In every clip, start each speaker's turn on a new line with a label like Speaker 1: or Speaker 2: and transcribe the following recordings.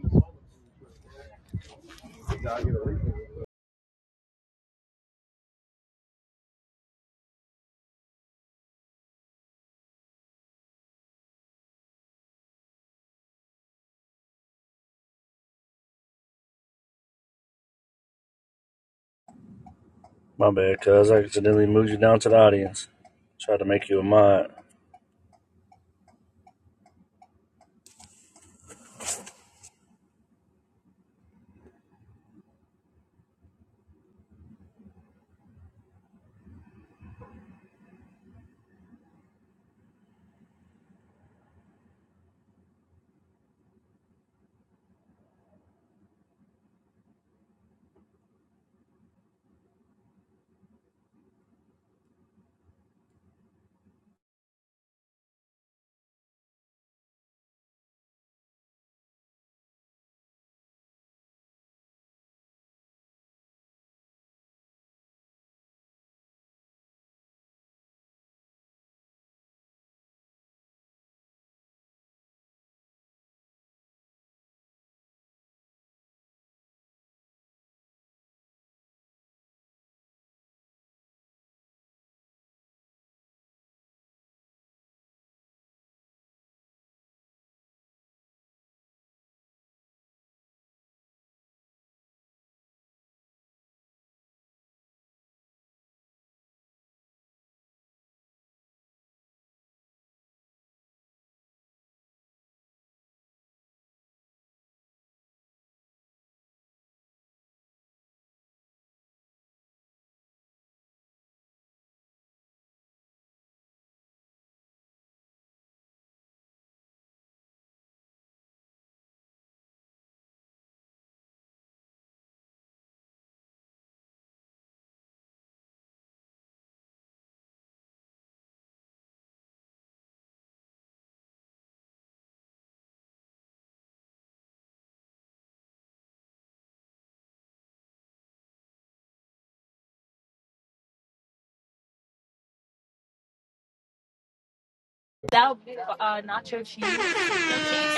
Speaker 1: And
Speaker 2: My bad, cuz I accidentally moved you down to the audience. Tried to make you a mod.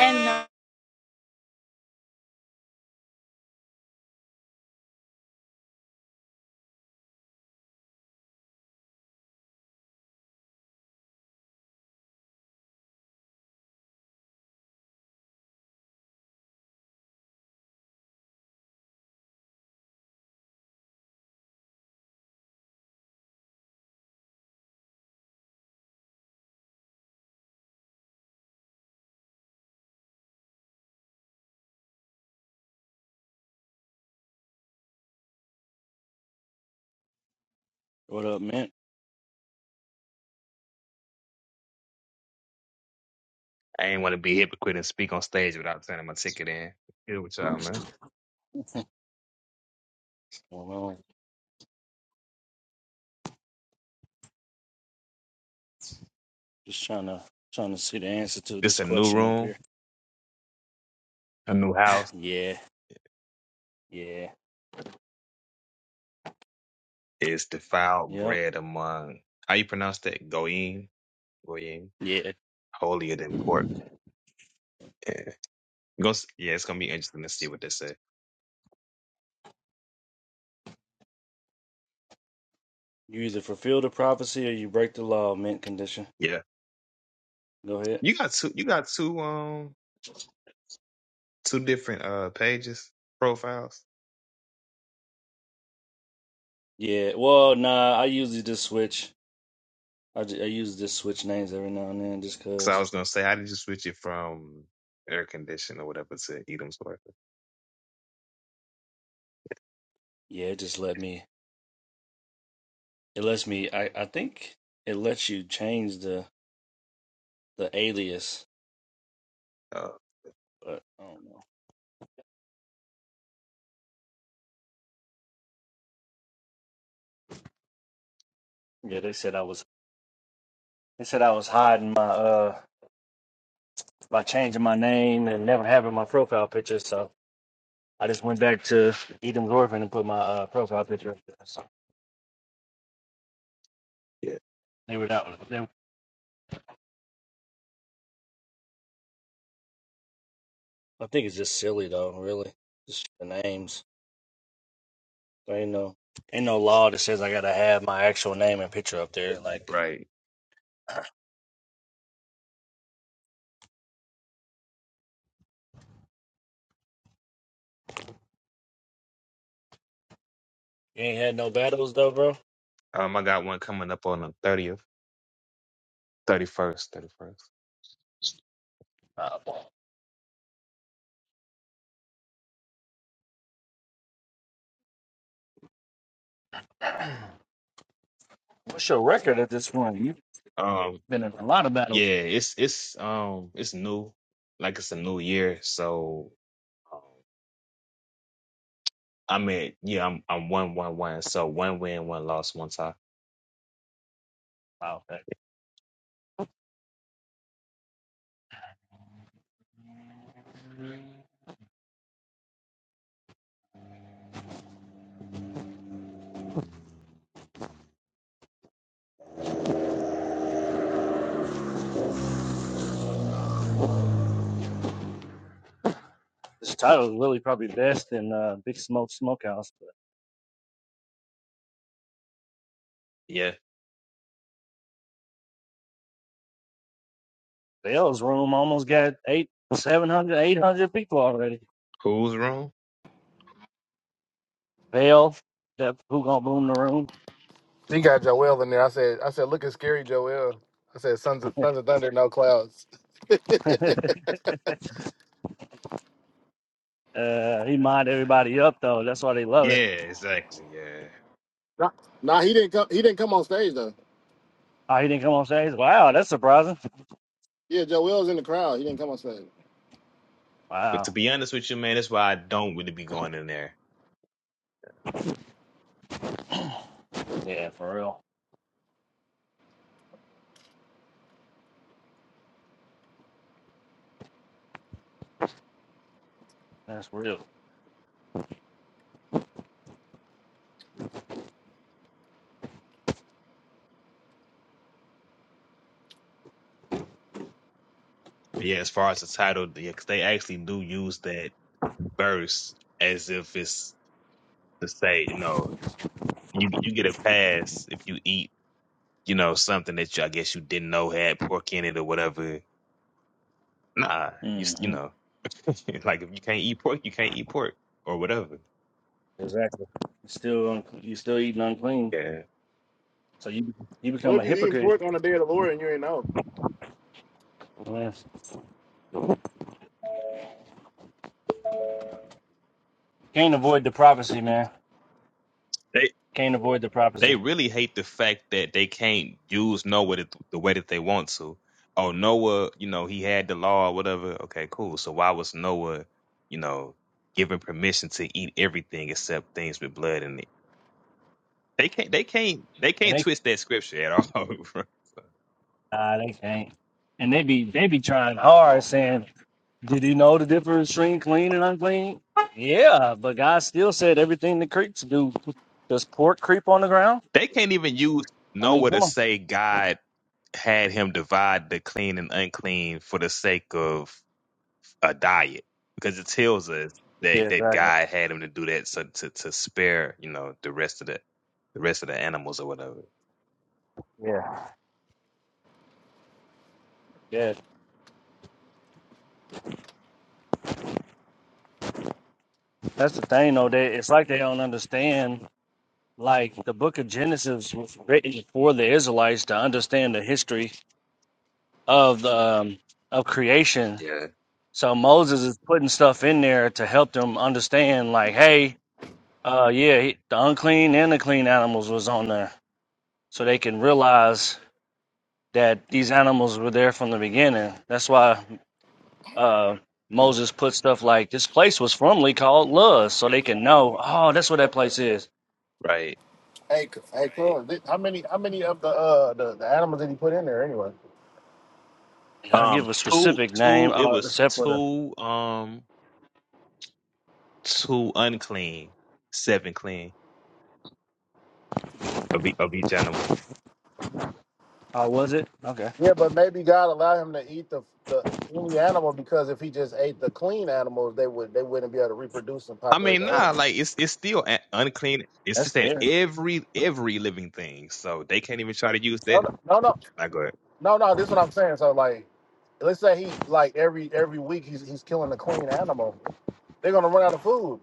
Speaker 1: uh,
Speaker 2: What up, man?
Speaker 3: I ain't want to be a hypocrite and speak on stage without turning my ticket in. Here with y'all, man.
Speaker 2: well, I'm just trying to trying to see the answer to
Speaker 3: This
Speaker 2: this
Speaker 3: a new
Speaker 2: question up
Speaker 3: room,
Speaker 2: here.
Speaker 3: a new house.
Speaker 2: Yeah, yeah,
Speaker 3: It's defiled
Speaker 2: yep,
Speaker 3: bread among how you pronounce that? Goyim, goyim,
Speaker 2: yeah.
Speaker 3: holier than pork. Yeah, Go s- yeah, it's gonna be interesting to see what they say.
Speaker 2: You either fulfill the prophecy or you break the law. Mint condition.
Speaker 3: Yeah,
Speaker 2: Go ahead.
Speaker 3: you got two, you got two, um, two different uh pages profiles.
Speaker 2: Yeah. Well, nah. I usually just switch. I, ju- I use just switch names every now and then, just
Speaker 3: Because I
Speaker 2: cause.
Speaker 3: was gonna say, how did you switch it from air condition or whatever to Edom's worth?
Speaker 2: Yeah, it just let me. It lets me. I I think it lets you change the the alias, but I don't know. Yeah, they said I was They said I was hiding my uh by changing my name and never having my profile picture, so I just went back to Edom's orphan and put my uh, profile picture up there. So
Speaker 3: Yeah.
Speaker 2: they were not. They, I think it's just silly though, really. Just the names. There ain't no ain't no law that says I gotta have my actual name and picture up there. Like
Speaker 3: Right.
Speaker 2: you ain't had no battles though, bro.
Speaker 3: Um, I got one coming up on the thirtieth, thirty first, thirty first.
Speaker 2: Uh, what's your record at this point? You've
Speaker 3: Um,
Speaker 2: been in a lot of battles.
Speaker 3: yeah, it's it's um it's new, like it's a new year. So um, I mean, yeah, I'm I'm one one one. So one win, one loss, one tie.
Speaker 2: Wow. okay. This title is really probably best in uh, Big Smoke Smokehouse.
Speaker 3: Yeah.
Speaker 2: Bell's room almost got eight, 700, 800 people already.
Speaker 3: Who's wrong?
Speaker 2: Bell, that who gonna boom the room?
Speaker 1: He got Joel in there. I said, I said, look at scary Joel. I said, Sons of Sons of Thunder, no clouds.
Speaker 2: uh, he mind everybody up though. That's why they love
Speaker 3: Yeah,
Speaker 2: it.
Speaker 3: exactly. Yeah.
Speaker 1: Nah, nah, he didn't come. He didn't come on stage though.
Speaker 2: Oh, he didn't come on stage. Wow, that's surprising.
Speaker 1: Yeah, Joel's in the crowd. He didn't come on stage.
Speaker 3: But to
Speaker 2: Wow,
Speaker 3: be honest with you, man, that's why I don't really be going in there.
Speaker 2: yeah, for real. That's real.
Speaker 3: But yeah, as far as the title, yeah, 'cause they actually do use that verse as if it's to say, you know, you you get a pass if you eat you know, something that you, I guess you didn't know had pork in it or whatever. Nah, you you
Speaker 2: hmm
Speaker 3: know, like if you can't eat pork, you can't eat pork or whatever.
Speaker 2: Exactly. You're Still, unc- you still eating unclean,
Speaker 3: Yeah,
Speaker 2: so you you
Speaker 1: What
Speaker 2: become
Speaker 1: if
Speaker 2: a
Speaker 1: you eating
Speaker 2: hypocrite.
Speaker 1: pork on the day of the Lord and you ain't know?
Speaker 2: Man, Can't avoid the prophecy, man.
Speaker 3: they
Speaker 2: Can't avoid the prophecy,
Speaker 3: they really hate the fact that they can't use Noah the, the way that they want to. Oh, Noah, you know, he had the law or whatever. Okay, cool. So why was Noah, you know, given permission to eat everything except things with blood in it? They can't. They can't. They
Speaker 2: and
Speaker 3: can't
Speaker 2: they
Speaker 3: twist that scripture at all. bro.
Speaker 2: nah, they can't. And they be they be trying hard, saying Did he know the difference between clean and unclean? Yeah, but God still said everything the creeps do. Does pork creep on the ground?
Speaker 3: they can't even use
Speaker 2: I mean,
Speaker 3: Noah to
Speaker 2: come on.
Speaker 3: say God had him divide the clean and unclean for the sake of a diet because it tells us
Speaker 2: Yeah,
Speaker 3: that, that
Speaker 2: exactly.
Speaker 3: God had him to do that so to, to spare you know the rest of the the rest of the animals or whatever
Speaker 2: Yeah, yeah. That's the thing, though. They it's like they don't understand. Like the Book of Genesis was written for the Israelites to understand the history of the um, of creation.
Speaker 3: Yeah.
Speaker 2: So Moses is putting stuff in there to help them understand. Like, hey, uh, yeah, he- the unclean and the clean animals was on there, so they can realize that these animals were there from the beginning. That's why uh, Moses put stuff like this place was formerly called Luz, so they can know, oh, that's what that place is.
Speaker 3: right
Speaker 1: Hey, C- hey, Corey, thi- how many how many of the uh the, the animals did he put in there anyway?
Speaker 2: They don't
Speaker 3: um
Speaker 2: give a
Speaker 3: two
Speaker 2: specific name,
Speaker 3: two it
Speaker 2: uh,
Speaker 3: was
Speaker 2: except for the,
Speaker 3: two um two unclean seven clean of, e- of each animal
Speaker 2: oh, was it? Okay,
Speaker 1: Yeah, but maybe God allowed him to eat the the any animal because if he just ate the clean animals, they would they wouldn't be able to reproduce and
Speaker 3: I
Speaker 1: populate
Speaker 3: mean
Speaker 1: the earth.
Speaker 3: nah like it's it's still a- unclean it's
Speaker 2: that's
Speaker 3: just that
Speaker 2: fair.
Speaker 3: every every living thing so they can't even try to use
Speaker 1: No,
Speaker 3: that
Speaker 1: no, no, no.
Speaker 3: I go ahead
Speaker 1: No, no, this is what I'm saying. So like, let's say he like every every week he's he's killing a clean animal. They're gonna run out of food.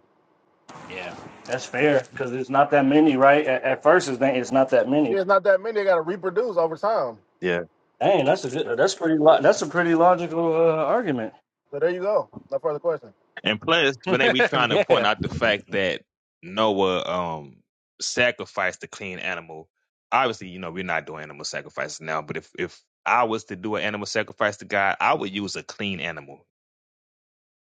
Speaker 2: Yeah, that's fair because it's not that many, right? At, at first, it's, not- it's not that many.
Speaker 1: There's not that many. They gotta reproduce over time.
Speaker 2: Dang, that's a good, that's pretty, lo- that's a pretty logical uh, argument.
Speaker 1: So there you go. No further question.
Speaker 3: And plus, when they be trying to point
Speaker 2: yeah,
Speaker 3: out the fact that Noah um sacrificed the clean animal, obviously, you know, we're not doing animal sacrifices now, but if if I was to do an animal sacrifice to God, I would use a clean animal.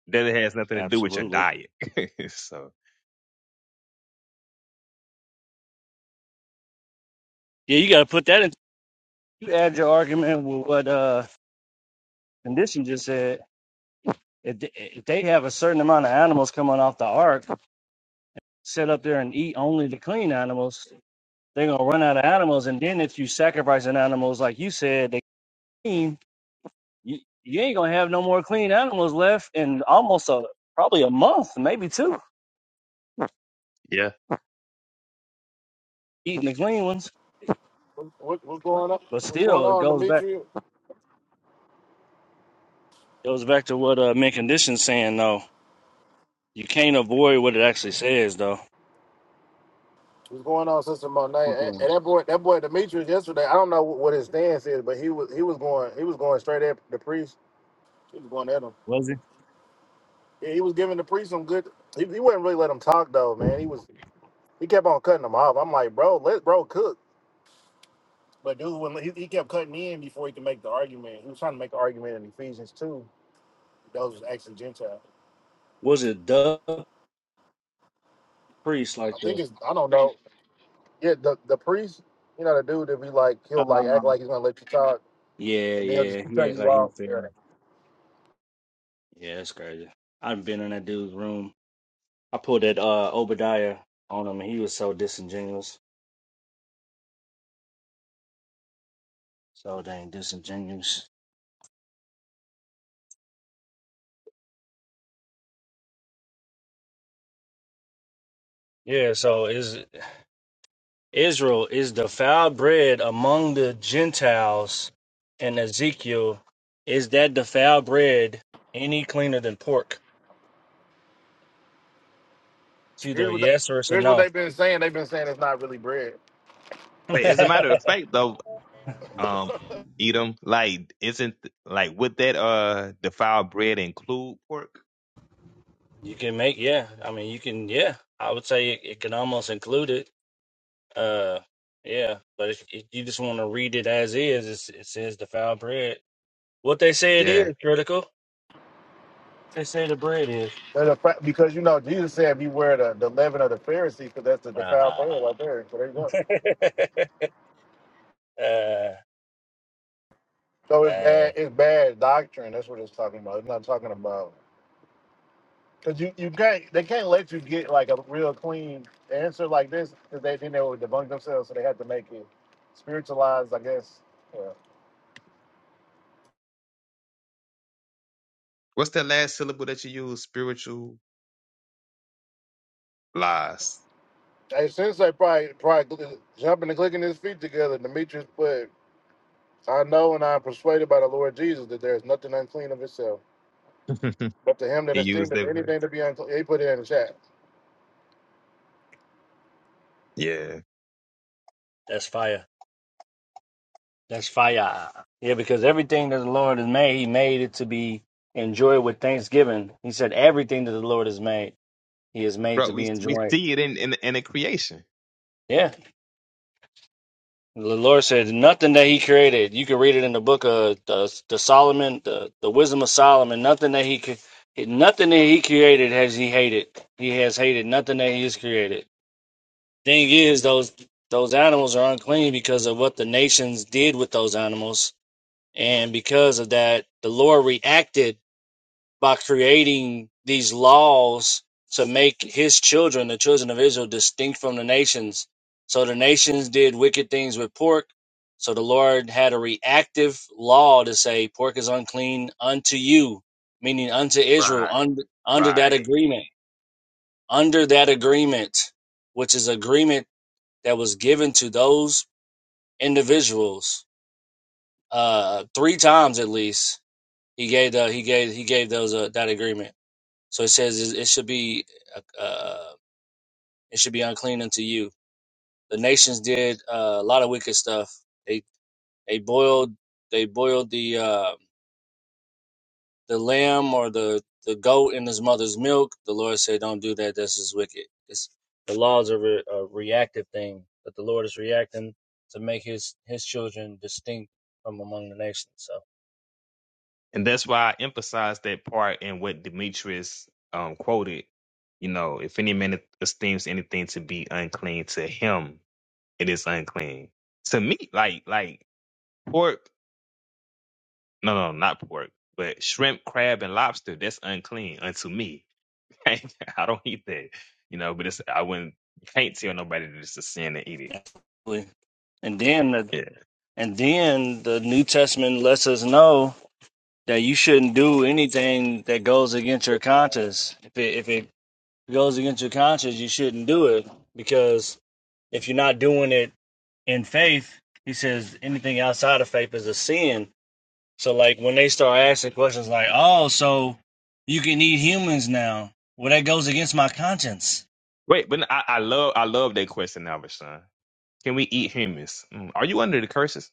Speaker 3: That it has nothing to do with your
Speaker 2: absolutely.
Speaker 3: diet. so
Speaker 2: Yeah, you got to put that in. You add your argument with what uh, condition just said, if th- if they have a certain amount of animals coming off the ark, sit up there and eat only the clean animals, they're gonna run out of animals. And then if you sacrificing animals, like you said, they clean, you, you ain't gonna have no more clean animals left in almost a probably a month, maybe two,
Speaker 3: yeah.
Speaker 2: eating the clean ones.
Speaker 1: What, what's going on?
Speaker 2: But
Speaker 1: What's going
Speaker 2: still, it
Speaker 1: on,
Speaker 2: goes back
Speaker 1: Demetrius?
Speaker 2: goes back to what uh, mint conditions saying though. You can't avoid what it actually says though.
Speaker 1: What's going on, Sister Monet? And, and that boy, that boy Demetrius yesterday. I don't know what his stance is, but he was he was going he was going straight at the priest. He was going at him.
Speaker 2: Was it
Speaker 1: Yeah, he was giving the priest some good. He, he wouldn't really let him talk though, man. He was he kept on cutting him off. I'm like, bro, let bro cook. But dude, when he, he kept cutting in before he could make the argument, he was trying to make an argument in Ephesians two. Those was actually Gentile.
Speaker 2: was it the priest like
Speaker 1: I think
Speaker 2: the?
Speaker 1: it's I don't know. Yeah, the the priest, you know, the dude that be like he'll like act
Speaker 2: Um,
Speaker 1: like he's gonna let you talk,
Speaker 2: yeah,
Speaker 1: and then he'll just
Speaker 2: yeah,
Speaker 1: keep
Speaker 2: he
Speaker 1: cutting
Speaker 2: act
Speaker 1: you
Speaker 2: like he
Speaker 1: off. Yeah.
Speaker 2: fed. Yeah, that's crazy. I've been in that dude's room. I pulled that uh Obadiah on him, and he was so disingenuous. So dang disingenuous. Yeah. So is Israel is the foul bread among the Gentiles, and Ezekiel is that the foul bread any cleaner than pork? It's
Speaker 1: Here's
Speaker 2: either a
Speaker 1: what the,
Speaker 2: yes or it's a
Speaker 1: here's what
Speaker 2: no.
Speaker 1: they've been saying. They've been saying it's not really bread,
Speaker 3: Wait, as a matter of fact though, um Edom, like isn't like would that uh defiled bread include pork?
Speaker 2: you can make yeah. I mean, you can yeah. I would say it, it can almost include it. Uh, yeah, but if, if you just want to read it as is, it's, it says the foul bread. What they say it
Speaker 3: Yeah.
Speaker 2: is critical. They say the bread is.
Speaker 1: There's a fa- because you know Jesus said beware the the leaven of the Pharisees, because that's the defiled
Speaker 2: Ah,
Speaker 1: thing right there. So there you go.
Speaker 2: uh,
Speaker 1: So it's bad.
Speaker 2: dang,
Speaker 1: It's bad doctrine. That's what it's talking about. It's not talking about. Cause you, you can't they can't let you get like a real clean answer like this because they then they would debunk themselves so they had to make it spiritualized I guess. Yeah.
Speaker 3: What's that last syllable that you use? Spiritual lies.
Speaker 1: Hey, since I probably probably gl- jumping and clicking his feet together, Demetrius put, I know and I am persuaded by the Lord Jesus that there is nothing unclean of itself. But to him that
Speaker 3: he
Speaker 1: is
Speaker 3: used
Speaker 1: thinketh
Speaker 3: that.
Speaker 1: anything to be unclean, he put it in the chat.
Speaker 3: Yeah,
Speaker 2: that's fire. That's fire. Yeah, because everything that the Lord has made, He made it to be enjoyed with thanksgiving. He said everything that the Lord has made, He has made
Speaker 3: bro,
Speaker 2: to
Speaker 3: we
Speaker 2: be
Speaker 3: we
Speaker 2: enjoyed.
Speaker 3: see it in in, in the creation.
Speaker 2: Yeah, The Lord said nothing that He created. You can read it in the book of the, the Solomon, the, the Wisdom of Solomon. Nothing that He could, nothing that He created has He hated. He has hated nothing that He has created. Thing is, those those animals are unclean because of what the nations did with those animals, and because of that, the Lord reacted by creating these laws to make his children, the children of Israel, distinct from the nations. So the nations did wicked things with pork. So the Lord had a reactive law to say, Pork is unclean unto you, meaning unto Israel,
Speaker 3: Right,
Speaker 2: under, under that
Speaker 3: right.
Speaker 2: agreement, under that agreement, which is agreement that was given to those individuals uh, three times at least. He gave the, he gave he gave those uh, that agreement. So it says it it should be uh, uh, it should be unclean unto you. The nations did uh, a lot of wicked stuff. They they boiled they boiled the uh, the lamb or the the goat in his mother's milk. The Lord said, "Don't do that. This is wicked." It's, the laws are re- a reactive thing, but the Lord is reacting to make his his children distinct from among the nations. So,
Speaker 3: and that's why I emphasize that part in what Demetrius um, quoted. You know, if any man esteems anything to be unclean to him, it is unclean. To me, like like pork, no, no, not pork, but shrimp, crab, and lobster, that's unclean unto me. I don't eat that. You know, but it's I wouldn't can't tell nobody that it's a sin to eat it.
Speaker 2: absolutely. and then the,
Speaker 3: Yeah.
Speaker 2: and then the New Testament lets us know that you shouldn't do anything that goes against your conscience. If it if it goes against your conscience, you shouldn't do it because if you're not doing it in faith, he says anything outside of faith is a sin. So like when they start asking questions like, "Oh, so you can eat humans now?" Well, that goes against my conscience.
Speaker 3: Wait, but I, I love I love that question, Albert Can we eat humans? Mm, Are you under the curses?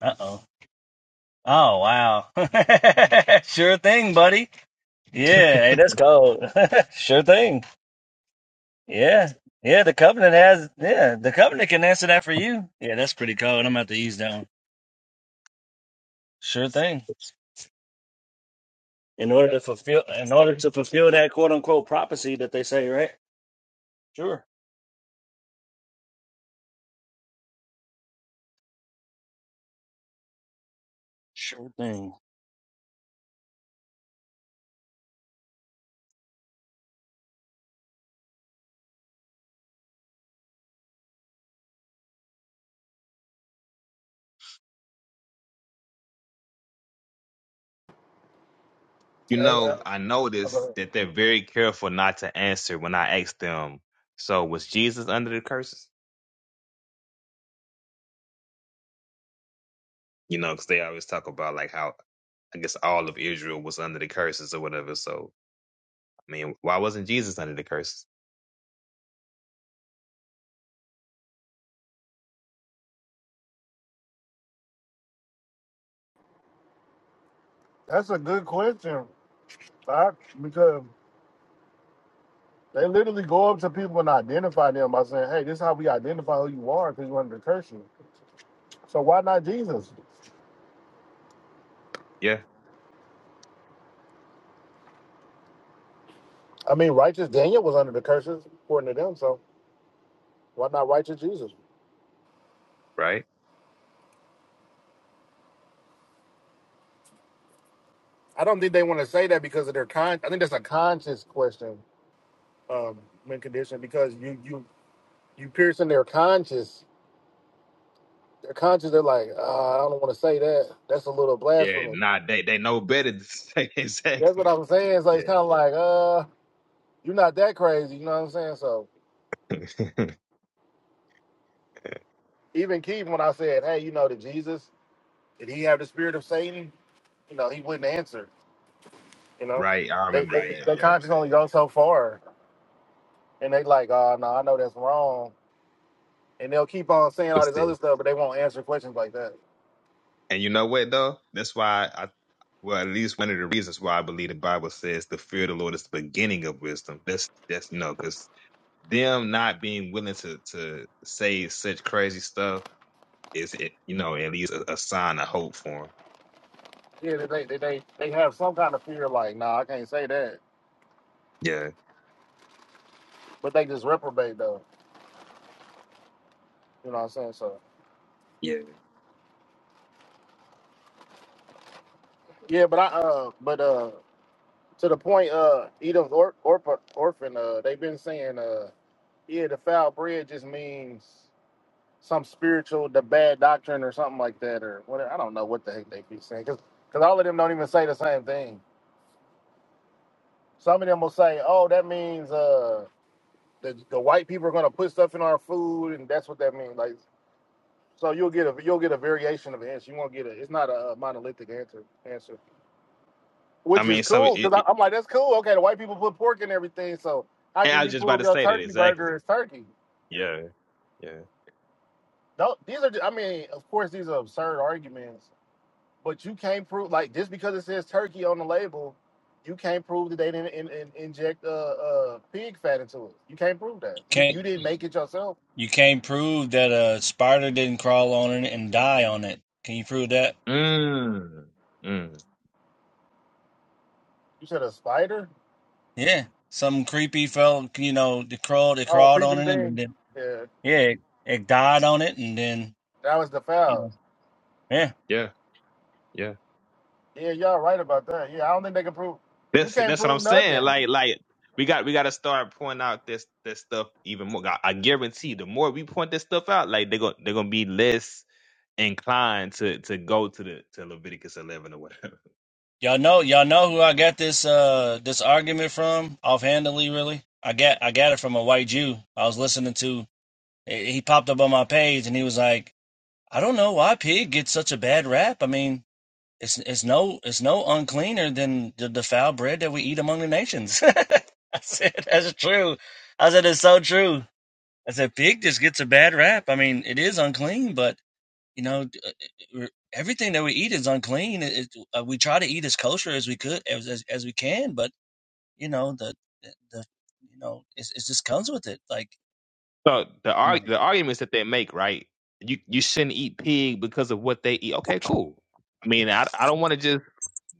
Speaker 2: Uh oh. Oh wow. sure thing, buddy. Yeah, hey, that's cold. sure thing. Yeah. Yeah, the covenant has yeah, the covenant can answer that for you. Yeah, that's pretty cool. I'm gonna have to use that one. Sure thing. In order to fulfill in order to fulfill that quote unquote prophecy that they say, right? Sure. Sure thing.
Speaker 3: You
Speaker 1: Hey, uh,
Speaker 3: know, I noticed
Speaker 1: okay.
Speaker 3: that they're very careful not to answer when I ask them, so was Jesus under the curses? You know, because they always talk about like how I guess all of Israel was under the curses or whatever. So I mean, why wasn't Jesus under the curses?
Speaker 1: that's a good question, Doc, because they literally go up to people and identify them by saying, "Hey, this is how we identify who you are because you wanted to curse you." So why not Jesus?
Speaker 3: Yeah,
Speaker 1: I mean, righteous Daniel was under the curses according to them. So why not righteous Jesus?
Speaker 3: right.
Speaker 1: I don't think they want to say that because of their con. I think that's a conscious question um, when conditioned because you you you pierce in their conscience. Their conscience, they're like, uh, I don't want to say that. That's a little
Speaker 3: Yeah,
Speaker 1: blasphemy.
Speaker 3: nah, they they know better. to say-
Speaker 1: That's what
Speaker 3: exactly.
Speaker 1: I'm saying. So it's
Speaker 3: Yeah,
Speaker 1: kind of like, uh, you're not that crazy. You know what I'm saying? So even Keith, when I said, hey, you know, did Jesus did he have the spirit of Satan? You know, he wouldn't answer. You know,
Speaker 3: right. I
Speaker 1: they
Speaker 3: remember
Speaker 1: they
Speaker 3: that.
Speaker 1: their conscience only goes so far, and they like, oh no, I know that's wrong, and they'll keep on saying all this
Speaker 3: Yeah.
Speaker 1: other stuff, but they won't answer questions like that.
Speaker 3: And you know what though? That's why I well, at least one of the reasons why I believe the Bible says the fear of the Lord is the beginning of wisdom. That's that's you know, because them not being willing to to say such crazy stuff is it, you know at least a, a sign of hope for them.
Speaker 1: Yeah, they they they, they have some kind of fear, like, nah, I can't say that,
Speaker 3: Yeah,
Speaker 1: but they just reprobate though. You know what I'm saying? So
Speaker 3: yeah.
Speaker 1: yeah, but I uh, but uh, to the point uh, Edom's or, orphan orphan uh, they've been saying uh, yeah, the foul bread just means some spiritual, the bad doctrine or something like that, or whatever. I don't know what the heck they be saying because all of them don't even say the same thing. Some of them will say, "Oh, that means uh, the the white people are going to put stuff in our food, and that's what that means." Like, so you'll get a you'll get a variation of an answer. You won't get a. It's not a monolithic answer answer,
Speaker 3: I
Speaker 1: which is
Speaker 3: mean, so it,
Speaker 1: cool because
Speaker 3: it,
Speaker 1: I'm like, that's cool. Okay, the white people put pork in everything, so how
Speaker 3: and I
Speaker 1: can
Speaker 3: was
Speaker 1: you
Speaker 3: just about
Speaker 1: prove
Speaker 3: to
Speaker 1: your
Speaker 3: say that
Speaker 1: turkey
Speaker 3: exactly.
Speaker 1: burger is turkey?
Speaker 3: Yeah, yeah.
Speaker 1: No, these are. I mean, of course, these are absurd arguments But you can't prove like just because it says turkey on the label, you can't prove that they didn't in, in, inject uh, uh, pig fat into it. You can't prove that.
Speaker 2: You
Speaker 1: You
Speaker 2: can't
Speaker 1: you didn't make it yourself.
Speaker 2: you can't prove that a spider didn't crawl on it and die on it. Can you prove that?
Speaker 3: Mm, mm.
Speaker 1: You said a spider.
Speaker 2: Yeah. Some creepy fell you know, they crawled they
Speaker 1: Oh,
Speaker 2: crawled on
Speaker 1: creeping
Speaker 2: it and
Speaker 1: thing.
Speaker 2: then
Speaker 1: Yeah,
Speaker 2: Yeah, it died on it and then
Speaker 1: that was the
Speaker 2: you know.
Speaker 1: foul.
Speaker 2: Yeah.
Speaker 3: Yeah, yeah.
Speaker 1: Yeah, y'all right about that. Yeah, I don't think they can prove. You
Speaker 3: That's
Speaker 1: can't
Speaker 3: that's what I'm
Speaker 1: prove
Speaker 3: saying.
Speaker 1: nothing.
Speaker 3: Like like we got we got to start pointing out this this stuff even more. I, I guarantee the more we point this stuff out, like they're gonna they're gonna be less inclined to to go to the to Leviticus 11 or whatever.
Speaker 2: Y'all know y'all know who I got this uh this argument from offhandedly really? I got I got it from a white Jew. I was listening to he popped up on my page and he was like, "I don't know why pig gets such a bad rap. I mean, it's it's no it's no uncleaner than the, the foul bread that we eat among the nations." I said, "That's true." I said, "It's so true." I said, "Pig just gets a bad rap. I mean, it is unclean, but." You know, uh, uh, uh, everything that we eat is unclean. It, it, uh, we try to eat as kosher as we could, as as, as we can, but you know the the you know it's, it just comes with it. Like
Speaker 3: So the
Speaker 2: I'm
Speaker 3: arg
Speaker 2: like,
Speaker 3: the arguments that they make, right? You you shouldn't eat pig because of what they eat. Okay, cool. I mean, I I don't want to just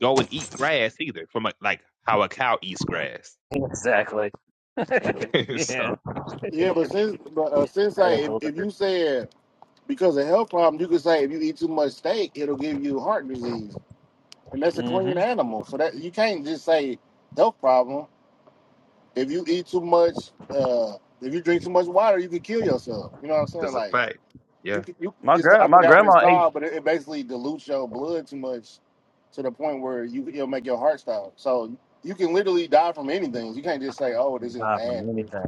Speaker 3: go and eat grass either. From a, like how a cow eats grass.
Speaker 2: Exactly. yeah,
Speaker 3: so
Speaker 1: Yeah, but since but uh, since I
Speaker 2: that's
Speaker 1: if,
Speaker 2: all that
Speaker 1: if
Speaker 2: is a little bit.
Speaker 1: you said because of health problems, you could say if you eat too much steak, it'll give you heart disease, and that's a clean
Speaker 2: hmm
Speaker 1: animal. So that you can't just say health problem. if you eat too much, uh, if you drink too much water, you can kill yourself. You know what I'm saying?
Speaker 3: that's a
Speaker 1: Like
Speaker 3: fact.
Speaker 1: you,
Speaker 3: Yeah.
Speaker 1: can- you,
Speaker 2: My
Speaker 1: it's
Speaker 2: gra-
Speaker 1: I
Speaker 2: my
Speaker 1: forgot what it's
Speaker 2: grandma ate
Speaker 1: called, but it, it basically dilutes your blood too much to the point where you it'll make your heart stop. So you can literally die from anything. You can't just say, "Oh, this is
Speaker 2: God
Speaker 1: bad."
Speaker 2: from
Speaker 1: For you.
Speaker 2: anything.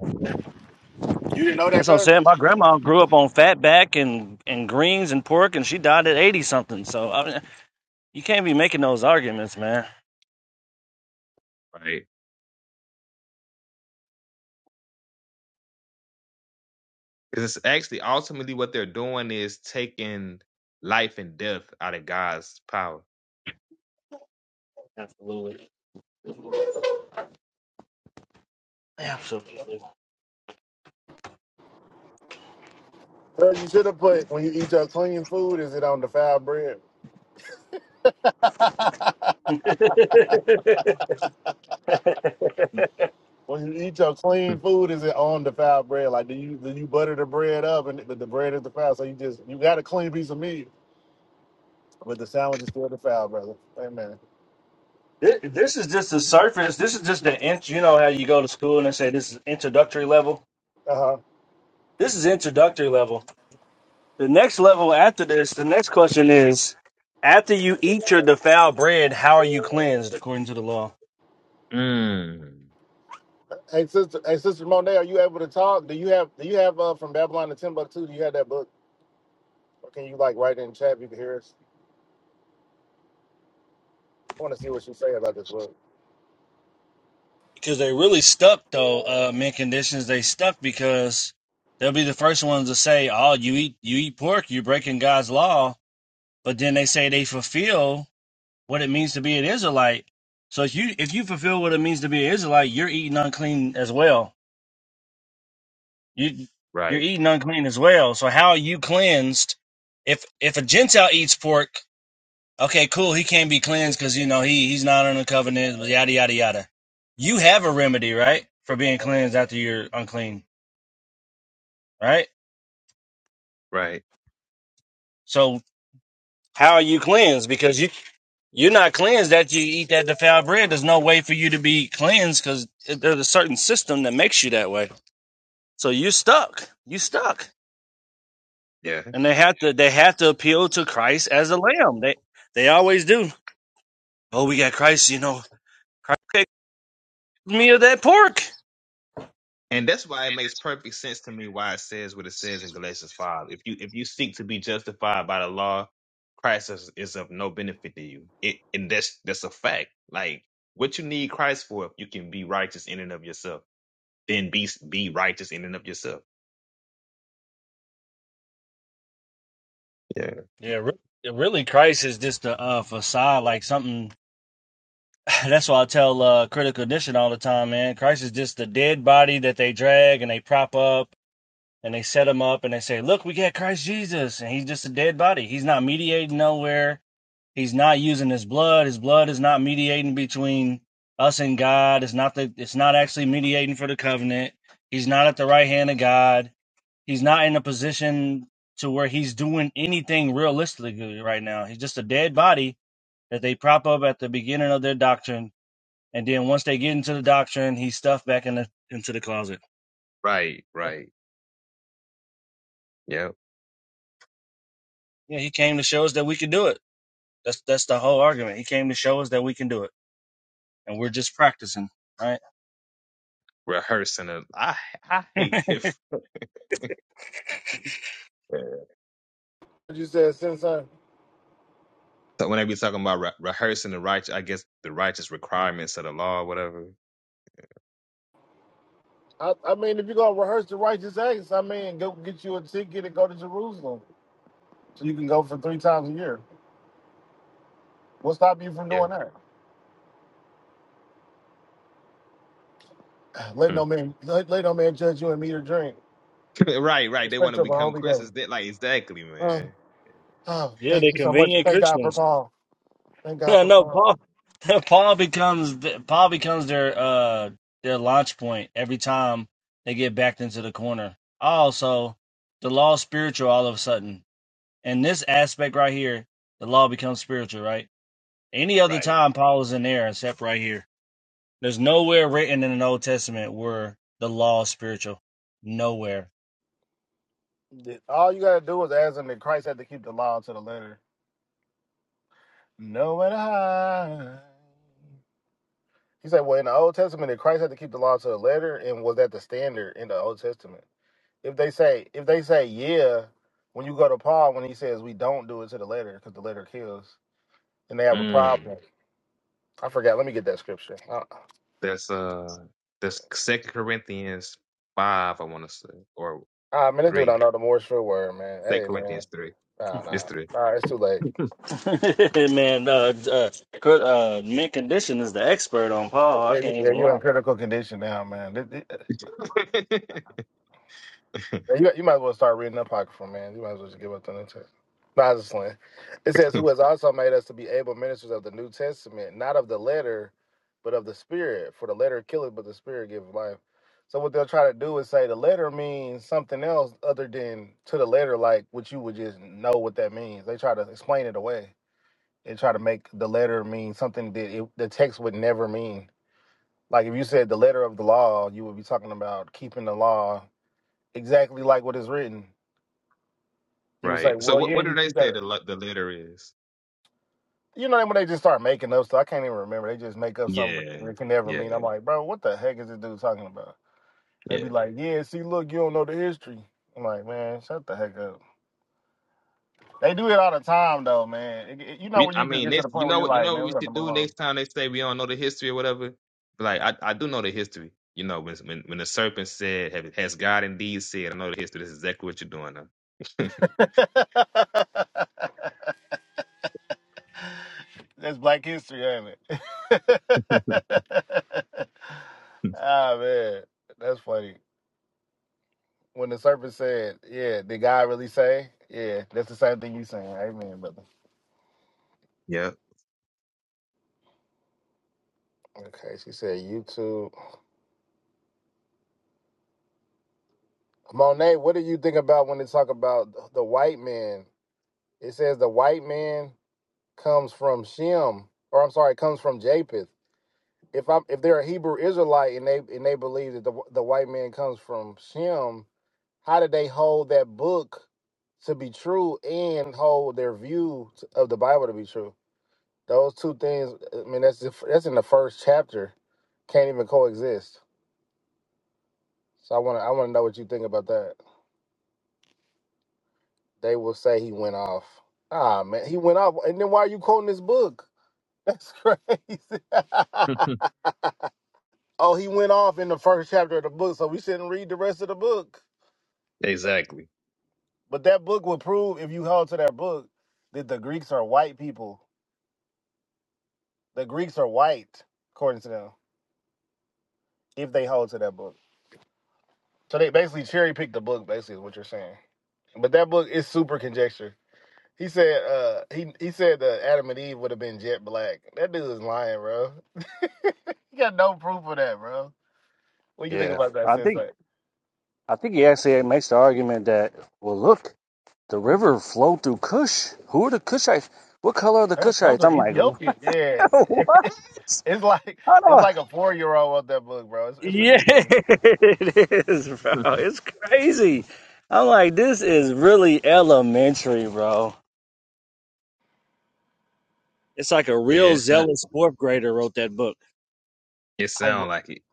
Speaker 1: you didn't know that,
Speaker 2: That's what I'm
Speaker 1: cuz?
Speaker 2: saying. My grandma grew up on fat back and, and greens and pork, and she died at eighty something. So I mean, you can't be making those arguments, man.
Speaker 3: Right. Because it's actually ultimately what they're doing is taking life and death out of God's power.
Speaker 2: Absolutely. Yeah.
Speaker 1: Cuz you should have put when you eat your clean food, is it on defiled bread? When you eat your clean food, is it on defiled bread? Like do you do you butter the bread up and the, the bread is defiled? So you just you got a clean piece of meat. With the sandwiches, is still the foul, brother. Amen.
Speaker 2: Thi- This is just the surface. This is just the int. You know how you go to school and they say this is introductory level.
Speaker 1: Uh huh.
Speaker 2: This is introductory level. The next level after this, the next question is: After you eat your defiled bread, how are you cleansed according to the law?
Speaker 3: Mm.
Speaker 1: Hey sister, hey sister Monet, are you able to talk? Do you have do you have uh from Babylon to Timbuktu? Do you have that book? Or can you like write it in chat? If you can hear us. I want to see what you say about this book.
Speaker 2: Because they really stuck though. Uh, men conditions they stuck because they'll be the first ones to say, "Oh, you eat you eat pork, you're breaking God's law." But then they say they fulfill what it means to be an Israelite. So if you if you fulfill what it means to be an Israelite, you're eating unclean as well. You you're
Speaker 3: Right,
Speaker 2: eating unclean as well. So how are you cleansed? If if a Gentile eats pork, okay, cool, he can't be cleansed because you know he he's not under covenant, yada yada yada. You have a remedy, right, for being cleansed after you're unclean, right?
Speaker 3: right.
Speaker 2: So how are you cleansed? Because you you're not cleansed that you eat that defiled bread. There's no way for you to be cleansed because there's a certain system that makes you that way. So you stuck. You stuck.
Speaker 3: Yeah.
Speaker 2: And they have to they have to appeal to Christ as a lamb. They they always do. Oh, we got Christ, you know. Christ gave me of that pork.
Speaker 3: And that's why it makes perfect sense to me why it says what it says in Galatians five. If you if you seek to be justified by the law, Christ is, is of no benefit to you. It and that's that's a fact. Like what you need Christ for if you can be righteous in and of yourself, then be be righteous in and of yourself. Yeah.
Speaker 2: Yeah, re- really Christ is just a uh, facade like something that's why I tell uh critical condition all the time, man. Christ is just the dead body that they drag and they prop up and they set him up and they say, "Look, we got Christ Jesus." And he's just a dead body. He's not mediating nowhere He's not using his blood. His blood is not mediating between us and God. It's not the it's not actually mediating for the covenant. He's not at the right hand of God. He's not in a position to where he's doing anything realistically right now. He's just a dead body that they prop up at the beginning of their doctrine. And then once they get into the doctrine, he's stuffed back in the into the closet.
Speaker 3: Right, right. Yeah.
Speaker 2: Yeah, he came to show us that we can do it. That's that's the whole argument. He came to show us that we can do it. And we're just practicing, right?
Speaker 3: Rehearsing it. I I hate that Yeah.
Speaker 1: What you said, Sensei.
Speaker 3: So when they be talking about re- rehearsing the righteous, I guess the righteous requirements of the law, or whatever.
Speaker 1: I, I mean, if you're gonna rehearse the righteous acts, I mean, go get you a ticket and go to Jerusalem, so you can go for three times a year. What stop you from
Speaker 3: Yeah.
Speaker 1: doing that? Let
Speaker 3: Mm.
Speaker 1: no man let, let no man judge you and meet or drink.
Speaker 3: right, right. They want
Speaker 1: Respect
Speaker 3: to
Speaker 1: you of a
Speaker 3: become
Speaker 1: holy day.
Speaker 3: Christians. They, like exactly,
Speaker 1: Uh,
Speaker 3: man.
Speaker 1: oh,
Speaker 2: Yeah,
Speaker 1: thank
Speaker 2: they're
Speaker 1: you so much.
Speaker 2: convenient
Speaker 1: Thank God for
Speaker 2: Christians.
Speaker 1: Paul. Thank God
Speaker 2: Yeah,
Speaker 1: for
Speaker 2: no,
Speaker 1: Paul.
Speaker 2: Paul. Paul becomes Paul becomes their uh their launch point every time they get backed into the corner. Also, the law is spiritual all of a sudden. In this aspect right here, the law becomes spiritual, right? Any other
Speaker 3: Right.
Speaker 2: time Paul is in there except right here. There's nowhere written in the Old Testament where the law is spiritual. Nowhere.
Speaker 1: That- All you gotta do is ask him that Christ had to keep the law to the letter. No and I. He said, well, in the Old Testament, did Christ had to keep the law to the letter, and was that the standard in the Old Testament? If they say, if they say, yeah, when you go to Paul, when he says we don't do it to the letter because the letter kills, then they have a
Speaker 3: Mm.
Speaker 1: problem. I forgot. Let me get that scripture. Uh,
Speaker 3: That's uh, that's Second Corinthians five, I want to say, or
Speaker 1: ah, man, this dude
Speaker 3: three.
Speaker 1: don't know the Morse for word, man.
Speaker 3: Second
Speaker 1: Hey, man,
Speaker 3: Corinthians three.
Speaker 1: nah,
Speaker 3: It's
Speaker 1: nah,
Speaker 3: three.
Speaker 1: nah, it's too late.
Speaker 2: Man, uh, uh, uh, man, condition is the expert on Paul. I
Speaker 1: Yeah, you-
Speaker 2: can't
Speaker 1: yeah,
Speaker 2: even
Speaker 1: you in
Speaker 2: lie.
Speaker 1: critical condition now, man. You, you might as well start reading that apocryphal, man. You might as well just give up the New Testament. No, I was just playing. It says, "Who has also made us to be able ministers of the New Testament, not of the letter, but of the Spirit. For the letter killeth, but the Spirit giveth life." So what they'll try to do is say the letter means something else other than to the letter, like what you would just know what that means. They try to explain it away. and try to make the letter mean something that it, the text would never mean. Like if you said the letter of the law, you would be talking about keeping the law exactly like what is written you would say,
Speaker 3: right. So
Speaker 1: well,
Speaker 3: what
Speaker 1: yeah,
Speaker 3: what do
Speaker 1: you
Speaker 3: they
Speaker 1: you
Speaker 3: say
Speaker 1: gotta.
Speaker 3: the le- the letter is?
Speaker 1: You know, when they just start making up stuff, I can't even remember. They just make up something
Speaker 3: Yeah.
Speaker 1: it can never
Speaker 3: Yeah.
Speaker 1: mean. I'm like, bro, what the heck is this dude talking about? They
Speaker 3: Yeah.
Speaker 1: be like, yeah, see, look, you don't know the history. I'm like, man, shut the heck up. They do it all the time, though, man. It- it- you know,
Speaker 3: We,
Speaker 1: when
Speaker 3: I
Speaker 1: you just
Speaker 3: mean,
Speaker 1: get to the
Speaker 3: next, you
Speaker 1: point where
Speaker 3: know
Speaker 1: you're
Speaker 3: what, you
Speaker 1: like,
Speaker 3: know what
Speaker 1: man, we
Speaker 3: we
Speaker 1: got to
Speaker 3: should
Speaker 1: move
Speaker 3: do
Speaker 1: on.
Speaker 3: next time they say we don't know the history or whatever. But like, I, I do know the history. You know, when when, when the serpent said, "Have- "Has God indeed said?" I know the history. This is exactly what you're doing now.
Speaker 1: That's Black History, ain't it? ah, man, that's funny. when the serpent said, "Yeah, did God really say?" Yeah, that's the same thing you saying. Amen, brother.
Speaker 3: yeah,
Speaker 1: Okay, she said YouTube. Monet, what do you think about when they talk about the white man? It says the white man comes from Shem, or I'm sorry, comes from Japheth. If I'm if they're a Hebrew Israelite and they and they believe that the the white man comes from Shem, how did they hold that book to be true and hold their view of the Bible to be true? Those two things, I mean, that's the- that's in the first chapter. Can't even coexist. So I want to I want to know what you think about that. They will say he went off. Ah man, he went off. And then why are you quoting this book? That's crazy. oh, he went off in the first chapter of the book, so we shouldn't read the rest of the book.
Speaker 3: exactly.
Speaker 1: But that book would prove, if you held to that book, that the Greeks are white people. The Greeks are white, according to them, if they hold to that book. So they basically cherry picked the book. Basically, is what you're saying. But that book is super conjecture. He said uh he he said that Adam and Eve would have been jet black. That dude is lying, bro. You got no proof of that, bro. What do you think
Speaker 2: Yeah.
Speaker 1: about that
Speaker 2: I
Speaker 1: since
Speaker 2: think.
Speaker 1: like
Speaker 2: I think he actually makes the argument that, well, look, the river flowed through Kush. Who are the Kushites? What color are the
Speaker 1: those
Speaker 2: Kushites?
Speaker 1: are
Speaker 2: I'm like,
Speaker 1: Ethiopian. Yeah.
Speaker 2: what?
Speaker 1: it's like
Speaker 2: I
Speaker 1: it's
Speaker 2: don't.
Speaker 1: like a four year old wrote that book, bro. It's, it's
Speaker 2: Yeah,
Speaker 1: ridiculous.
Speaker 2: it is, bro. It's crazy. I'm like, this is really elementary, bro. It's like a real
Speaker 3: Yeah, it
Speaker 2: zealous fourth grader wrote that book.
Speaker 3: it
Speaker 1: I
Speaker 3: sounds like it.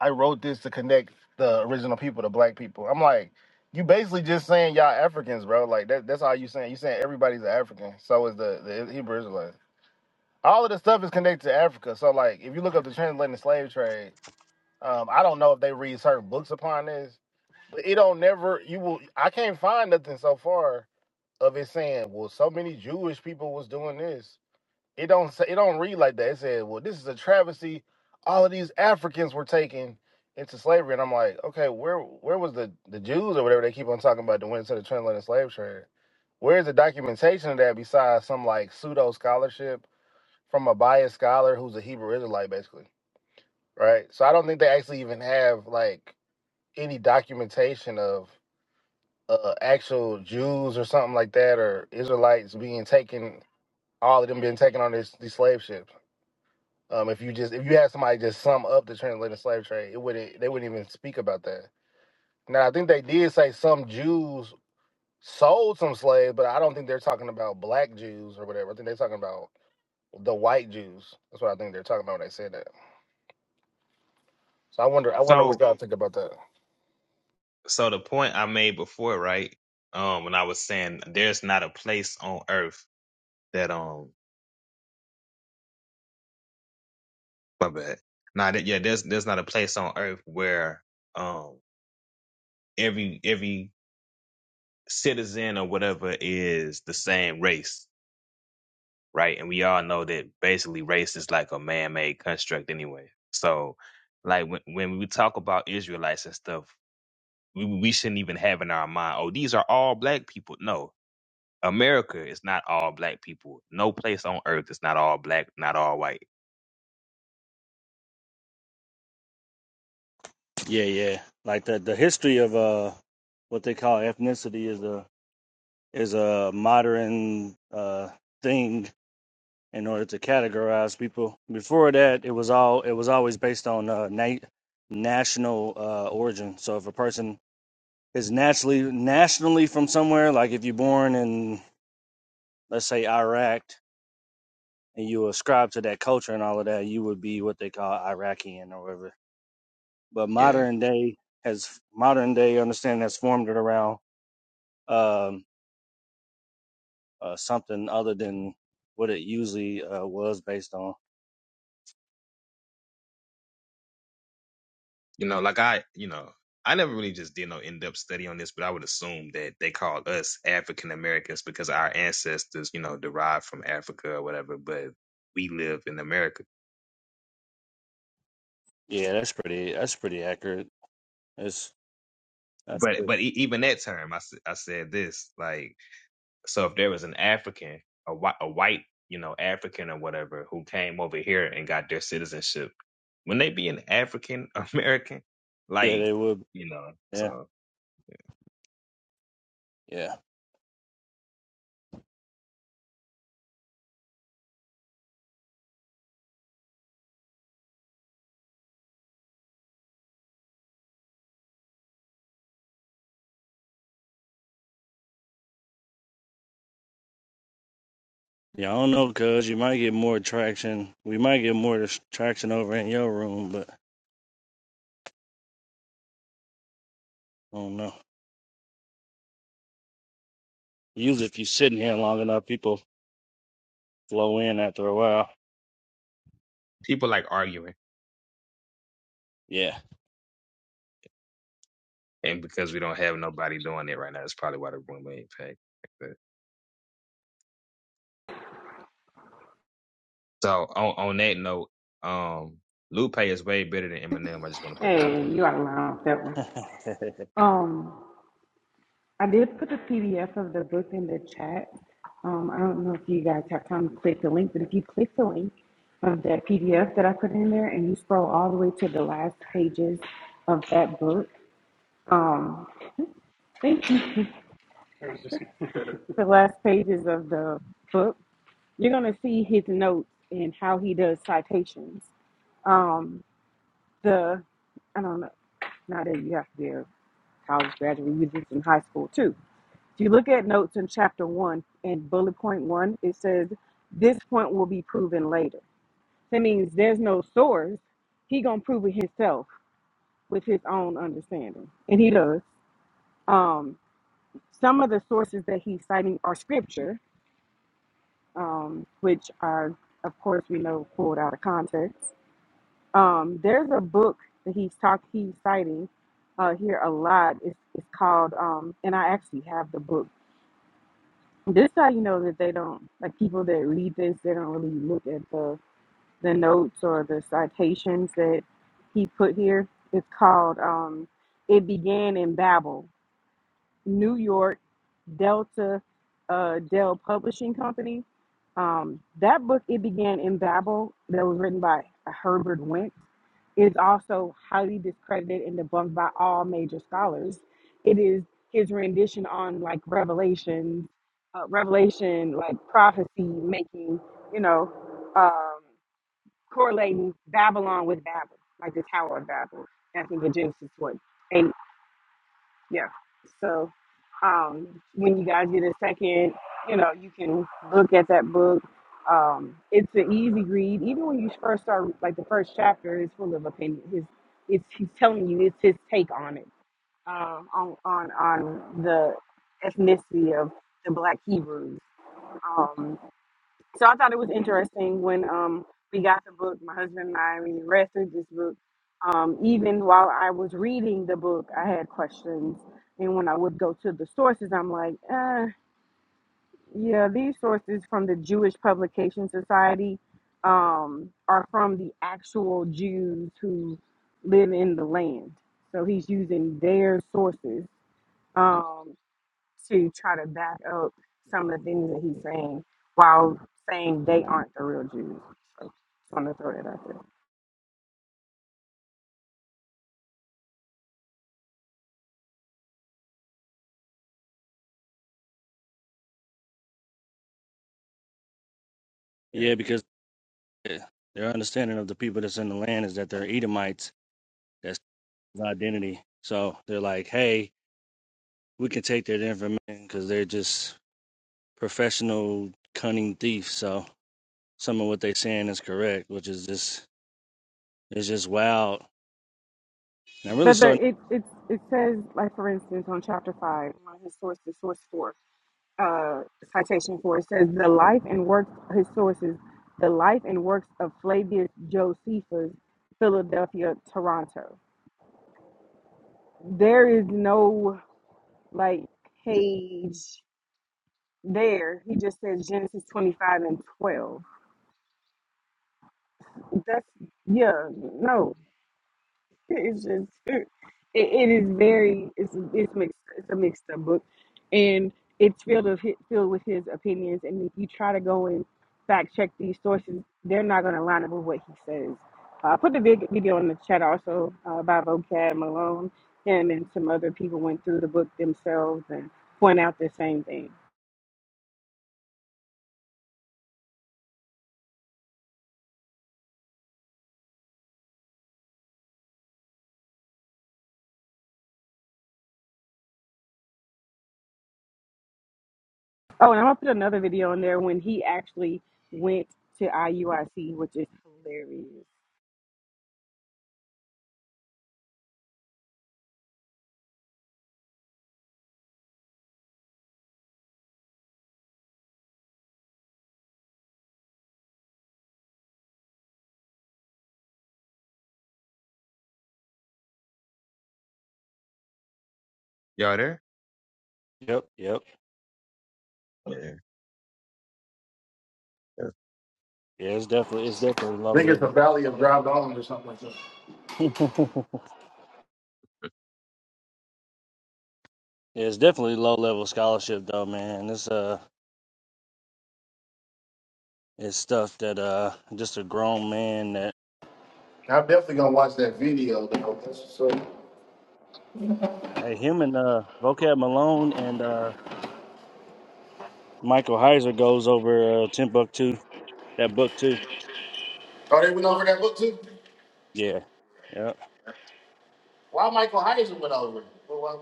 Speaker 1: I wrote this to connect the original people to black people. I'm like, you basically just saying y'all Africans, bro. Like that that's all you saying. You saying everybody's an African. So is the, the Hebrew Israelites. all of the stuff is connected to Africa. So like if you look up the transatlantic slave trade, um, I don't know if they read certain books upon this, but it don't never you will I can't find nothing so far of it saying, Well, so many Jewish people was doing this. It don't say it don't read like that. It said, Well, this is a travesty. All of these Africans were taken into slavery. And I'm like, okay, where where was the, the Jews or whatever they keep on talking about that went into the transatlantic slave trade? Where is the documentation of that besides some like pseudo scholarship? from a biased scholar who's a Hebrew Israelite, basically, right? So I don't think they actually even have like any documentation of uh, actual Jews or something like that, or Israelites being taken, all of them being taken on this these slave ships. Um, if you just if you had somebody just sum up the transatlantic slave trade, it wouldn't they wouldn't even speak about that. Now I think they did say some Jews sold some slaves, but I don't think they're talking about black Jews or whatever. I think they're talking about the white Jews. That's what I think they're talking about when they said that. So I wonder, I wonder what
Speaker 3: So,
Speaker 1: y'all think about that.
Speaker 3: so the point I made before, right? Um, when I was saying there's not a place on earth that um, my bad. Nah, that, yeah, there's there's not a place on earth where um every every citizen or whatever is the same race, right? And we all know that basically race is like a man made construct anyway. So, like when when we talk about Israelites and stuff, we we shouldn't even have in our mind, oh, these are all black people. No, America is not all black people. No place on earth is not all black, not all white.
Speaker 2: Yeah, yeah. Like the the history of uh, what they call ethnicity is a is a modern uh thing in order to categorize people. Before that, it was all it was always based on uh, na- national uh, origin. So if a person is naturally nationally from somewhere, like if you're born in let's say Iraq and you ascribe to that culture and all of that, you would be what they call Iraqian or whatever. But
Speaker 3: Yeah.
Speaker 2: modern day has modern day understanding has formed it around um, uh, something other than what it usually uh, was based on.
Speaker 3: You know, like I, you know, I never really just did no in depth study on this, but I would assume that they call us African Americans because our ancestors, you know, derived from Africa or whatever, but we live in America.
Speaker 2: Yeah, that's pretty. That's pretty accurate. That's that's
Speaker 3: But but e- even that term, I, s- I said this like, so if there was an African, a white, a white, you know, African or whatever who came over here and got their citizenship, when they be an African American,
Speaker 2: Yeah,
Speaker 3: like,
Speaker 2: they would.
Speaker 3: you know,
Speaker 2: Yeah,
Speaker 3: so
Speaker 2: yeah. Yeah, I don't know, cuz you might get more traction. We might get more dis- traction over in your room, but I don't know. Usually, if you sit in here long enough, people flow in after a while.
Speaker 3: people like arguing.
Speaker 2: Yeah.
Speaker 3: and because we don't have nobody doing it right now, that's probably why the room ain't packed. like that. So on on that note, um, Lupe is way better than Eminem. I just want to put that out
Speaker 4: Hey, you out of line with that one. Um, I did put a PDF of the book in the chat. Um, I don't know if you guys have time to click the link, but if you click the link of that PDF that I put in there and you scroll all the way to the last pages of that book, um, thank you. the last pages of the book, you're going to see his notes and how he does citations. Um, the, I don't know, not that you have to be a college graduate, you did this in high school too. If you look at notes in chapter one and bullet point one, it says this point will be proven later. That means there's no source. He gonna prove it himself with his own understanding, and he does. Um, some of the sources that he's citing are scripture, um, which are, of course, we know pulled out of context. Um, there's a book that he's talk he's citing uh, here a lot. It's, it's called, um, and I actually have the book This how you know that they don't like people that read this. They don't really look at the the notes or the citations that he put here. It's called um, "It Began in Babel." New York Delta uh, Dell Publishing Company. Um, that book, It Began in Babel, that was written by Herbert Wentz, is also highly discredited and debunked by all major scholars. It is his rendition on like Revelation, uh, Revelation, like prophecy making, you know, um, correlating Babylon with Babel, like the Tower of Babel. I think in Genesis 1 yeah. So um, when you guys get a second, you know, you can look at that book. Um, it's an easy read. Even when you first start, like the first chapter is full of opinion. His, it's he's telling you it's his take on it, um, on on on the ethnicity of the Black Hebrews. Um, so I thought it was interesting when um, we got the book, my husband and I, we read through this book. Um, even while I was reading the book, I had questions. And when I would go to the sources, I'm like, uh, yeah, these sources from the Jewish Publication Society um, are from the actual Jews who live in the land. So he's using their sources. Um, to try to back up some of the things that he's saying while saying they aren't the real Jews. So just want to throw that out there.
Speaker 3: there.
Speaker 2: yeah, because eh, their understanding of the people that's in the land is that they're Edomites. That's their identity. So they're like, hey, we can take that information because they're just professional, cunning thieves. So some of what they're saying is correct, which is just, it's just wild And I'm really
Speaker 4: But the,
Speaker 2: starting.
Speaker 4: it, it, it says, like, for instance, on chapter 5, one of his sources, source 4, uh, citation 4, it says, the life and works, his sources, the life and works of Flavius Josephus, Philadelphia, Toronto. There is no, like, page there. He just says Genesis 25 and 12 that's yeah no it's just it, it is very it's it's mixed it's a mixed up book and it's filled of hi- filled with his opinions and if you try to go and fact check these sources they're not going to line up with what he says uh, i put the vid- video in the chat also uh, by vocab malone him and some other people went through the book themselves and point out the same thing Oh, and I'm gonna put another video in there when he actually went to IUIC, which is hilarious.
Speaker 3: Yeah, y'all there?
Speaker 2: Yep, yep.
Speaker 3: Yeah. yeah.
Speaker 2: Yeah, it's definitely it's definitely
Speaker 1: I
Speaker 2: low
Speaker 1: think it's the
Speaker 2: level.
Speaker 1: Valley of Dry Bones or something like that.
Speaker 2: yeah, it's definitely low level scholarship though, man. It's uh, it's stuff that uh, just a grown man that
Speaker 1: I'm definitely gonna watch that video though. That's what's up.
Speaker 2: hey, him and uh, Vocab Malone and uh, Michael Heiser goes over uh, Timbuktu that book too.
Speaker 1: Oh, they went over that book too.
Speaker 2: Yeah, yeah.
Speaker 1: Why Michael Heisen went over? it? Well, why-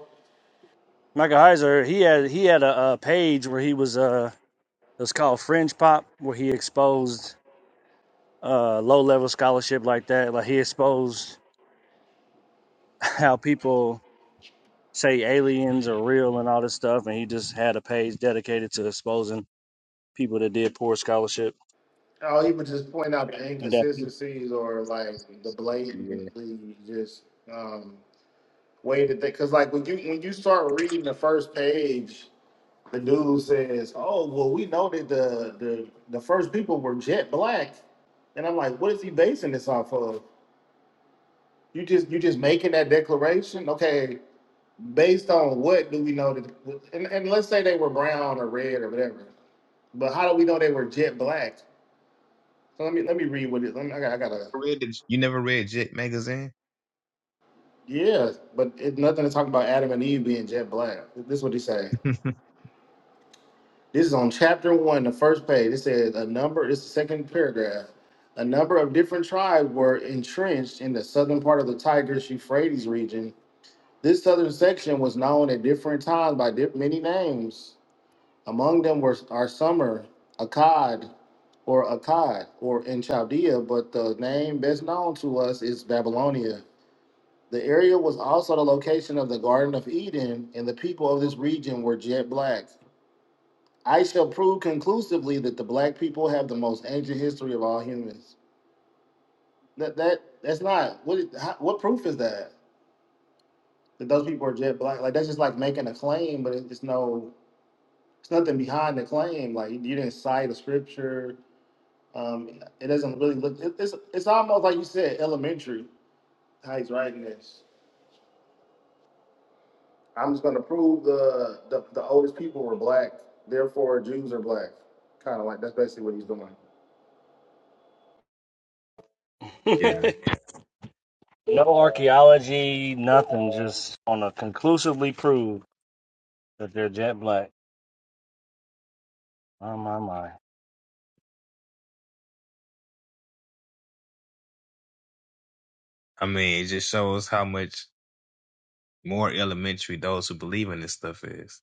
Speaker 2: Michael Heiser he had he had a, uh page where he was uh, it was called Fringe Pop where he exposed uh low level scholarship like that. Like he exposed how people say aliens are real and all this stuff, and he just had a page dedicated to exposing people that did poor scholarship
Speaker 1: Oh, he would just point out the
Speaker 2: and that.
Speaker 1: inconsistencies or like the
Speaker 2: Yeah.
Speaker 1: blatantly just um, way that they. Because like when you when you start reading the first page, the dude says, "Oh, well, we know that the the the first people were jet black," and I'm like, "What is he basing this off of?" You just you just making that declaration. Okay, based on what do we know that? And, and let's say they were brown or red or whatever. But how do we know they were jet black? So let me let me read what it. Let me, I got I gotta.
Speaker 3: Read it. You never read Jet magazine?
Speaker 1: Yeah, but it's nothing to talk about Adam and Eve being jet black. This is what he saying. This is on chapter one, the first page. It says a number. It's the second paragraph. A number of different tribes were entrenched in the southern part of the Tigris-Euphrates region This southern section was known at different times by di- many names. Among them were are Summer, Akkad, or Akkad, or in Chaldea, but the name best known to us is Babylonia. The area was also the location of the Garden of Eden, and the people of this region were jet black. I shall prove conclusively that the black people have the most ancient history of all humans. That that that's not what how, what proof is that that those people are jet black? Like that's just like making a claim, but it's no It's nothing behind the claim. Like you didn't cite a scripture. Um, it doesn't really look. It, it's it's almost like you said elementary how he's writing this. I'm just gonna prove the the, the oldest people were black, therefore Jews are black. Kind of like that's basically what he's doing.
Speaker 3: yeah.
Speaker 2: no archaeology, nothing. Just on a conclusively prove that they're jet black. Oh my my.
Speaker 3: I mean, it just shows how much more elementary those who believe in this stuff is.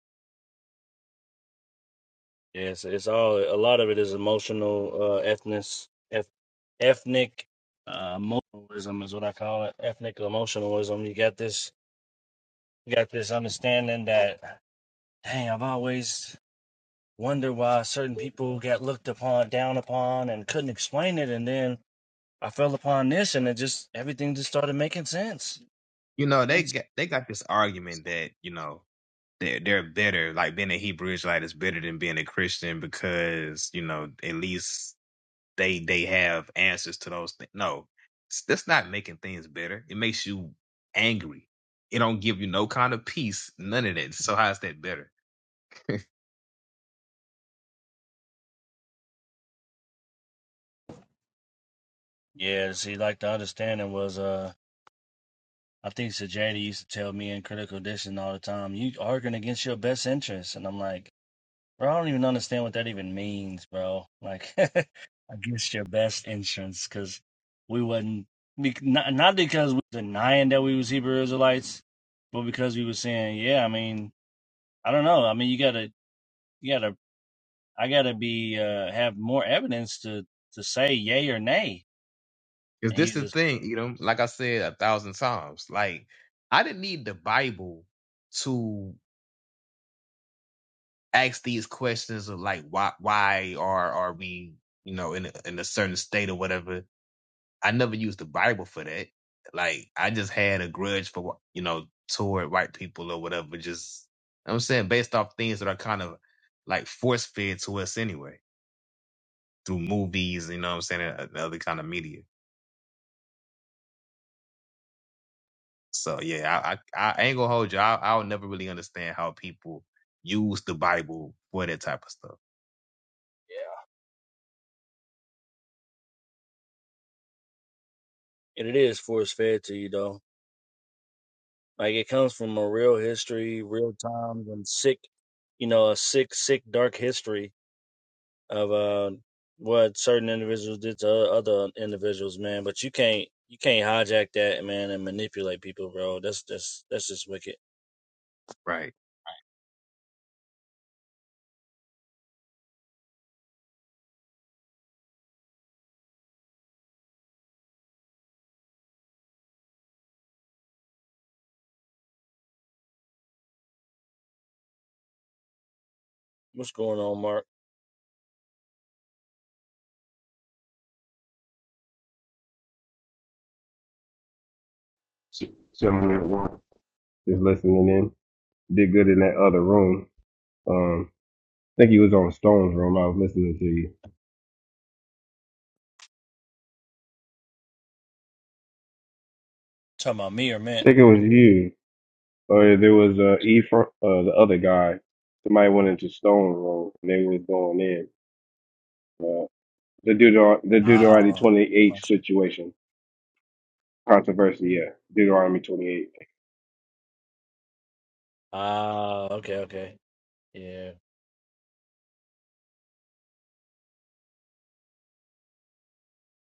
Speaker 2: Yes, it's all. A lot of it is emotional, uh, ethnic, ethnic uh, emotionalism is what I call it. Ethnic emotionalism. You got this. You got this understanding that. Dang, I've always wonder why certain people got looked upon, down upon, and couldn't explain it. And then I fell upon this, and it just everything just started making sense.
Speaker 3: You know,
Speaker 2: It Made
Speaker 3: they
Speaker 2: s-
Speaker 3: got they got this argument that you know they're they're better, like being a Hebrew Israelite is better than being a Christian because you know at least they they have answers to those things. No, s- that's not making things better. It makes you angry. It don't give you no kind of peace, none of that. So how's that better?
Speaker 2: yeah, see, like the understanding was, uh, I think Sir Jada used to tell me in Critical Edition all the time, "You arguing against your best interests," and I'm like, bro, I don't even understand what that even means, bro. Like, against your best interests, because we wasn't bec- not not because we were denying that we was Hebrew Israelites, but because we were saying, yeah, I mean I don't know. I mean, you gotta, you gotta, I gotta be uh, have more evidence to to say yay or nay.
Speaker 3: Because
Speaker 2: And
Speaker 3: this
Speaker 2: he's
Speaker 3: is the
Speaker 2: just,
Speaker 3: thing, you know, like I said a thousand times, like I didn't need the Bible to ask these questions of like why why are are we you know in a, in a certain state or whatever I never used the Bible for that. Like I just had a grudge for you know toward white people or whatever. Just I'm saying based off things that are kind of like force fed to us anyway through movies. You know what I'm saying and other kind of media. So yeah, I I, I ain't gonna hold you. I I'll never really understand how people use the Bible for that type of stuff.
Speaker 2: yeah. And it is force fed to you though. Like it comes from a real history, real times, and sick, you know, a sick, sick, dark history of uh what certain individuals did to o- other individuals, man. But you can't, you can't hijack that, man, and manipulate people, bro. That's just, that's just wicked.
Speaker 3: Right.
Speaker 2: What's going on, Mark?
Speaker 5: Chilling at work, just listening in. Did good in that other room. Um, I think he was on Stone's room. I was listening to you.
Speaker 2: Talking about me or
Speaker 5: I
Speaker 2: Mint?
Speaker 5: think it was you, or there was uh, E from uh, the other guy. Somebody went into Stone room and they was going in. Uh, the Deuter the Deuteronomy
Speaker 2: Ah,
Speaker 5: twenty
Speaker 2: I'm
Speaker 5: eight
Speaker 2: not sure.
Speaker 5: situation controversy. Yeah, Deuteronomy twenty eight.
Speaker 2: Ah, okay, okay. Yeah.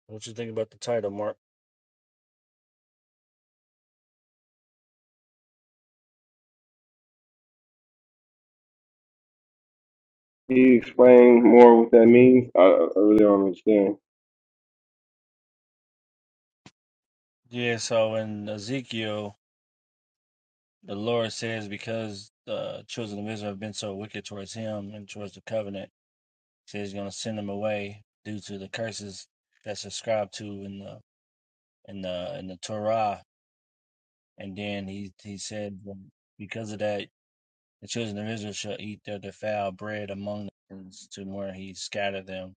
Speaker 2: What you think about the title, Mark?
Speaker 5: Can you explain more what that means? I, I really don't understand.
Speaker 2: Yeah, so in Ezekiel, the Lord says because the children of Israel have been so wicked towards him and towards the covenant, he says he's gonna send them away due to the curses that's ascribed to in the in the in the Torah. And then he he said um, because of that the children of Israel shall eat their defiled bread among the nations to where he scattered them.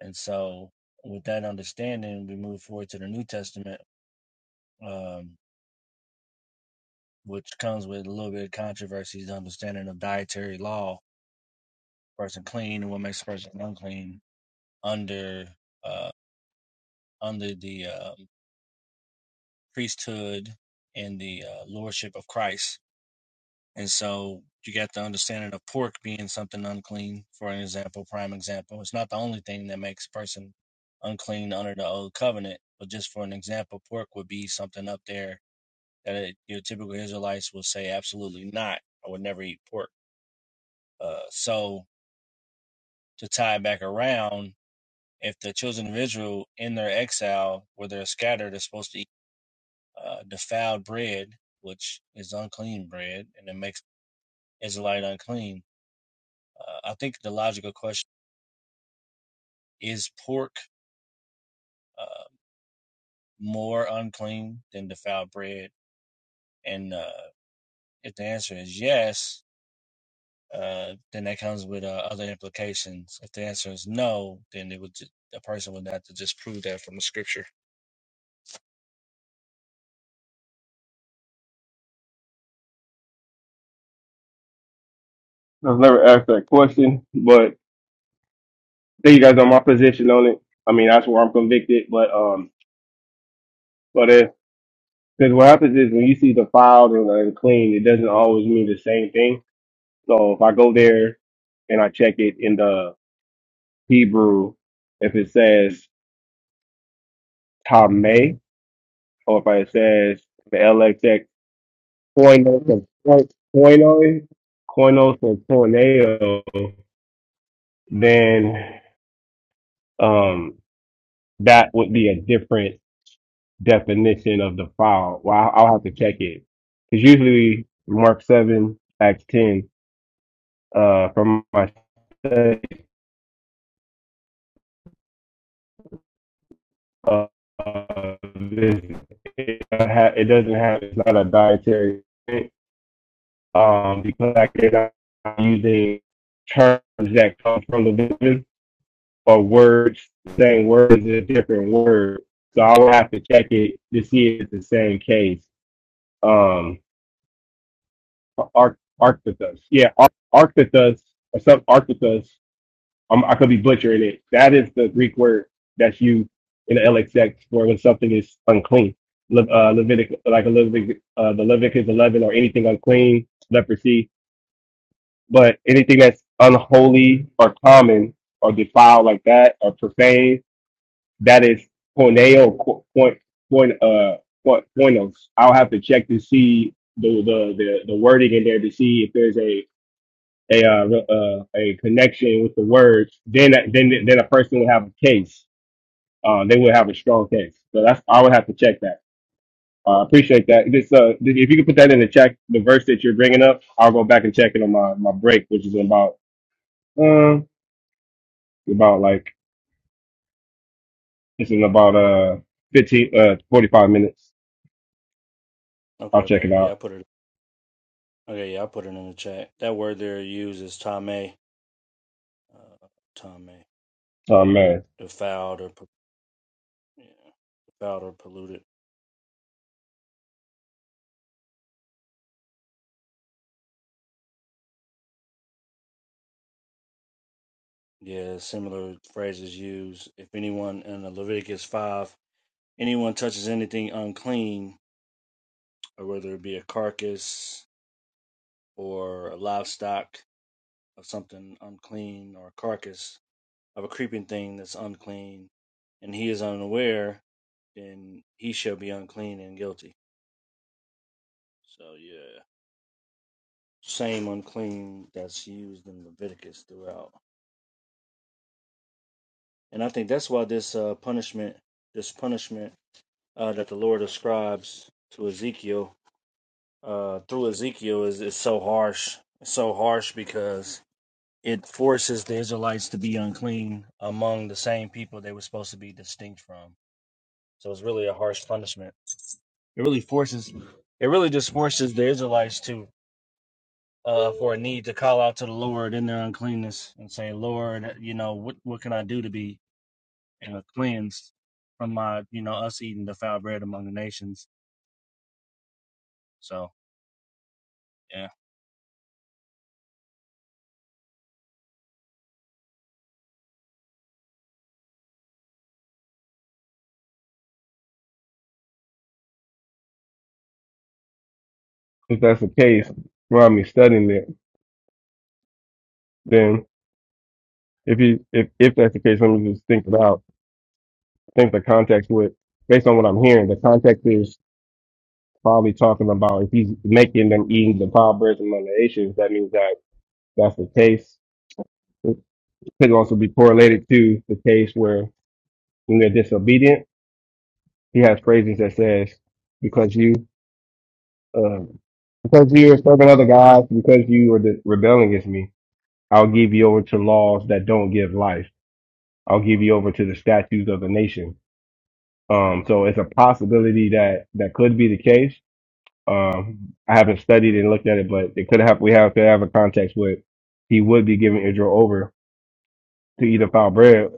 Speaker 2: And so with that understanding, we move forward to the New Testament um, which comes with a little bit of controversy, the understanding of dietary law, person clean and what makes a person unclean under uh, under the um priesthood and the uh, lordship of Christ. And so you got the understanding of pork being something unclean, for an example, prime example. It's not the only thing that makes a person unclean under the old covenant, but just for an example, pork would be something up there that it, your typical Israelites will say, absolutely not. I would never eat pork Uh, so to tie it back around, if the children of Israel in their exile where they're scattered are supposed to eat uh, defiled bread, which is unclean bread, and it makes Israelite unclean, uh, I think the logical question is pork uh, more unclean than defiled bread? And uh, if the answer is yes, uh, then that comes with uh, other implications. If the answer is no, then it would ju- a person would have to just prove that from the scripture.
Speaker 5: I've never asked that question, but I think you guys know my position on it. I mean, that's where I'm convicted, but um. But if because what happens is when you see the filed and unclean, it doesn't always mean the same thing. So if I go there and I check it in the Hebrew, if it says Tame or if it says the LXX koinos or koinoi, koinos or koineo, then um, that would be a different definition of the file. Well, I'll I'll have to check it because usually Mark seven Acts ten uh, from my uh, it, doesn't have it's not a dietary thing, um because like they're not using terms that come from the Bible or words same words is a different word. So I would have to check it to see if it's the same case. Um Arc Yeah, Ar- Arctitus or some Arctitus I'm, I could be butchering it. That is the Greek word that's used in the LXX for when something is unclean. Le, uh, Levitic, like a Levitic, uh, the Leviticus 11 or anything unclean, leprosy, but anything that's unholy or common or defiled like that or profane, that is porneo, co- point, point, uh, point, pornos. I'll have to check to see the, the, the, the wording in there to see if there's a a uh, re- uh, a connection with the words, then then then a person would have a case. Uh, they would have a strong case. So that's I would have to check that. I uh, appreciate that. This, uh, if you could put that in the check, the verse that you're bringing up, I'll go back and check it on my, my break, which is in about uh, about like it's in about uh 15 uh 45 minutes.
Speaker 2: Okay,
Speaker 5: I'll check it
Speaker 2: okay. Yeah, I
Speaker 5: out.
Speaker 2: put it Okay, yeah, I put it in the chat. That word there used is tame, uh, tame,
Speaker 5: Oh man,
Speaker 2: defiled or po- yeah, defiled or polluted. Yeah, similar phrases used. If anyone in the Leviticus five, anyone touches anything unclean, or whether it be a carcass or a livestock of something unclean or a carcass of a creeping thing that's unclean, and he is unaware, then he shall be unclean and guilty. So yeah, same unclean that's used in Leviticus throughout. And I think that's why this uh, punishment, this punishment uh, that the Lord ascribes to Ezekiel uh, through Ezekiel is, is so harsh. It's so harsh because it forces the Israelites to be unclean among the same people they were supposed to be distinct from. So it's really a harsh punishment. It really forces, it really just forces the Israelites to uh, for a need to call out to the Lord in their uncleanness and say, Lord, you know, what, what can I do to be uh, cleansed from my, you know, us eating defiled bread among the nations? So, yeah.
Speaker 5: if that's the case, while I'm studying it, then if you if if that's the case, let me just think it out think the context would, based on what I'm hearing, the context is probably talking about if he's making them eating the pile breads among the nations, that means that that's the case. It could also be correlated to the case where when they're disobedient, he has phrases that says, because you, um, because you are serving other gods, because you are de- rebelling against me, I'll give you over to laws that don't give life. I'll give you over to the statutes of the nation. Um, so it's a possibility that that could be the case Um, I haven't studied and looked at it, but it could have we have could have a context with he would be giving Israel over to either foul bread. If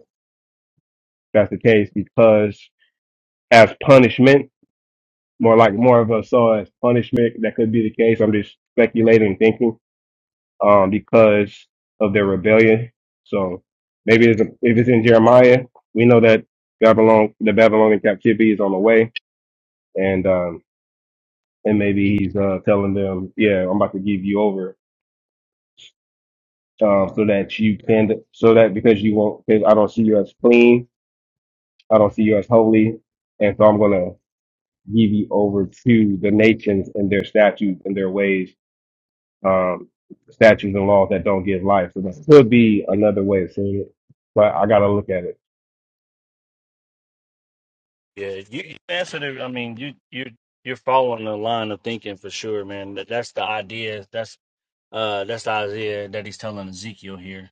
Speaker 5: that's the case because as punishment, more like more of us saw as punishment. That could be the case. I'm just speculating and thinking um, because of their rebellion. So maybe it's, if it's in Jeremiah, we know that Babylon, the Babylonian captivity is on the way, and um, and maybe he's uh, telling them, yeah, I'm about to give you over um, so that you can, so that because you won't, because I don't see you as clean, I don't see you as holy, and so I'm going to give you over to the nations and their statutes and their ways, um, statutes and laws that don't give life. So that could be another way of saying it, but I got to look at it.
Speaker 2: Yeah, you you answered it. I mean, you, you, you're following the line of thinking for sure, man. That, that's the idea. That's, uh, that's the idea that he's telling Ezekiel here.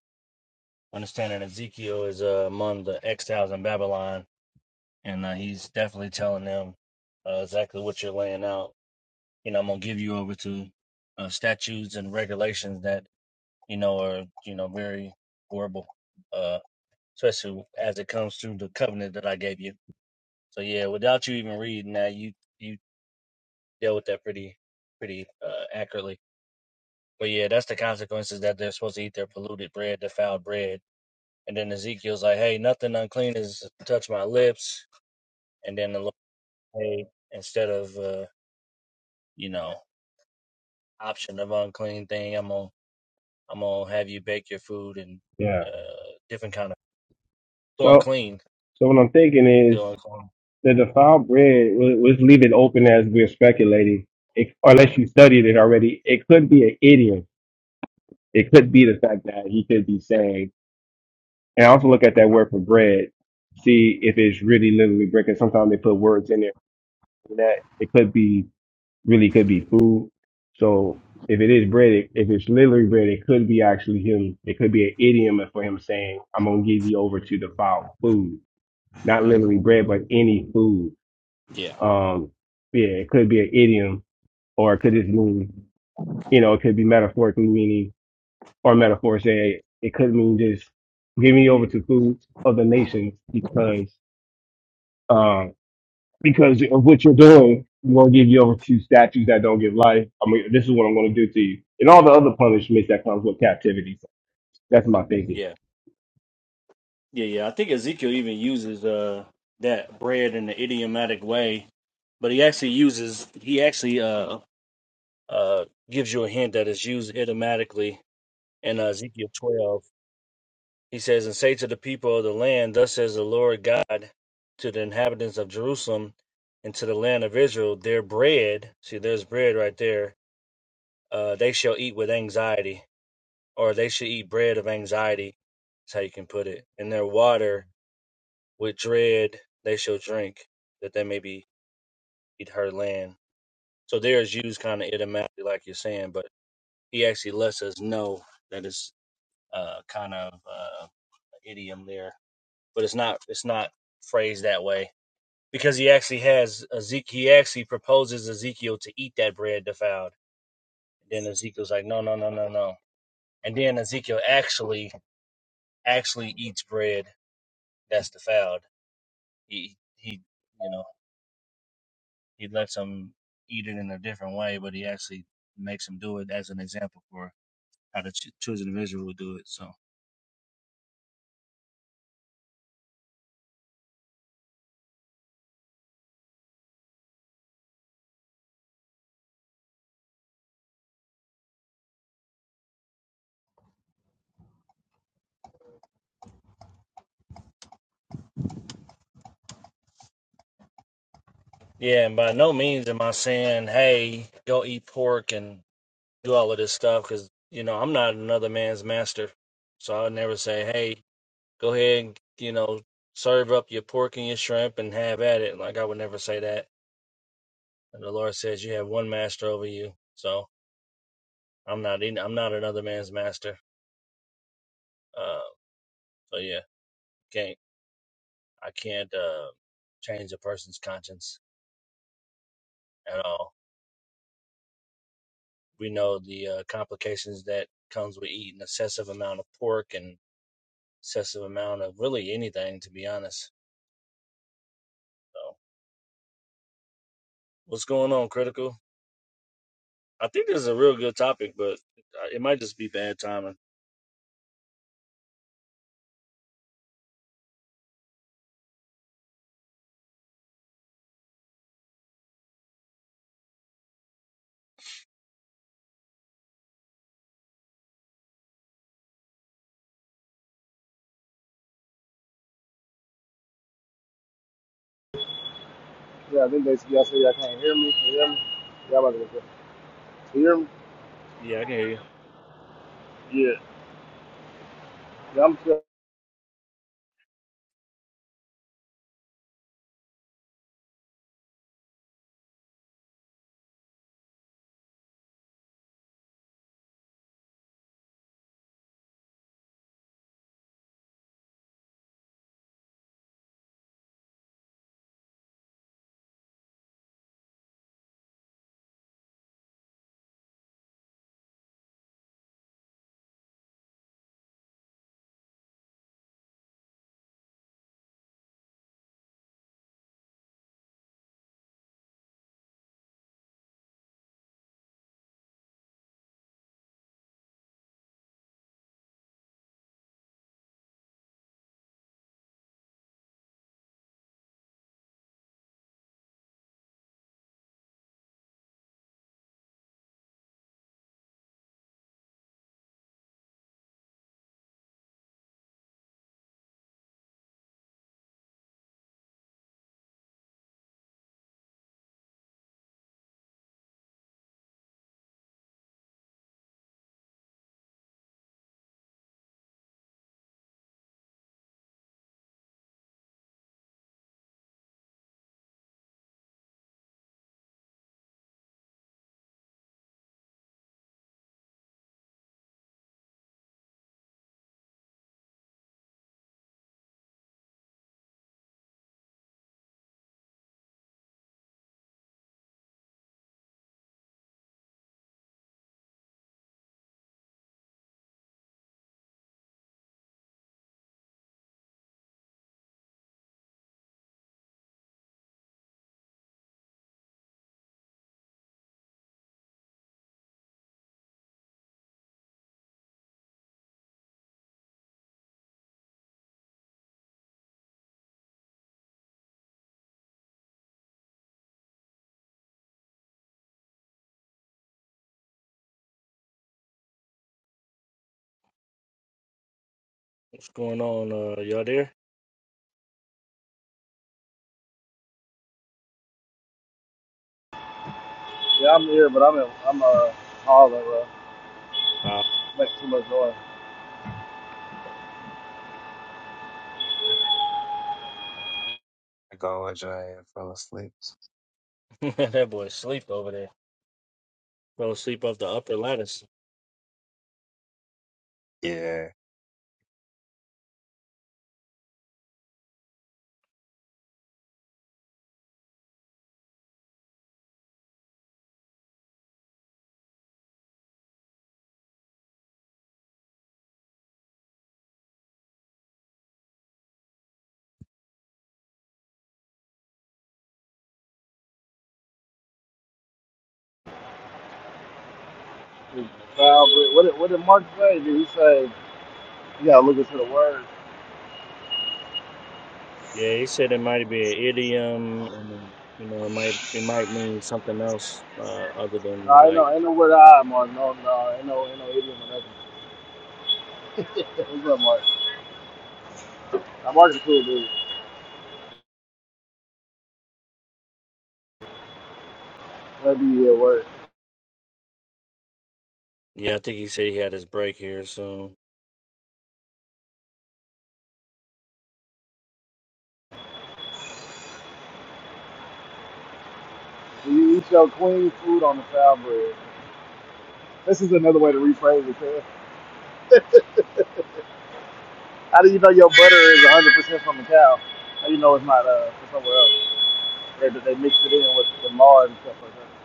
Speaker 2: Understand that Ezekiel is uh, among the exiles in Babylon, and uh, he's definitely telling them uh, exactly what you're laying out you know, I'm gonna give you over to uh, statutes and regulations that you know are you know very horrible, uh, especially as it comes to the covenant that I gave you. So yeah, without you even reading that, you you dealt with that pretty pretty uh, accurately. But yeah, that's the consequences that they're supposed to eat their polluted bread, defiled bread. And then Ezekiel's like, hey, nothing unclean is touch my lips. And then the Lord, hey, instead of uh, you know option of unclean thing, I'm gonna. I'm gonna have you bake your food and
Speaker 5: Yeah.
Speaker 2: uh, different kind of still
Speaker 5: So,
Speaker 2: unclean,
Speaker 5: so what I'm thinking is
Speaker 2: still unclean.
Speaker 5: the defiled bread, we'll- let's leave it open as we're speculating, it, unless you studied it already. It could be an idiom. It could be the fact that he could be saying And I also look at that word for bread, see if it's really literally bread. Because sometimes they put words in there for that it could be really could be food. So if it is bread, it, if it's literally bread, it could be actually him. It could be an idiom for him saying, "I'm gonna give you over to the foul food," not literally
Speaker 2: hmm
Speaker 5: bread, but any food.
Speaker 2: Yeah,
Speaker 5: Um, yeah, it could be an idiom, or it could just mean, you know, it could be metaphorically meaning, or metaphor say "Hey, it could mean just giving you over to food of the nations because Uh, because of what you're doing, I'm going to give you over to statues that don't give life. I mean, this is what I'm going to do to you. And all the other punishments that comes with captivity. That's my thinking.
Speaker 2: yeah, yeah, yeah. I think Ezekiel even uses uh that bread in the idiomatic way, but he actually uses he actually uh Uh, gives you a hint that it's used idiomatically in uh, Ezekiel 12. He says, "And say to the people of the land, Thus says the Lord God to the inhabitants of Jerusalem and to the land of Israel, their bread. See, there's bread right there. Uh, they shall eat with anxiety, or they shall eat bread of anxiety. That's how you can put it. And their water with dread they shall drink, that they may be eat her land. So there is used kind of idiomatically, like you're saying, but he actually lets us know that it's uh, kind of uh, an idiom there, but it's not it's not phrased that way because he actually has Ezekiel. He actually proposes Ezekiel to eat that bread defiled. Then Ezekiel's like, no, no, no, no, no. And then Ezekiel actually actually eats bread that's defiled. He he, you know, he lets them eat it in a different way, but he actually makes them do it as an example for how the ch- children of Israel would do it. So yeah, and by no means am I saying, hey, go eat pork and do all of this stuff, because you know I'm not another man's master, so I would never say, hey, go ahead and you know serve up your pork and your shrimp and have at it. Like I would never say that. And the Lord says you have one master over you. So I'm not in, I'm not another man's master. Uh, so yeah, can't I can't uh, change a person's conscience at all. We know the uh, complications that comes with eating excessive amount of pork and excessive amount of really anything, to be honest. So what's going on, critical? I think this is a real good topic, but uh, it might just be bad timing.
Speaker 1: Yeah, I'm here.
Speaker 2: Yeah, I can hear you.
Speaker 1: Yeah, I'm,
Speaker 2: What's going on, uh, y'all there?
Speaker 1: yeah, I'm here, but I'm in, I'm uh, Harlem, bro.
Speaker 2: Bob,
Speaker 1: Like, uh,
Speaker 3: I go with your ass, fell asleep.
Speaker 2: that boy sleep over there. Fell asleep off the upper lattice.
Speaker 3: Yeah.
Speaker 1: What did, what did Mark say? Did he say you gotta look into the word?
Speaker 2: Yeah, he said it might be an idiom, and you know, it might it might mean something else uh, other
Speaker 1: No,
Speaker 2: than
Speaker 1: I
Speaker 2: like.
Speaker 1: know, ain't no word I, Mark. No, no, ain't no, ain't no idiom or nothing. What's up, Mark? Now, market food, dude. That'd be your word.
Speaker 2: Yeah, I think he said he had his break here So
Speaker 1: Do you eat your queen food on the cow bread? This is another way to rephrase it, Chris. How do you know your butter is 100% from the cow? How do you know it's not uh, from somewhere else? They, they mix it in with the lard and stuff like that.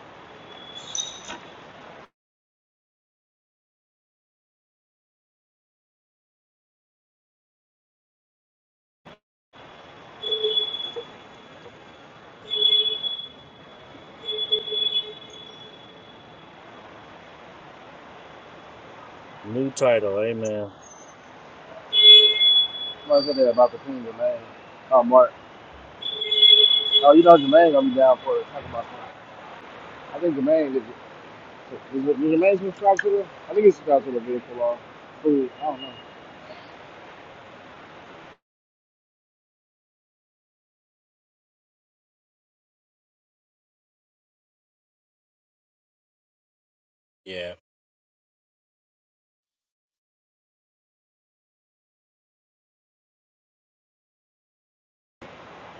Speaker 2: New title, amen.
Speaker 1: Somebody said that about the Queen Jermaine. Oh, Mark. Oh, you know Jermaine gonna be down for it. Talk about that. I think Jermaine is, is, it- is Jermaine's been subscribed to Strasbourg? I think he's subscribed it's Strasbourg vehicle law. Food. I don't know.
Speaker 2: Yeah,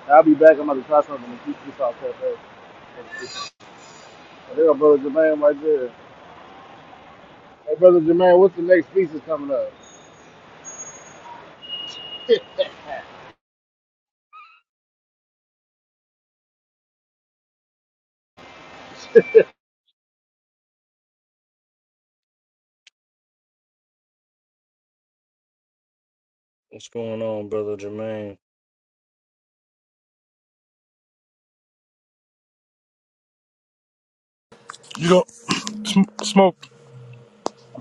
Speaker 1: I'll be back. I'm about to try something to keep this off cafe. There go brother Jermaine right there. Hey, brother Jermaine, what's the next piece that's coming up?
Speaker 2: what's going on, brother Jermaine?
Speaker 6: You don't smoke.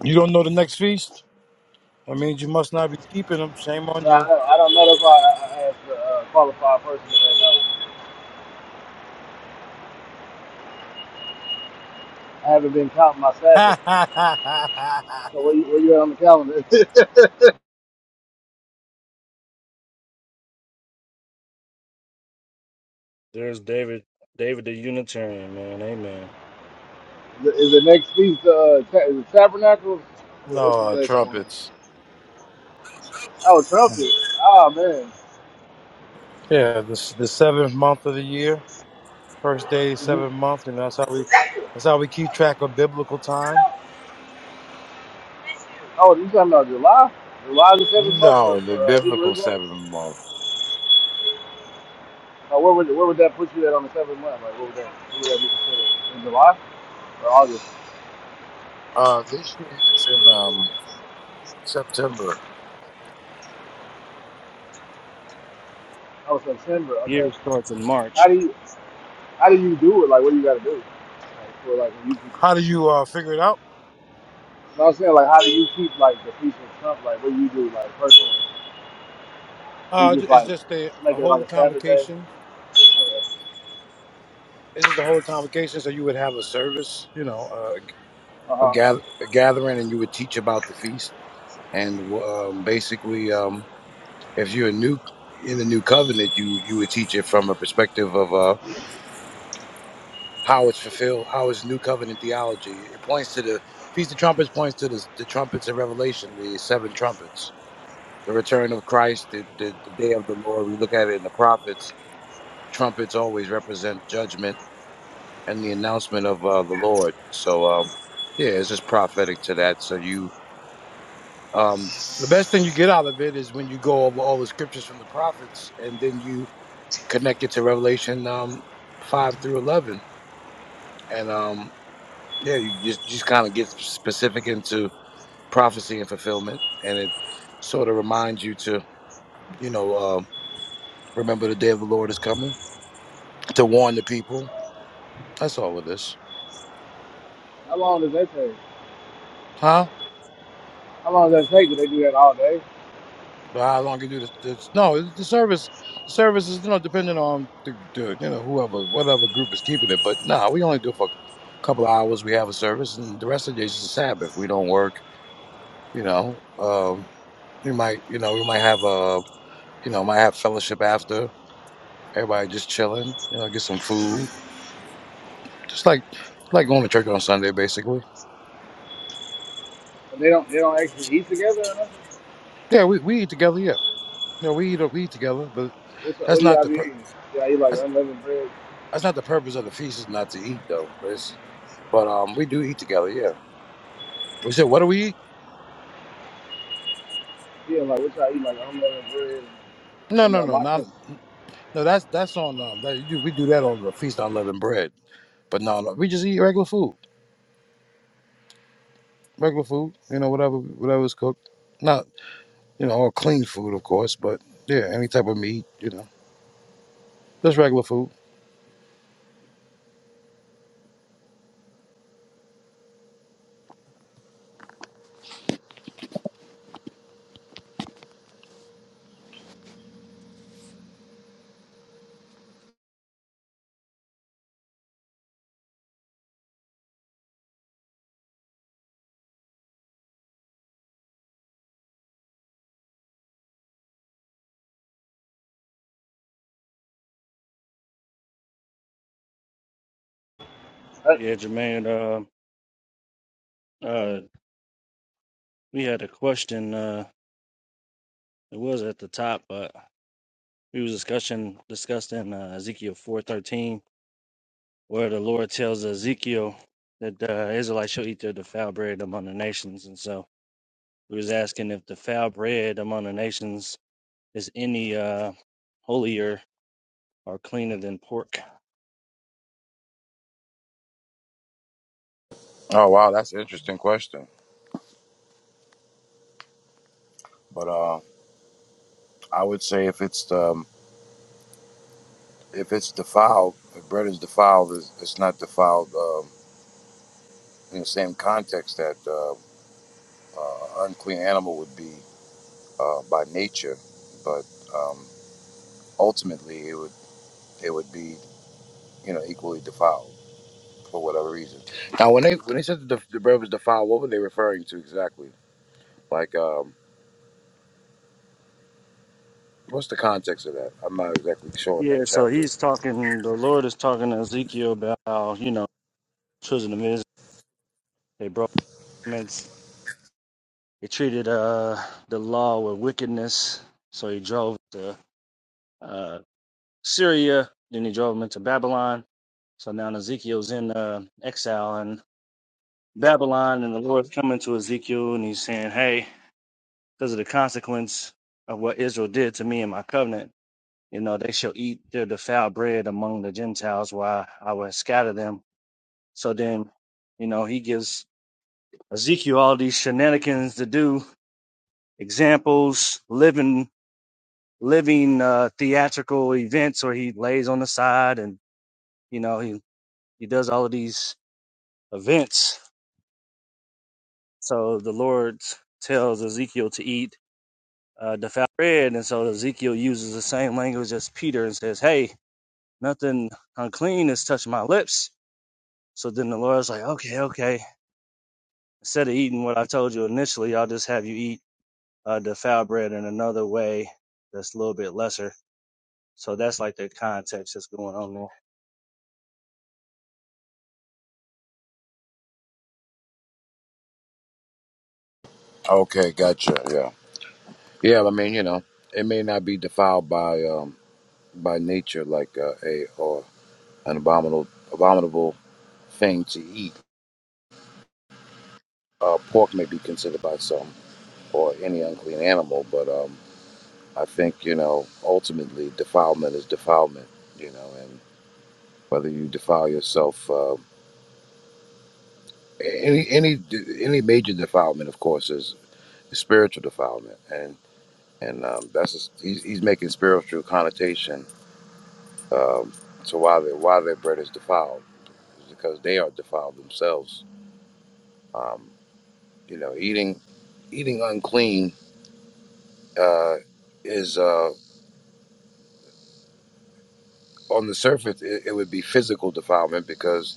Speaker 6: You don't know the next feast. I mean, you must not be keeping them. Shame on
Speaker 1: No,
Speaker 6: you.
Speaker 1: I, don't- I don't know. That's why I, I asked a uh, qualified person if they know. I haven't been counting my Sabbath. So where you, where you at on the calendar? is
Speaker 2: There's David, David the Unitarian man, amen.
Speaker 1: the next piece uh, ta- is it Tabernacles? Wh-
Speaker 6: no
Speaker 1: What's
Speaker 6: uh,
Speaker 1: the next one?
Speaker 6: trumpets.
Speaker 1: Oh, trumpet. Oh man.
Speaker 6: Yeah, this the seventh month of the year. First day, seventh
Speaker 1: hmm
Speaker 6: month. You know that's how we that's how we keep track of biblical time.
Speaker 1: Oh, you talking about July? July is the seventh month for,
Speaker 6: No, the
Speaker 1: for uh, Hebrew
Speaker 6: biblical
Speaker 1: Israelites.
Speaker 6: seventh month.
Speaker 1: Uh, where would where would that put you at on the seventh month? Like, what would that, what would that be considered? In July or August?
Speaker 6: Uh, this year it's in um September.
Speaker 1: Oh, September. Okay.
Speaker 2: Year starts in
Speaker 1: How
Speaker 2: March.
Speaker 1: do you how do you do it? Like, what do you got to do? Like, for like when you keep,
Speaker 6: How
Speaker 1: you
Speaker 6: do you uh figure it out?
Speaker 1: know what I'm saying? Like, how do you keep like the peace with Trump? Like, what do you do like personally? Do you
Speaker 6: Uh, ju-
Speaker 1: just
Speaker 6: it's
Speaker 1: like
Speaker 6: just a,
Speaker 1: make
Speaker 6: a
Speaker 1: it like
Speaker 6: holy
Speaker 1: a Saturday?
Speaker 6: convocation.
Speaker 1: Okay.
Speaker 6: It's just a holy convocation, so you would have a service. You know, uh,
Speaker 1: Uh
Speaker 6: a,
Speaker 1: huh.
Speaker 6: gather, a gathering and you would teach about the feast and um, basically um, if you're a new in the new covenant you you would teach it from a perspective of uh, how it's fulfilled how is new covenant theology it points to the feast of trumpets points to the, the trumpets in revelation the seven trumpets the return of christ the, the, the day of the lord we look at it in the prophets trumpets always represent judgment and the announcement of uh, the lord so um, yeah it's just prophetic to that so you Um, the best thing you get out of it is when you go over all the scriptures from the prophets and then you connect it to Revelation um, 5 through 11. And um, yeah, you just, just kind of get specific into prophecy and fulfillment. And it sort of reminds you to, you know, uh, remember the day of the Lord is coming, to warn the people. That's all it is.
Speaker 1: How long does that take?
Speaker 6: Huh?
Speaker 1: How long does that take? Do they do that all day?
Speaker 6: How long you do this? this no, the service, the service is you know depending on the, the you know whoever whatever group is keeping it. But nah, we only do it for a couple of hours. We have a service, and the rest of the days is a Sabbath. We don't work. You know, um, we might you know we might have a you know might have fellowship after. Everybody just chilling. You know, get some food. Just like like going to church on Sunday, basically.
Speaker 1: But they don't. They don't actually eat together or nothing.
Speaker 6: Yeah, we, we eat together. Yeah, you know, we eat we eat together, but
Speaker 1: What's up? What
Speaker 6: that's
Speaker 1: do
Speaker 6: not
Speaker 1: y'all
Speaker 6: the
Speaker 1: be
Speaker 6: per-
Speaker 1: eating? Y'all eat like
Speaker 6: that's,
Speaker 1: unleavened bread?
Speaker 6: that's not the purpose of the feast. Is not to eat though. But um, we do eat together. Yeah. We said, what do we eat?
Speaker 1: Yeah, like what y'all eat like unleavened bread
Speaker 6: No,
Speaker 1: and
Speaker 6: no,
Speaker 1: uh,
Speaker 6: no, not
Speaker 1: latkes.
Speaker 6: no. That's that's on um. That, you do- we do that on the feast on unleavened bread. But no, no, we just eat regular food. Regular food. You know, whatever whatever is cooked. Not you know all clean food, of course. But yeah, any type of meat. You know, just regular food.
Speaker 1: That,
Speaker 2: Yeah, Jermaine. Uh, uh, we had a question. Uh, it was at the top, but we was discussing discussing uh, Ezekiel four thirteen where the Lord tells Ezekiel that the Israelites shall eat their defiled bread among the nations. And so we was asking if defiled bread among the nations is any uh, holier or cleaner than pork.
Speaker 6: Oh wow, that's an interesting question. But uh, I would say if it's um, if it's defiled, if bread is defiled, it's, it's not defiled um, in the same context that uh, uh, unclean animal would be. uh, by nature, but um, ultimately it would it would be you know equally defiled for whatever reason. Now, when they when they said that the, the bread was defiled, what were they referring to exactly? Like, um, what's the context of that? I'm not exactly sure in that
Speaker 2: Yeah, so
Speaker 6: chapter.
Speaker 2: he's talking, the Lord is talking to Ezekiel about, how, you know, children of Israel, they broke commandments. They treated uh, the law with wickedness. So he drove to uh, Syria, then he drove them into Babylon. So now Ezekiel's in uh, exile and Babylon, and the Lord's coming to Ezekiel, and he's saying, "Hey, because of the consequence of what Israel did to me and my covenant, you know, they shall eat their defiled bread among the Gentiles, while I will scatter them." So then, you know, he gives Ezekiel all these shenanigans to do, examples, living, living uh, theatrical events, or he lays on the side, and you know, he he does all of these events. So the Lord tells Ezekiel to eat uh, devout bread. And so Ezekiel uses the same language as Peter and says, Hey, nothing unclean has touched my lips. So then the Lord's like, Okay, okay. Instead of eating what I told you initially, I'll just have you eat uh, defiled bread in another way that's a little bit lesser. So that's like the context that's going on there.
Speaker 6: Okay, gotcha. Yeah, yeah. I mean, you know, it may not be defiled by um, by nature, like uh, a or an abominable abominable thing to eat. Uh, pork may be considered by some or any unclean animal, but um, I think, you know, ultimately defilement is defilement, you know, and whether you defile yourself, uh, any, any, any major defilement, of course, is spiritual defilement. And, and, um, that's, just, he's, he's making spiritual connotation, um, to why they, why their bread is defiled is because they are defiled themselves. Um, you know, eating, eating unclean, uh, is, uh, on the surface, it, it would be physical defilement because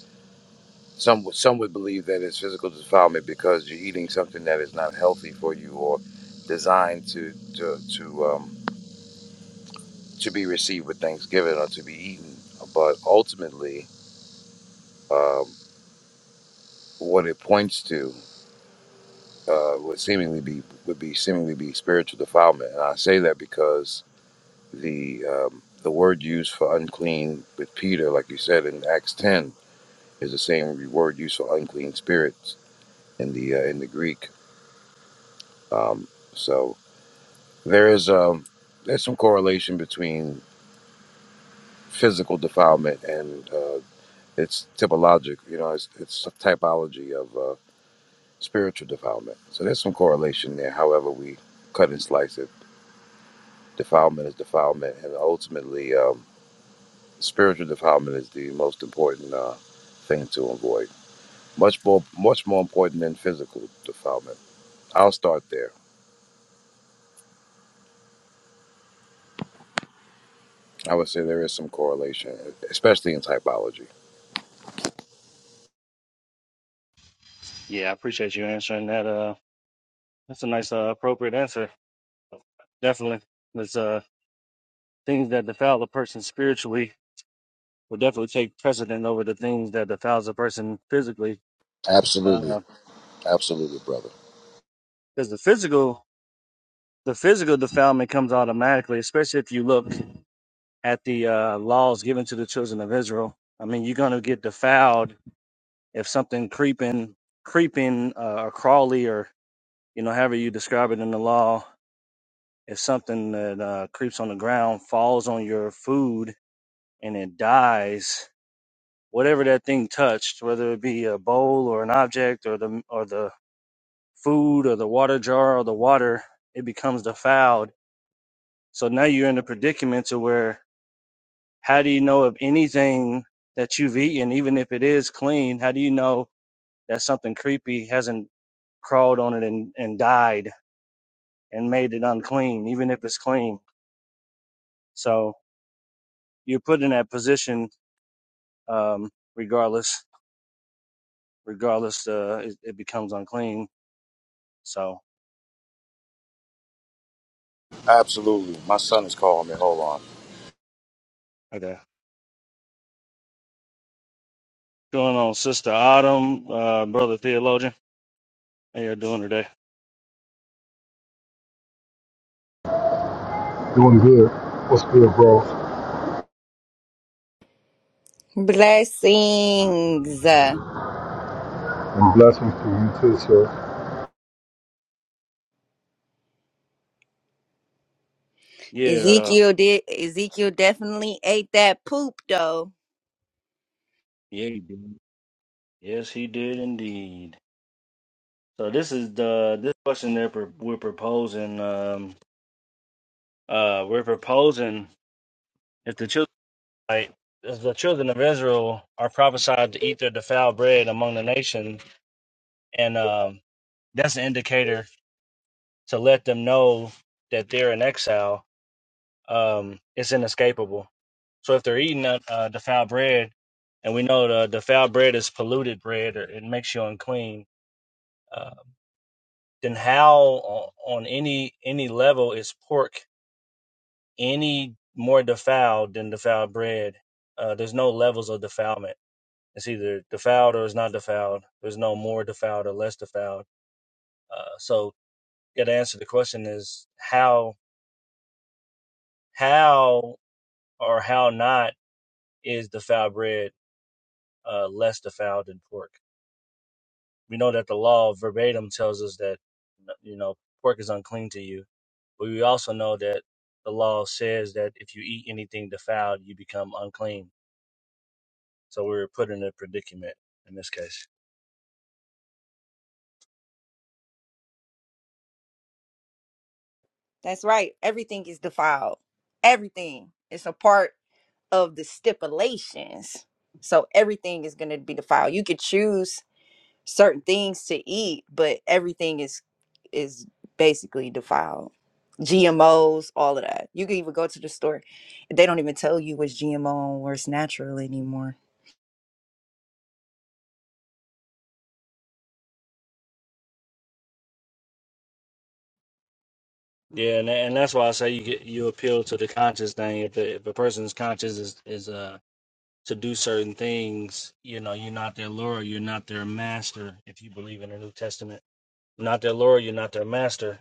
Speaker 6: Some would- some would believe that it's physical defilement because you're eating something that is not healthy for you or designed to to to um, to be received with Thanksgiving or to be eaten. But ultimately, um, what it points to uh, would seemingly be would be seemingly be spiritual defilement, and I say that because the um, the word used for unclean with Peter, like you said in Acts ten, is the same word used for unclean spirits in the uh, in the Greek. Um, so There is um, there's some correlation between physical defilement and uh, it's typologic. You know, it's it's a typology of uh, spiritual defilement. So there's some correlation there. However, we cut and slice it. Defilement is defilement, and ultimately, um, spiritual defilement is the most important uh, thing to avoid. Much more, much more important than physical defilement. I'll start there. I would say there is some correlation, especially in typology.
Speaker 2: Yeah, I appreciate you answering that. Uh, that's a nice, uh, appropriate answer. Definitely. There's uh, things that defile a person spiritually will definitely take precedent over the things that defiles a person physically. Uh,
Speaker 6: Absolutely, absolutely, brother.
Speaker 2: because the physical the physical defilement comes automatically, especially if you look at the uh, laws given to the children of Israel. I mean, you're gonna get defiled if something creeping, creeping uh, or crawly, or you know, however you describe it in the law, if something that uh, creeps on the ground falls on your food and it dies, whatever that thing touched, whether it be a bowl or an object or the or the food or the water jar or the water, it becomes defiled So now you're in a predicament to where how do you know if anything that you've eaten, even if it is clean, how do you know that something creepy hasn't crawled on it and, and died and made it unclean, even if it's clean? So you're put in that position um, regardless, regardless uh, it, it becomes unclean. So
Speaker 6: Absolutely. My son is calling me. Hold on.
Speaker 2: okay. Going on, Sister Autumn, uh, Brother Theologian. How you doing today?
Speaker 7: Doing good. What's good, bro?
Speaker 8: Blessings.
Speaker 7: And blessings to you too, sir.
Speaker 2: Yeah, uh,
Speaker 8: Ezekiel did Ezekiel definitely ate that poop though.
Speaker 2: yeah, he did. Yes, he did indeed. So this is the this question that pro- we're proposing. Um, uh, we're proposing if the children, like, if the children of Israel, are prophesied to eat their defiled bread among the nation, and um, that's an indicator to let them know that they're in exile. Um, it's inescapable. So if they're eating uh, uh, defiled bread, and we know the defiled bread is polluted bread, or it makes you unclean, uh, then how o- on any any level is pork any more defiled than defiled bread. Uh, there's no levels of defilement. It's either defiled or it's not defiled. There's no more defiled or less defiled. Uh, so, yeah, the answer to the question is how, how or how not is defiled bread uh, less defiled than pork? We know that the law verbatim tells us that, you know, pork is unclean to you. But we also know that the law says that if you eat anything defiled, you become unclean. So we were put in a predicament in this case.
Speaker 8: That's right. Everything is defiled. Everything. It's a part of the stipulations. So everything is going to be defiled. You could choose certain things to eat, but everything is is basically defiled. GMOs, all of that. You can even go to the store. They don't even tell you what's GMO or it's natural anymore.
Speaker 2: Yeah, and and that's why I say you get you appeal to the conscious thing. If the, if a person's conscious is is uh to do certain things, you know, you're not their lord, you're not their master. If you believe in the New Testament, you're not their lord, you're not their master.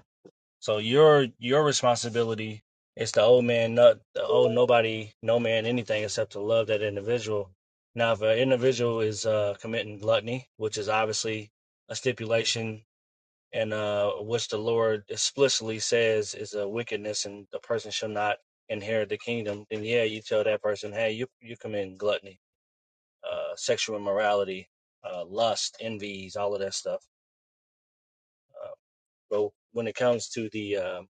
Speaker 2: So your your responsibility is to owe man not the owe nobody no man anything except to love that individual. Now, if an individual is uh, committing gluttony, which is obviously a stipulation and uh, which the Lord explicitly says is a wickedness, and the person shall not inherit the kingdom. Then yeah, you tell that person, hey, you you commit gluttony, uh, sexual immorality, uh, lust, envies, all of that stuff. Uh, but when it comes to the uh,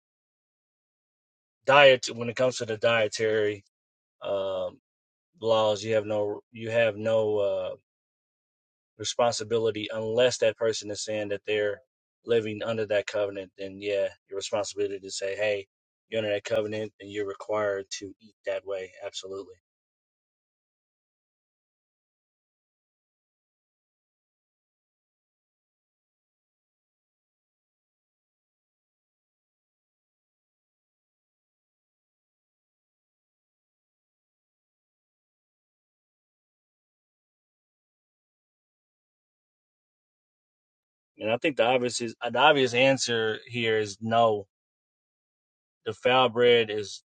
Speaker 2: diet, when it comes to the dietary um, laws, you have no you have no uh, responsibility unless that person is saying that they're living under that covenant then yeah your responsibility to say hey you're under that covenant and you're required to eat that way absolutely and i think the obvious is uh, the obvious answer here is no the foul bread is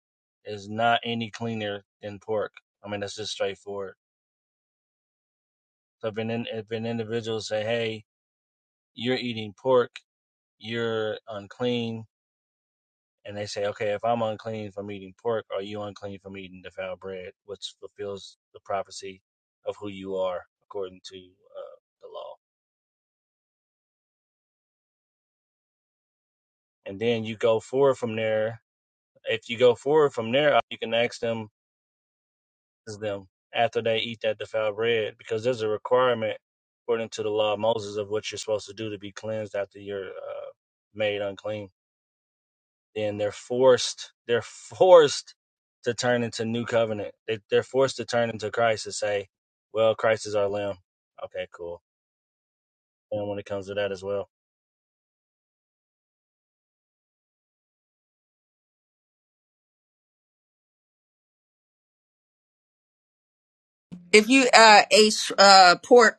Speaker 2: is not any cleaner than pork i mean that's just straightforward so if an, in- if an individual say hey you're eating pork you're unclean and they say, okay, if I'm unclean from eating pork, are you unclean from eating defiled bread, which fulfills the prophecy of who you are according to uh, the law. And then you go forward from there. If you go forward from there, you can ask them, is them after they eat that defiled bread, because there's a requirement according to the law of Moses of what you're supposed to do to be cleansed after you're uh, made unclean then they're forced they're forced to turn into new covenant they, they're forced to turn into christ and say well christ is our lamb okay cool and when it comes to that as well
Speaker 8: If you uh, ate uh, pork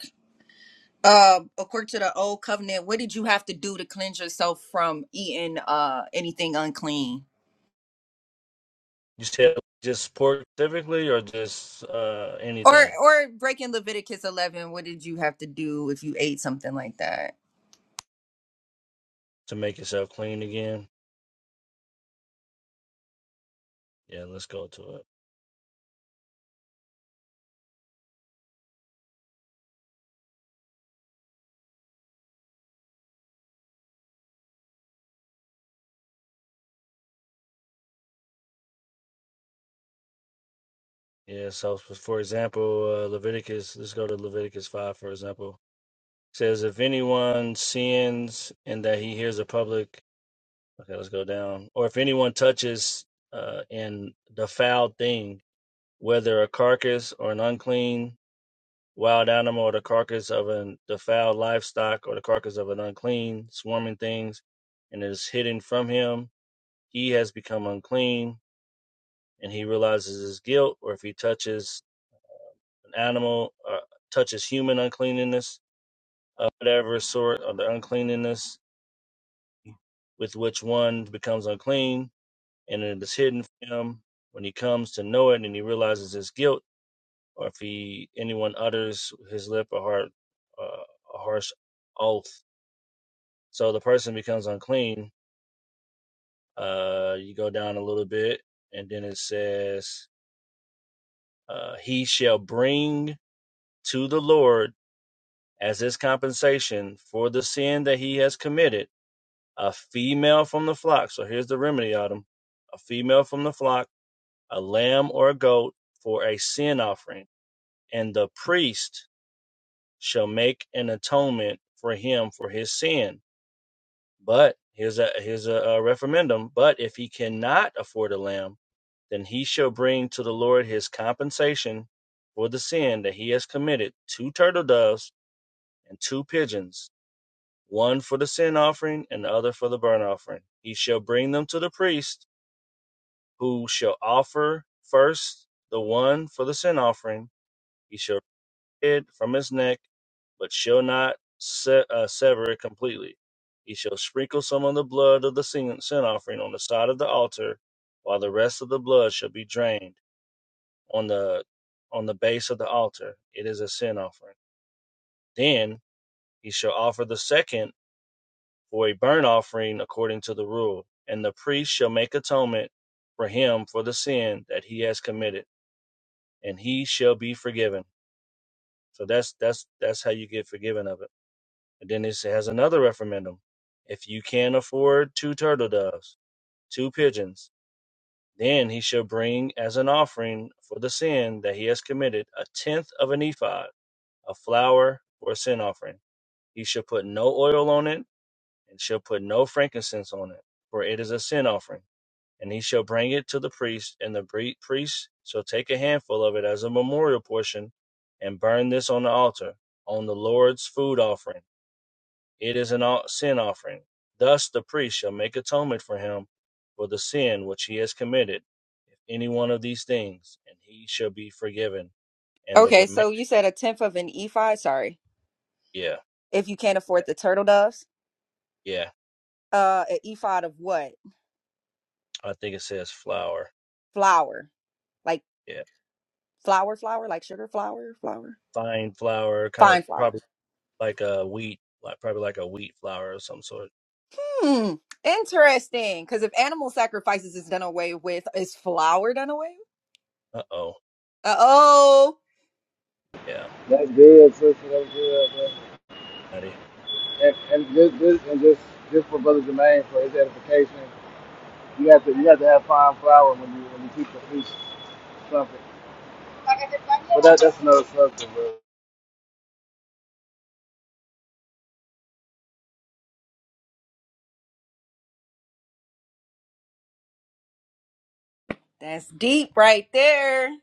Speaker 8: Uh, according to the old covenant, what did you have to do to cleanse yourself from eating uh anything unclean?
Speaker 2: you said just sport specifically or just uh
Speaker 8: Or
Speaker 2: anything
Speaker 8: or breaking Leviticus eleven, what did you have to do if you ate something like that?
Speaker 2: to make yourself clean again yeah let's go to it yeah so for example uh, leviticus let's go to leviticus 5 for example It says if anyone sins and that he hears a public Okay, let's go down. Or if anyone touches uh, in the foul thing, whether a carcass or an unclean wild animal, or the carcass of an defiled livestock, or the carcass of an unclean swarming things, and it is hidden from him, he has become unclean, and he realizes his guilt. Or if he touches an animal, uh, touches human uncleanness, of whatever sort, or the uncleanness with which one becomes unclean, and it is hidden from him when he comes to know it and he realizes his guilt, or if he anyone utters his lip or heart uh, a harsh oath, so the person becomes unclean. Uh, you go down a little bit, and then it says, uh, "He shall bring to the Lord as his compensation for the sin that he has committed a female from the flock." So here's the remedy, Adam: a female from the flock, a lamb or a goat for a sin offering and the priest shall make an atonement for him for his sin. But here's a here's a, a referendum. But if he cannot afford a lamb, then he shall bring to the Lord his compensation for the sin that he has committed: two turtle doves and two pigeons, one for the sin offering and the other for the burnt offering. He shall bring them to the priest, who shall offer first the one for the sin offering. He shall. it from his neck, but shall not se- uh, sever it completely. He shall sprinkle some of the blood of the sin, sin offering on the side of the altar, while the rest of the blood shall be drained on the on the base of the altar. It is a sin offering. Then he shall offer the second for a burnt offering according to the rule, and the priest shall make atonement for him for the sin that he has committed, and he shall be forgiven. So that's that's that's how you get forgiven of it And then it has another referendum. If you can afford two turtle doves, two pigeons, then he shall bring as an offering for the sin that he has committed a tenth of an ephod, of flour for a sin offering. He shall put no oil on it, and shall put no frankincense on it, for it is a sin offering. And he shall bring it to the priest, and the pri- priest shall take a handful of it as a memorial portion, and burn this on the altar, on the Lord's food offering. It is an sin offering. Thus the priest shall make atonement for him for the sin which he has committed, if any one of these things, and he shall be forgiven. And the
Speaker 8: Okay,
Speaker 2: remain,
Speaker 8: so you said a tenth of an ephod. Sorry,
Speaker 2: yeah,
Speaker 8: if you can't afford the turtle doves,
Speaker 2: yeah.
Speaker 8: uh, an ephod of what?
Speaker 2: I think it says flour.
Speaker 8: Flour, like.
Speaker 2: Yeah,
Speaker 8: Flour, flour, like sugar flour, flour,
Speaker 2: fine flour, kind of
Speaker 8: fine flour.
Speaker 2: probably like a wheat, like probably like a wheat flour of some sort.
Speaker 8: Hmm, interesting. Because if animal sacrifices is done away with, is flour done away?
Speaker 2: Uh oh,
Speaker 8: with? Uh oh,
Speaker 2: yeah.
Speaker 1: that's good, sister. That's good. Bro.
Speaker 2: alrighty.
Speaker 1: And, and this, this, and just, just for brother Jermaine for his edification. You have to you have to have fine flour when you when you teach a priest something. But that, that's another subject, bro.
Speaker 8: that's deep right there.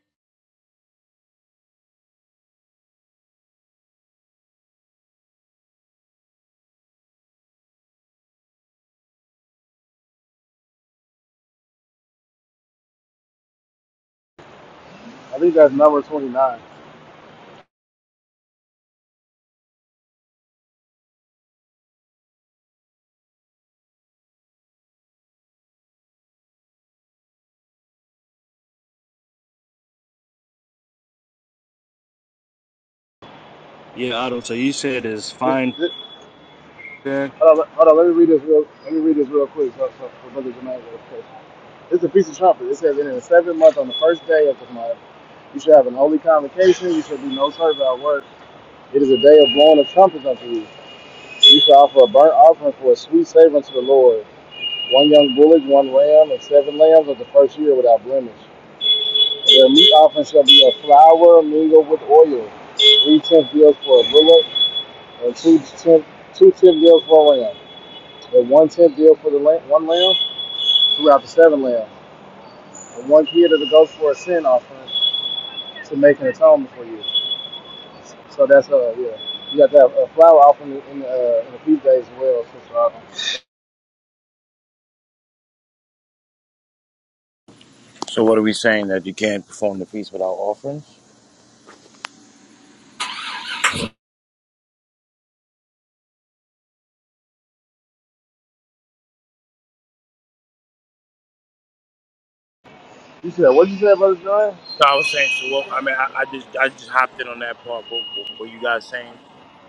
Speaker 1: I think that's number twenty nine.
Speaker 2: Yeah, Otto. So you said it's
Speaker 1: This,
Speaker 2: fine.
Speaker 1: this,
Speaker 2: yeah?
Speaker 1: hold, on, hold on, let me read this real let me read this real quick so, so for Brother Jermaine will It's a piece of trumpet. It says "And in the seventh month on the first day of the month, you shall have an holy convocation, you shall do no service at work. It is a day of blowing of trumpets unto you. You shall offer a burnt offering for a sweet savor unto the Lord. One young bullock, one ram, and seven lambs of the first year without blemish. The meat offering shall be a flour mingled with oil, three tenth deals for a bullock, and two tenth two tenth deals for a lamb, and one tenth deal for the lamb, one lamb throughout the seven lambs, and one kid of the goats for a sin offering to make an atonement for you. So that's uh yeah. You got that uh, flour offering in the uh, in the feast days as well, sister Autumn.
Speaker 6: So what are we saying that you can't perform the feast without offerings?
Speaker 1: You said what you said, brother John?
Speaker 6: So I was saying, so what? I mean, I, I just I just hopped in on that part. But what were you guys saying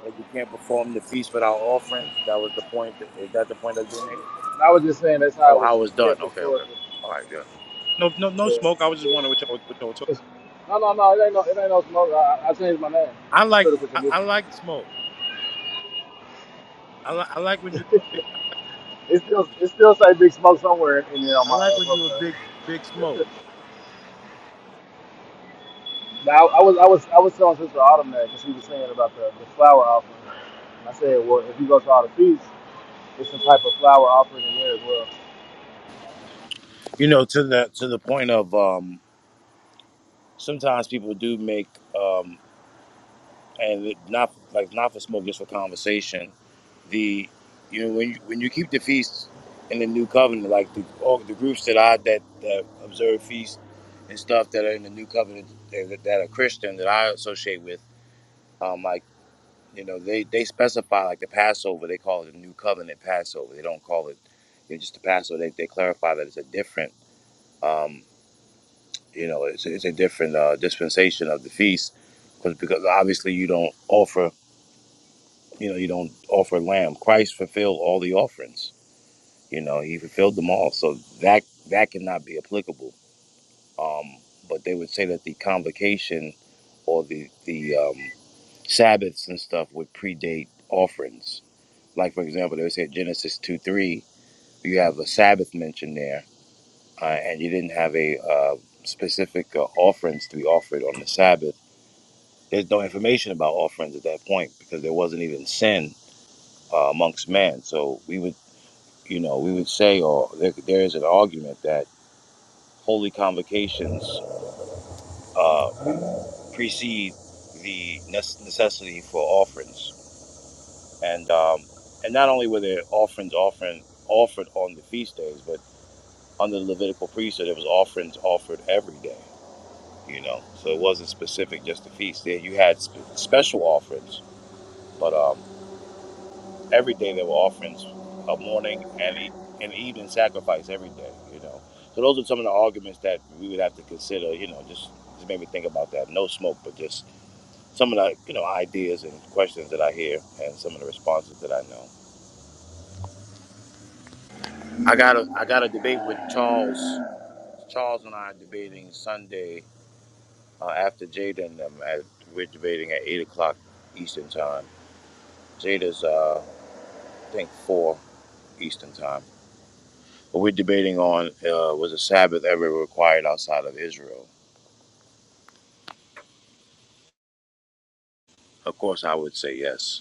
Speaker 6: that you can't perform the feast without offerings? That was the point. That, was that the point that they made?
Speaker 1: I was just saying that's how
Speaker 6: Oh,
Speaker 1: it was
Speaker 6: how it was
Speaker 1: kept
Speaker 6: done? Okay, okay.
Speaker 1: historically.
Speaker 6: All right, yeah. No, no, no
Speaker 1: Yeah.
Speaker 6: smoke. I was just wondering what y'all what y'all were talking.
Speaker 1: It's- No, no, no. It ain't no. It ain't no smoke. I, I I changed my name.
Speaker 6: I
Speaker 1: It's
Speaker 6: like
Speaker 1: critical
Speaker 6: I,
Speaker 1: condition.
Speaker 6: I like smoke. I like I like when you
Speaker 1: It still it still say Big Smoke somewhere in there on
Speaker 6: I
Speaker 1: my
Speaker 6: like
Speaker 1: uh,
Speaker 6: a
Speaker 1: profile.
Speaker 6: big big smoke.
Speaker 1: But I, I was I was I was telling Sister Autumn that because she was saying about the, the flower offering. And I said, well, if you go to all the feasts, it's some type of flower offering in there as well.
Speaker 6: You know, to the to the point of um, sometimes people do make. um and it not like not for smoke, just for conversation. The you know when you, when you keep the feast in the new covenant, like the all the groups that I that, that observe feast and stuff that are in the new covenant that, that are Christian that I associate with, um, like you know they they specify like the Passover, they call it the new covenant Passover. They don't call it it's just the Passover. They, they clarify that it's a different um, you know it's, it's a different uh, dispensation of the feast because because obviously you don't offer. You know, you don't offer a lamb. Christ fulfilled all the offerings. You know, he fulfilled them all. So that that cannot be applicable. Um, but they would say that the convocation or the the um, Sabbaths and stuff would predate offerings. Like for example, they would say Genesis two three. You have a Sabbath mentioned there, uh, and you didn't have a uh, specific uh, offerings to be offered on the Sabbath. There's no information about offerings at that point because there wasn't even sin uh, amongst men. So we would. you know, we would say, or there, there is an argument that holy convocations uh, precede the necessity for offerings, and um, and not only were there offerings offered offered on the feast days, but under the Levitical priesthood, there was offerings offered every day. You know, so it wasn't specific just to feast. There you had sp- special offerings, but um, every day there were offerings, a morning and e- an evening sacrifice every day. You know, so those are some of the arguments that we would have to consider. You know, just just made me think about that. No smoke, but just some of the you know ideas and questions that I hear, and some of the responses that I know. I got a I got a debate with Charles. Charles and I are debating Sunday uh, after Jada and them. At, we're debating at eight o'clock Eastern time. Jada's uh, I think four Eastern time. But we're debating on uh, was the Sabbath ever required outside of Israel? Of course, I would say yes.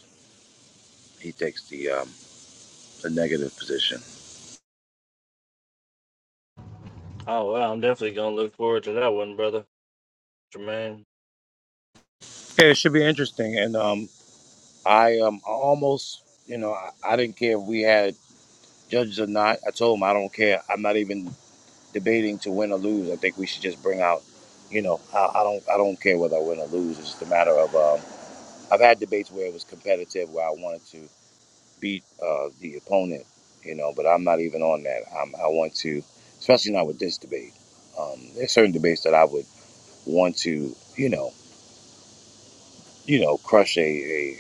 Speaker 6: He takes the um, the negative position.
Speaker 2: Oh well, I'm definitely gonna look forward to that one, brother Jermaine.
Speaker 6: Yeah, it should be interesting. And um, I um, almost, you know, I, I didn't care if we had judges or not. I told him I don't care. I'm not even debating to win or lose. I think we should just bring out, you know, I, I don't I don't care whether I win or lose. It's just a matter of um, I've had debates where it was competitive, where I wanted to. beat uh, the opponent, you know. But I'm not even on that. I'm, I want to, especially not with this debate. Um, there's certain debates that I would want to, you know, you know, crush a,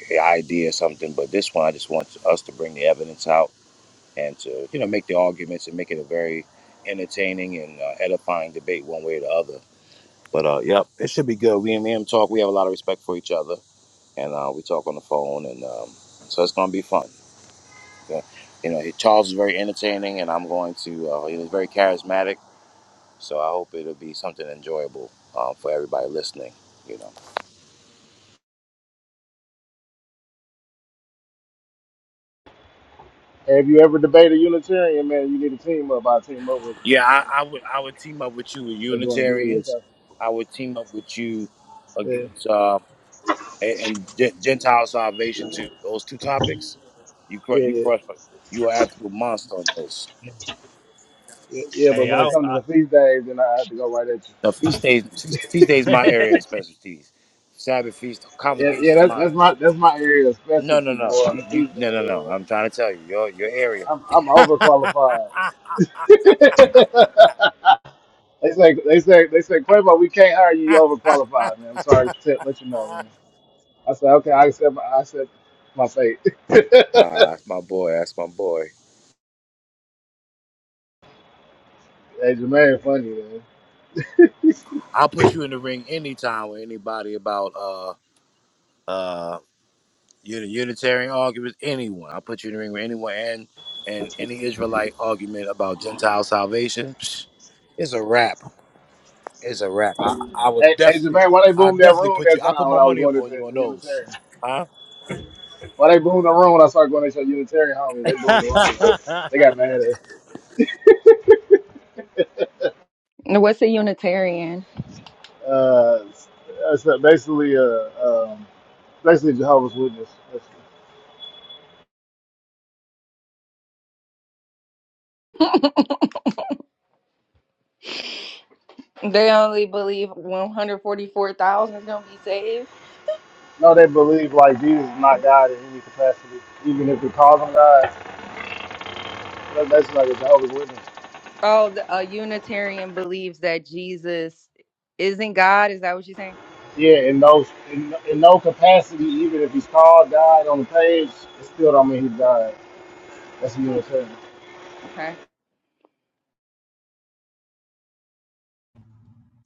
Speaker 6: a, a idea or something. But this one, I just want us to bring the evidence out and to, you know, make the arguments and make it a very entertaining and uh, edifying debate, one way or the other. But uh, yep, it should be good. We and him talk. We have a lot of respect for each other, and uh, we talk on the phone, and um, so it's gonna be fun. Uh, you know, Charles is very entertaining, and I'm going to. Uh, he was very charismatic, so I hope it'll be something enjoyable uh, for everybody listening. You know.
Speaker 1: And if you ever debate a Unitarian man, you need a team up. I team up with you.
Speaker 6: Yeah, I, I would. I would team up with you with
Speaker 1: They're doing a deal with
Speaker 6: Unitarians.
Speaker 1: us.
Speaker 6: I would team up with you against
Speaker 1: Yeah,
Speaker 6: uh, and, and Gen- Gentile salvation too. Those two topics, you crush.
Speaker 1: yeah,
Speaker 6: You
Speaker 1: yeah,
Speaker 6: crush. You are absolute monster on those.
Speaker 1: yeah. yeah, But
Speaker 2: Hey,
Speaker 1: when it
Speaker 2: I,
Speaker 1: comes to the feast days, then I have to go right at you.
Speaker 6: Now, feast days. Feast, feast days, my area of specialties. Sabbath feast,
Speaker 1: Yeah, yeah.
Speaker 6: convocations,
Speaker 1: That's
Speaker 6: mine.
Speaker 1: that's my that's my area of
Speaker 6: No, no,
Speaker 1: specialty
Speaker 6: no.
Speaker 1: for the
Speaker 6: You, you,
Speaker 1: feast day.
Speaker 6: no, no, no.
Speaker 1: Bro.
Speaker 6: I'm trying to tell you, your your area.
Speaker 1: I'm I'm overqualified. They say they say they say Quavo, we can't hire you. You overqualified, man. I'm sorry to t- let you know, man. I said okay. I accept my I accept my fate.
Speaker 6: Ah, that's my boy. That's my boy.
Speaker 1: hey, Jermaine, funny man.
Speaker 6: I'll put you in the ring anytime with anybody about uh uh uni- Unitarian arguments. Anyone, I'll put you in the ring with anyone and and any Israelite argument about Gentile salvation. Psh, It's a wrap. It's a wrap. I I would
Speaker 1: Hey, hey,
Speaker 6: definitely
Speaker 1: Jermaine, why they
Speaker 6: I
Speaker 1: boomed that
Speaker 6: definitely
Speaker 1: room
Speaker 6: put you.
Speaker 1: that
Speaker 6: I put
Speaker 1: time when
Speaker 6: my
Speaker 1: I was
Speaker 6: money
Speaker 1: going
Speaker 6: up
Speaker 1: to
Speaker 6: on
Speaker 1: the,
Speaker 6: you on
Speaker 1: the
Speaker 6: those.
Speaker 1: Unitarian?
Speaker 6: Huh?
Speaker 1: Why they boomed the room when I started going to the Unitarian homies? They boomed the room. Man. They got mad at.
Speaker 8: What's a Unitarian?
Speaker 1: Uh, so basically, uh, um, basically Jehovah's Witness. That's-
Speaker 8: They only believe 144,000 is going to be saved.
Speaker 1: No, they believe like Jesus is not God in any capacity, even if we call him God. That's basically like a Jehovah's Witness.
Speaker 8: Oh, the, a Unitarian believes that Jesus isn't God. Is that what you're saying?
Speaker 1: Yeah, in those in, in no capacity, even if he's called died on the page, it still don't mean he died. That's a
Speaker 8: Hmm,
Speaker 1: Unitarian.
Speaker 8: okay.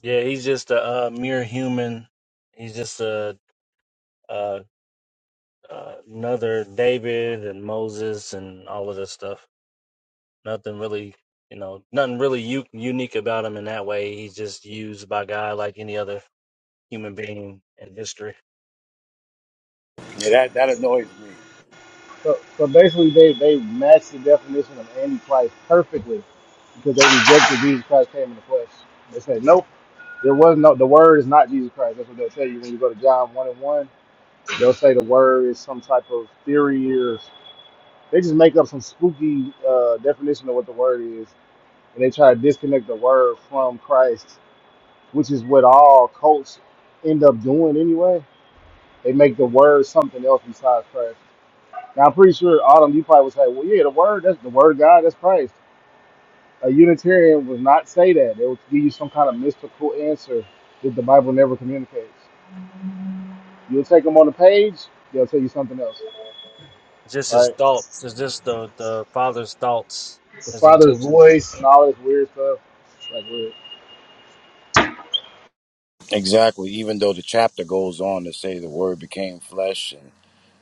Speaker 2: Yeah, he's just a uh, mere human. He's just a, uh uh, another David and Moses and all of this stuff. Nothing really, you know, nothing really u- unique about him in that way. He's just used by God like any other human being in history.
Speaker 6: Yeah, that that annoys me.
Speaker 1: So so basically they, they match the definition of Antichrist perfectly because they rejected Jesus Christ came in the flesh. They said, Nope, there was no the word is not Jesus Christ. That's what they'll tell you when you go to John one and one. They'll say the word is some type of theory or they just make up some spooky uh, definition of what the word is and they try to disconnect the word from Christ which is what all cults end up doing anyway. They make the word something else besides Christ. Now I'm pretty sure Autumn, you probably would say, "Well, yeah, the word that's the word of God, that's Christ." A Unitarian would not say that. They would give you some kind of mystical answer that the Bible never communicates. You'll take them on the page, they'll tell you something else,
Speaker 2: It's just his
Speaker 1: right?
Speaker 2: thoughts. It's just the the Father's thoughts,
Speaker 1: The
Speaker 2: his
Speaker 1: Father's
Speaker 2: intention.
Speaker 1: voice and all this weird stuff. It's like weird.
Speaker 6: Exactly. Even though the chapter goes on to say the word became flesh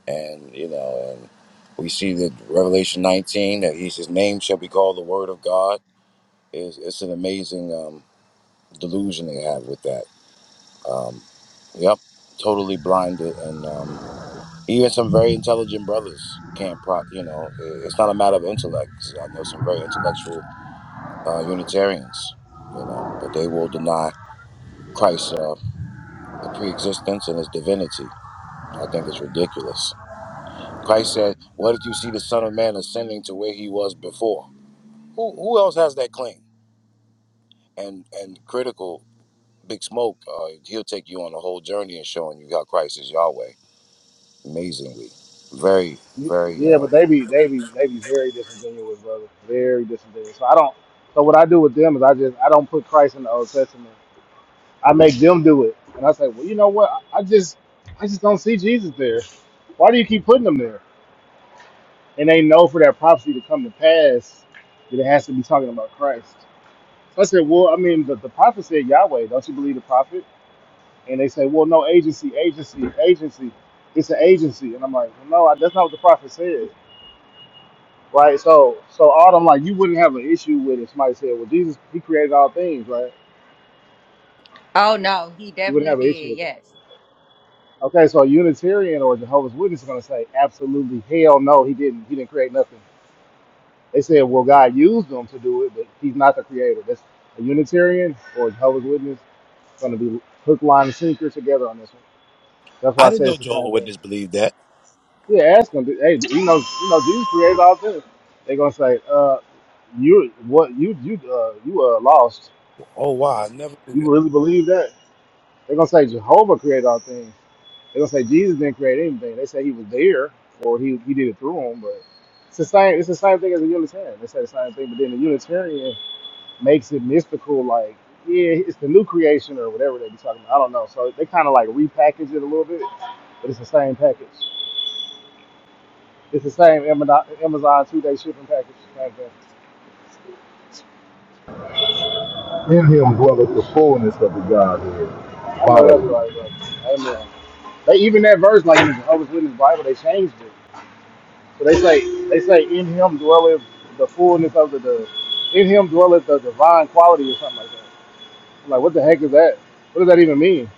Speaker 6: and you know, and we see that Revelation 19 that he's his name shall be called the Word of God. Is it's it's an amazing um, delusion they have with that. Um, yep, totally blinded, and um, even some very intelligent brothers can't pro. You know, i- it's not a matter of intellect. 'cause I know some very intellectual uh, Unitarians. You know, but they will deny Christ's uh, pre-existence and his divinity. I think it's ridiculous. Christ said, "What if you see the Son of Man ascending to where he was before?" Who who else has that claim? And and critical Big Smoke, uh, he'll take you on the whole journey and showing you how Christ is Yahweh. Amazingly, very very.
Speaker 1: Yeah,
Speaker 6: Uh...
Speaker 1: but they be they be they be very disingenuous, brother. Very disingenuous. So I don't. So what I do with them is I just I don't put Christ in the Old Testament. I make them do it, and I say, well, you know what? I I just I just don't see Jesus there. Why do you keep putting them there? And they know for that prophecy to come to pass that it has to be talking about Christ. So I said, well, I mean, the, the prophet said Yahweh. Don't you believe the prophet? And they say, well, no, agency, agency, agency. It's an agency. And I'm like, well, no, I, that's not what the prophet said. right? So, so all them like you wouldn't have an issue with it. Somebody said, "Well, Jesus, He created all things, right?"
Speaker 8: Oh, no, he
Speaker 1: You wouldn't
Speaker 8: definitely
Speaker 1: have an issue
Speaker 8: did.
Speaker 1: with it.
Speaker 8: Yes.
Speaker 1: Okay, so a Unitarian or Jehovah's Witness is going to say, "Absolutely, hell no, He didn't. He didn't create nothing." They said, "Well, God used them to do it, but He's not the creator." That's a Unitarian or a Jehovah's Witness going to be hook, line, and sinker together on this one. That's why
Speaker 6: I
Speaker 1: I
Speaker 6: didn't
Speaker 1: say
Speaker 6: know
Speaker 1: it's the
Speaker 6: Jehovah
Speaker 1: same thing.
Speaker 6: Witness believed that.
Speaker 1: Yeah, ask them. Hey, you know, you know, Jesus created all things. They're gonna say, uh, you what you you uh you are lost.
Speaker 6: Oh wow, I never knew
Speaker 1: You
Speaker 6: that.
Speaker 1: really believe that? They're gonna say Jehovah created all things. They're gonna say Jesus didn't create anything. They say he was there or he he did it through him, but it's the same it's the same thing as a Unitarian. They say the same thing, but then the Unitarian makes it mystical like yeah, it's the new creation or whatever they be talking about. I don't know. So they kind of like repackage it a little bit, but it's the same package. It's the same Amazon two-day shipping package. Same thing.
Speaker 7: In him dwelleth the fullness of the Godhead
Speaker 1: I know that's
Speaker 7: bodily.
Speaker 1: right, bro. Amen. They even that verse like in the Jehovah's Witness Bible, they changed it. So they say they say in him dwelleth the fullness of the, the in him dwelleth the divine quality or something like that. I'm like what the heck is that? What does that even mean?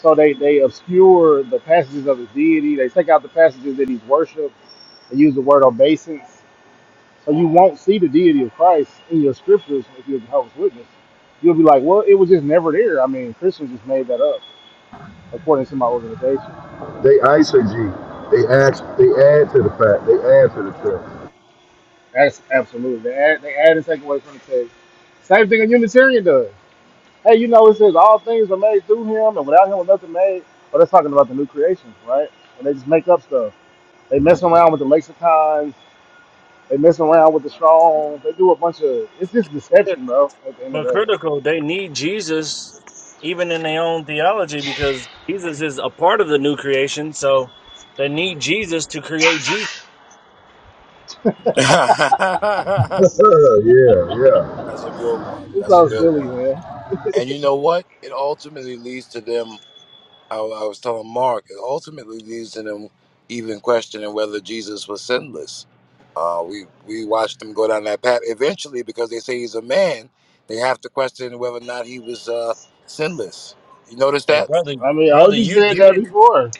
Speaker 1: So they they obscure the passages of his deity. They take out the passages that he's worshipped. They use the word obeisance. So you won't see the deity of Christ in your scriptures if you're Jehovah's Witness. You'll be like, well, it was just never there. I mean, Christians just made that up, according to my organization.
Speaker 7: They eisegete. They add, they add to the fact. They add to the text.
Speaker 1: That's absolutely. They add, they add and take away from the text. Same thing a Unitarian does. Hey, you know, it says all things are made through him, and without him was nothing made. But that's talking about the new creation, right? And they just make up stuff. They mess around with the lexicons. They mess around with the strong. They do a bunch of. It's just deception, bro. At the end of
Speaker 2: But
Speaker 1: the day,
Speaker 2: critical, they need Jesus, even in their own theology, because Jesus is a part of the new creation. So they need Jesus to create
Speaker 7: yeah, yeah.
Speaker 6: That's a good one.
Speaker 1: it's
Speaker 6: That's a
Speaker 1: all
Speaker 6: good
Speaker 1: silly,
Speaker 6: one.
Speaker 1: man.
Speaker 6: And you know what? It ultimately leads to them. I, I was telling Mark, it ultimately leads to them even questioning whether Jesus was sinless. Uh, we we watched them go down that path. Eventually, because they say he's a man, they have to question whether or not he was uh, sinless. You notice
Speaker 2: Hey,
Speaker 6: that?
Speaker 2: brother,
Speaker 1: I mean, I
Speaker 2: brother,
Speaker 1: just
Speaker 2: you
Speaker 1: said
Speaker 2: you
Speaker 1: that
Speaker 2: didn't.
Speaker 1: before.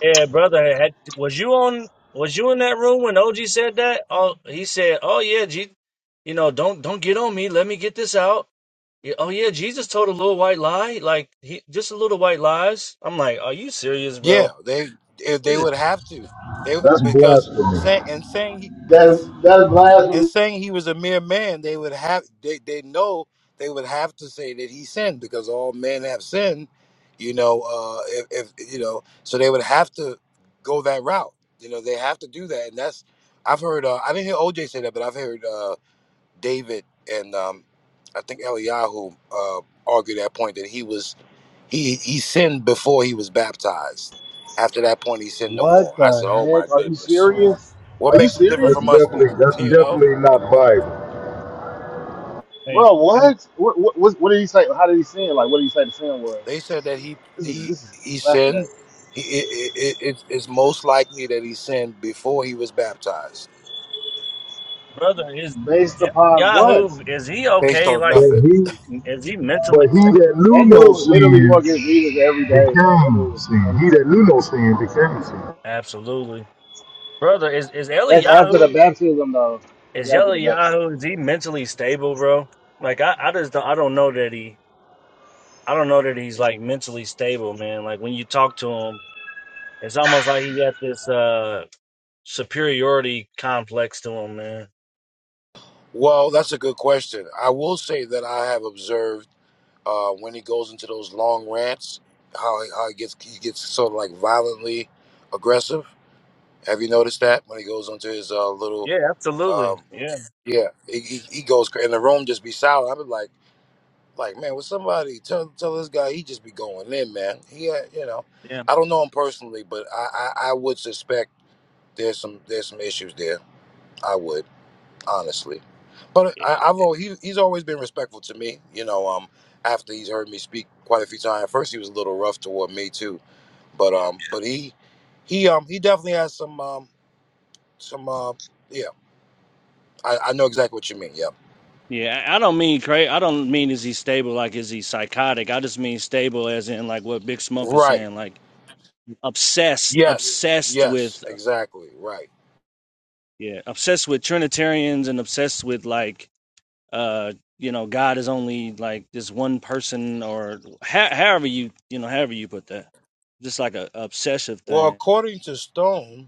Speaker 2: Yeah, brother, had, was you on? Was you in that room when OG said that? Oh, he said, "Oh yeah, G, you know, don't don't get on me. Let me get this out." Yeah, oh yeah, Jesus told a little white lie, like he just a little white lies. I'm like, are you serious,
Speaker 6: Yeah,
Speaker 2: bro?
Speaker 6: they if they
Speaker 2: This is
Speaker 6: would have to. They
Speaker 7: That's
Speaker 6: because say,
Speaker 7: blasphemy.
Speaker 6: and saying
Speaker 1: That that is
Speaker 6: and
Speaker 1: blasphemy.
Speaker 6: saying he was a mere man, they would have they, they know they would have to say that he sinned because all men have sinned, you know. Uh, if, if you know, so they would have to go that route. You know, they have to do that, and that's I've heard. Uh, I didn't hear OJ say that, but I've heard uh, David and um, I think Eliyahu uh, argue that point that he was he he sinned before he was baptized. After that point, he sinned no more.
Speaker 1: What
Speaker 6: I
Speaker 1: the
Speaker 6: said, "Oh my
Speaker 1: heck? Are you
Speaker 6: goodness,
Speaker 1: serious?
Speaker 6: what
Speaker 1: Are
Speaker 7: That's
Speaker 1: you
Speaker 6: makes him different
Speaker 7: that's
Speaker 1: serious,
Speaker 6: from us then?"
Speaker 7: definitely that's
Speaker 6: You know.
Speaker 7: definitely not Bible.
Speaker 2: hey,
Speaker 1: bro?
Speaker 2: hey
Speaker 1: What? What? What, what, what did he say? How did he sin? Like, what did he say the sin was?
Speaker 6: They said that he
Speaker 1: This is
Speaker 6: he
Speaker 1: this is
Speaker 6: he sinned.
Speaker 1: fascinating.
Speaker 6: He, it, it, it, it's most likely that he sinned before he was baptized,
Speaker 2: brother, is
Speaker 1: Based upon what?
Speaker 2: Yahoo? Is he
Speaker 6: based
Speaker 2: okay?
Speaker 6: on
Speaker 2: Like,
Speaker 7: But
Speaker 6: nothing.
Speaker 7: he
Speaker 2: is he
Speaker 7: but
Speaker 2: mentally?
Speaker 7: he that knew
Speaker 1: That
Speaker 7: no
Speaker 1: dude literally go
Speaker 7: sin
Speaker 1: against Jesus every day, bro. That
Speaker 7: became
Speaker 1: dude is
Speaker 7: sin. He
Speaker 1: incredible.
Speaker 7: that knew no sin became sin.
Speaker 2: Absolutely, brother. Is is
Speaker 1: That's after the
Speaker 2: Eliyahu?
Speaker 1: baptism, though. That's
Speaker 2: Is
Speaker 1: after
Speaker 2: Yellow
Speaker 1: the baptism.
Speaker 2: Yahoo is he mentally stable, bro? Like I, I just don't I don't know that he I don't know that he's like mentally stable, man. Like when you talk to him, it's almost like he got this uh superiority complex to him, man.
Speaker 6: Well, that's a good question. I will say that I have observed uh, when he goes into those long rants, how he, how he gets he gets sort of like violently aggressive. Have you noticed that when he goes into his uh, little
Speaker 2: Yeah, absolutely.
Speaker 6: um,
Speaker 2: Yeah,
Speaker 6: yeah, he, he, he goes cra- and the room just be silent. I'm like. Like, man, would somebody tell tell this guy he just be going in, man. He, had, you know,
Speaker 2: yeah,
Speaker 6: I don't know him personally, but I, I I would suspect there's some there's some issues there. I would honestly, but uh, I,
Speaker 2: yeah,
Speaker 6: I've al- he, he's always been respectful to me. You know, um, after he's heard me speak quite a few times. At first, he was a little rough toward me too, but
Speaker 2: yeah.
Speaker 6: um, but he he um he definitely has some um some uh yeah. I, I know exactly what you mean. Yep.
Speaker 2: Yeah, I I don't mean crazy. I don't mean is he stable like is he psychotic. I just mean stable as in like what Big Smoke is
Speaker 6: Right.
Speaker 2: saying, like obsessed,
Speaker 6: Yes.
Speaker 2: obsessed
Speaker 6: Yes.
Speaker 2: with
Speaker 6: Exactly. Right.
Speaker 2: yeah, obsessed with Trinitarians and obsessed with like uh you know god is only like this one person or ho- however you you know however you put that just like a obsessive
Speaker 6: Well,
Speaker 2: thing
Speaker 6: according to Stone.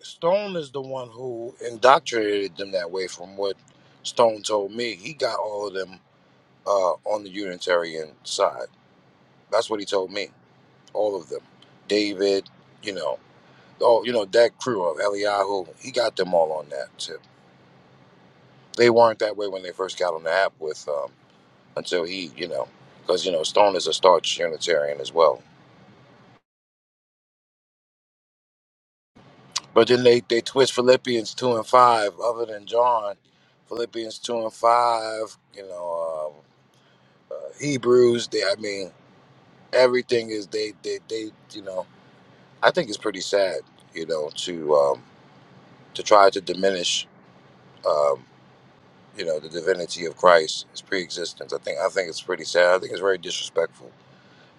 Speaker 6: Stone is the one who indoctrinated them that way, from what Stone told me. He got all of them uh, on the Unitarian side. That's what he told me. All of them. David, you know, all, you know, that crew of Eliyahu, he got them all on that tip. They weren't that way when they first got on the app with, um, until he, you know, because, you know, Stone is a staunch Unitarian as well. But then they, they twist Philippians 2 and 5, other than John, Philippians 2 and 5, you know, uh, uh, Hebrews. They, I mean, everything is they, they, they. You know, I think it's pretty sad. You know, to um, to try to diminish, um, you know, the divinity of Christ, his pre-existence. I think I think it's pretty sad. I think it's very disrespectful.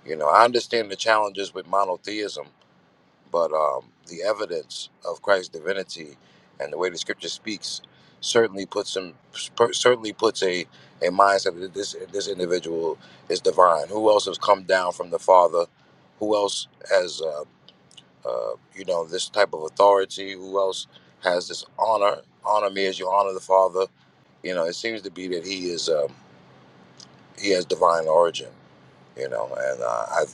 Speaker 6: You know, I understand the challenges with monotheism, but um, the evidence of Christ's divinity and the way the Scripture speaks certainly puts him per- certainly puts a a mindset that this this individual is divine. Who else has come down from the Father? Who else has uh, uh, you know this type of authority? Who else has this honor? Honor me as you honor the Father. You know, it seems to be that he is um, he has divine origin you know and uh, i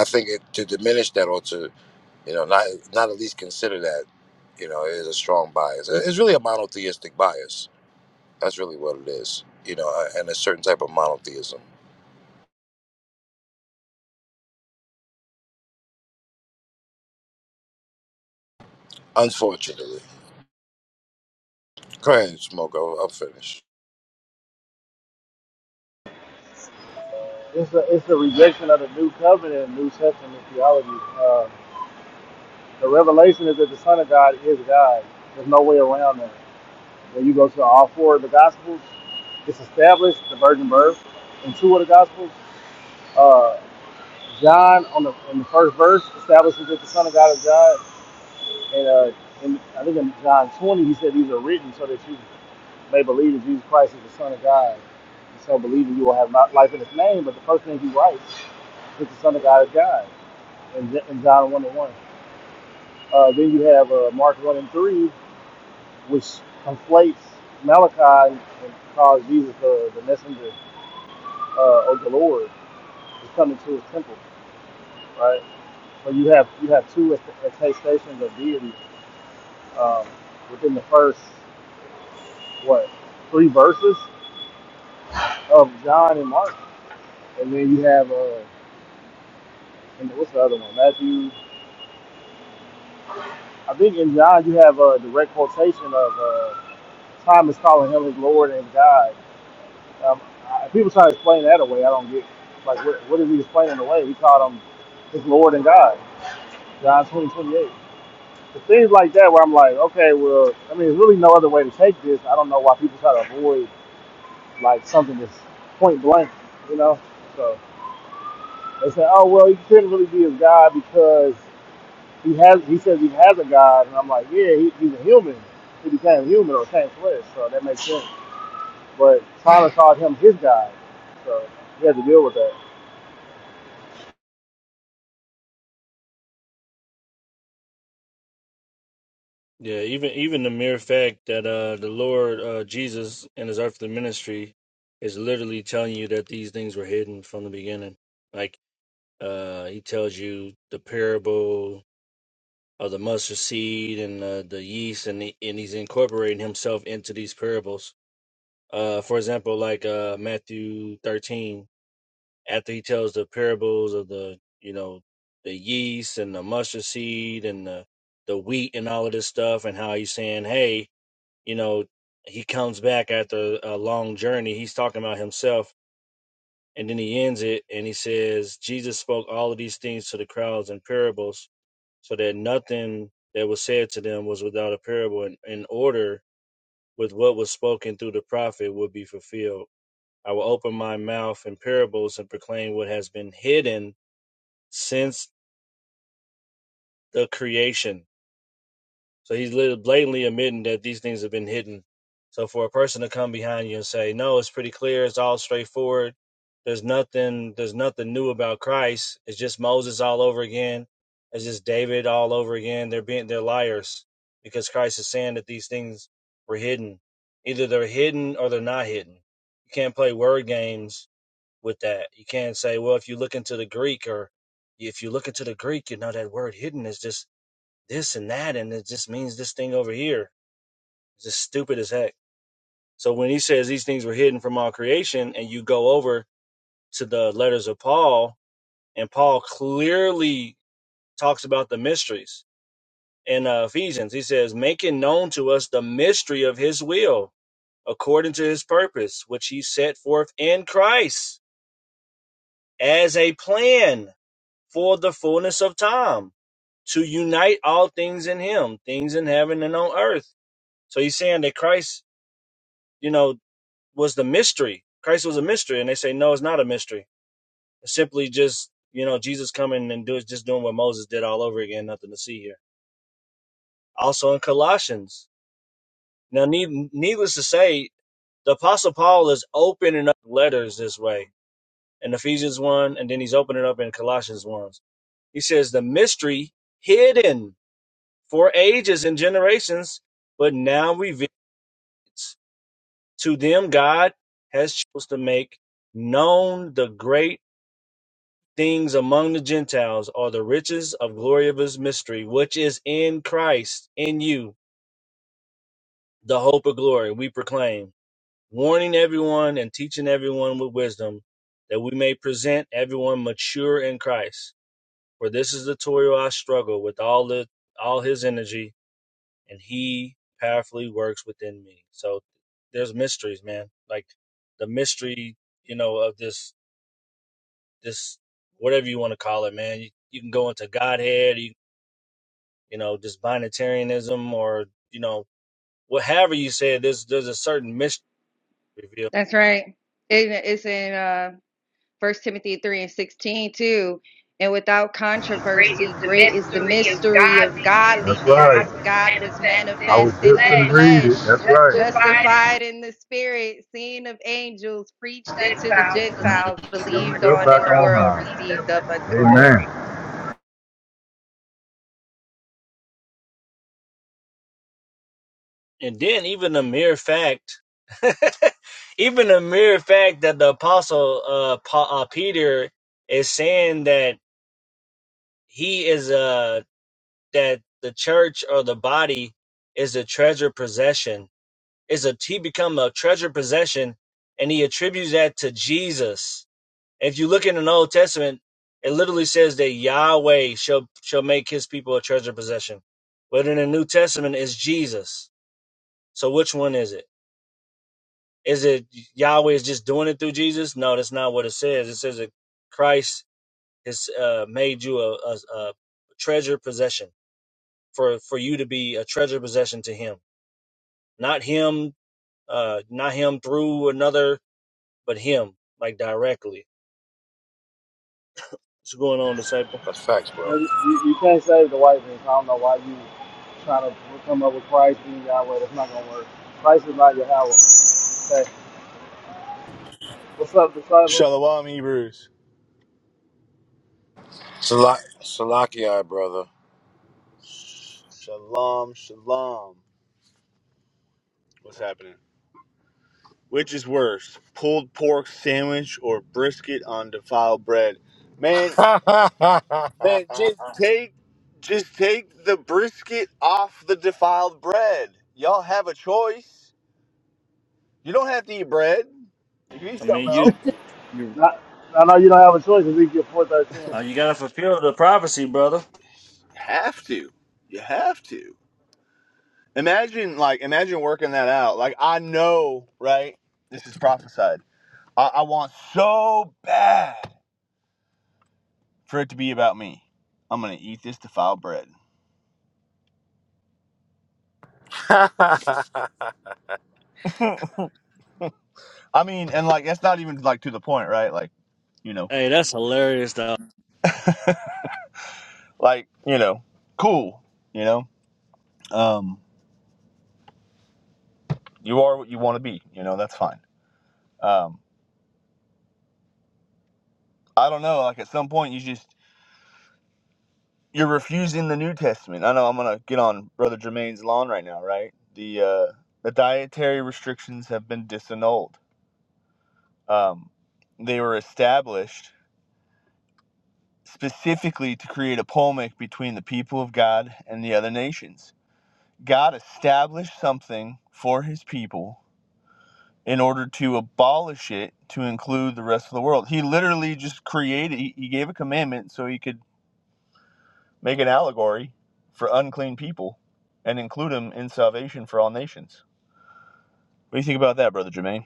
Speaker 6: i think it, to diminish that or to you know, not not at least consider that. You know, it is a strong bias. It's really a monotheistic bias. That's really what it is. You know, and a certain type of monotheism. Unfortunately, go ahead, smoke. I'll, I'll finish.
Speaker 1: It's the it's the rejection of the new covenant, New Testament theology. Uh, the revelation is that the Son of God is God. There's no way around that. When you go to all four of the Gospels, it's established the virgin birth. In two of the Gospels, uh, John on the in the first verse establishes that the Son of God is God, and uh, in, I think in John 20 he said these are written so that you may believe that Jesus Christ is the Son of God. And so believing you will have not life in his name, but the first thing he writes is the Son of God is God in, in John 1 and 1. Uh, then you have uh, Mark 1 and 3, which conflates Malachi and calls Jesus the, the messenger uh, of the Lord who's coming to his temple, right? So you have you have two attestations of deity um, within the first, what, three verses of John and Mark. And then you have uh, and what's the other one? Matthew. I think in John you have a direct quotation of uh, Thomas calling him his Lord and God. Um, I, people try to explain that away. I don't get like what, what is he explaining away? He called him his Lord and God. John twenty twenty eight. But things like that where I'm like, okay, well, I mean, there's really no other way to take this. I don't know why people try to avoid like something that's point blank, you know. So they say, oh well, he couldn't really be his God because He has. He says he has a God, and I'm like, yeah, he, he's a human. He became human or came flesh, so that makes sense. But Tyler called him his God, so he has to deal with that.
Speaker 2: Yeah, even even the mere fact that uh the Lord uh Jesus and his earthly ministry is literally telling you that these things were hidden from the beginning. Like uh he tells you the parable of the mustard seed and uh, the yeast and the, and he's incorporating himself into these parables. Uh for example, like uh Matthew 13 after he tells the parables of the you know the yeast and the mustard seed and the the wheat and all of this stuff and how he's saying hey you know he comes back after a long journey he's talking about himself and then he ends it and he says jesus spoke all of these things to the crowds in parables so that nothing that was said to them was without a parable in, in order with what was spoken through the prophet would be fulfilled i will open my mouth in parables and proclaim what has been hidden since the creation. So he's blatantly admitting that these things have been hidden. So for a person to come behind you and say, "No, it's pretty clear. It's all straightforward. There's nothing. There's nothing new about Christ. It's just Moses all over again. It's just David all over again." They're being they're liars because Christ is saying that these things were hidden. Either they're hidden or they're not hidden. You can't play word games with that. You can't say, "Well, if you look into the Greek or if you look into the Greek, you know that word hidden is just this and that, and it just means this thing over here. It's just stupid as heck. So when he says these things were hidden from all creation, and you go over to the letters of Paul, and Paul clearly talks about the mysteries in uh, Ephesians. He says, making known to us the mystery of his will according to his purpose, which he set forth in Christ as a plan for the fullness of time to unite all things in him, things in heaven and on earth. So he's saying that Christ you know, was the mystery. Christ was a mystery. And they say, no, it's not a mystery. It's simply just, you know, Jesus coming and do just doing what Moses did all over again. Nothing to see here. Also in Colossians. Now, need, needless to say, the Apostle Paul is opening up letters this way in Ephesians 1, and then he's opening up in Colossians 1. He says, the mystery hidden for ages and generations, but now revealed to them God has chosen to make known the great things among the Gentiles are the riches of glory of his mystery, which is in Christ, in you, the hope of glory, we proclaim, warning everyone and teaching everyone with wisdom, that we may present everyone mature in Christ. For this is the toil I struggle with all the all his energy, and he powerfully works within me. So there's mysteries, man. Like the mystery, you know, of this this whatever you want to call it, man. You, you can go into Godhead, you you know, just binatarianism or, you know, well, however you say it, there's, there's a certain mystery revealed.
Speaker 8: That's right. It, it's in. uh, First Timothy 3 and 16 too. And without controversy, great is the mystery of godliness. God was manifest in the
Speaker 7: read it.
Speaker 8: flesh,
Speaker 7: That's
Speaker 8: justified in the spirit, seen of angels, preached unto the
Speaker 7: And
Speaker 8: Gentiles, believed
Speaker 7: back
Speaker 8: on in the world,
Speaker 7: high.
Speaker 8: received up unto
Speaker 7: Amen.
Speaker 8: glory.
Speaker 2: And then even the mere fact, even the mere fact that the apostle uh, Pa- uh, Peter is saying that he is uh that the church or the body is a treasure possession is a he become a treasure possession, and he attributes that to Jesus If you look in the Old Testament, it literally says that Yahweh shall shall make his people a treasure possession. But in the New Testament it's Jesus. So which one is it? Is it Yahweh is just doing it through Jesus? No, that's not what it says. It says that Christ has uh, made you a, a, a treasure possession for for you to be a treasure possession to Him, not Him, uh, not Him through another, but Him like directly. What's going on, disciple?
Speaker 6: That's facts, bro.
Speaker 1: Maybe- You, you can't save the white man. so I don't know why you trying to come up with Christ being Yahweh. That's not gonna work. Christ is not Yahweh. Okay. What's up, disciple?
Speaker 9: Shalom, Hebrews.
Speaker 6: Salak, Salakia, brother.
Speaker 9: Shalom, shalom. What's happening? Which is worse, pulled pork sandwich or brisket on defiled bread? Man, man, just take, just take the brisket off the defiled bread. Y'all have a choice. You don't have to eat bread. You can eat
Speaker 2: I
Speaker 9: something
Speaker 2: mean,
Speaker 9: else.
Speaker 2: you. you're
Speaker 1: Not, I know you don't have a choice. Ezekiel four thirteen.
Speaker 2: Uh, you gotta fulfill the prophecy, brother.
Speaker 9: Have to. You have to. Imagine, like, imagine working that out. Like, I know, right? This is prophesied I, I want so bad for it to be about me. I'm gonna eat this defiled bread. I mean, and like that's not even like to the point, right? Like you know,
Speaker 2: Hey, that's hilarious, though.
Speaker 9: like you know, cool. You know, um, you are what you want to be. You know, that's fine. Um, I don't know. Like at some point, you just you're refusing the New Testament. I know I'm gonna get on Brother Jermaine's lawn right now, right? The uh, the dietary restrictions have been disannulled. Um, they were established specifically to create a polemic between the people of God and the other nations. God established something for his people in order to abolish it to include the rest of the world. He literally just created, he gave a commandment so he could make an allegory for unclean people and include them in salvation for all nations. What do you think about that, Brother Jermaine?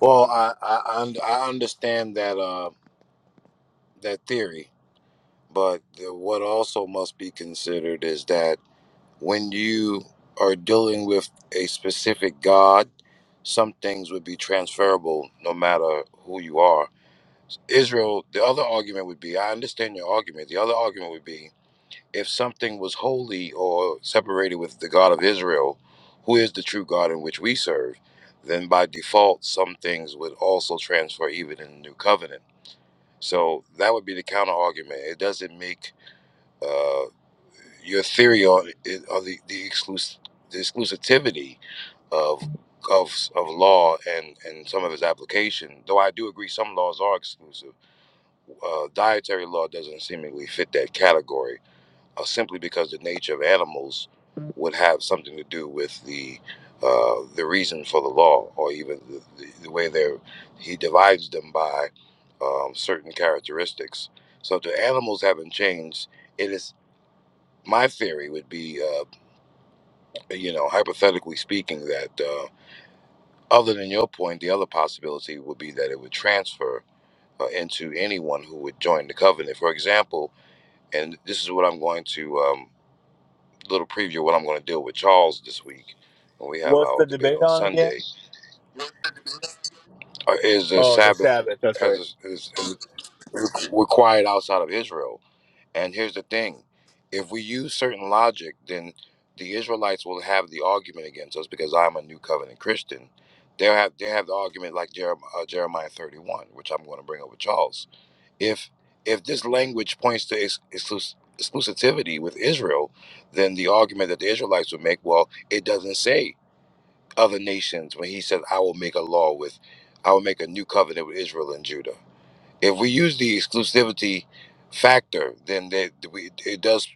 Speaker 6: well, I, I I und- I understand that uh that theory, but the, what also must be considered is that. when you are dealing with a specific God, some things would be transferable no matter who you are. Israel, the other argument would be I understand your argument. The other argument would be if something was holy or separated with the God of Israel, who is the true God in which we serve, then by default, some things would also transfer even in the new covenant. So that would be the counter argument. It doesn't make uh, your theory on it- on the the, exclus- the exclusivity of of of law and and some of its application. Though I do agree some laws are exclusive. Uh, dietary law doesn't seemingly fit that category, uh, simply because the nature of animals would have something to do with the uh, the reason for the law, or even the, the, the way they're he divides them by um, certain characteristics. So, if the animals haven't changed, it is my theory would be uh, you know, hypothetically speaking, that uh, other than your point, the other possibility would be that it would transfer uh, into anyone who would join the covenant. For example, and this is what I'm going to um, little preview of what I'm going to deal with Charles this week when we have
Speaker 9: Well,
Speaker 6: our debate on
Speaker 9: Yeah.
Speaker 6: Sunday. Uh, is the
Speaker 9: oh,
Speaker 6: Sabbath
Speaker 9: That's
Speaker 6: as
Speaker 9: right.
Speaker 6: is, is, is required outside of Israel? And here's the thing if we use certain logic, then the Israelites will have the argument against us because I'm a new covenant Christian. They'll have they have the argument like Jeremiah, uh, Jeremiah 31, which I'm going to bring up with Charles. If if this language points to ex- exclus- exclusivity with Israel, then the argument that the Israelites would make, well, it doesn't say other nations when he says, "I will make a law with, I will make a new covenant with Israel and Judah." If we use the exclusivity factor, then they, we, it does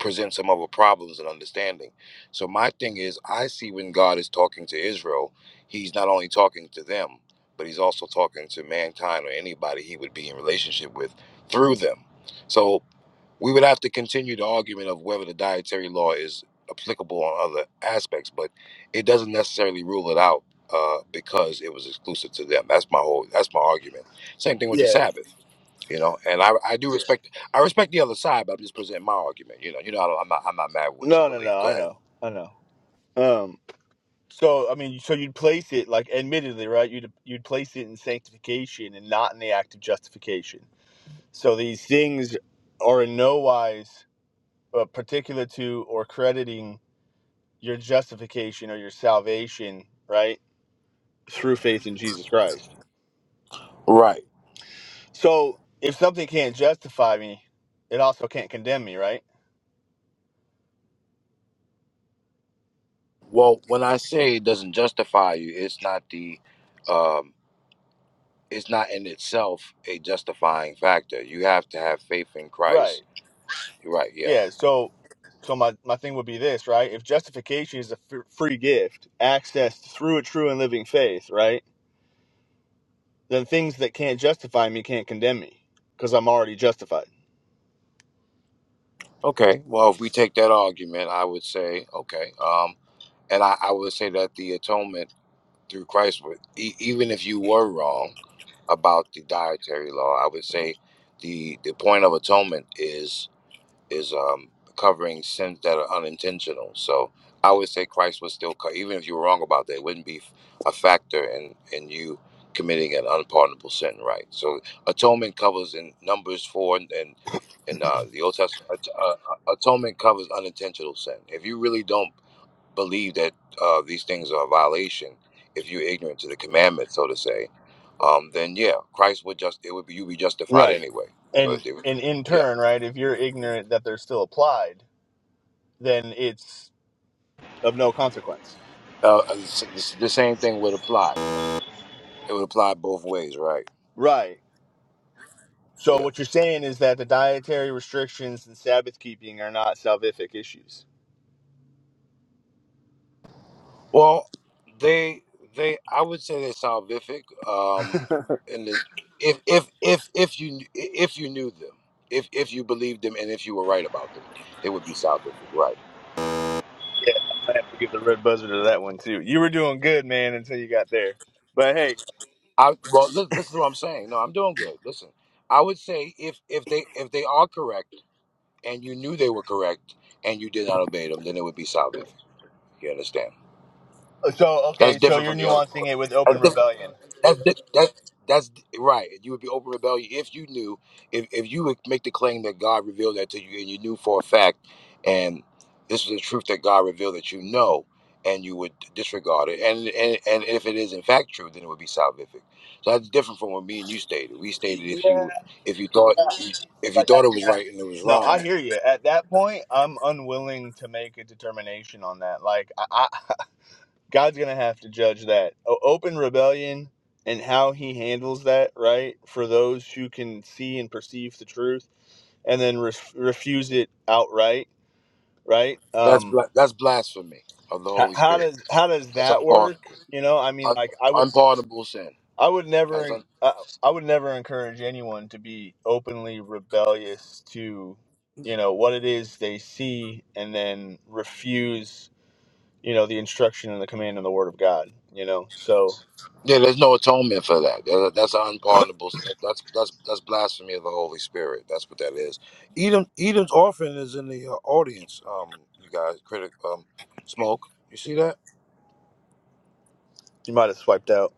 Speaker 6: present some other problems and understanding. So my thing is, I see when God is talking to Israel, He's not only talking to them, but He's also talking to mankind or anybody He would be in relationship with through them. So we would have to continue the argument of whether the dietary law is applicable on other aspects, but it doesn't necessarily rule it out uh, because it was exclusive to them. That's my whole. That's my argument. Same thing with the
Speaker 9: yeah.
Speaker 6: Sabbath. You know, and I, I do respect I respect the other side, but I'm just presenting my argument. You know, you know, I don't, I'm not I'm not mad with what you
Speaker 9: No, no,
Speaker 6: believe.
Speaker 9: no.
Speaker 6: Go
Speaker 9: I
Speaker 6: ahead.
Speaker 9: know. I know. So I mean, so you'd place it like, admittedly, right? You'd you'd place it in sanctification and not in the act of justification. So these things are in no wise uh, particular to or crediting your justification or your salvation, right, through faith in Jesus Christ.
Speaker 6: Right.
Speaker 9: So if something can't justify me, it also can't condemn me, right?
Speaker 6: Well, when I say it doesn't justify you, it's not the um, it's not in itself a justifying factor. You have to have faith in
Speaker 9: Right.
Speaker 6: Christ. You're right. Yeah.
Speaker 9: Yeah. So, so my my thing would be this, right? If justification is a f- free gift, accessed through a true and living faith, right? the things that can't justify me can't condemn me because I'm already justified.
Speaker 6: Okay. Well, if we take that argument, I would say okay. Um, and I, I would say that the atonement through Christ, would- e- even if you were wrong. about the dietary law. I would say the the point of atonement is is um, covering sins that are unintentional. So I would say Christ was still co- even if you were wrong about that, it wouldn't be a factor in in you committing an unpardonable sin, right? So atonement covers in Numbers four and. and in uh, the Old Testament, at- uh, atonement covers unintentional sin. If you really don't believe that uh, these things are a violation, if you're ignorant to the commandment, so to say, um, then yeah, Christ would just it would be you be justified
Speaker 9: Right.
Speaker 6: anyway. So
Speaker 9: And
Speaker 6: it, it, would-
Speaker 9: and in
Speaker 6: yeah,
Speaker 9: turn, right, if you're ignorant that they're still applied, then it's of no consequence.
Speaker 6: uh, it's- it's- the same thing would apply. It would apply both ways, right?
Speaker 9: Right. So
Speaker 6: Yeah.
Speaker 9: what you're saying is that the dietary restrictions and Sabbath keeping are not salvific issues.
Speaker 6: Well, they they I would say they're salvific. Um, in the if if if if you if you knew them, if if you believed them, and if you were right about them, they would be salvific, right?
Speaker 9: Yeah, I'm gonna have to give the red buzzer to that one too. You were doing good, man, until you got there. But hey,
Speaker 6: I well, this, this is what I'm saying. No, I'm doing good. Listen, I would say if if they if they are correct and you knew they were correct and you did not obey them, then it would be salvific. You understand?
Speaker 9: so
Speaker 6: That's
Speaker 9: okay, so
Speaker 6: different
Speaker 9: you're
Speaker 6: from the other.
Speaker 9: nuancing it with
Speaker 6: That's
Speaker 9: open
Speaker 6: different
Speaker 9: rebellion.
Speaker 6: that's di- that's that's di- right. You would be open rebellion if you knew if if you would make the claim that God revealed that to you and you knew for a fact, and this is the truth that God revealed that you know, and you would disregard it. And and and if it is in fact true, then it would be salvific. So that's different from what me and you stated. We stated
Speaker 9: Yeah.
Speaker 6: if you if you
Speaker 9: Yeah,
Speaker 6: thought
Speaker 9: I
Speaker 6: if
Speaker 9: just
Speaker 6: you
Speaker 9: like
Speaker 6: thought
Speaker 9: at,
Speaker 6: it was
Speaker 9: at,
Speaker 6: right and it was
Speaker 9: no,
Speaker 6: wrong,
Speaker 9: I hear you. At that point, I'm unwilling to make a determination on that. Like, I, I, God's gonna have to judge that o- open rebellion and how He handles that, right? For those who can see and perceive the truth, and then ref refuse it outright, right?
Speaker 6: that's
Speaker 9: Um,
Speaker 6: bla- that's blasphemy of the
Speaker 9: how,
Speaker 6: Holy
Speaker 9: how
Speaker 6: Spirit.
Speaker 9: does how does
Speaker 6: That's
Speaker 9: that work?
Speaker 6: unpardonable,
Speaker 9: You know, I mean,
Speaker 6: Un-
Speaker 9: like, I would.
Speaker 6: unpardonable sin.
Speaker 9: I would never. I, I would never encourage anyone to be openly rebellious to, you know, what it is they see, and then refuse, you know, the instruction and the command and the word of God. You know, so
Speaker 6: Yeah, there's no atonement for that. That- That's an unpardonable. sin. That's that's that's blasphemy of the Holy Spirit. That's what that is. Edom Edom's orphan is in the uh, audience. Um, you guys, critic, um, smoke. You see that?
Speaker 9: you might have swiped out.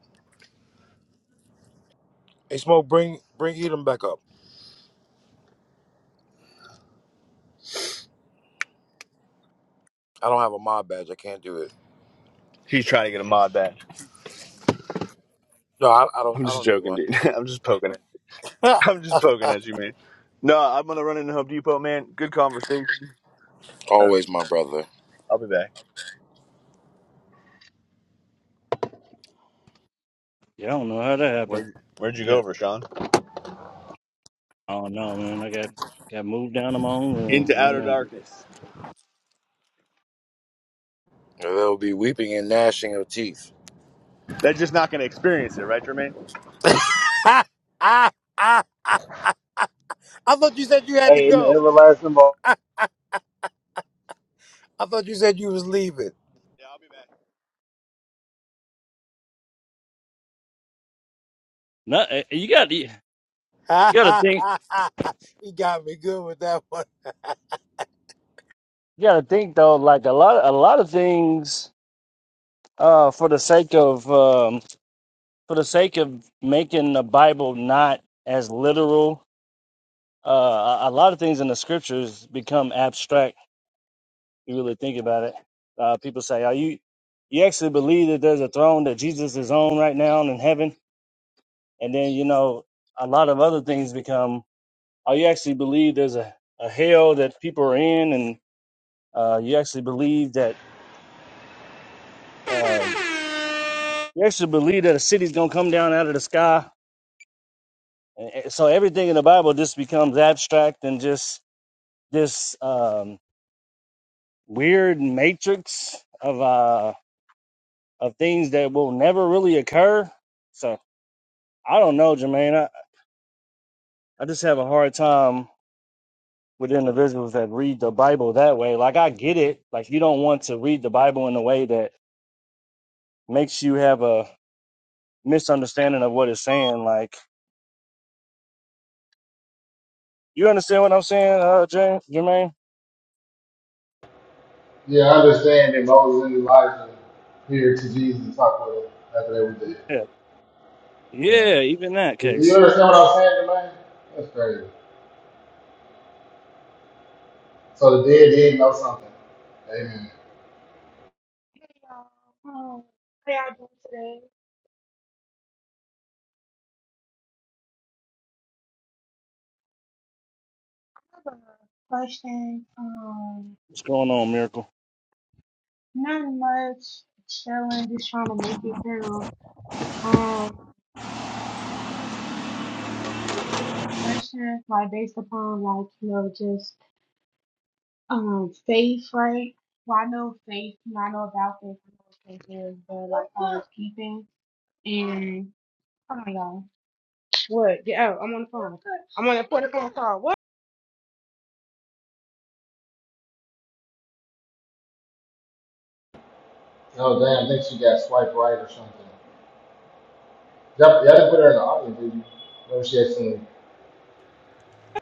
Speaker 6: Hey, smoke, bring bring Edom back up. I don't have a mod badge. I can't do it.
Speaker 9: He's trying to get a mod back.
Speaker 6: No, I, I don't.
Speaker 9: I'm
Speaker 6: I
Speaker 9: just
Speaker 6: don't need
Speaker 9: joking,
Speaker 6: one.
Speaker 9: dude. I'm just poking it.
Speaker 6: Ha!
Speaker 9: I'm just poking at you, man. No, I'm gonna run into Home Depot, man. Good conversation. Uh,
Speaker 6: Always my brother.
Speaker 9: I'll be back.
Speaker 2: you I don't know how that happened.
Speaker 9: Where'd, where'd you go,
Speaker 2: Got
Speaker 9: Rashawn?
Speaker 2: oh no, man, I got got moved down to my own room.
Speaker 9: Into
Speaker 2: Hey,
Speaker 9: outer
Speaker 2: man,
Speaker 9: darkness.
Speaker 6: There'll be weeping and gnashing of teeth.
Speaker 9: That's just not gonna experience it, right, Jermaine?
Speaker 6: Ha! Ah, ah, ah. I thought you said you had to
Speaker 1: Hey, in the
Speaker 6: go.
Speaker 1: everlasting ball.
Speaker 6: I thought you said you was leaving.
Speaker 9: Yeah, I'll be back.
Speaker 2: no, eh, eh, you got you got to think,
Speaker 6: he got me good with that one.
Speaker 2: you got to think though. Like a lot, a lot of things, uh, for the sake of um, for the sake of making the Bible not as literal, uh, a a lot of things in the scriptures become abstract You really think about it. Uh, people say, "Are you you actually believe that there's a throne that Jesus is on right now in heaven?" And then you know a lot of other things become. Are you actually believe there's a, a hell that people are in, and uh, you actually believe that um, you actually believe that a city's gonna come down out of the sky? And- and So everything in the Bible just becomes abstract and just this um, weird matrix of uh, of things that will never really occur. So. I don't know, Jermaine. I, I just have a hard time with individuals that read the Bible that way. Like I get it. Like you don't want to read the Bible in a way that makes you have a misunderstanding of what it's saying. Like you understand what I'm saying, uh James, Jermaine?
Speaker 1: Yeah, I understand that Moses and Elijah here to Jesus talk with him after they were dead.
Speaker 2: Yeah.
Speaker 1: Yeah,
Speaker 2: Yeah, even that
Speaker 1: Do you
Speaker 2: case.
Speaker 1: understand what i was saying, Jermaine? That's crazy. So the dead did know something. Amen.
Speaker 10: Hey y'all, um, how y'all doing today? I have a question. Um,
Speaker 2: What's going on, Miracle?
Speaker 10: not much, chilling, just trying to make it through. Um, I have a question, like based upon like you know just um faith, right? Well, I know faith, you know, I know about faith, I know what faith is, but like uh, keeping and hold on, y'all. What? I'm on the phone. I'm on the phone.
Speaker 1: Jump there in the audience, baby. Let me share some.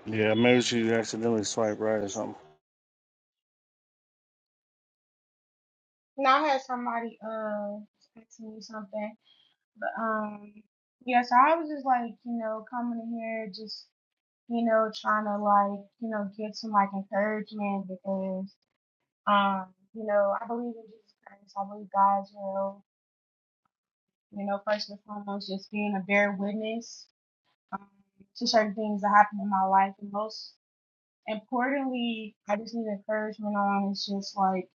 Speaker 2: Yeah, maybe she accidentally swiped right or something.
Speaker 10: Now I had somebody uh asking me something. But um, yeah. So I was just like, you know, coming in here, just you know, trying to like, you know, get some like encouragement because um, you know, I believe in Jesus Christ. I believe God's will. You know, first and foremost, just being a bear witness um, to certain things that happen in my life, and most importantly, I just need encouragement on. It's just like,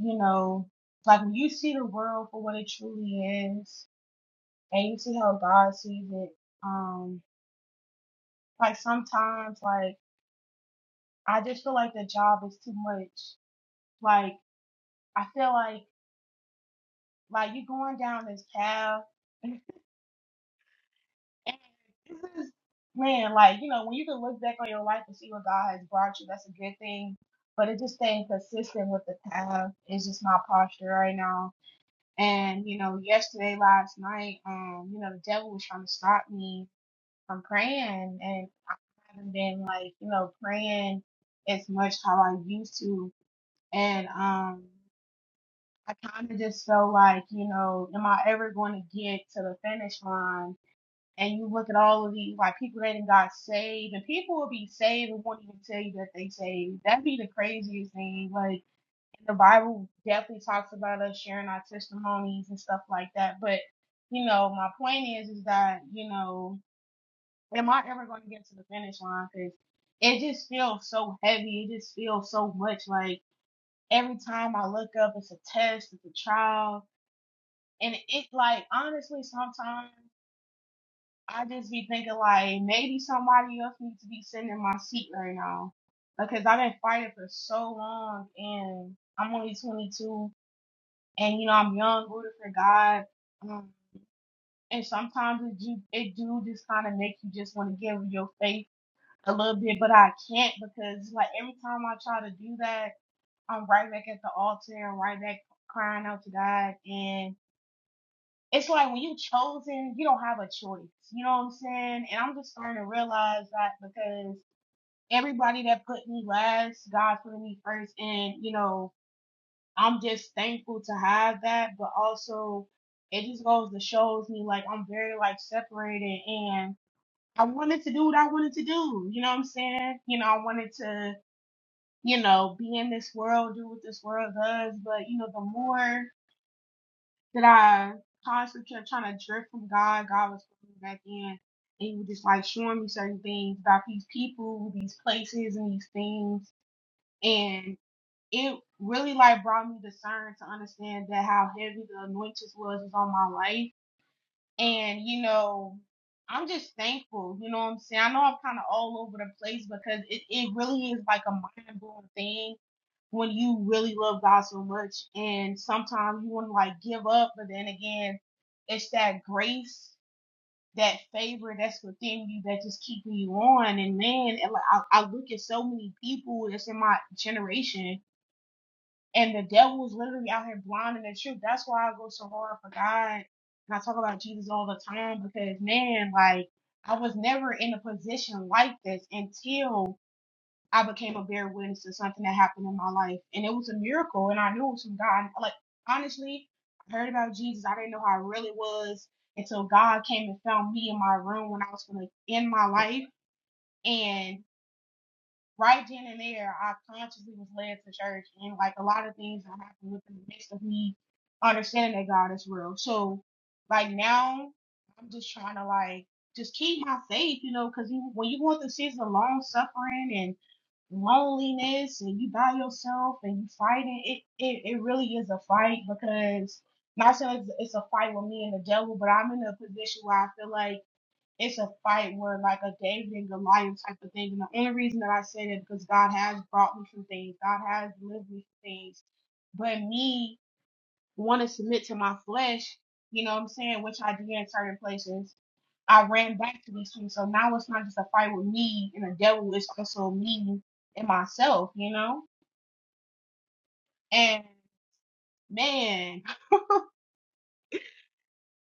Speaker 10: you know, like when you see the world for what it truly is, and you see how God sees it. Um, Like sometimes, like I just feel like the job is too much. Like I feel like like you going down this path, and this is man, like you know when you can look back on your life and see where God has brought you, that's a good thing. But it just staying consistent with the path is just my posture right now. And you know, yesterday, last night, um, you know, the devil was trying to stop me from praying, and I haven't been like you know praying as much how I used to And um, I kind of just felt like, you know, am I ever going to get to the finish line? And you look at all of these, like people that done got saved, and people will be saved and won't even tell you that they saved. That'd be the craziest thing. Like the Bible definitely talks about us sharing our testimonies and stuff like that. But you know, my point is, is that you know, am I ever going to get to the finish line? Because it just feels so heavy. It just feels so much like every time I look up, it's a test, it's a trial. And it like honestly, sometimes I just be thinking like maybe somebody else needs to be sitting in my seat right now because I've been fighting for so long, and I'm only 22, and you know I'm young, rooting for God. Um, and sometimes it do it do just kind of make you just want to give your faith a little bit, but I can't because like every time I try to do that. I'm right back at the altar, i right back crying out to God. And it's like when you chosen, you don't have a choice. You know what I'm saying? And I'm just starting to realize that because everybody that put me last, God put me first. And, you know, I'm just thankful to have that. But also, it just goes to shows me like I'm very like separated and I wanted to do what I wanted to do. You know what I'm saying? You know, I wanted to you know, be in this world, do what this world does. But you know, the more that I constantly kept trying to drift from God. God was pulling me back in, and He was just like showing me certain things about these people, these places, and these things. And it really like brought me discern to understand that how heavy the anointing was was on my life. And you know, I'm just thankful. You know what I'm saying? I know I'm kind of all over the place because it it really is like a mind blowing thing when you really love God so much and sometimes you want to like give up, but then again, it's that grace, that favor that's within you that just keeping you on. And man, and like I, I look at so many people that's in my generation and the devil is literally out here blinding the truth. That's why I go so hard for God. And I talk about Jesus all the time because man, like I was never in a position like this until I became a bear witness to something that happened in my life, and it was a miracle, and I knew it was from God. Like honestly, I heard about Jesus. I didn't know how it really was until God came and found me in my room when I was going to end my life, and right then and there, I consciously was led to church, and like a lot of things that happened within the midst of me understanding that God is real. So like now, I'm just trying to like just keep my faith, you know, because when you go through seasons of long suffering and loneliness and you by yourself and you fighting it it, it really is a fight because not saying it's, it's a fight with me and the devil but i'm in a position where i feel like it's a fight where like a david and goliath type of thing and the only reason that i say that because god has brought me from things god has delivered me from things but me want to submit to my flesh you know what i'm saying which i do in certain places I ran back to these two. So now it's not just a fight with me and the devil, it's also me and myself, you know? And man,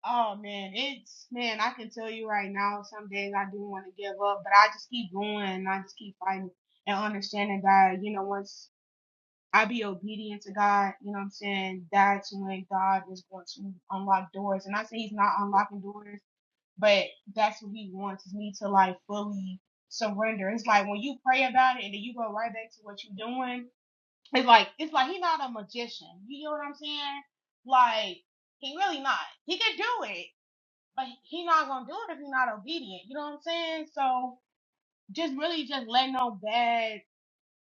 Speaker 10: oh man, it's man, I can tell you right now, some days I do want to give up, but I just keep going and I just keep fighting and understanding that, you know, once I be obedient to God, you know what I'm saying? That's when God is going to unlock doors. And I say he's not unlocking doors but that's what he wants is me to like fully surrender. It's like when you pray about it and then you go right back to what you're doing. It's like it's like he's not a magician. You know what I'm saying? Like he really not. He can do it, but he's not gonna do it if he's not obedient. You know what I'm saying? So just really just let no bad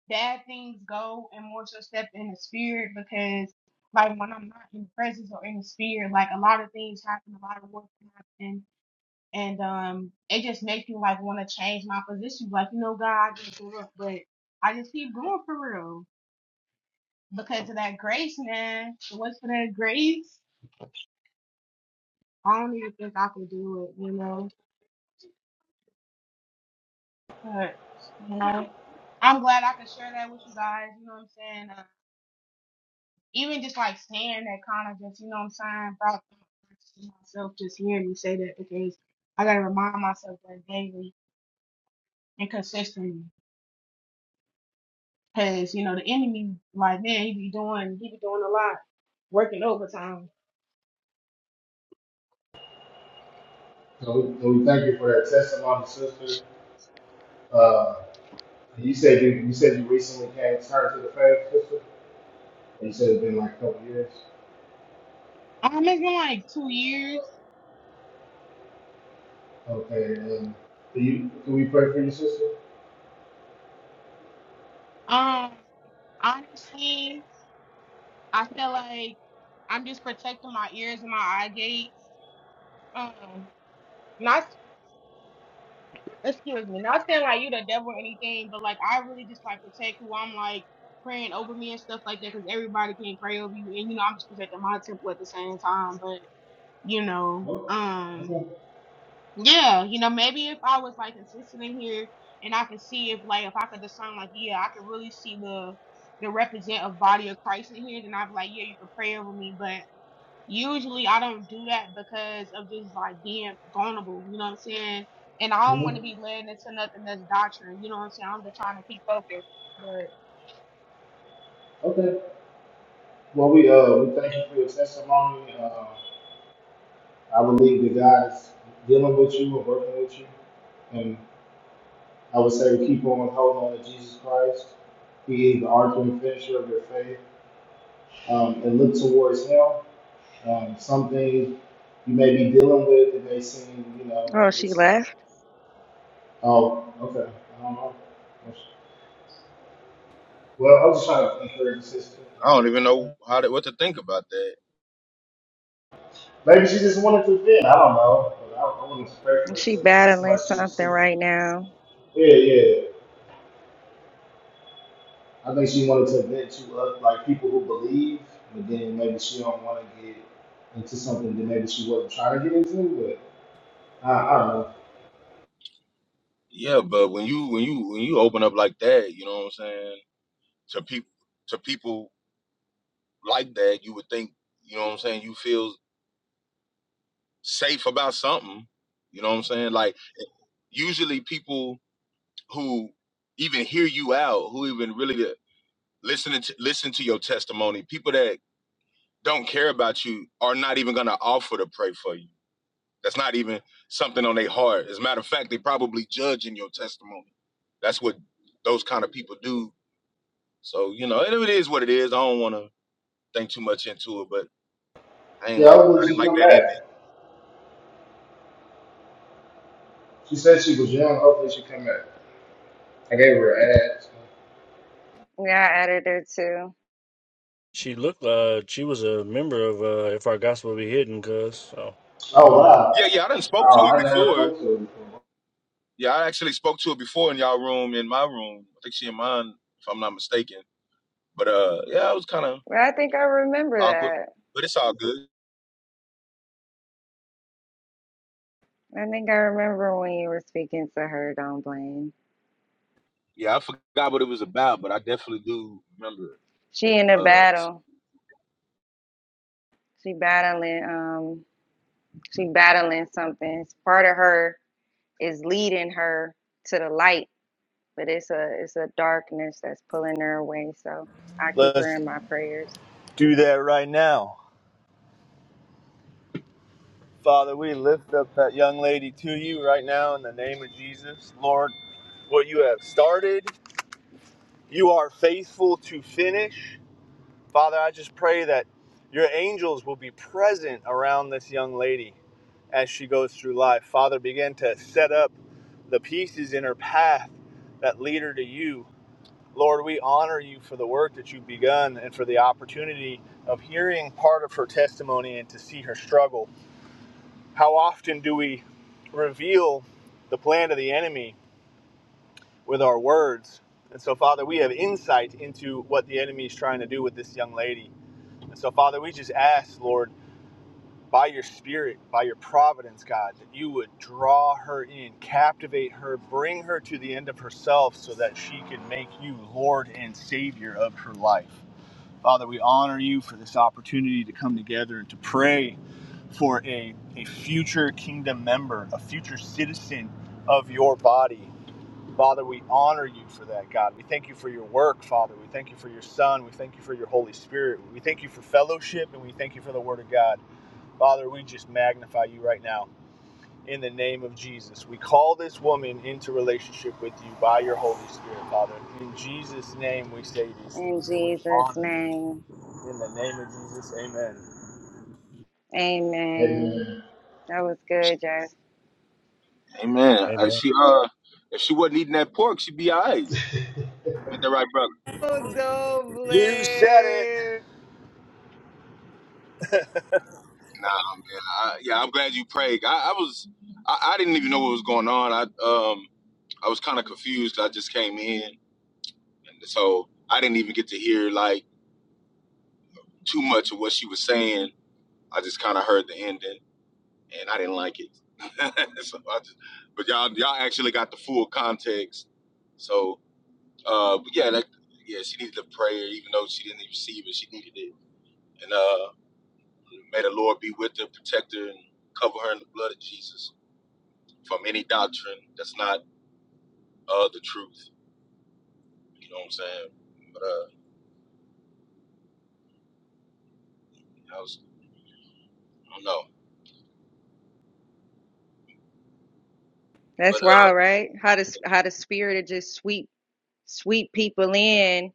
Speaker 10: bad things go and more so step in the spirit because like when I'm not in the presence or in the spirit, like a lot of things happen, a lot of work happen and um, it just makes me like want to change my position. Like, you know, God, I just give up, but I just keep going for real because of that grace, man. If It was for that grace. I don't even think I could do it, you know. But you know, I'm glad I could share that with you guys. You know what I'm saying? Uh, even just like saying that kind of just, you know what I'm saying, about myself, just hearing you say that because I gotta remind myself that daily and consistently. Cause you know the enemy, like man, he be doing, he be doing a lot, working overtime.
Speaker 1: So we, so we thank you for that testimony, sister. Uh, you said you, you said you recently came turned to the faith, sister. And you said it's been like a couple years.
Speaker 10: Um, it's been like two years.
Speaker 1: Okay. Um, do you can we pray for you, sister?
Speaker 10: Um, honestly, I feel like I'm just protecting my ears and my eye gate. Um, not excuse me, not saying like you the devil or anything, but like I really just like protect who I'm like praying over me and stuff like that, cause everybody can pray over you, and you know I'm just protecting my temple at the same time. But you know,
Speaker 1: Oh,
Speaker 10: um.
Speaker 1: okay.
Speaker 10: Yeah, you know, maybe if I was like consistent in here and I could see if like if I could discern like yeah, I could really see the the representative body of Christ in here, then I'd be like, Yeah, you can pray over me. But usually I don't do that because of just like being vulnerable, you know what I'm saying? And I don't want
Speaker 1: Mhm.
Speaker 10: to be led into nothing that's doctrine, you know what I'm saying? I'm just trying to keep focused.
Speaker 1: Okay. Well, we uh we thank you for your testimony. Uh, I believe that God is dealing with you and working with you. I would say keep on holding on to Jesus Christ. He is the author and finisher of your faith. Um, and look towards Him. Um, some things you may be dealing with, it may seem, you know,
Speaker 8: Oh,
Speaker 1: like
Speaker 8: she
Speaker 1: it's like,
Speaker 8: left.
Speaker 1: oh, okay, I don't know. Well, I was just trying to encourage the sister.
Speaker 11: I don't even know how to, what to think about that.
Speaker 1: Maybe she just wanted to vent. I don't know. But I, I wasn't prepared for it.
Speaker 8: She
Speaker 1: so It seemed
Speaker 8: battling
Speaker 1: like she was
Speaker 8: something
Speaker 1: sleeping.
Speaker 8: right now.
Speaker 1: Yeah, yeah. I think she wanted to vent to other like people who believe, but then maybe she don't want to get into something that maybe she wasn't trying to get into. But I, I don't know.
Speaker 11: Yeah, but when you when you when you open up like that, you know what I'm saying to people to people like that, you would think you know what I'm saying. You feel safe about something. You know what I'm saying. Like usually people who even hear you out, who even really listening to listen to your testimony, people that don't care about you are not even gonna offer to pray for you. That's not even something on their heart. As a matter of fact, they probably judging your testimony. That's what those kind of people do. So you know, it is what it is. I don't want to think too much into it, but I ain't
Speaker 1: Yeah,
Speaker 11: like I
Speaker 1: hopefully
Speaker 11: didn't
Speaker 1: she
Speaker 11: like
Speaker 1: come
Speaker 11: that ending.
Speaker 1: back. She said she was young. Hopefully she come back. I gave her an ad.
Speaker 8: Yeah, I added her too.
Speaker 2: She looked like she was a member of uh, If Our Gospel Be Hidden, cuz. So,
Speaker 1: so.
Speaker 2: I don't
Speaker 1: Oh
Speaker 2: know.
Speaker 1: wow!
Speaker 11: Yeah, yeah, I done spoke to
Speaker 1: Oh,
Speaker 11: it
Speaker 1: I never
Speaker 11: before.
Speaker 1: spoke to her before.
Speaker 11: Yeah, I actually spoke to it before in y'all room, in my room. I think she in mine, if I'm not mistaken. But uh, yeah, it was kind of
Speaker 8: But I think I remember
Speaker 11: awkward,
Speaker 8: that.
Speaker 11: but it's all good.
Speaker 8: I think I remember when you were speaking to her, don't blame.
Speaker 11: Yeah, I forgot what it was about, but I definitely do remember.
Speaker 8: She in a
Speaker 11: Uh,
Speaker 8: battle. She battling um she battling something. part of her is leading her to the light, but it's a it's a darkness that's pulling her away. So I keep her
Speaker 9: Let's.
Speaker 8: in my prayers.
Speaker 9: do that right now. Father, we lift up that young lady to you right now in the name of Jesus. Lord, what you have started, you are faithful to finish. Father, I just pray that your angels will be present around this young lady as she goes through life. Father, begin to set up the pieces in her path that lead her to you. Lord, we honor you for the work that you've begun and for the opportunity of hearing part of her testimony and to see her struggle. How often do we reveal the plan of the enemy with our words? And so, Father, we have insight into what the enemy is trying to do with this young lady. And so, Father, we just ask, Lord, by your spirit, by your providence, God, that you would draw her in, captivate her, bring her to the end of herself so that she can make you Lord and Savior of her life. Father, we honor you for this opportunity to come together and to pray for a, a future kingdom member, a future citizen of your body. Father, we honor you for that, God. We thank you for your work, Father. We thank you for your Son. We thank you for your Holy Spirit. We thank you for fellowship and we thank you for the Word of God. Father, we just magnify you right now in the name of Jesus. We call this woman into relationship with you by your Holy Spirit, Father. In Jesus' name, we say these
Speaker 8: In
Speaker 9: things and we
Speaker 8: Jesus'
Speaker 9: honor you.
Speaker 8: name.
Speaker 9: In the name of Jesus, amen.
Speaker 8: Amen.
Speaker 1: Amen.
Speaker 8: That was good, Jeff.
Speaker 11: Amen. Uh,
Speaker 2: Amen.
Speaker 11: she uh, if she wasn't eating that pork, she'd be all right. Ain't that right, brother?
Speaker 8: Oh, doble.
Speaker 9: You said it.
Speaker 11: Nah. I, yeah, I'm glad you prayed. I, I was, I, I didn't even know what was going on. I um, I was kind of confused. I just came in, and so I didn't even get to hear like too much of what she was saying. I just kind of heard the ending, and I didn't like it. so I just, but y'all, y'all actually got the full context. So, uh, but yeah, that, yeah, she needed the prayer, even though she didn't receive it. She needed it, and uh. May the Lord be with her, protect her, and cover her in the blood of Jesus from any doctrine that's not uh the truth. You know what I'm saying? But uh, I was I don't know.
Speaker 8: That's
Speaker 11: But
Speaker 8: wild,
Speaker 11: uh,
Speaker 8: right? How the how the spirit of just sweep sweep people in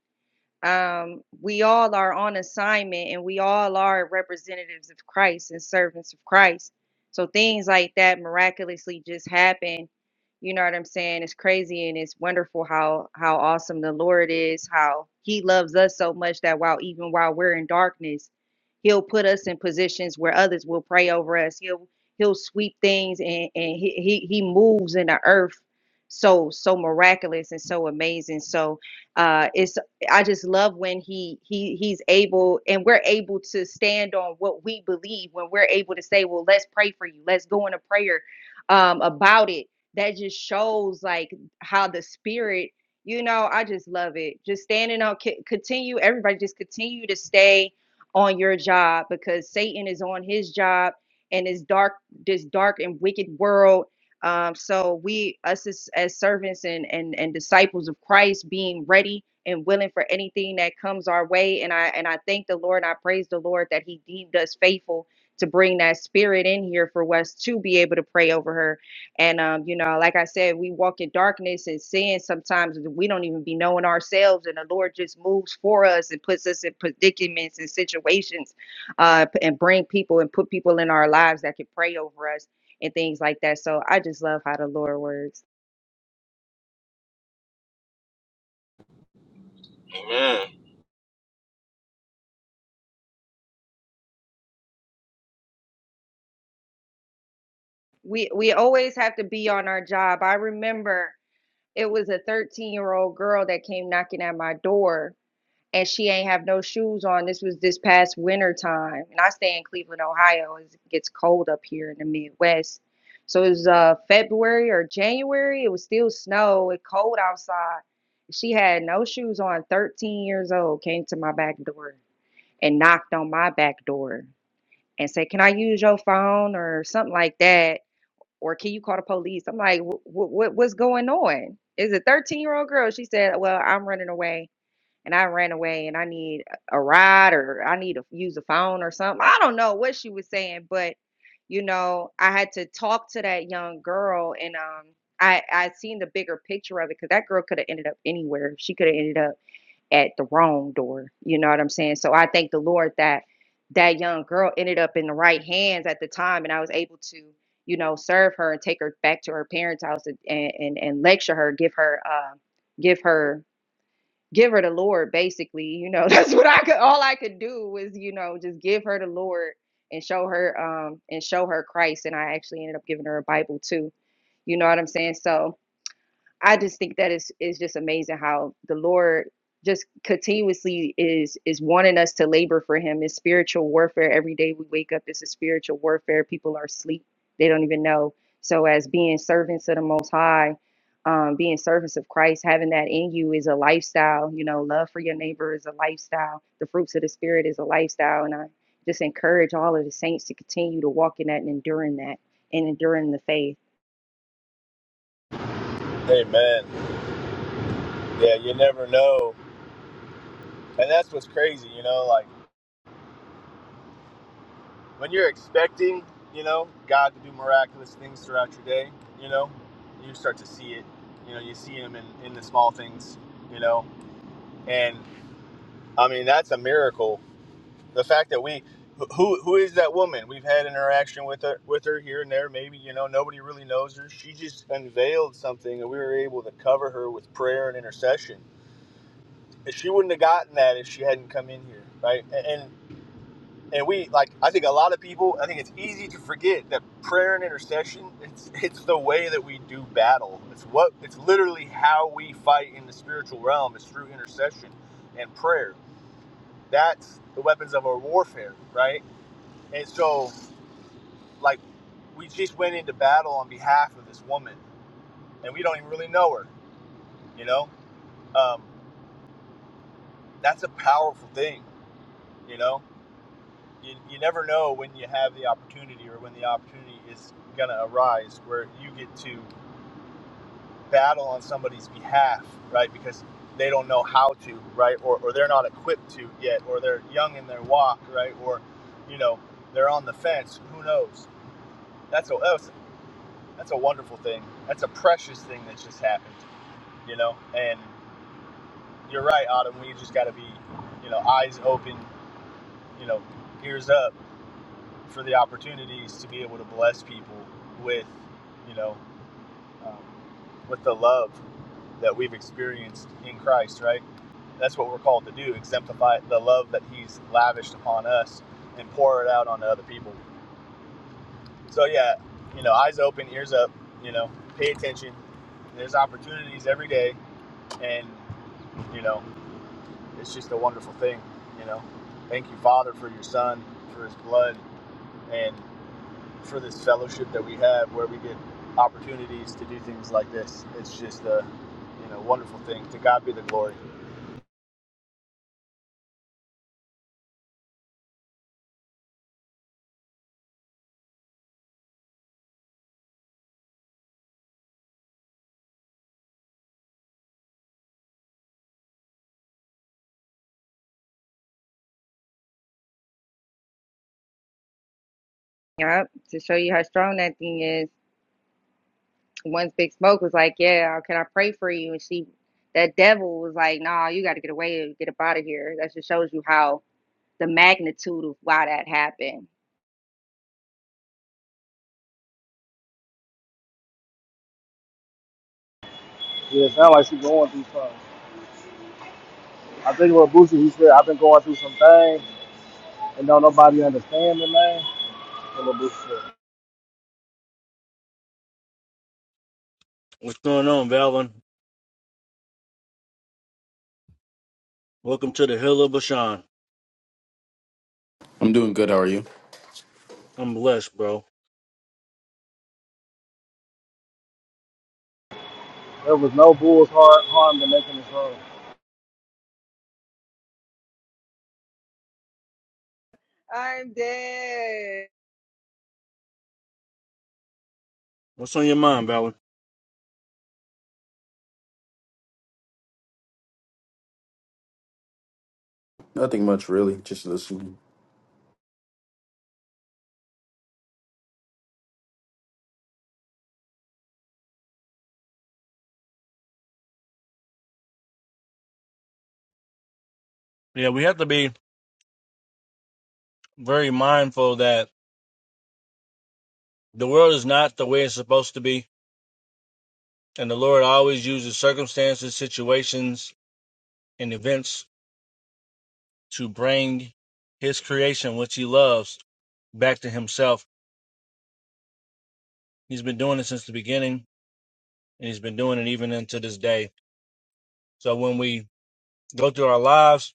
Speaker 8: um, we all are on assignment and we all are representatives of Christ and servants of Christ. So things like that miraculously just happen. You know what I'm saying? It's crazy and it's wonderful how how awesome the Lord is, how he loves us so much that while even while we're in darkness, he'll put us in positions where others will pray over us. He'll he'll sweep things and, and he, he he moves in the earth so so miraculous and so amazing. So uh, it's I just love when he he he's able and we're able to stand on what we believe when we're able to say, well, let's pray for you. Let's go in a prayer um about it. That just shows like how the spirit, you know, I just love it. Just standing on co- continue everybody just continue to stay on your job because Satan is on his job and this dark this dark and wicked world um, so we, us as, as servants and, and and disciples of Christ, being ready and willing for anything that comes our way. And I and I thank the Lord. I praise the Lord that He deemed us faithful to bring that spirit in here for us to be able to pray over her. And um, you know, like I said, we walk in darkness and sin sometimes that we don't even be knowing ourselves, and the Lord just moves for us and puts us in predicaments and situations, uh, and bring people and put people in our lives that can pray over us and things like that. So I just love how the Lord works.
Speaker 11: amen.
Speaker 8: We we always have to be on our job. I remember it was a 13 year old girl that came knocking at my door and she ain't have no shoes on. This was this past winter time. And I stay in Cleveland, Ohio. It gets cold up here in the Midwest. So it was uh February or January. It was still snow. It cold outside. She had no shoes on, 13 years old, came to my back door and knocked on my back door. and say, "Can I use your phone?" or something like that, or "Can you call the police?" I'm like, "What what what's going on?" Is a 13 year old girl? She said, "Well, I'm running away." And I ran away, and I need a ride, or I need to use a phone, or something. I don't know what she was saying, but you know, I had to talk to that young girl, and um, I I seen the bigger picture of it because that girl could have ended up anywhere. She could have ended up at the wrong door. You know what I'm saying? So I thank the Lord that that young girl ended up in the right hands at the time, and I was able to, you know, serve her and take her back to her parents' house and and, and, lecture her, give her, uh, give her, give her the Lord. Basically, you know, that's what I could. All I could do was, you know, just give her the Lord and show her, um, and show her Christ. And I actually ended up giving her a Bible too. You know what I'm saying? So, I just think that is is just amazing how the Lord just continuously is is wanting us to labor for him. It's spiritual warfare. Every day we wake up, it's a spiritual warfare. People are asleep. They don't even know. So as being servants of the most high, um, being servants of Christ, having that in you is a lifestyle. You know, love for your neighbor is a lifestyle. The fruits of the spirit is a lifestyle. And I just encourage all of the saints to continue to walk in that and enduring that and enduring the faith.
Speaker 9: Amen. Yeah, you never know. And that's what's crazy, you know, like when you're expecting, you know, God to do miraculous things throughout your day, you know, you start to see it. You know, you see him in, in the small things, you know. And I mean, that's a miracle. The fact that we who who is that woman? We've had interaction with her with her here and there, maybe, you know, nobody really knows her. She just unveiled something and we were able to cover her with prayer and intercession she wouldn't have gotten that if she hadn't come in here, right? And and and we like I think a lot of people I think it's easy to forget that prayer and intercession it's it's the way that we do battle. It's what it's literally how we fight in the spiritual realm is through intercession and prayer. That's the weapons of our warfare, right? And so like we just went into battle on behalf of this woman and we don't even really know her, you know? Um, that's a powerful thing, you know? you, you never know when you have the opportunity or when the opportunity is going to arise where you get to battle on somebody's behalf, right? Because they don't know how to, right? Or, or they're not equipped to yet, or they're young in their walk, right? Or, you know, they're on the fence. Who knows? That's a, that's, that's a wonderful thing. That's a precious thing that just happened, you know? And you're right, Autumn. We just got to be, you know, eyes open, you know, ears up for the opportunities to be able to bless people with, you know, um, with the love that we've experienced in Christ, right? That's what we're called to do, exemplify the love that He's lavished upon us and pour it out onto other people. So, yeah, you know, eyes open, ears up, you know, pay attention. There's opportunities every day, and, you know, it's just a wonderful thing, you know. Thank you, Father, for your Son, for His blood, and for this fellowship that we have where we get opportunities to do things like this. It's just a you know wonderful thing. To God be the glory.
Speaker 8: Yep. To show you how strong that thing is. once Big Smoke was like, "Yeah, can I pray for you?" and she, that devil was like, "Nah, you got to get away, and get up out of here." That just shows you how the magnitude of why that happened.
Speaker 1: Yeah, it sounds like she's going through something. I think what Boosie, he said, I've been going through some things and don't nobody understand me, man. That's what Boosie said.
Speaker 2: What's going on, Valvin? Welcome to the Hill of Bashan.
Speaker 12: I'm doing good. How are you?
Speaker 2: I'm blessed, bro.
Speaker 1: There was no bull's heart harm to making
Speaker 8: I'm dead.
Speaker 2: What's on your mind, Valor?
Speaker 12: Nothing much, really. Just listening.
Speaker 2: Yeah, we have to be very mindful that the world is not the way it's supposed to be. And the Lord always uses circumstances, situations, and events to bring his creation, which he loves, back to himself. He's been doing it since the beginning, and he's been doing it even into this day. So when we go through our lives,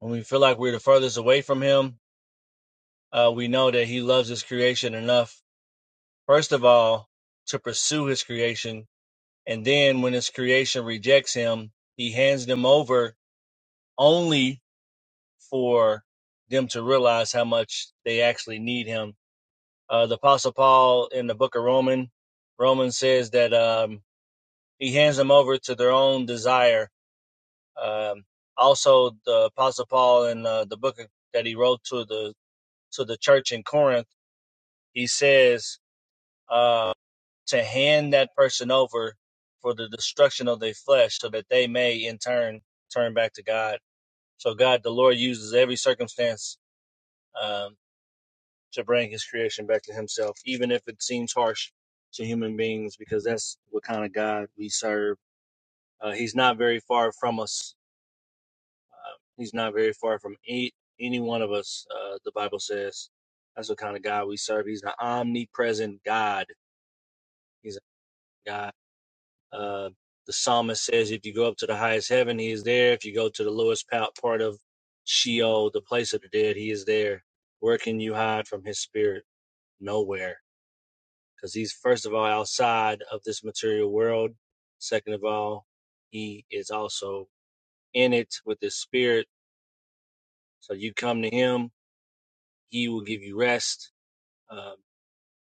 Speaker 2: when we feel like we're the furthest away from him, uh, we know that he loves his creation enough, first of all, to pursue his creation And then when his creation rejects him, he hands them over only for them to realize how much they actually need him. Uh, the Apostle Paul in the book of Roman, Romans says that um, he hands them over to their own desire. Um, also, the Apostle Paul in uh, the book that he wrote to the to the church in Corinth, he says. uh, to hand that person over for the destruction of their flesh so that they may in turn turn back to God. So God, the Lord uses every circumstance um, to bring his creation back to himself, even if it seems harsh to human beings, because that's what kind of God we serve. Uh, he's not very far from us. Uh, he's not very far from any, any one of us. Uh, the Bible says that's what kind of God we serve. He's an omnipresent God. He's a God. Uh, the psalmist says, if you go up to the highest heaven, he is there. If you go to the lowest pa- part of Sheol, the place of the dead, he is there. Where can you hide from his spirit? Nowhere. Because he's, first of all, outside of this material world. Second of all, he is also in it with his spirit. So you come to him, he will give you rest. Um,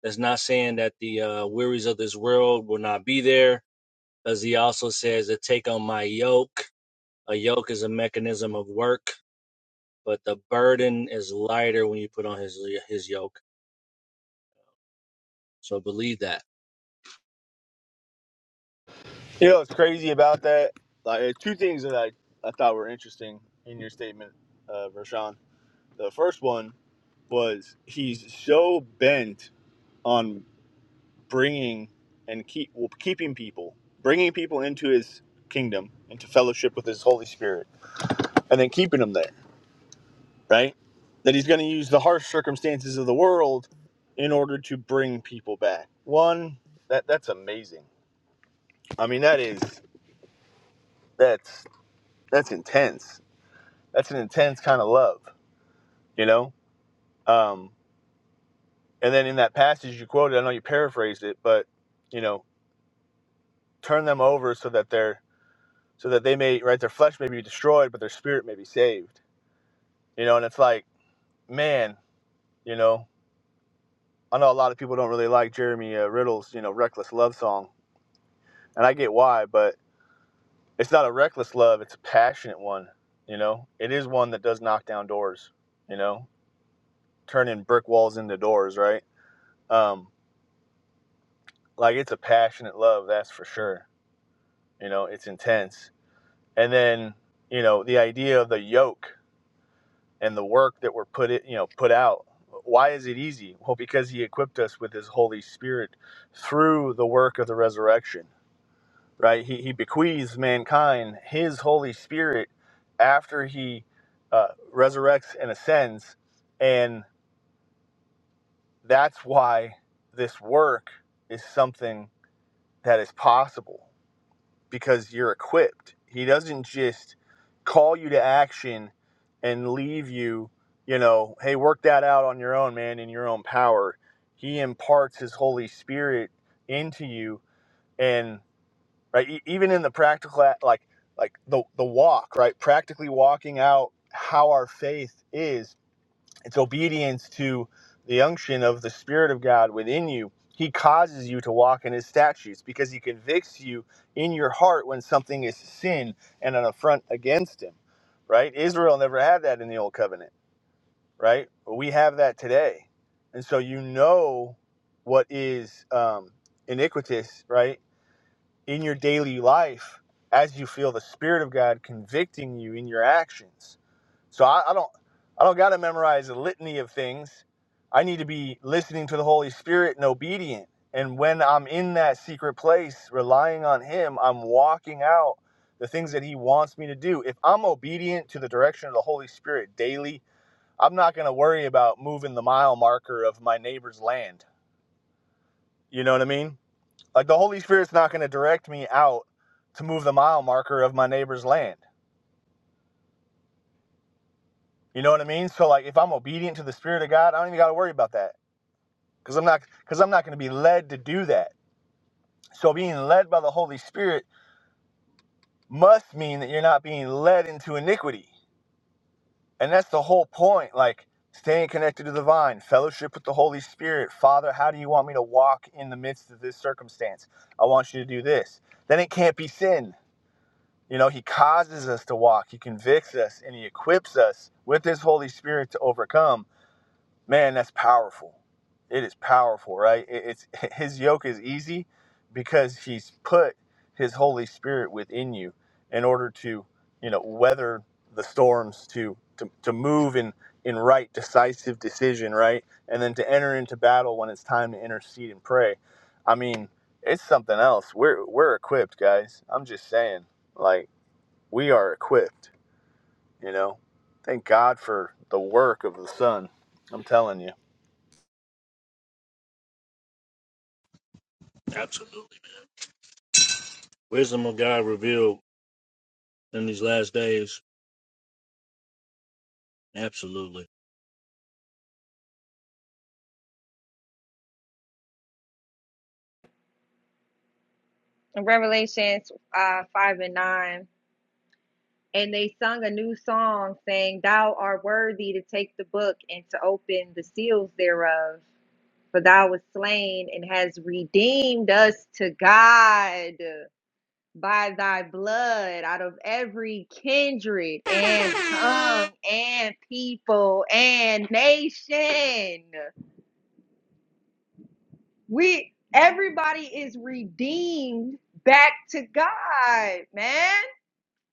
Speaker 2: that's not saying that the uh, wearies of this world will not be there, because he also says to take on my yoke A yoke is a mechanism of work, but the burden is lighter when you put on his his yoke. So believe that.
Speaker 9: You know what's crazy about that? Like uh, two things that I, I thought were interesting in your statement, uh, Vershawn. The first one was he's so bent on bringing and keep well, keeping people, bringing people into his kingdom, into fellowship with his Holy Spirit, and then keeping them there right? That he's going to use the harsh circumstances of the world in order to bring people back. One, that that's amazing. I mean, that is that's that's intense. That's an intense kind of love, you know. Um, and then in that passage you quoted, I know you paraphrased it, but you know, turn them over so that they're so that they may right their flesh may be destroyed, but their spirit may be saved. You know, and it's like, man, you know, I know a lot of people don't really like Jeremy uh, Riddle's you know reckless love song, and I get why, but it's not a reckless love it's a passionate one you know it is one that does knock down doors you know turning brick walls into doors right um like it's a passionate love that's for sure you know it's intense and then you know the idea of the yoke and the work that we're put it you know put out why is it easy well because he equipped us with his holy spirit through the work of the resurrection right? He, he bequeaths mankind his Holy Spirit after he uh, resurrects and ascends. And that's why this work is something that is possible because you're equipped. He doesn't just call you to action and leave you, you know, hey, work that out on your own, man, in your own power. He imparts his Holy Spirit into you and. right? E- Even in the practical, like like the the walk, right? Practically walking out how our faith is. It's obedience to the unction of the Spirit of God within you. He causes you to walk in His statutes because He convicts you in your heart when something is sin and an affront against Him, right? Israel never had that in the Old Covenant, right? But we have that today, and so you know what is um, iniquitous, right? in your daily life as you feel the spirit of god convicting you in your actions so i, I don't i don't got to memorize a litany of things i need to be listening to the holy spirit and obedient and when i'm in that secret place relying on him i'm walking out the things that he wants me to do if i'm obedient to the direction of the holy spirit daily i'm not going to worry about moving the mile marker of my neighbor's land you know what i mean like the Holy Spirit's not going to direct me out to move the mile marker of my neighbor's land. You know what I mean? So like if I'm obedient to the Spirit of God, I don't even got to worry about that cuz I'm not cuz I'm not going to be led to do that. So being led by the Holy Spirit must mean that you're not being led into iniquity. And that's the whole point like staying connected to the vine, fellowship with the Holy Spirit. Father, how do you want me to walk in the midst of this circumstance? I want you to do this. Then it can't be sin You know, he causes us to walk, he convicts us, and he equips us with his Holy Spirit to overcome. Man, that's powerful. It is powerful, right? It's his yoke is easy because he's put his Holy Spirit within you in order to, you know, weather the storms, to to, to move in in right decisive decision, right? And then to enter into battle when it's time to intercede and pray. I mean, it's something else. We're we're equipped, guys. I'm just saying. Like we are equipped, you know. Thank God for the work of the Son. I'm telling you.
Speaker 2: Absolutely. Wisdom of God revealed in these last days. Absolutely.
Speaker 8: In Revelations uh, 5 and 9. And they sung a new song saying, Thou art worthy to take the book and to open the seals thereof. For thou wast slain and has redeemed us to God by thy blood out of every kindred and tongue and people and nation. We everybody is redeemed back to God, man,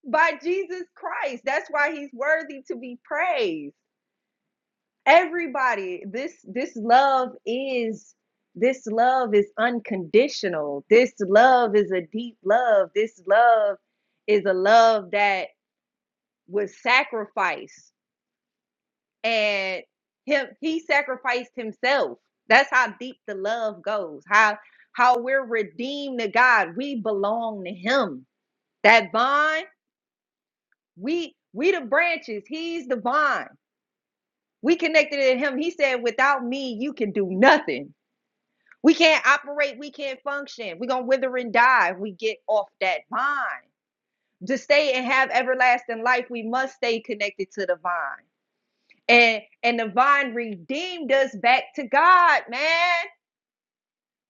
Speaker 8: by Jesus Christ. That's why he's worthy to be praised. Everybody, this this love is this love is unconditional. This love is a deep love. This love is a love that With sacrifice and him he sacrificed himself that's how deep the love goes how how we're redeemed to god we belong to him that vine we we the branches he's the vine we connected to him he said without me you can do nothing we can't operate we can't function we're gonna wither and die if we get off that vine to stay and have everlasting life we must stay connected to the vine and and the vine redeemed us back to God, man.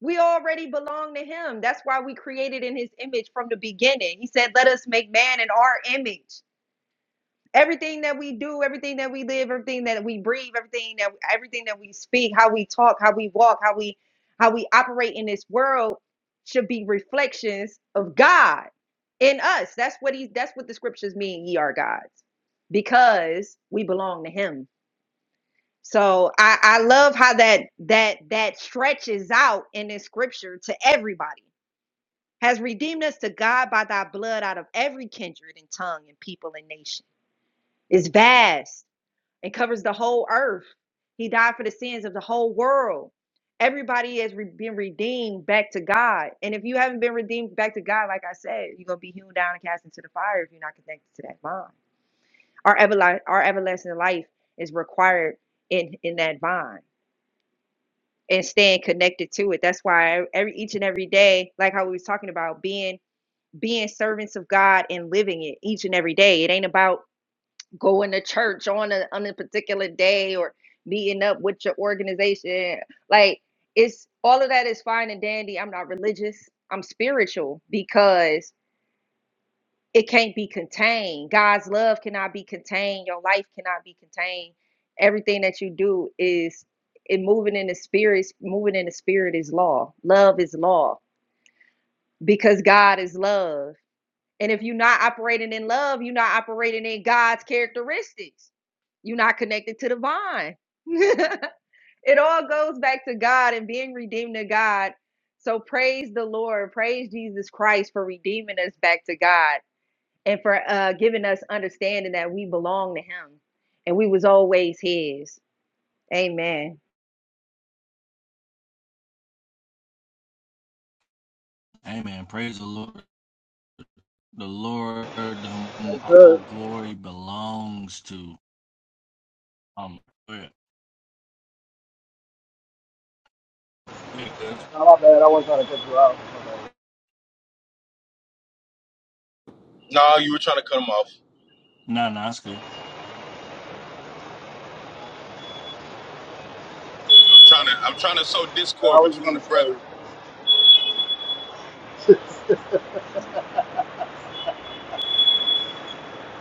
Speaker 8: We already belong to him. That's why we created in his image from the beginning. He said, "Let us make man in our image." Everything that we do, everything that we live, everything that we breathe, everything that everything that we speak, how we talk, how we walk, how we how we operate in this world should be reflections of God in us. That's what he that's what the scriptures mean, ye are gods, because we belong to him so I, I love how that that that stretches out in this scripture to everybody. Has redeemed us to God by thy blood out of every kindred and tongue and people and nation. It's vast. It covers the whole earth. He died for the sins of the whole world. Everybody has re- been redeemed back to God. And if you haven't been redeemed back to God, like I said, you're gonna be hewn down and cast into the fire if you're not connected to that vine. Our everlasting our everlasting life is required in in that vine. and staying connected to it. That's why every each and every day, like how we was talking about being being servants of God and living it each and every day. It ain't about going to church on a on a particular day or meeting up with your organization. Like it's all of that is fine and dandy. I'm not religious. I'm spiritual because it can't be contained. God's love cannot be contained. Your life cannot be contained. Everything that you do is in moving in the spirit. Moving in the spirit is law. Love is law because God is love. And if you're not operating in love, you're not operating in God's characteristics. You're not connected to the vine. it all goes back to God and being redeemed to God. So praise the Lord. Praise Jesus Christ for redeeming us back to God and for uh, giving us understanding that we belong to him and we was always his amen
Speaker 2: Amen. Praise the Lord. The Lord whom
Speaker 1: this road.
Speaker 2: all glory belongs to. Um yeah, it is.
Speaker 1: No, my bad. I wasn't trying to cut you off.
Speaker 11: No, you were trying to cut him off.
Speaker 2: Nah, nah, cool.
Speaker 11: I'm trying to I'm trying to sow
Speaker 1: I
Speaker 11: discord
Speaker 1: was
Speaker 11: between
Speaker 1: going
Speaker 11: the
Speaker 1: to
Speaker 11: brethren.
Speaker 1: say,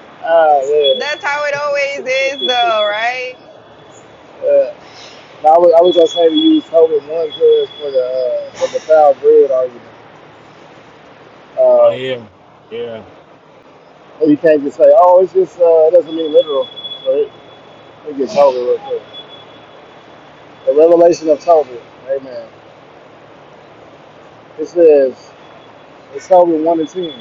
Speaker 1: ah, yeah.
Speaker 8: That's how it always is, though, right?
Speaker 1: yeah. No, I was, I was going to say we use COVID one cause for the, uh, for the foul bread argument.
Speaker 2: Oh
Speaker 1: Um,
Speaker 2: yeah. Yeah.
Speaker 1: but you can't just say, oh, it's just, uh, it doesn't mean literal. So it, it gets over real quick. The revelation of Tobit, amen. It says, it's Tobit 1 and 10.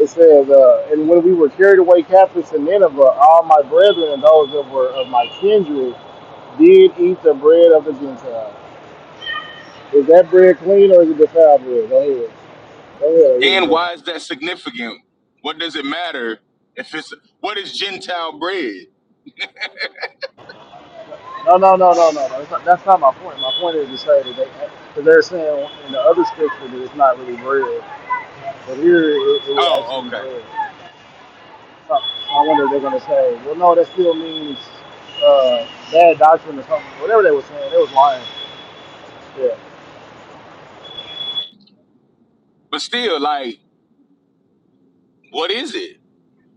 Speaker 1: It says, uh, and when we were carried away captives to Nineveh, all my brethren and those that were of my kindred did eat the bread of the Gentiles. Is that bread clean or is it defiled bread? Go ahead. Go ahead. Eat the
Speaker 11: And
Speaker 1: bread.
Speaker 11: why is that significant? What does it matter if it's what is Gentile bread?
Speaker 1: No, no, no, no, no. no. That's, not, that's not my point. My point is to say that they, because they're saying in the other scripture that it's not really bread, but here it, it would
Speaker 11: Oh,
Speaker 1: actually be
Speaker 11: okay.
Speaker 1: bread. So I wonder if they're going to say, well, no, that still means uh, bad doctrine or something. Whatever they were saying, they was lying. Yeah.
Speaker 11: But still, like, what is it?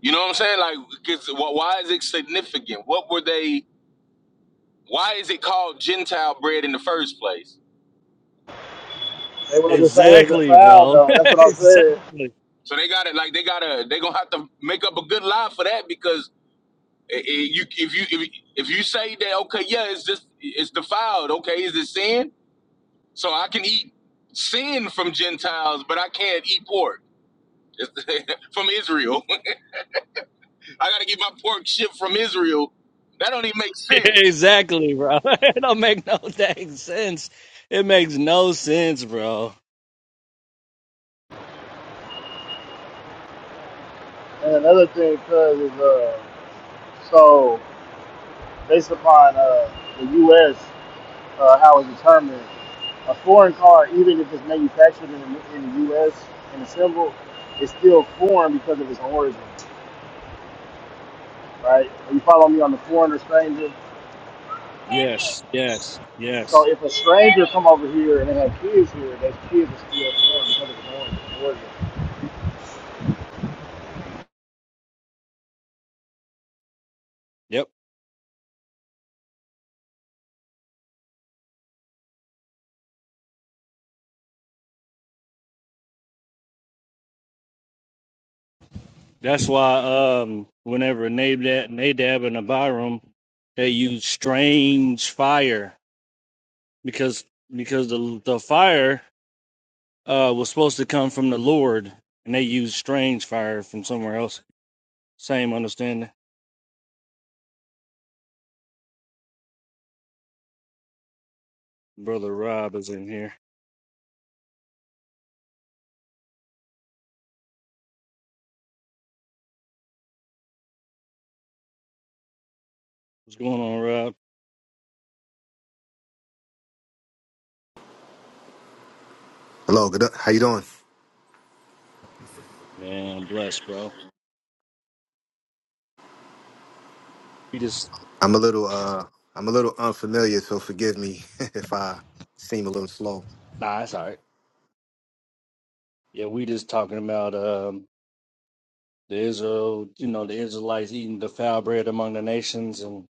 Speaker 11: You know what I'm saying? Like, 'cause wh- why is it significant? What were they? Why is it called Gentile bread in the first place?
Speaker 1: They were going to say it's
Speaker 2: Exactly,
Speaker 1: defiled
Speaker 2: bro.
Speaker 1: though. That's what I'm saying.
Speaker 11: So they got it like they gotta they gonna have to make up a good lie for that because i- i- you if you if, if you say that okay yeah it's just it's defiled okay is it sin? So I can eat sin from Gentiles, but I can't eat pork from Israel. I gotta get my pork shipped from Israel. That don't even make sense.
Speaker 2: exactly, bro. it don't make no dang sense. It makes no sense, bro.
Speaker 1: And another thing, cause is uh, so. based upon uh, the U.S. Uh, how it's determined, a foreign car, even if it's manufactured in the, in the U.S. and assembled, is still foreign because of its origin, right? Are you follow me on the foreigner stranger?
Speaker 2: Yes, yes, yes.
Speaker 1: So if a stranger come over here and they have kids here, those kids are still foreign because of the origin. origin.
Speaker 2: Yep. That's why um whenever Nadab, Nadab and Abiram, they use strange fire because because the the fire uh was supposed to come from the Lord and they use strange fire from somewhere else. Same understanding. Brother Rob is in here. What's going on, Rob?
Speaker 13: Hello, good. uh, How you doing?
Speaker 2: Man, bless, bro. He just
Speaker 13: I'm a little uh I'm a little unfamiliar, so forgive me if I seem a little slow.
Speaker 2: nah, it's all right. Yeah, we just talking about um, the Israel, you know, the Israelites eating the foul bread among the nations, and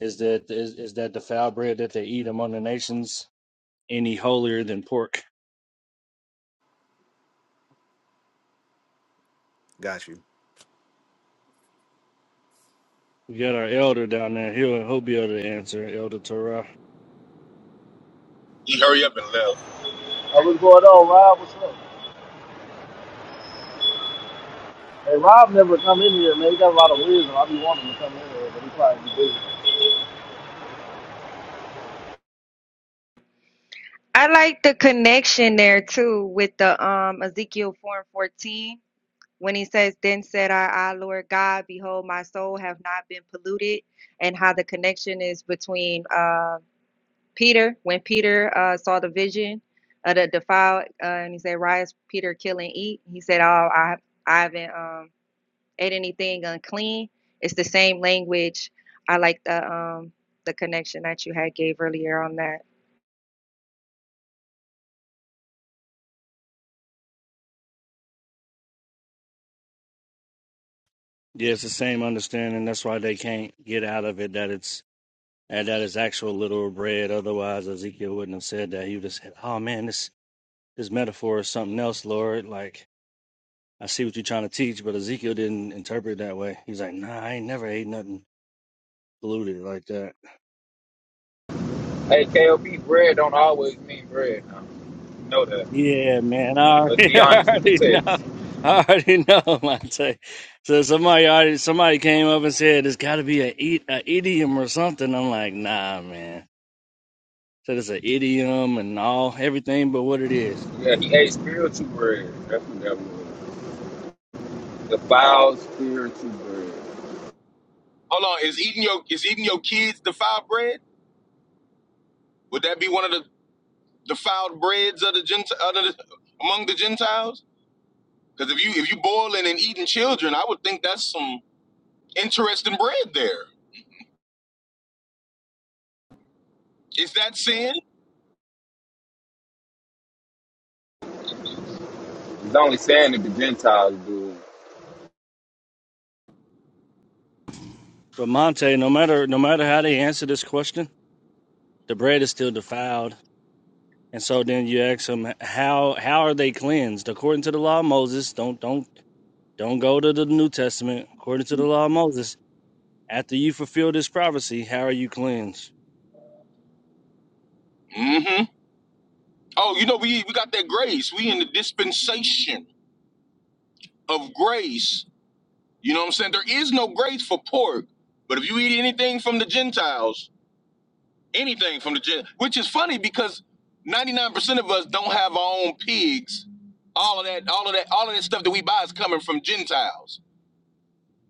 Speaker 2: is that is, is that the foul bread that they eat among the nations any holier than pork?
Speaker 13: Got you.
Speaker 2: We got our elder down there. He'll he'll be able to answer, Elder Torah.
Speaker 11: He hurry up and left.
Speaker 1: Hey, what's going on, Rob? What's up? Hey, Rob never come in here, man. He got a lot of wisdom. I be wanting him to come in here, but he probably be busy.
Speaker 8: I like the connection there too with the um Ezekiel four and fourteen when he says, "Then said I, I, Lord God, behold, my soul have not been polluted," and how the connection is between uh, Peter when Peter uh, saw the vision of the defiled, uh, and he said, "Rise, Peter, kill and eat." He said, "Oh, I, I haven't." Um, ate anything unclean. It's the same language. I like the um the connection that you had gave earlier on that.
Speaker 2: Yeah, it's the same understanding. That's why they can't get out of it that it's and that it's actual literal bread. Otherwise, Ezekiel wouldn't have said that. He would have said, "Oh man, this this metaphor is something else, Lord." Like I see what you're trying to teach, but Ezekiel didn't interpret it that way. He's like, nah, I ain't never ate nothing polluted like that.
Speaker 14: Hey, KOB, bread don't always mean bread. Now. You know that.
Speaker 2: Yeah, man,
Speaker 14: Let-
Speaker 2: I
Speaker 14: Let's
Speaker 2: already,
Speaker 14: be
Speaker 2: I
Speaker 14: honest with the
Speaker 2: already know.
Speaker 14: text.
Speaker 2: I already know, Monte. So somebody already, somebody came up and said it's got to be a, e- a idiom or something. I'm like, nah, man. Said it's an idiom and all everything, but what it is.
Speaker 14: Yeah, he ate spiritual bread. That's what that was. The foul spiritual bread.
Speaker 11: Hold on, is eating your is eating your kids defiled bread? Would that be one of the the foul breads of the Gentile of the, among the Gentiles? Because if you if you boiling and eating children, I would think that's some interesting bread there. Is that sin?
Speaker 14: He's only saying that the Gentiles do.
Speaker 2: But Monte, no matter no matter how they answer this question, the bread is still defiled. And so then you ask them how how are they cleansed according to the law of Moses? Don't don't Don't go to the New Testament. According to the law of Moses, after you fulfill this prophecy, how are you cleansed?
Speaker 11: Mm-hmm. Oh, you know, we we got that grace. We in the dispensation of grace. You know what I'm saying? There is no grace for pork, but if you eat anything from the Gentiles, anything from the Gen, which is funny because 99% of us don't have our own pigs. All of that, all of that, all of that stuff that we buy is coming from Gentiles.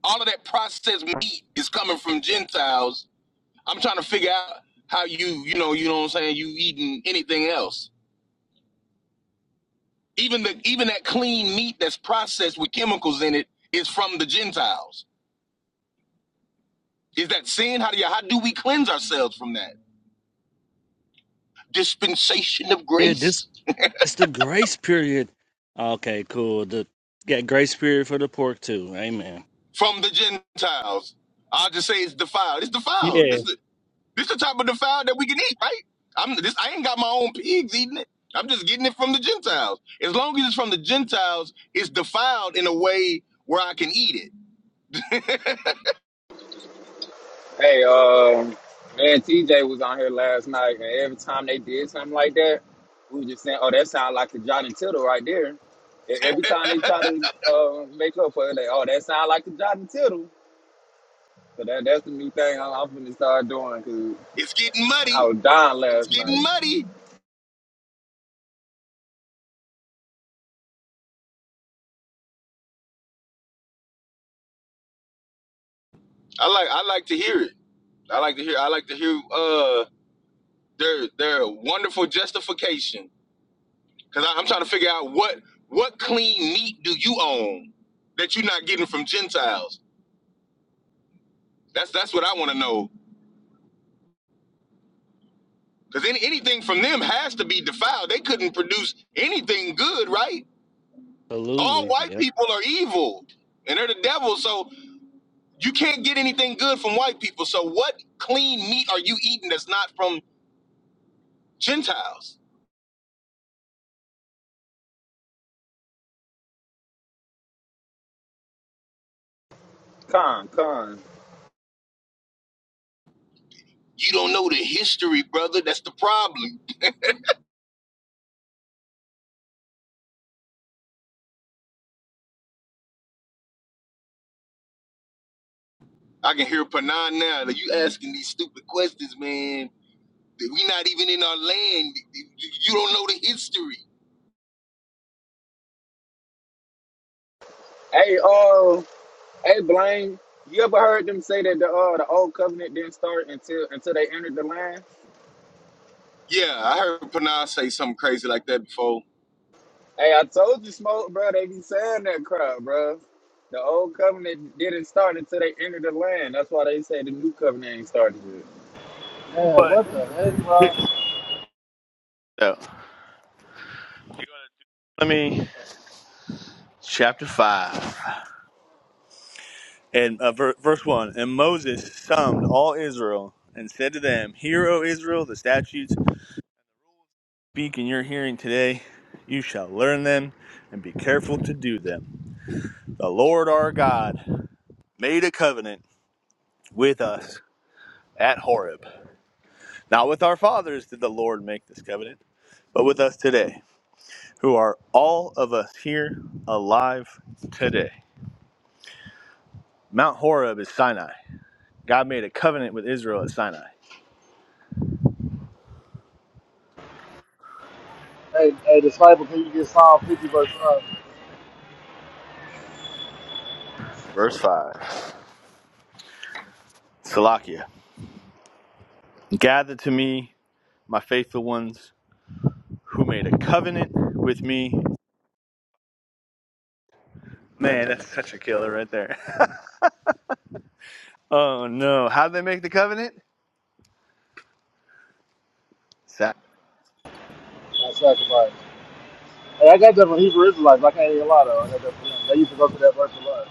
Speaker 11: all of that processed meat is coming from Gentiles. I'm trying to figure out how you, you know, you know what I'm saying, you eating anything else. Even the even that clean meat that's processed with chemicals in it is from the Gentiles. Is that sin? How do you how do we cleanse ourselves from that? Dispensation of
Speaker 2: Yeah, this
Speaker 11: grace
Speaker 2: it's the grace period. Okay, cool. The got grace period for the pork too. Amen.
Speaker 11: from the Gentiles. I'll just say it's defiled. It's defiled.
Speaker 2: Yeah.
Speaker 11: This is This the type of defile that we can eat, right? I'm this. I ain't got my own pigs eating it. I'm just getting it from the Gentiles. As long as it's from the Gentiles, it's defiled in a way where I can eat it.
Speaker 14: Hey, um, man, TJ was on here last night, and every time they did something like that, we were just saying, oh, that sounds like the John and Tittle right there. E- Every time they try to uh, make up for it, they, oh, that sounds like the John and Tittle. So that, that's the new thing I- I'm going to start doing.
Speaker 11: It's getting
Speaker 14: I
Speaker 11: muddy.
Speaker 14: was dying
Speaker 11: It's
Speaker 14: last night.
Speaker 11: getting muddy. I like. I like to hear it. I like to hear. I like to hear. Uh, their their wonderful justification. Cause I, I'm trying to figure out what what clean meat do you own that you're not getting from Gentiles. That's that's what I want to know. Because any, anything from them has to be defiled. They couldn't produce anything good, right? All
Speaker 2: Absolutely.
Speaker 11: white
Speaker 2: Yeah.
Speaker 11: people are evil and they're the devil. So you can't get anything good from white people. So what clean meat are you eating that's not from Gentiles?
Speaker 14: Con, con.
Speaker 11: You don't know the history, brother. That's the problem. I can hear Panan now that you asking these stupid questions, man. That We not even in our land. You you don't know the history.
Speaker 14: Hey, uh, hey, Blaine. You ever heard them say that the uh the old covenant didn't start until until they entered the land?
Speaker 11: Yeah, I heard Panan say something crazy like that before.
Speaker 14: Hey, I told you, smoke, bro. They be saying that crap, bro. The old covenant didn't start until they entered the land. That's why they say the new covenant ain't started yet.
Speaker 1: Man,
Speaker 9: But
Speaker 1: what the heck, Rob?
Speaker 9: So, let me, chapter 5. and uh, ver- verse one, and Moses summed all Israel and said to them, "Hear, O Israel, the statutes speak in your hearing today. You shall learn them and be careful to do them. The Lord our God made a covenant with us at Horeb. Not with our fathers did the Lord make this covenant, but with us today." who are all of us here alive today. Mount Horeb is Sinai. God made a covenant with Israel at Sinai.
Speaker 1: Hey, hey, disciple, can you get Psalm 50 verse 1?
Speaker 9: Verse 5. Salakia. Gather to me, my faithful ones, who made a covenant with me. Man, that's such a killer right there. oh no. How did they make the covenant? Sa-
Speaker 1: That sacrifice. Hey, I got that from Hebrew Israelites. I can't even lie though. I got that from them. They used to go to that verse a lot.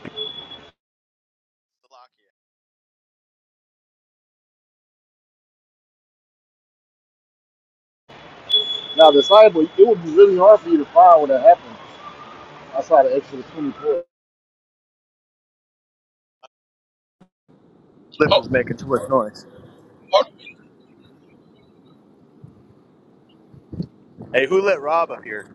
Speaker 1: Now, disciple, it would be really hard for you to find when that happened. I saw the Exodus 24.
Speaker 9: Lips was
Speaker 11: Oh,
Speaker 9: making too much noise.
Speaker 11: what?
Speaker 9: Hey, who let Rob up here?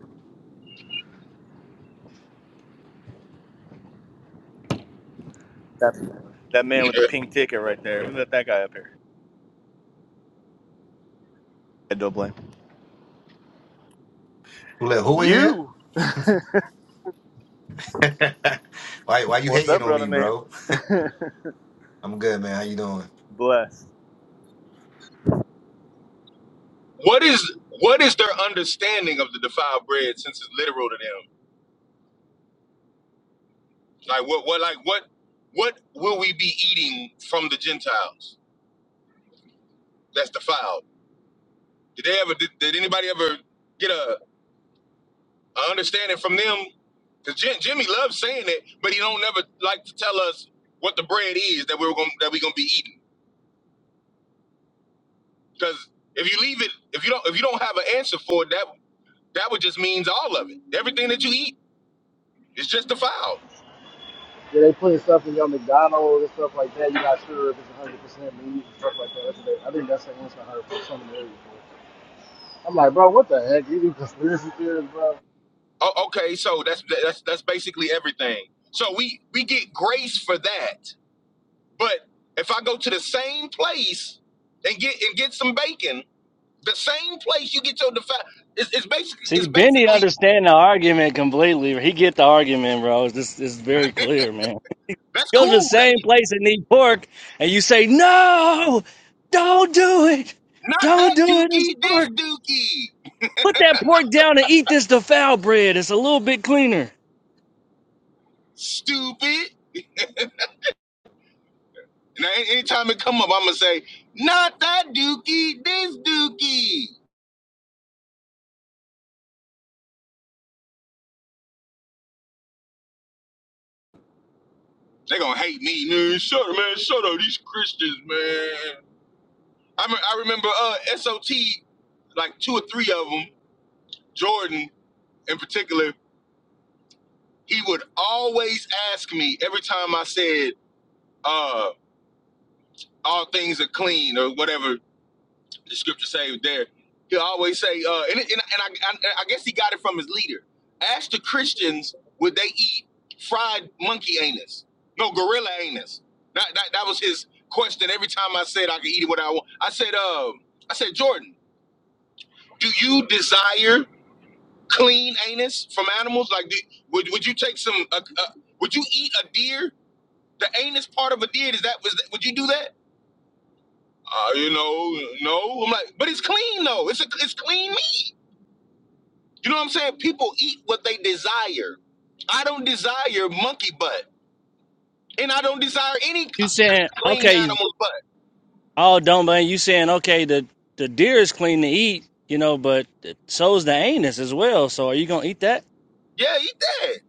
Speaker 9: That, that man with the pink ticket right there. Who let that guy up here? I don't blame.
Speaker 13: Who let who in here?
Speaker 9: You!
Speaker 13: why why you
Speaker 9: What's
Speaker 13: hating
Speaker 9: up,
Speaker 13: on me,
Speaker 9: brother man?
Speaker 13: bro? I'm good, man. How you doing?
Speaker 9: Blessed.
Speaker 11: What is what is their understanding of the defiled bread since it's literal to them? Like what what like what what will we be eating from the Gentiles that's defiled? Did they ever did, did anybody ever get a, a understanding from them? Because Jimmy loves saying it, but he don't never like to tell us what the bread is that we're going that we're gonna be eating. Because if you leave it, if you don't if you don't have an answer for it, that that would just means all of it. Everything that you eat is just defiled.
Speaker 1: Yeah, they putting stuff in your McDonald's and stuff like that. You're not sure if it's 100 percent meat and stuff like that. That's what they- I think that's the answer 100 percent of the area. I'm like, bro, what the heck? You do conspiracy theories, bro?
Speaker 11: Oh, okay, so that's that's that's basically everything. So we we get grace for that. But if I go to the same place and get and get some bacon, the same place you get your defi- it's, it's basically
Speaker 2: See,
Speaker 11: it's
Speaker 2: Benny
Speaker 11: basically
Speaker 2: understand the argument completely. He get the argument, bro. It's just, it's very clear, man.
Speaker 11: that's
Speaker 2: Go to the
Speaker 11: cool.
Speaker 2: same
Speaker 11: Like,
Speaker 2: place and eat pork, and you say, "No, don't do it.
Speaker 11: not
Speaker 2: Don't
Speaker 11: that
Speaker 2: do it. It's
Speaker 11: dookie,
Speaker 2: pork."
Speaker 11: this dookie,
Speaker 2: Put that pork down and eat this defiled bread. It's a little bit cleaner.
Speaker 11: stupid. And any- anytime it come up, I'm gonna say, not that dookie, this dookie. They gonna hate me, man. Shut up, man. Shut up, these Christians, man. I, me- I remember uh, SOT, like two or three of them, Jordan in particular, he would always ask me every time I said, uh, all things are clean or whatever the scripture say there. He'll always say, uh, and, it- and, and I, I, I guess he got it from his leader. Ask the Christians, would they eat fried monkey anus? No, gorilla anus. That, that, that was his question every time I said I could eat it what I want. I said, uh, I said, Jordan, do you desire clean anus from animals? Like, do, would would you take some? Uh, uh, would you eat a deer? The anus part of a deer is that? Was that? Would you do that? Uh, you know, no. I'm like, but it's clean though. It's a, it's clean meat. You know what I'm saying? People eat what they desire. I don't desire monkey butt, and I don't desire any c-
Speaker 2: You saying,
Speaker 11: clean
Speaker 2: okay,
Speaker 11: animal's butt.
Speaker 2: oh, don't blame you saying, okay, the, the deer is clean to eat, you know, but so's the anus as well. So are you going to eat that?
Speaker 11: Yeah, eat that.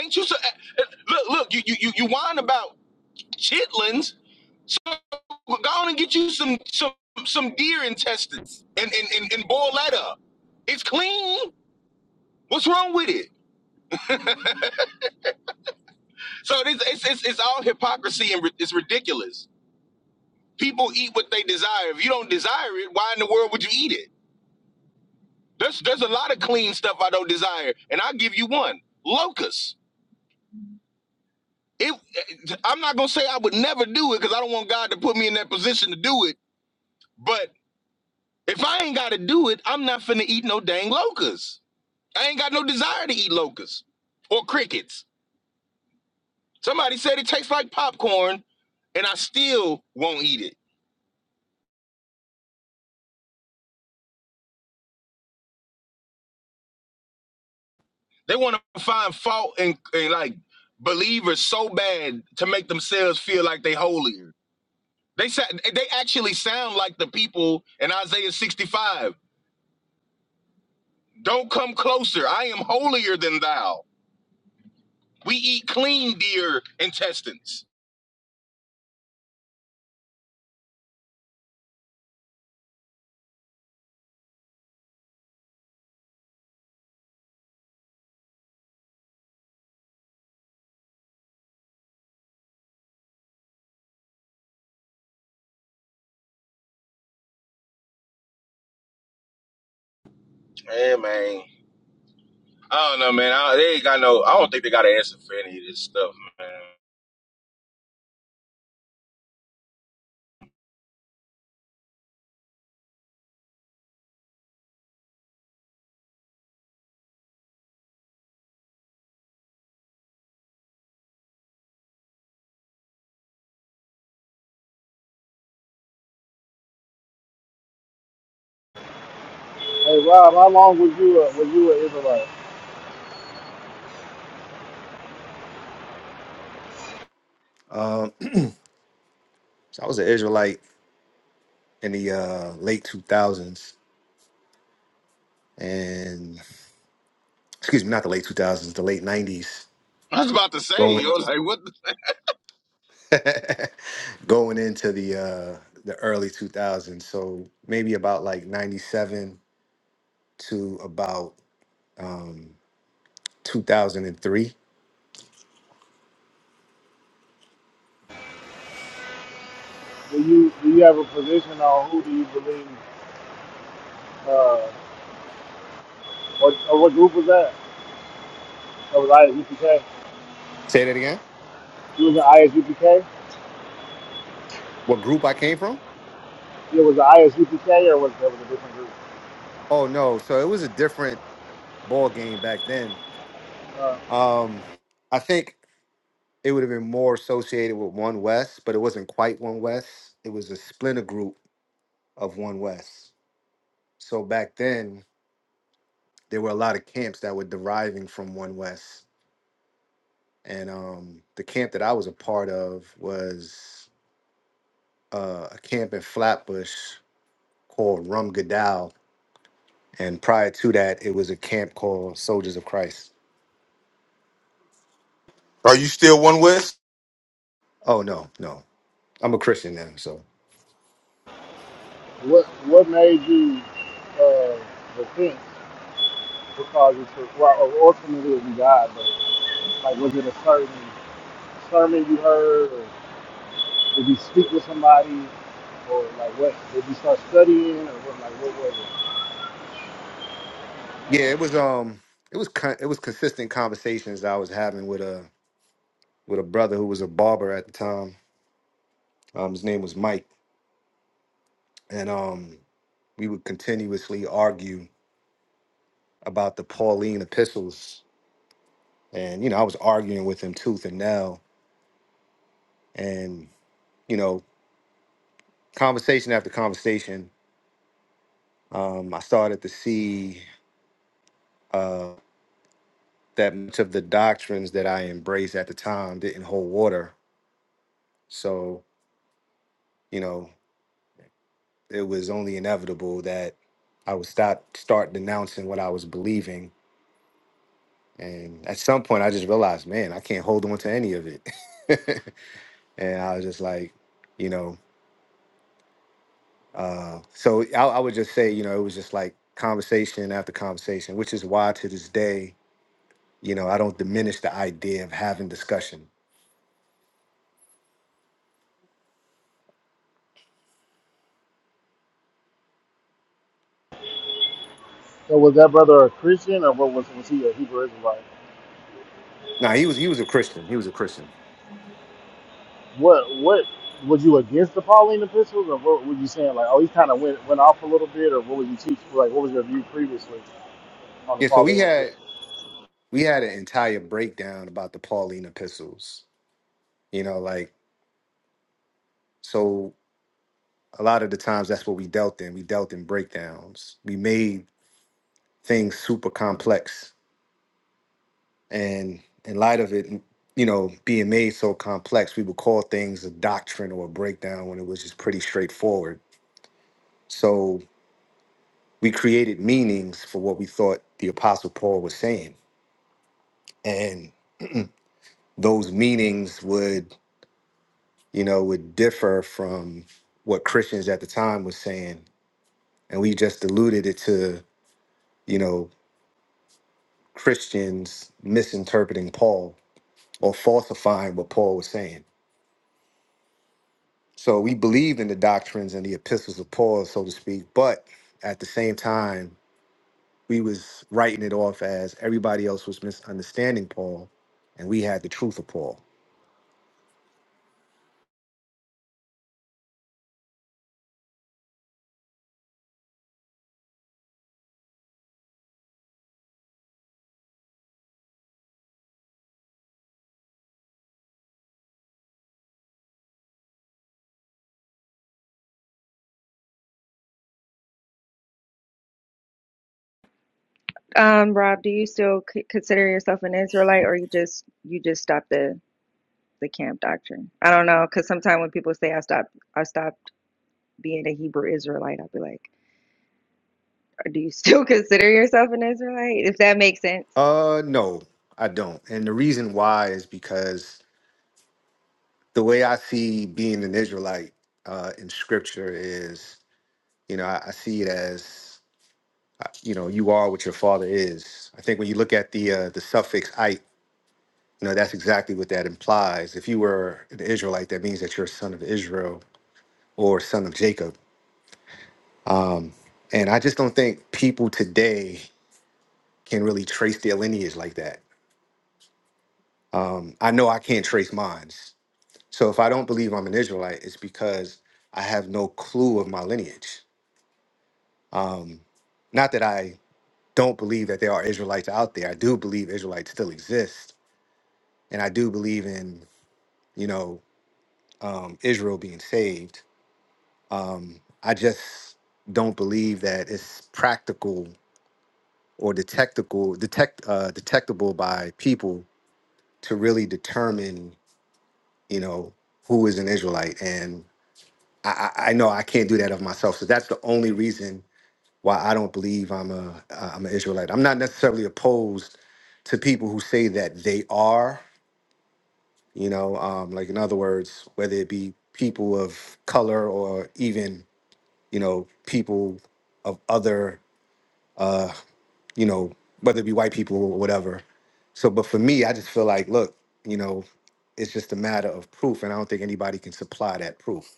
Speaker 11: Ain't you so? eh, Look, look. You you you you whine about chitlins. So go on and get you some some some deer intestines and and, and, and boil that up. It's clean. What's wrong with it? So it's it's it's, it's all hypocrisy and ri- it's ridiculous. People eat what they desire. If you don't desire it, why in the world would you eat it? There's there's a lot of clean stuff I don't desire, and I'll give you one: locusts. It, eh, I'm not gonna say I would never do it because I don't want God to put me in that position to do it. But if I ain't got to do it, I'm not finna eat no dang locusts. I ain't got no desire to eat locusts or crickets. Somebody said it tastes like popcorn, and I still won't eat it. They want to find fault and, and like believers so bad to make themselves feel like they holier. They sa- they actually sound like the people in Isaiah 65. Don't come closer. I am holier than thou. We eat clean deer intestines. Yeah, man. I don't know, man. I, they ain't got no. I don't think they got an answer for any of this stuff, man.
Speaker 1: Hey, Rob, how long was you a, were you an Israelite?
Speaker 13: Um so I was an Israelite in the uh late 2000s and excuse me, not the late 2000s, the late 90s.
Speaker 11: I was about to say,
Speaker 13: Going
Speaker 11: yo, like what? The-
Speaker 13: going into the uh the early 2000s. So maybe about like 97 to about 2003
Speaker 1: Do you do you have a position on who do you believe? uh, What, or what group was that? That was ISUPK.
Speaker 13: Say that again.
Speaker 1: It was in ISUPK.
Speaker 13: What group I came from?
Speaker 1: It was the ISUPK, or was that was a different group?
Speaker 13: Oh no, so it was a different ball game back then.
Speaker 1: Uh,
Speaker 13: Um, I think it would have been more associated with One West, but it wasn't quite One West. It was a splinter group of One West. So back then, there were a lot of camps that were deriving from One West, and um, the camp that I was a part of was uh, a camp in Flatbush called Rum Godow, and prior to that, it was a camp called Soldiers of Christ.
Speaker 11: Are you still one West?
Speaker 13: Oh no, no. I'm a Christian now, so
Speaker 1: what What made you uh, repent? What you to? Well, ultimately, it was God, but like, was it a certain sermon you heard, or did you speak with somebody, or like, what did you start studying, or what, like, what was it?
Speaker 13: yeah, it was um, it was con- it was consistent conversations that I was having with a with a brother who was a barber at the time. Um, his name was Mike, and um, we would continuously argue about the Pauline epistles, and you know, I was arguing with him tooth and nail, and you know, conversation after conversation, um, I started to see uh that much of the doctrines that I embraced at the time didn't hold water, so you know. it was only inevitable that I would stop start denouncing what I was believing. And at some point I just realized, man, I can't hold on to any of it. and I was just like, you know, uh, so I, I would just say, you know, it was just like conversation after conversation, which is why to this day, you know, I don't diminish the idea of having discussion.
Speaker 1: So was that brother a Christian, or what was was he a Hebrew Israelite?
Speaker 13: Now he was he was a Christian. He was a Christian.
Speaker 1: What what was you against the Pauline epistles, or what were you saying? Like, oh, he kind of went went off a little bit, or what were you teaching? Like, what was your view previously on the
Speaker 13: Yeah, so we
Speaker 1: Pauline
Speaker 13: had
Speaker 1: epistles?
Speaker 13: we had an entire breakdown about the Pauline epistles. You know, like so a lot of the times that's what we dealt in. We dealt in breakdowns. We made things super complex. And in light of it, you know, being made so complex, we would call things a doctrine or a breakdown when it was just pretty straightforward. So we created meanings for what we thought the apostle Paul was saying. And those meanings would, you know, would differ from what Christians at the time was saying. And we just diluted it to, you know, Christians misinterpreting Paul or falsifying what Paul was saying. So we believed in the doctrines and the epistles of Paul, so to speak, but at the same time, we was writing it off as everybody else was misunderstanding Paul and we had the truth of Paul.
Speaker 8: Um, Rob, do you still c- consider yourself an Israelite, or you just you just stopped the the camp doctrine? I don't know, because sometimes when people say I stopped I stopped being a Hebrew Israelite, I'll be like, "Uh, do you still consider yourself an Israelite? If that makes sense.
Speaker 13: Uh no, I don't. And the reason why is because the way I see being an Israelite uh in scripture is, you know, I, I see it as you know you are what your father is i think when you look at the uh, the suffix "ite," you know that's exactly what that implies if you were an israelite that means that you're a son of israel or son of jacob um, and i just don't think people today can really trace their lineage like that um, i know i can't trace mine so if i don't believe i'm an israelite it's because i have no clue of my lineage um, not that i don't believe that there are israelites out there i do believe israelites still exist and I do believe in you know, um, Israel being saved. Um, I just don't believe that it's practical or detectable, detect, uh, detectable by people to really determine, you know, who is an Israelite. And I, I I know I can't do that of myself. So that's the only reason why I don't believe I'm a uh, I'm an Israelite. I'm not necessarily opposed to people who say that they are, you know, um, like in other words, whether it be people of color or even you know, people of other, you know, whether it be white people or whatever. So, but for me, I just feel like, look, you know, it's just a matter of proof, and I don't think anybody can supply that proof.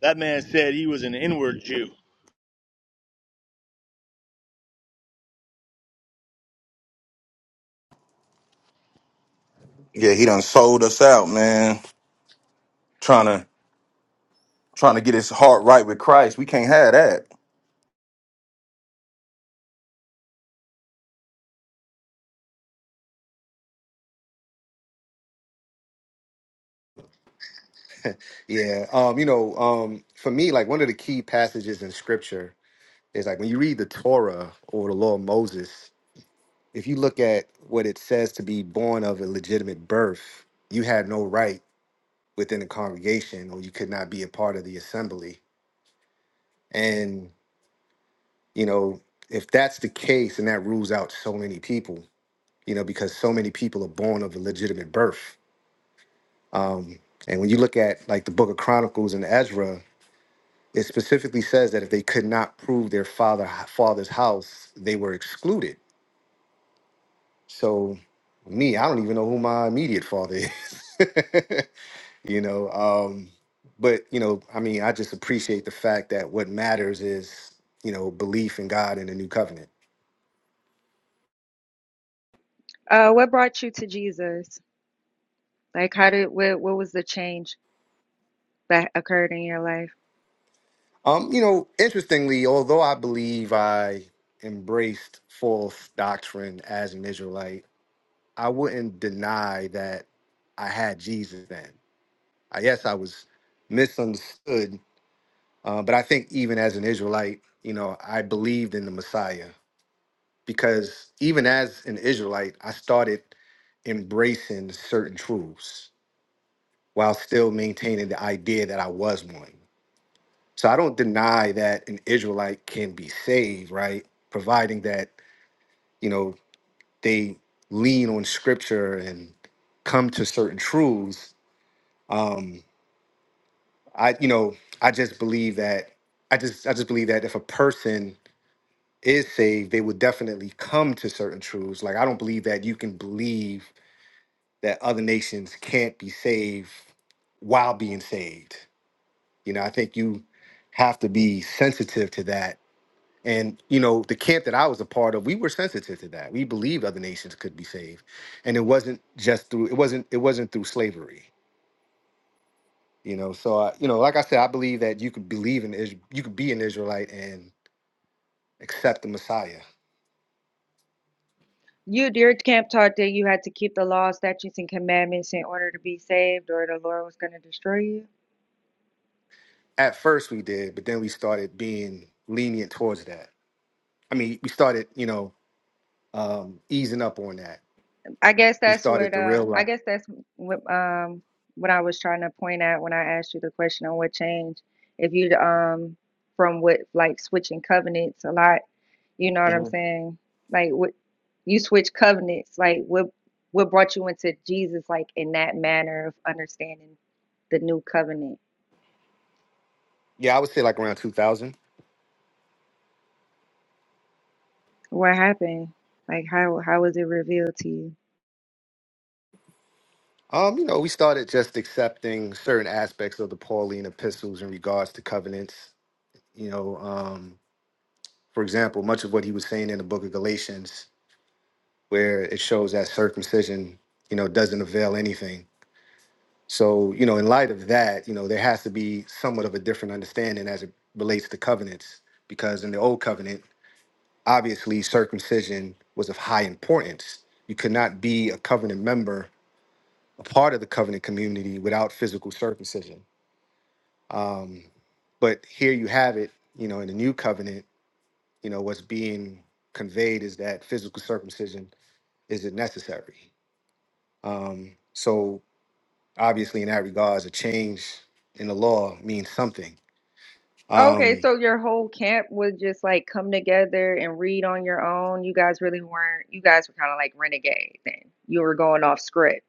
Speaker 9: That man said he was an inward Jew.
Speaker 11: Yeah, he done sold us out trying to trying to get his heart right with Christ. We can't have that.
Speaker 13: Yeah, um, you know, um, for me, like one of the key passages in Scripture is like when you read the Torah or the Law of Moses. If you look at what it says to be born of illegitimate birth, you had no right within the congregation, or you could not be a part of the assembly. And you know, if that's the case, and that rules out so many people, you know, because so many people are born of a legitimate birth. Um, and when you look at like the Book of Chronicles and Ezra, it specifically says that if they could not prove their father father's house, they were excluded. So, me, I don't even know who my immediate father is. you know, um, but you know, I mean, I just appreciate the fact that what matters is you know belief in God and the new covenant.
Speaker 8: Uh, what brought you to Jesus? Like, how did what what was the change that occurred in your life?
Speaker 13: Um, you know, interestingly, although I believe I embraced false doctrine as an Israelite, I wouldn't deny that I had Jesus then. I, yes, I was misunderstood, uh, but I think even as an Israelite, you know, I believed in the Messiah because even as an Israelite, I started embracing certain truths while still maintaining the idea that I was one. So I don't deny that an Israelite can be saved, right? Providing that, you know, they lean on scripture and come to certain truths. Um, I, you know, I just believe that I just I just believe that if a person is saved, they would definitely come to certain truths. Like I don't believe that you can believe that other nations can't be saved while being saved. You know, I think you have to be sensitive to that And you know, the camp that I was a part of, we were sensitive to that. We believed other nations could be saved, and it wasn't just through it wasn't it wasn't through slavery. You know, so I, you know, like I said, I believe that you could believe in Israel, you could be an Israelite and accept the Messiah.
Speaker 8: You your camp taught that you had to keep the law, statutes, and commandments in order to be saved, or the Lord was going to destroy you.
Speaker 13: At first, we did, but then we started being lenient towards that. I mean, we started, you know, um, easing up on that.
Speaker 8: I guess
Speaker 13: We
Speaker 8: that's
Speaker 13: started
Speaker 8: what
Speaker 13: to
Speaker 8: um I
Speaker 13: realize.
Speaker 8: guess that's what um what I was trying to point at when I asked you the question on what changed if you um from what like switching covenants a lot. You know what I'm
Speaker 13: Mhm.
Speaker 8: saying? Like what you switch covenants. Like what what brought you into Jesus? Like in that manner of understanding the new covenant.
Speaker 13: Yeah, I would say like around 2000.
Speaker 8: What happened? Like how how was it revealed to you?
Speaker 13: Um, you know, we started just accepting certain aspects of the Pauline epistles in regards to covenants. You know, um, for example, much of what he was saying in the book of Galatians, where it shows that circumcision, you know, doesn't avail anything. So, you know, in light of that, you know, there has to be somewhat of a different understanding as it relates to covenants, because in the old covenant, obviously circumcision was of high importance. You could not be a covenant member, a part of the covenant community without physical circumcision Um, but here you have it, you know, in the new covenant, you know, what's being conveyed is that physical circumcision isn't necessary. Um, so obviously, in that regards, a change in the law means something.
Speaker 8: Okay,
Speaker 13: Um,
Speaker 8: so your whole camp would just like come together and read on your own. You guys really weren't, you guys were kind of like renegade then. You were going off script.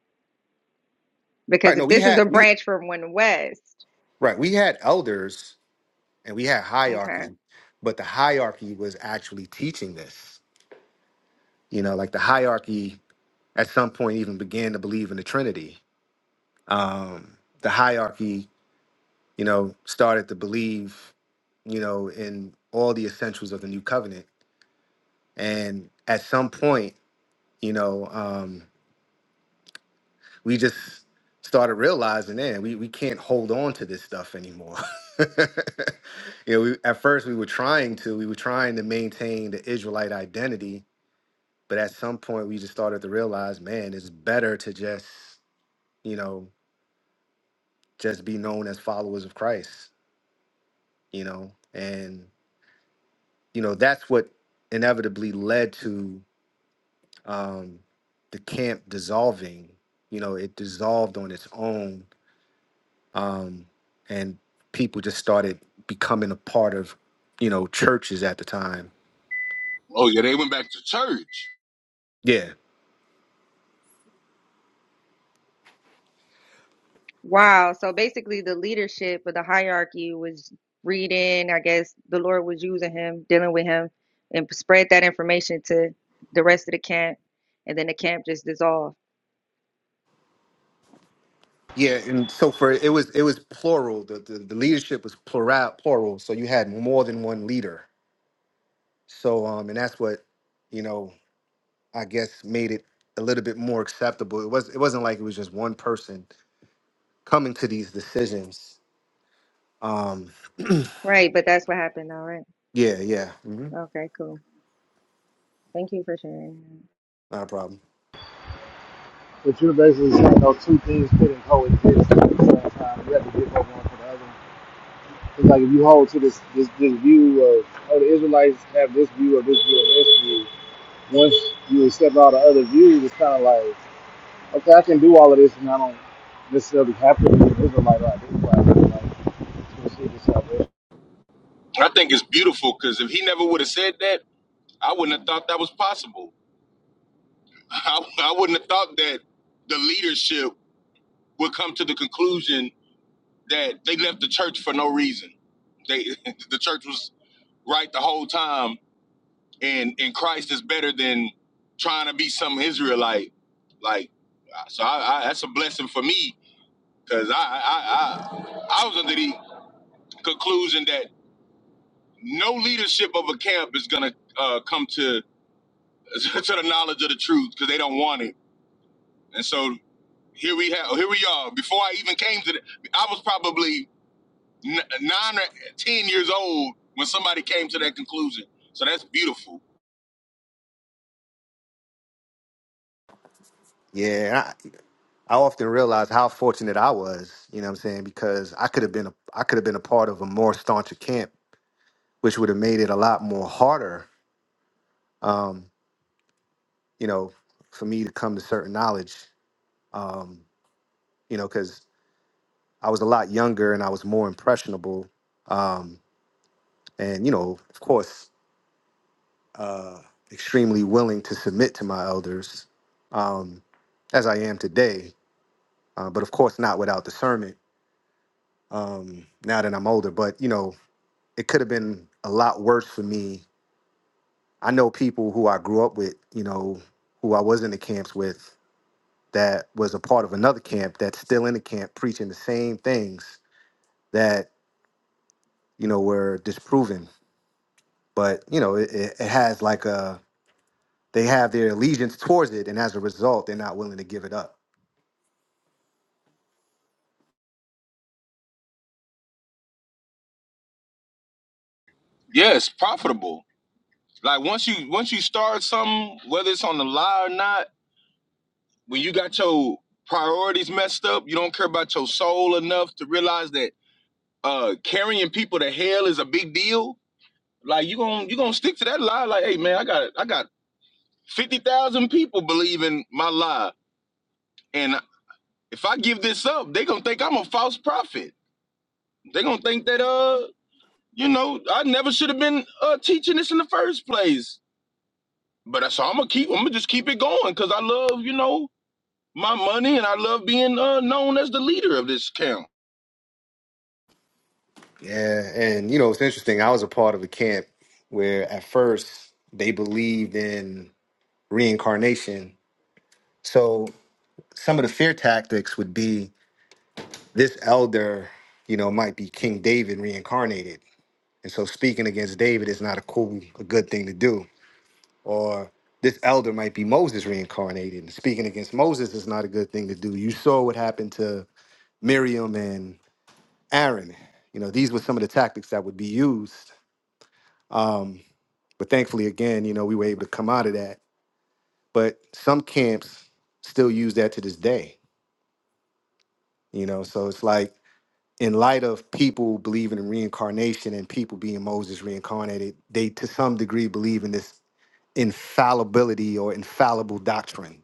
Speaker 8: Because
Speaker 13: right?
Speaker 8: if
Speaker 13: No, we
Speaker 8: this is
Speaker 13: had
Speaker 8: a
Speaker 13: we
Speaker 8: branch from One West,
Speaker 13: right we had elders and we had
Speaker 8: okay.
Speaker 13: hierarchy, but the hierarchy was actually teaching this. You know, like the hierarchy at some point even began to believe in the Trinity. Um, the hierarchy you know, started to believe, you know, in all the essentials of the new covenant. And at some point, you know, um, we just started realizing, man, we, we can't hold on to this stuff anymore. you know, we, at first we were trying to, we were trying to maintain the Israelite identity, but at some point we just started to realize, man, it's better to just, you know, just be known as followers of Christ, you know, and. you know that's what inevitably led to um, the camp dissolving you know it dissolved on its own um, and people just started becoming a part of you know churches at the time
Speaker 11: oh yeah, they went back to church.
Speaker 13: yeah
Speaker 8: Wow. So basically the leadership of the hierarchy was reading, I guess the Lord was using him, dealing with him, and spread that information to the rest of the camp. And then the camp just dissolved.
Speaker 13: yeah and so for it was it was plural the, the, the leadership was plural plural so you had more than one leader so um and that's what you know i guess made it a little bit more acceptable it was it wasn't like it was just one person coming to these decisions Um,
Speaker 8: Right, but that's what happened. All right.
Speaker 13: yeah, yeah, hmm
Speaker 8: Okay, cool. Thank you for sharing.
Speaker 13: not a problem.
Speaker 1: But you're basically saying those two things couldn't coexist at the same time. You have to give up one for the other. It's like if you hold to this this this view of oh the Israelites have this view or this view or this view. Once you accept all the other views, it's kind of like okay, I can do all of this, and I don't necessarily have to be an Israelite or identify as an Israelite. to receive the salvation.
Speaker 11: I think it's beautiful because if he never would have said that, I wouldn't have thought that was possible. I, I wouldn't have thought that the leadership would come to the conclusion that they left the church for no reason. They the church was right the whole time, and and Christ is better than trying to be some Israelite. Like, so I, I, that's a blessing for me because I, I I I was under the conclusion that no leadership of a camp is gonna uh, come to to the knowledge of the truth because they don't want it. And so here we have here we are. Before I even came to the, I was probably n- nine or ten years old when somebody came to that conclusion. So that's beautiful.
Speaker 13: Yeah, and I, I often realize how fortunate I was. You know what I'm saying? Because I could have been a I could have been a part of a more stauncher camp, which would have made it a lot more harder. Um, you know, for me to come to certain knowledge. Um, you know, because I was a lot younger and I was more impressionable. Um, and you know, of course, uh, extremely willing to submit to my elders, um, as I am today. Uh, but of course, not without discernment um, now that I'm older. But you know, it could have been a lot worse for me. I know people who I grew up with, you know, who I was in the camps with, that was a part of another camp that's still in the camp preaching the same things that you know were disproven. But you know, it, it, it has like a they have their allegiance towards it, and as a result, they're not willing to give it up.
Speaker 11: Yes, profitable. Like once you once you start something, whether it's on the lie or not, when you got your priorities messed up, you don't care about your soul enough to realize that uh carrying people to hell is a big deal. Like you gonna you gonna stick to that lie. Like, hey man, I got I got fifty thousand people believing my lie, and if I give this up, they gonna think I'm a false prophet. They gonna think that uh you know I never should have been uh teaching this in the first place. But so I'm gonna keep I'm gonna just keep it going because I love you know my money and I love being uh, known as the leader of this camp.
Speaker 13: Yeah, and you know, it's interesting. I was a part of a camp where at first they believed in reincarnation. So some of the fear tactics would be this elder, you know, might be King David reincarnated. And so speaking against David is not a cool, a good thing to do. Or this elder might be Moses reincarnated. And speaking against Moses is not a good thing to do. You saw what happened to Miriam and Aaron. You know, these were some of the tactics that would be used. Um, but thankfully, again, you know, we were able to come out of that. But some camps still use that to this day, you know, so it's like, in light of people believing in reincarnation and people being Moses reincarnated, they to some degree believe in this infallibility or infallible doctrine.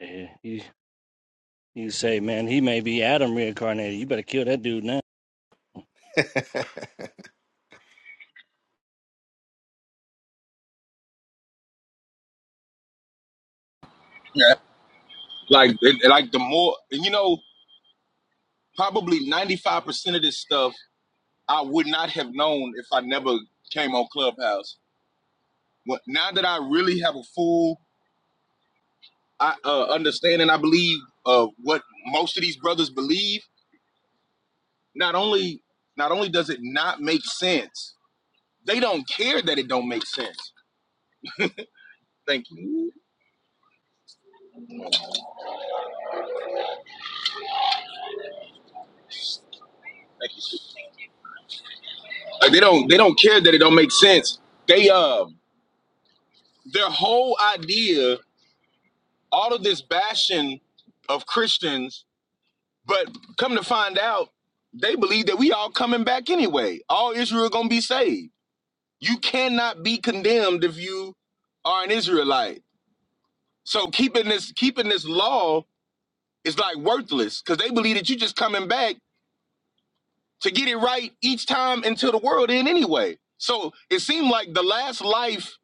Speaker 2: Yeah, you, you say, man, he may be Adam reincarnated. You better kill that dude now.
Speaker 11: Yeah. Like, it, like the more, and you know, probably 95% of this stuff I would not have known if I never came on Clubhouse. What, now that I really have a full I, uh, understanding, I believe, of what most of these brothers believe, not only not only does it not make sense, they don't care that it don't make sense. Thank you. Thank you. Like, they don't they don't care that it don't make sense. They um their whole idea, all of this bashing of Christians, but come to find out, they believe that we all coming back anyway. All Israel gonna be saved. You cannot be condemned if you are an Israelite. So keeping this keeping this law is like worthless because they believe that you just coming back to get it right each time until the world end anyway. So it seemed like the last life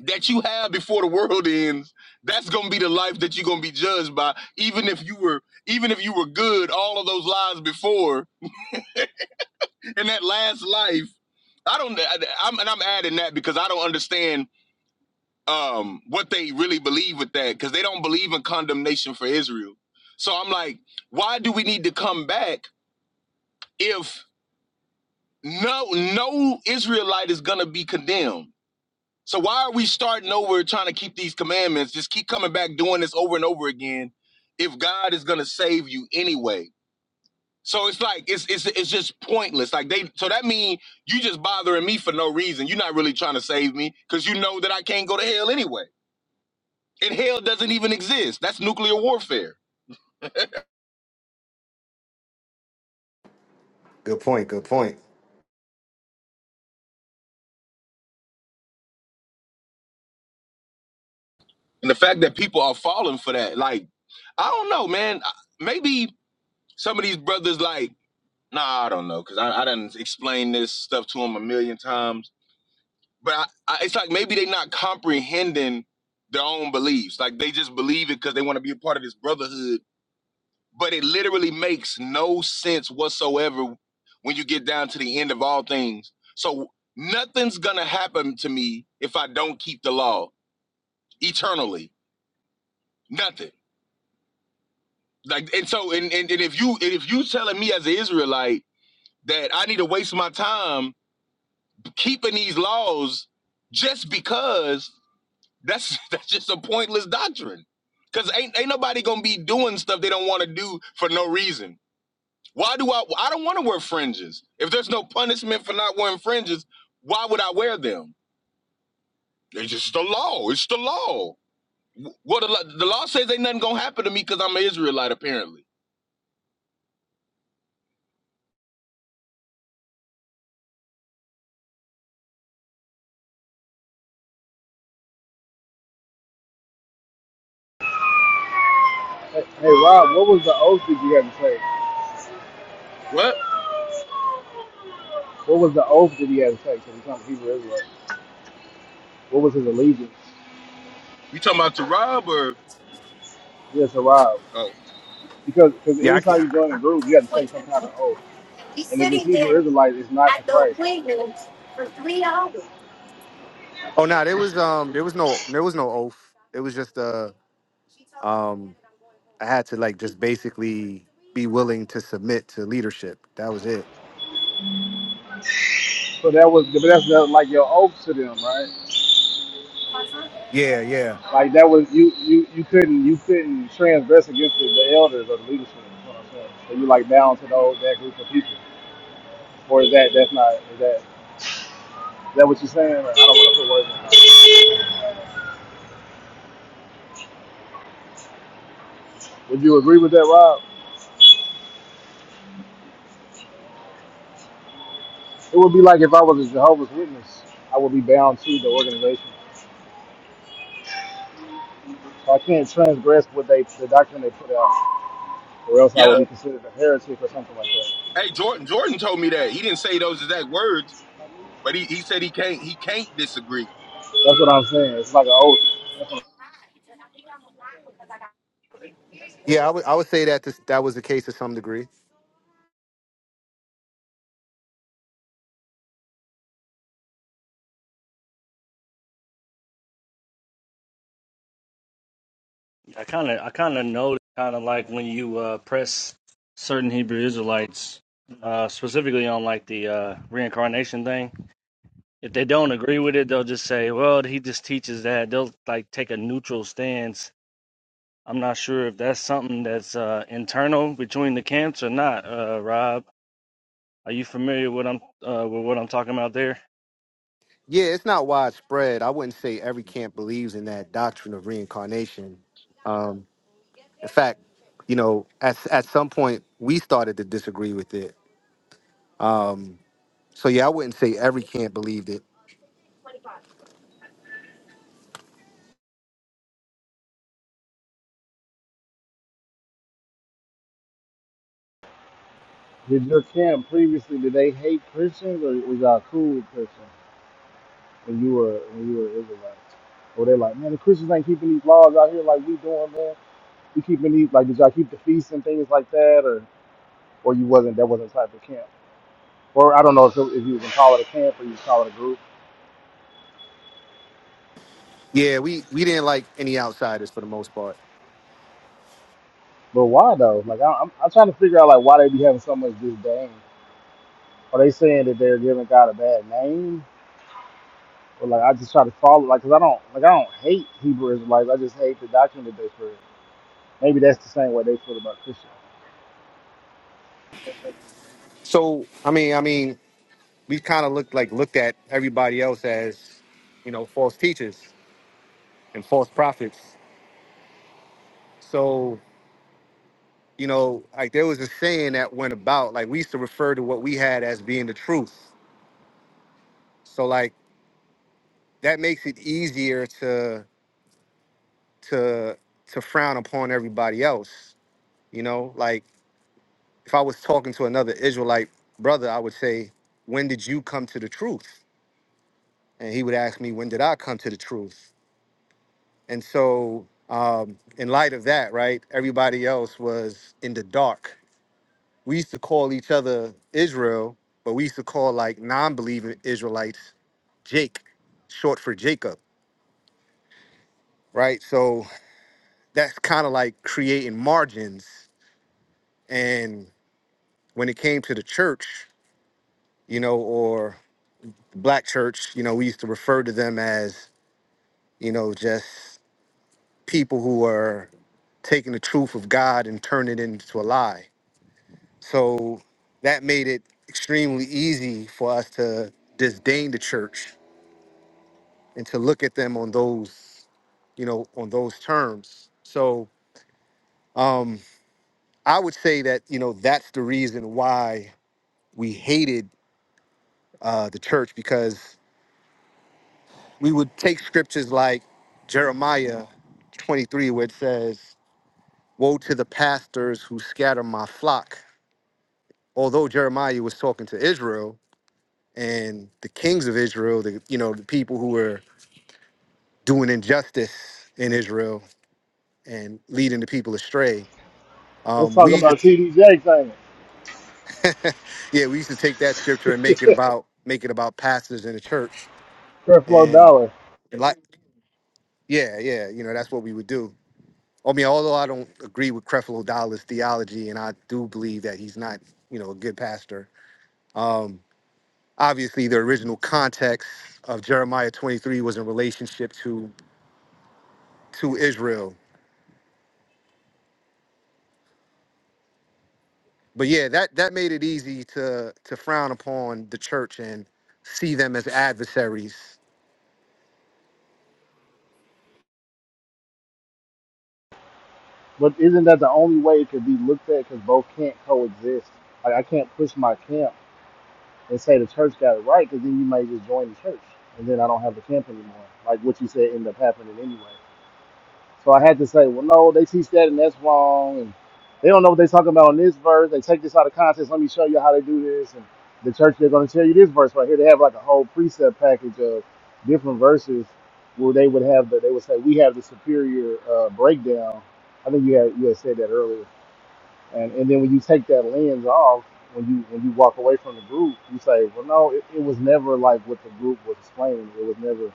Speaker 11: that you have before the world ends that's going to be the life that you're going to be judged by even if you were even if you were good all of those lives before and that last life i don't I, am and i'm adding that because i don't understand um what they really believe with that because they don't believe in condemnation for israel so i'm like why do we need to come back if no no israelite is going to be condemned So why are we starting over trying to keep these commandments? Just keep coming back doing this over and over again if God is going to save you anyway. So it's like it's it's it's just pointless. Like they so that means you just bothering me for no reason. You're not really trying to save me cuz you know that I can't go to hell anyway. And hell doesn't even exist. That's nuclear warfare.
Speaker 13: Good point. Good point.
Speaker 11: And the fact that people are falling for that like I don't know, man. I- Maybe some of these brothers like Nah, I don't know, cause I, I done explained this stuff to them a million times but I, I, it's like maybe they not comprehending their own beliefs. Like they just believe it because they want to be a part of this brotherhood. But it literally makes no sense whatsoever when you get down to the end of all things. So nothing's gonna happen to me if I don't keep the law eternally. Nothing. Like and so and, and, and if you and if you telling me as an Israelite that I need to waste my time keeping these laws just because That's that's just a pointless doctrine. Cause ain't ain't nobody gonna be doing stuff they don't want to do for no reason. Why do I? I don't want to wear fringes. If there's no punishment for not wearing fringes, why would I wear them? It's just the law. It's the law. Well, the, law- the law says ain't nothing gonna happen to me because I'm an Israelite. Apparently.
Speaker 1: Hey, hey, Rob, what was the oath that you had to take?
Speaker 11: What?
Speaker 1: What was the oath that he had to take to become a Hebrew Israelite? What was his allegiance?
Speaker 11: You talking about to Rob or?
Speaker 1: Yes, to Rob.
Speaker 11: Oh,
Speaker 1: Because cause
Speaker 13: Yeah, I
Speaker 1: anytime
Speaker 13: can.
Speaker 1: you join a group, you have to take some kind of oath.
Speaker 13: We
Speaker 1: And if it's
Speaker 13: sitting
Speaker 1: Hebrew
Speaker 13: there
Speaker 1: Israelite, it's not to
Speaker 13: at the
Speaker 1: Christ.
Speaker 13: appointment for three hours. Oh no, there was um, there was no, there was no oath. It was just uh, um, I had to like just basically be willing to submit to leadership. That was it.
Speaker 1: So that was, but that's not like your oath to them, right?
Speaker 13: Yeah, yeah.
Speaker 1: Like that was you, you, you couldn't, you couldn't transgress against the, the elders or the leadership. Is what I'm saying. So you like bound to those that group of people, or is that that's not is that is that what you're saying? Like, I don't want to put words in. your mouth. Would you agree with that, Rob? It would be like if I was a Jehovah's Witness, I would be bound to the organization. So I can't transgress what they the doctrine they put out, or else I
Speaker 11: yeah.
Speaker 1: would be considered a heretic or something like that.
Speaker 11: Hey, Jordan. Jordan told me that he didn't say those exact words, but he, he said he can't he can't disagree.
Speaker 1: That's what I'm saying. It's like an oath.
Speaker 13: Yeah, I would I would say that this, that was the case to some degree.
Speaker 2: I kind of, I kind of know, kind of like when you uh, press certain Hebrew Israelites, uh, specifically on like the uh, reincarnation thing. If they don't agree with it, they'll just say, "Well, he just teaches that." They'll like take a neutral stance. I'm not sure if that's something that's uh, internal between the camps or not. Uh, Rob, are you familiar with I'm uh, with what I'm talking about there?
Speaker 13: Yeah, it's not widespread. I wouldn't say every camp believes in that doctrine of reincarnation. Um, in fact, you know, at at some point we started to disagree with it. So yeah, I wouldn't say every camp believed it.
Speaker 1: Did your camp previously did they hate Christians or was y'all cool with Christians when you were when you were Israelites? Or they are like, man, the Christians ain't keeping these laws out here like we doing, man. We keeping these like did y'all keep the feasts and things like that, or or you wasn't that wasn't the type of camp, or I don't know if, it- if you can call it a camp or you call it a group
Speaker 13: Yeah, we we didn't like any outsiders for the most part.
Speaker 1: But why though? Like I, I'm, I'm trying to figure out like why they be having so much disdain. Are they saying that they're giving God a bad name? Or like I just try to follow like 'cause I don't like I don't hate Hebrew Israelites. I just hate the doctrine that they spread. Maybe that's the same way they feel about Christians.
Speaker 13: So I mean, I mean, we kind of looked like looked at everybody else as, you know, false teachers and false prophets. So you know, like there was a saying that went about, like we used to refer to what we had as being the truth. So like that makes it easier to to to frown upon everybody else. You know, like if I was talking to another Israelite brother, I would say, When did you come to the truth? And he would ask me, When did I come to the truth? And so um, in light of that, right, everybody else was in the dark we used to call each other Israel, but we used to call like non-believing Israelites Jake, short for Jacob, right? So that's kind of like creating margins. And when it came to the church, you know, or the black church, you know, we used to refer to them as, you know, just people who are taking the truth of God and turning it into a lie. So that made it extremely easy for us to disdain the church and to look at them on those you know on those terms so um i would say that you know that's the reason why we hated uh the church because we would take scriptures like jeremiah 23 where it says woe to the pastors who scatter my flock although jeremiah was talking to israel and the kings of israel the you know the people who were doing injustice in israel and leading the people astray
Speaker 1: Let's
Speaker 13: um,
Speaker 1: talk
Speaker 13: we used
Speaker 1: about
Speaker 13: to
Speaker 1: T D J thing. ain't
Speaker 13: Yeah, we used to take that scripture and make it about make it about pastors in the church,
Speaker 1: Creflo
Speaker 13: and
Speaker 1: Dollar.
Speaker 13: like, yeah, yeah, you know, that's what we would do. I mean, although I don't agree with Creflo Dollar's theology, and I do believe that he's not, you know, a good pastor. Um, obviously, the original context of Jeremiah 23 was in relationship to to Israel, but yeah, that that made it easy to to frown upon the church and see them as adversaries.
Speaker 1: But isn't that the only way it could be looked at? Because both can't coexist. Like I can't push my camp and say the church got it right, because then you may just join the church, and then I don't have the camp anymore. Like what you said ended up happening anyway. So I had to say, well, no, they teach that and that's wrong. And they don't know what they're talking about in this verse. They take this out of context. Let me show you how they do this. And the church, they're going to tell you this verse right here. They have like a whole precept package of different verses where they would have the, they would say, we have the superior uh, breakdown. I think you had, you had said that earlier. And, and then when you take that lens off, when you when you walk away from the group, you say, well, no, it, it was never like what the group was explaining. It was never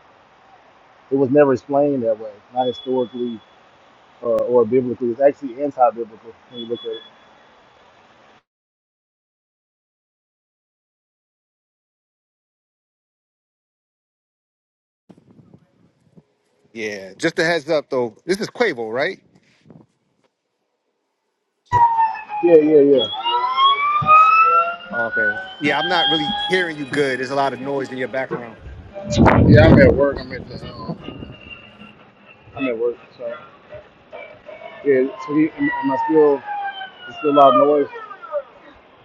Speaker 1: it was never explained that way, not historically, uh, or biblical. It's actually anti-biblical when you look at it.
Speaker 13: Yeah, just a heads up though. This is Quavo, right?
Speaker 1: Yeah, yeah,
Speaker 13: Okay. Yeah, I'm not really hearing you good. There's a lot of noise in your background.
Speaker 1: yeah. Yeah, I'm at work. I'm at the. Um, I'm at work, so yeah. So he, am am I still? It's still a lot of noise.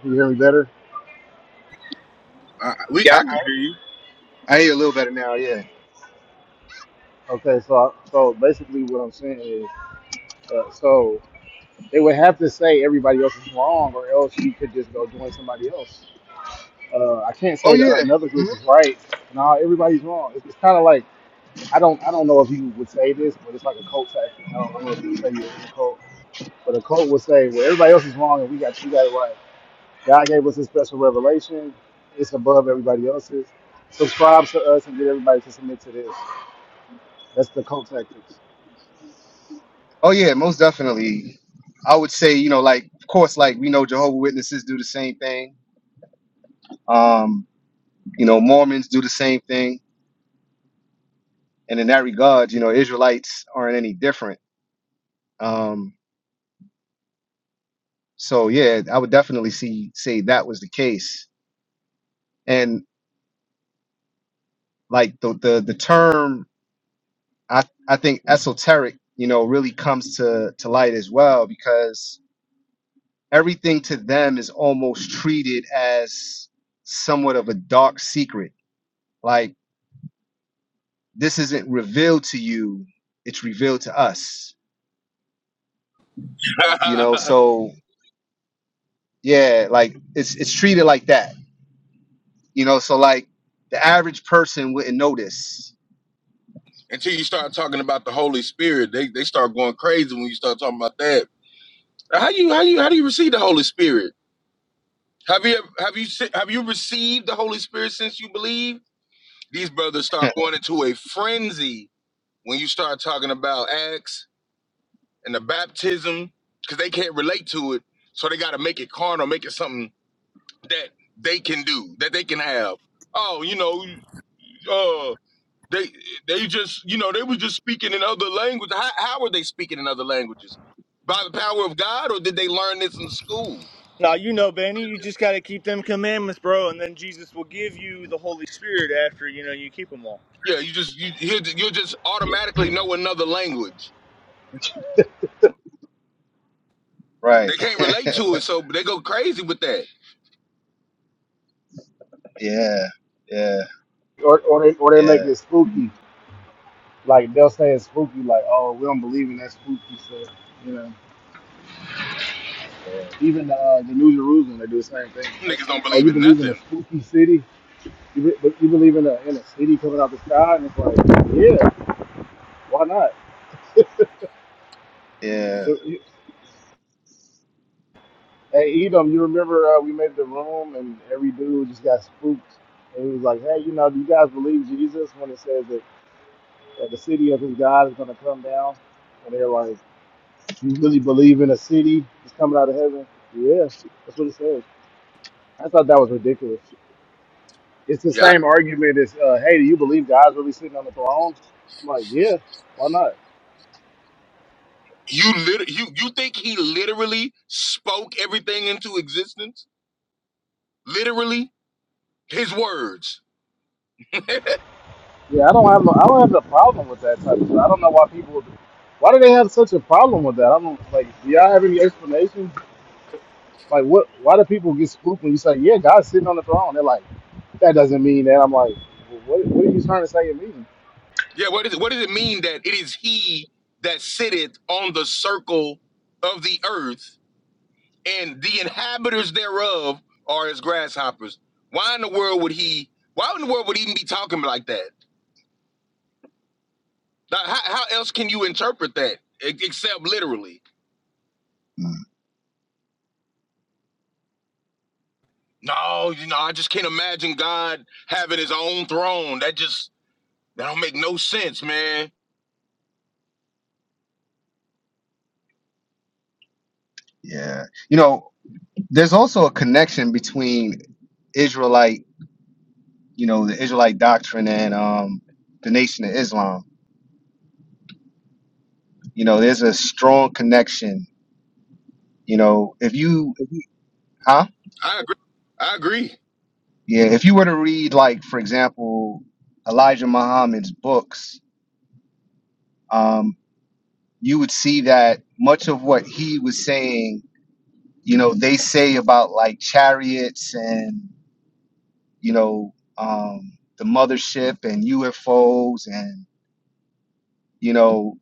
Speaker 1: Can you hear me better?
Speaker 11: I, I- we
Speaker 13: Yeah,
Speaker 11: I can hear
Speaker 13: I, I hear you a little better now. Yeah.
Speaker 1: Okay, so I, so basically what I'm saying is, uh, so they would have to say everybody else is wrong, or else you could just go join somebody else. Uh, I can't
Speaker 13: Oh
Speaker 1: say
Speaker 13: yeah.
Speaker 1: that another group is right. No, everybody's wrong. It's, it's kind of like I don't I don't know if you would say this, but it's like a cult tactic. I don't, I don't know if you would say you were in a cult But a cult will say, well, everybody else is wrong and we got we got it right. God gave us a special revelation. It's above everybody else's. Subscribe to us and get everybody to submit to this. That's the cult tactics.
Speaker 13: Oh yeah. Most definitely. I would say you know like of course like we know Jehovah Witnesses do the same thing. Um, you know Mormons do the same thing, and in that regard, you know Israelites aren't any different. Um, so yeah, I would definitely see say that was the case, and like the the the term I I think esoteric you know really comes to to light as well because. everything to them is almost treated as somewhat of a dark secret. Like this isn't revealed to you, it's revealed to us. You know,
Speaker 11: you.
Speaker 13: so yeah, like it's it's treated like that. You know, so like the average person wouldn't notice.
Speaker 11: until you start talking about the Holy Spirit, they, they start going crazy when you start talking about that. How you how you how do you receive the Holy Spirit? Have you have you se- have you received the Holy Spirit since you believe? These brothers start going into a frenzy when you start talking about Acts and the baptism because they can't relate to it, so they got to make it carnal, make it something that they can do, that they can have. Oh, you know, uh, They they just you know they was just speaking in other language. How how were they speaking in other languages? By the power of God, or did they learn this in school?
Speaker 9: Now, you know, Benny, you just got to keep them commandments, bro, and then Jesus will give you the Holy Spirit after, you know, you keep them all.
Speaker 11: Yeah, you just you you you just automatically know another language.
Speaker 13: Right.
Speaker 11: They can't relate to it, so they go crazy with that.
Speaker 13: yeah. Yeah.
Speaker 1: Or, or, they, or they
Speaker 13: Yeah.
Speaker 1: make it spooky. Like they'll say it's spooky, like, oh, we don't believe in that spooky stuff. You know, even uh, the New Jerusalem, they do the same thing.
Speaker 11: Niggas don't
Speaker 1: Oh,
Speaker 11: believe
Speaker 1: you
Speaker 11: in
Speaker 1: believe in a
Speaker 11: nothing.
Speaker 1: spooky city? You, be, you believe in a, in a city coming out the sky? And it's like, yeah, why not?
Speaker 13: Yeah.
Speaker 1: It, it, Hey Edom, you remember uh, we made the room and every dude just got spooked. And he was like, "Hey, you know, do you guys believe Jesus when it says that, that the city of his God is going to come down?" And they're like, "You really believe in a city that's coming out of heaven?" Yeah, that's what it says. I thought that was ridiculous. It's the
Speaker 11: Yeah,
Speaker 1: same argument as, uh, "Hey, do you believe God's really sitting on the throne?" I'm like, "Yeah, why not?"
Speaker 11: you lit you you think he literally spoke everything into existence? Literally, his words.
Speaker 1: Yeah, I don't have no, I don't have a problem with that type of. Stuff. I don't know why people. Would, why do they have such a problem with that? I don't like. Do y'all have any explanation? Like, what? Why do people get spooked when you say, "Yeah, God's sitting on the throne"? They're like, "That doesn't mean that." I'm like, well, "What? What are you trying to say it means?"
Speaker 11: Yeah, what is it? What does it mean that it is he that sitteth on the circle of the earth? and the inhabitants thereof are as grasshoppers. Why in the world would he? Why in the world would he even be talking like that? Like, how, how else can you interpret that e- except literally?
Speaker 13: Mm,
Speaker 11: No, you know, I just can't imagine God having his own throne. That just that don't make no sense, man.
Speaker 13: yeah. You know, there's also a connection between Israelite, you know, the Israelite doctrine and um the nation of Islam You know, there's a strong connection. You know, if you, if you huh?
Speaker 11: I agree. I agree.
Speaker 13: Yeah, if you were to read, like, for example, Elijah Muhammad's books, um, you would see that much of what he was saying, you know, they say about like chariots and, you know, um, the mothership and UFOs and, you know,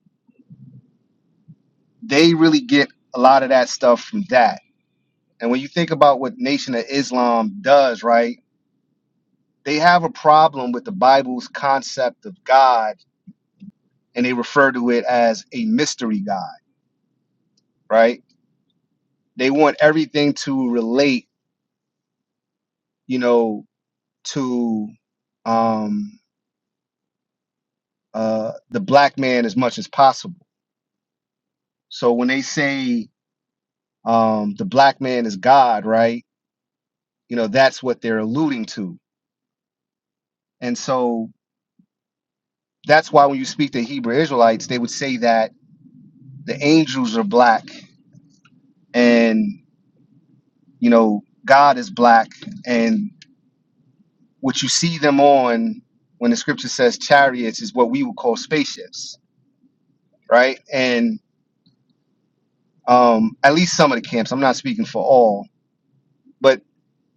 Speaker 13: they really get a lot of that stuff from that. And when you think about what Nation of Islam does, right? they have a problem with the Bible's concept of God and they refer to it as a mystery God, right? They want everything to relate, you know, to um, uh, the black man as much as possible. So when they say um, the black man is God, right? You know, that's what they're alluding to. And so that's why when you speak to Hebrew Israelites, they would say that the angels are black and, you know, God is black and what you see them on when the scripture says chariots is what we would call spaceships, right? And um, at least some of the camps, I'm not speaking for all, but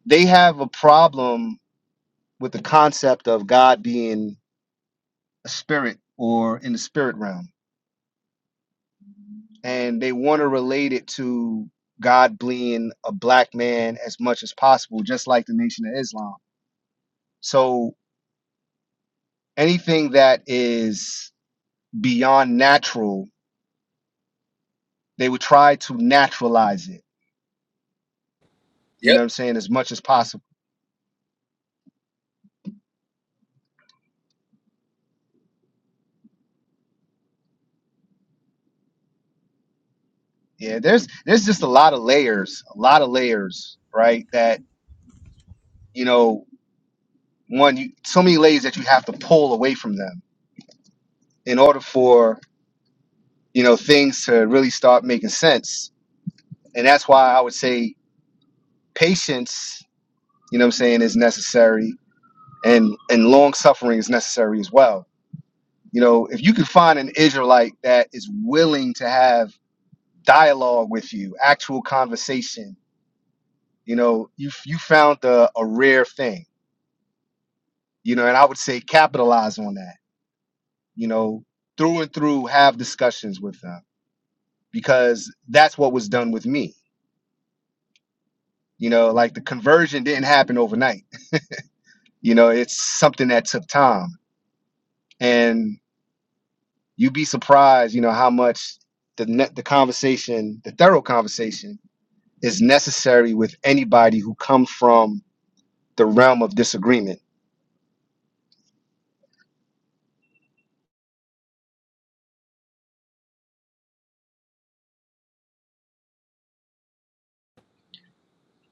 Speaker 13: they have a problem with the concept of God being a spirit or in the spirit realm. And they want to relate it to God being a black man as much as possible, just like the Nation of Islam. So anything that is beyond natural, they would try to naturalize it You
Speaker 11: Yep.
Speaker 13: know what I'm saying? As much as possible. Yeah, there's there's just a lot of layers, a lot of layers, right? That you know, one, you, so many layers that you have to pull away from them in order for you know things to really start making sense. And that's why I would say patience, you know, what I'm saying, is necessary, and and long suffering is necessary as well. You know, if you can find an Israelite that is willing to have dialogue with you, actual conversation You know, you you found a, a rare thing. You know, and I would say capitalize on that. You know, through and through, have discussions with them because that's what was done with me. You know, like the conversion didn't happen overnight. You know, it's something that took time, and you'd be surprised. You know how much the net the conversation, the thorough conversation, is necessary with anybody who come from the realm of disagreement.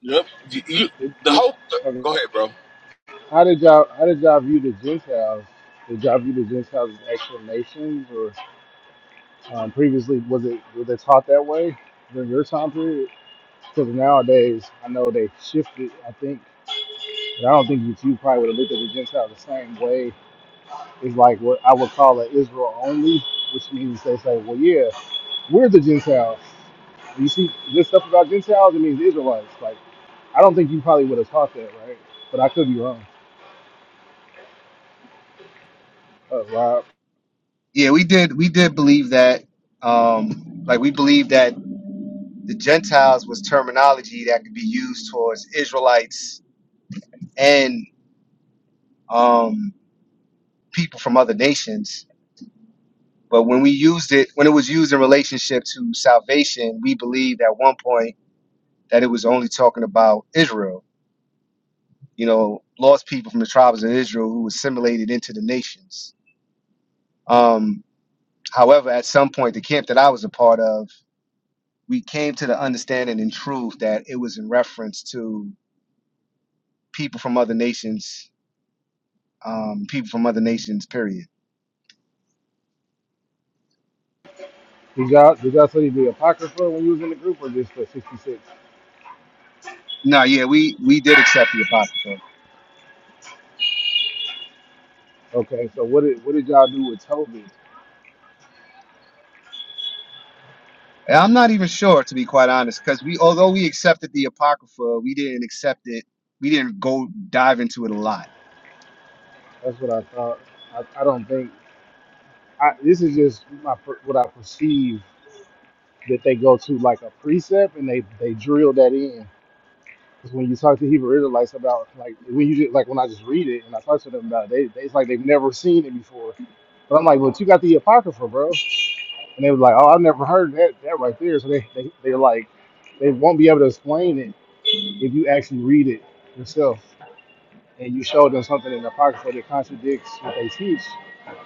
Speaker 11: Yep. You, you-
Speaker 1: It,
Speaker 11: the
Speaker 1: it,
Speaker 11: whole.
Speaker 1: okay.
Speaker 11: Go ahead, bro.
Speaker 1: How did y'all? How did y'all view the Gentiles? Did y'all view the Gentiles as actual nations, or um, previously was it was they taught that way during your time period? Because nowadays, I know they shifted. I think, but I don't think that you two probably would have looked at the Gentiles the same way. It's like what I would call an Israel only, which means they say, "Well, yeah." We're the Gentiles. You see this stuff about Gentiles, it means Israelites. Like, I don't think you probably would have taught that, right? But I could be wrong. Uh, Rob,
Speaker 13: Yeah, we did. We did believe that. Um, like we believe that the Gentiles was terminology that could be used towards Israelites and um, people from other nations. But when we used it, when it was used in relationship to salvation, we believed at one point that it was only talking about Israel. you know, lost people from the tribes of Israel who assimilated into the nations. Um, however, at some point, the camp that I was a part of, we came to the understanding and truth that it was in reference to people from other nations, um, people from other nations, period.
Speaker 1: did y'all, did y'all study the Apocrypha when you was in the group or just the 66?
Speaker 13: No, yeah, we, we did accept the Apocrypha.
Speaker 1: Okay, so what did, what did y'all do with Toby?
Speaker 13: And I'm not even sure, to be quite honest, because we, although we accepted the Apocrypha, we didn't accept it, we didn't go dive into it a lot.
Speaker 1: That's what I thought. I, I don't think, I, this is just my, per- what I perceive that they go to like a precept and they, they drill that in. Because when you talk to Hebrew Israelites about like when you just, like when I just read it and I talk to them about it, they, they it's like they've never seen it before. But I'm like, but you got the apocrypha, bro. And they was like, oh, I've never heard that that right there. So they they they're like, they won't be able to explain it if you actually read it yourself and you show them something in the apocrypha that contradicts what they teach.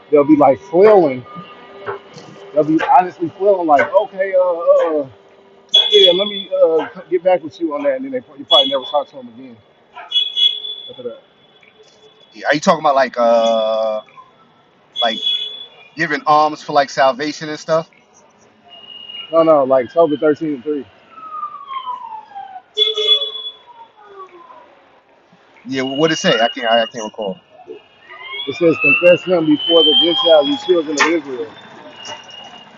Speaker 1: They'll be like flailing. They'll be honestly flailing, like, okay, uh, uh yeah, let me uh, get back with you on that. And then they, pro- you probably never talk to them again.
Speaker 13: Are you talking about like uh like giving alms for like salvation and stuff?
Speaker 1: No, no, like Tobit 13 and 3.
Speaker 13: Yeah, what did it say? I can't. I, I can't recall.
Speaker 1: It says, Confess him before the Gentiles, you children of Israel,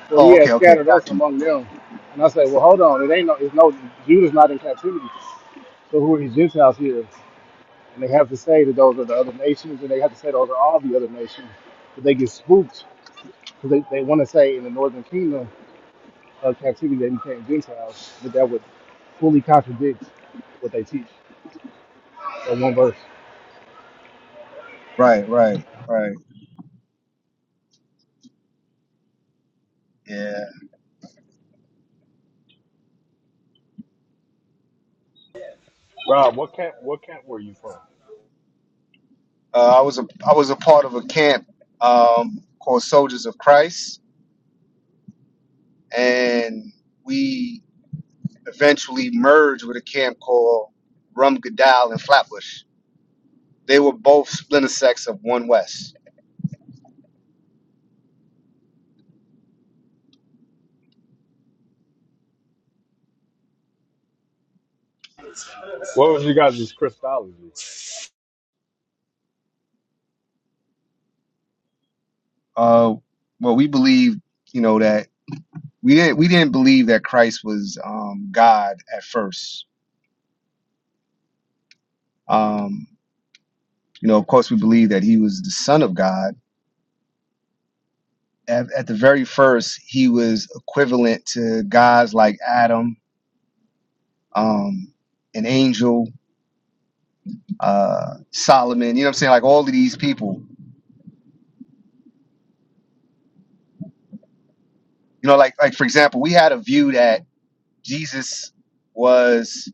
Speaker 1: for he
Speaker 13: Oh,
Speaker 1: has
Speaker 13: okay, okay.
Speaker 1: scattered us among them. And I say, Well, hold on, it ain't no, it's no, Judah's not in captivity. So who are these Gentiles here? And they have to say that those are the other nations, and they have to say those are all the other nations. But they get spooked because they, they want to say in the northern kingdom of captivity they became Gentiles, but that would fully contradict what they teach in one verse.
Speaker 13: Right, right, right. Yeah,
Speaker 15: Rob, what camp? What camp were you from?
Speaker 13: uh, I was a I was a part of a camp um, called Soldiers of Christ, and we eventually merged with a camp called Rum Gadal and Flatbush. They were both splinter sects of One West.
Speaker 15: What was you guys' Christology?
Speaker 13: Uh, well, we believed, you know, that we didn't we didn't believe that Christ was um, God at first. Um, you know, of course, we believed that he was the Son of God at, at the very first, he was equivalent to guys like Adam, um, an angel, uh, Solomon. You know what I'm saying? Like all of these people. You know, like like for example, we had a view that Jesus was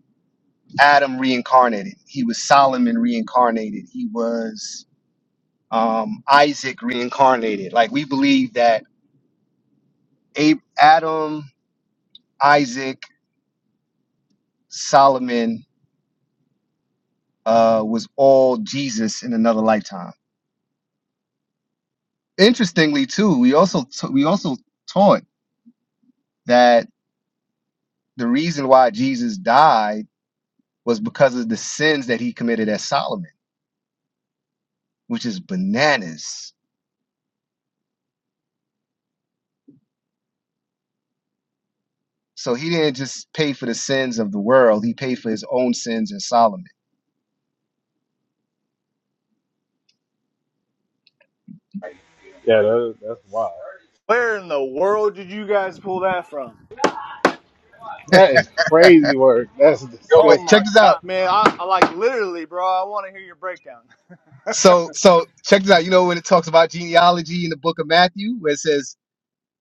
Speaker 13: Adam reincarnated. He was Solomon reincarnated. He was um, Isaac reincarnated. Like we believe that Ab- Adam, Isaac, Solomon uh, was all Jesus in another lifetime interestingly too we also t- we also taught that the reason why jesus died was because of the sins that he committed as solomon which is bananas so he didn't just pay for the sins of the world he paid for his own sins in solomon
Speaker 15: Yeah, that, that's wild.
Speaker 9: Where in the world did you guys pull that from?
Speaker 1: That is crazy work. That's
Speaker 13: yo
Speaker 9: Oh
Speaker 13: but
Speaker 9: my
Speaker 1: disgusting.
Speaker 13: check this
Speaker 9: God,
Speaker 13: out
Speaker 9: man. I, I like literally, bro, I want to hear your breakdown.
Speaker 13: so so check this out you know when it talks about genealogy in the book of matthew where it says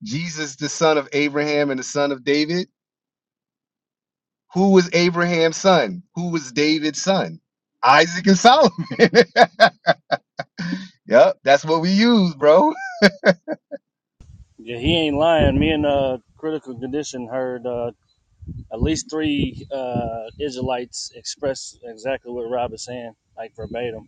Speaker 13: jesus the son of abraham and the son of david who was abraham's son who was david's son isaac and solomon Yep, that's what we use, bro.
Speaker 2: Yeah, he ain't lying. Me and uh, Critical Condition heard uh, at least three uh, Israelites express exactly what Rob is saying, like verbatim.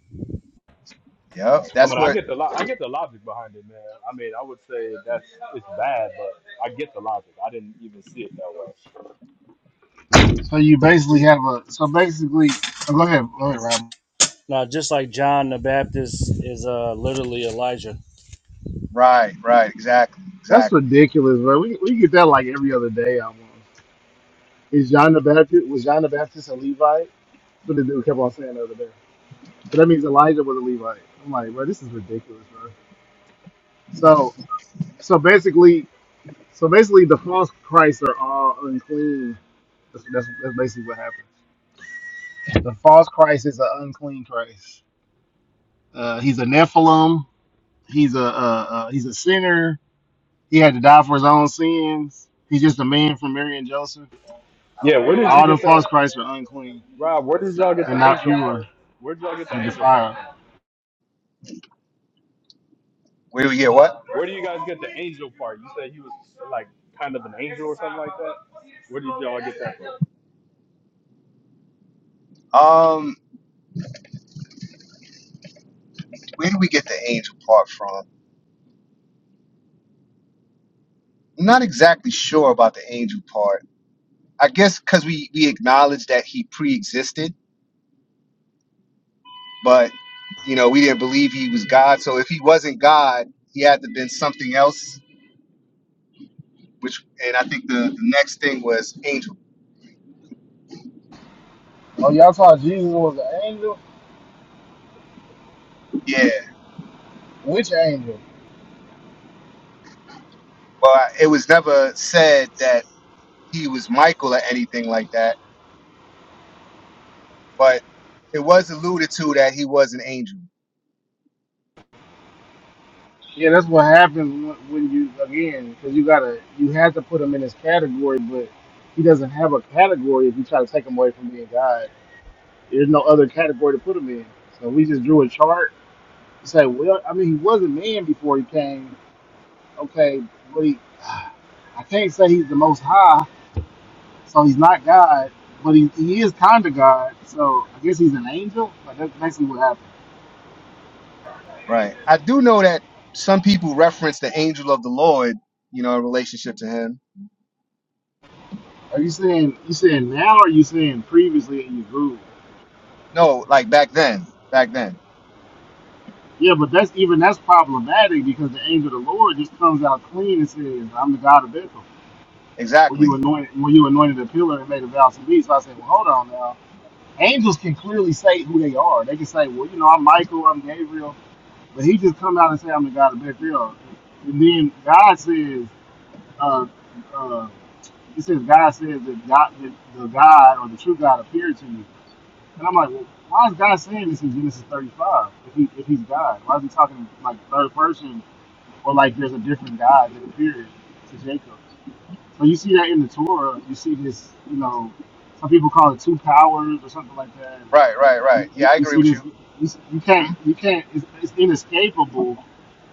Speaker 13: Yep,
Speaker 15: I
Speaker 13: that's
Speaker 15: mean, I
Speaker 13: what.
Speaker 15: get the lo- I get the logic behind it, man. I mean, I would say that's it's bad, but I get the logic. I didn't even see it that way.
Speaker 1: So you basically
Speaker 2: Ju-
Speaker 1: have a so basically oh, go ahead, go ahead, Rob.
Speaker 2: Now, just like John the Baptist is uh, literally Elijah.
Speaker 13: Right, right, exactly,
Speaker 1: That's
Speaker 13: exactly.
Speaker 1: ridiculous, bro. We, we get that like every other day almost. Is John the Baptist was John the Baptist a Levite? That's what the dude kept on saying the other day. So that means Elijah was a Levite. I'm like, bro, this is ridiculous, bro. So so basically so basically the false Christs are all unclean. That's, that's, that's basically what happened. The false Christ is an unclean Christ. Uh, he's a Nephilim. He's a uh, uh, he's a sinner He had to die for his own sins. He's just a man from Mary and Joseph.
Speaker 15: Yeah, where did you
Speaker 1: All the
Speaker 15: get the
Speaker 1: false Christs are unclean.
Speaker 15: Rob? Where did y'all get
Speaker 1: They're
Speaker 15: the
Speaker 1: not
Speaker 15: angel
Speaker 1: pure.
Speaker 15: part? Where did y'all get
Speaker 1: They're
Speaker 15: that
Speaker 1: defiled.
Speaker 15: from?
Speaker 13: Where do we get what?
Speaker 15: Where do you guys get the angel part? You said he was like kind of an angel.
Speaker 13: Um, where do we get the angel part from? I'm not exactly sure about the angel part. I guess because we we acknowledge that he pre-existed, but you know we didn't believe he was God. So if he wasn't God, he had to been something else. Which and I think the, the next thing was angel.
Speaker 1: Oh, y'all thought Jesus was an angel?
Speaker 13: Yeah.
Speaker 1: Which angel?
Speaker 13: Well, I- it was never said that he was Michael or anything like that but it was alluded to that he was an angel,
Speaker 1: Yeah, that's what happens when when you again, because you gotta, you have to put him in his category, but he doesn't have a category if you try to take him away from being God. There's no other category to put him in. So we just drew a chart to say, well, I mean, he was a man before he came. Okay, but he, I can't say he's the most high So he's not God, but he, he is kind of God. So I guess he's an angel. Like that's basically what happened.
Speaker 13: right? I do know that some people reference the angel of the Lord, you know, in relationship to him.
Speaker 1: Are you saying you saying now, or are you saying previously in your group?
Speaker 13: No, like back then, back then,
Speaker 1: Yeah, but that's even that's problematic because the angel of the Lord just comes out clean and says, "I'm the God of Bethel." Were
Speaker 13: exactly.
Speaker 1: you anointed? Were you anointed a pillar and made a vow to me? So I said, "Well, hold on now." Angels can clearly say who they are. They can say, "Well, you know, I'm Michael, I'm Gabriel," but he just come out and say, "I'm the God of Bethel." And then God says, uh, uh, It says God says that God, that the God or the true God appeared to you, and I'm like, well, why is God saying this in Genesis 35? If he if he's God, why is he talking like third person or like there's a different God that appeared to Jacob? So you see that in the Torah, you see this, you know, some people call it two powers or something like that. And
Speaker 13: Right, right, right.
Speaker 1: you, you,
Speaker 13: Yeah, I
Speaker 1: you
Speaker 13: agree
Speaker 1: see
Speaker 13: with
Speaker 1: this,
Speaker 13: you.
Speaker 1: you, you can't,
Speaker 13: Mhm.
Speaker 1: you can't, it's, it's inescapable.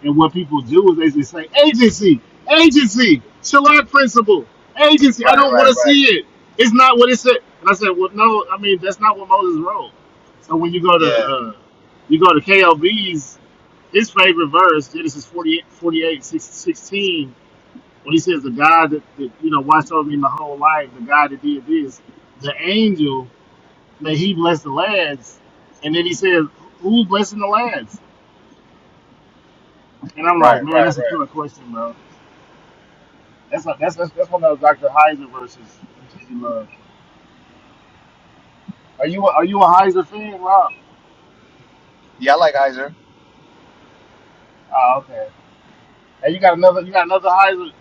Speaker 1: And what people do is they just say, agency, agency, Shalat principle, agency, I
Speaker 13: Right,
Speaker 1: don't
Speaker 13: right,
Speaker 1: want to
Speaker 13: right.
Speaker 1: see it. It's not what it said. And I said, well, no, I mean, that's not what Moses wrote. So when you go to,
Speaker 13: Yeah,
Speaker 1: uh, you go to KLV's, his favorite verse, Genesis 48, 48, 16 when he says the God that, that you know watched over me my whole life, the God that did this, the angel that he blessed the lads, and then he says, "Who's blessing the lads?" And I'm like,
Speaker 13: right, right,
Speaker 1: man, that's a
Speaker 13: right.
Speaker 1: killer question, bro. That's like, that's, that's that's one of those Dr. Heiser verses that you love. Are you are you a Heiser fan, Rob?
Speaker 13: Yeah, I like Heiser.
Speaker 1: Oh, okay. And you got another you got another Heiser.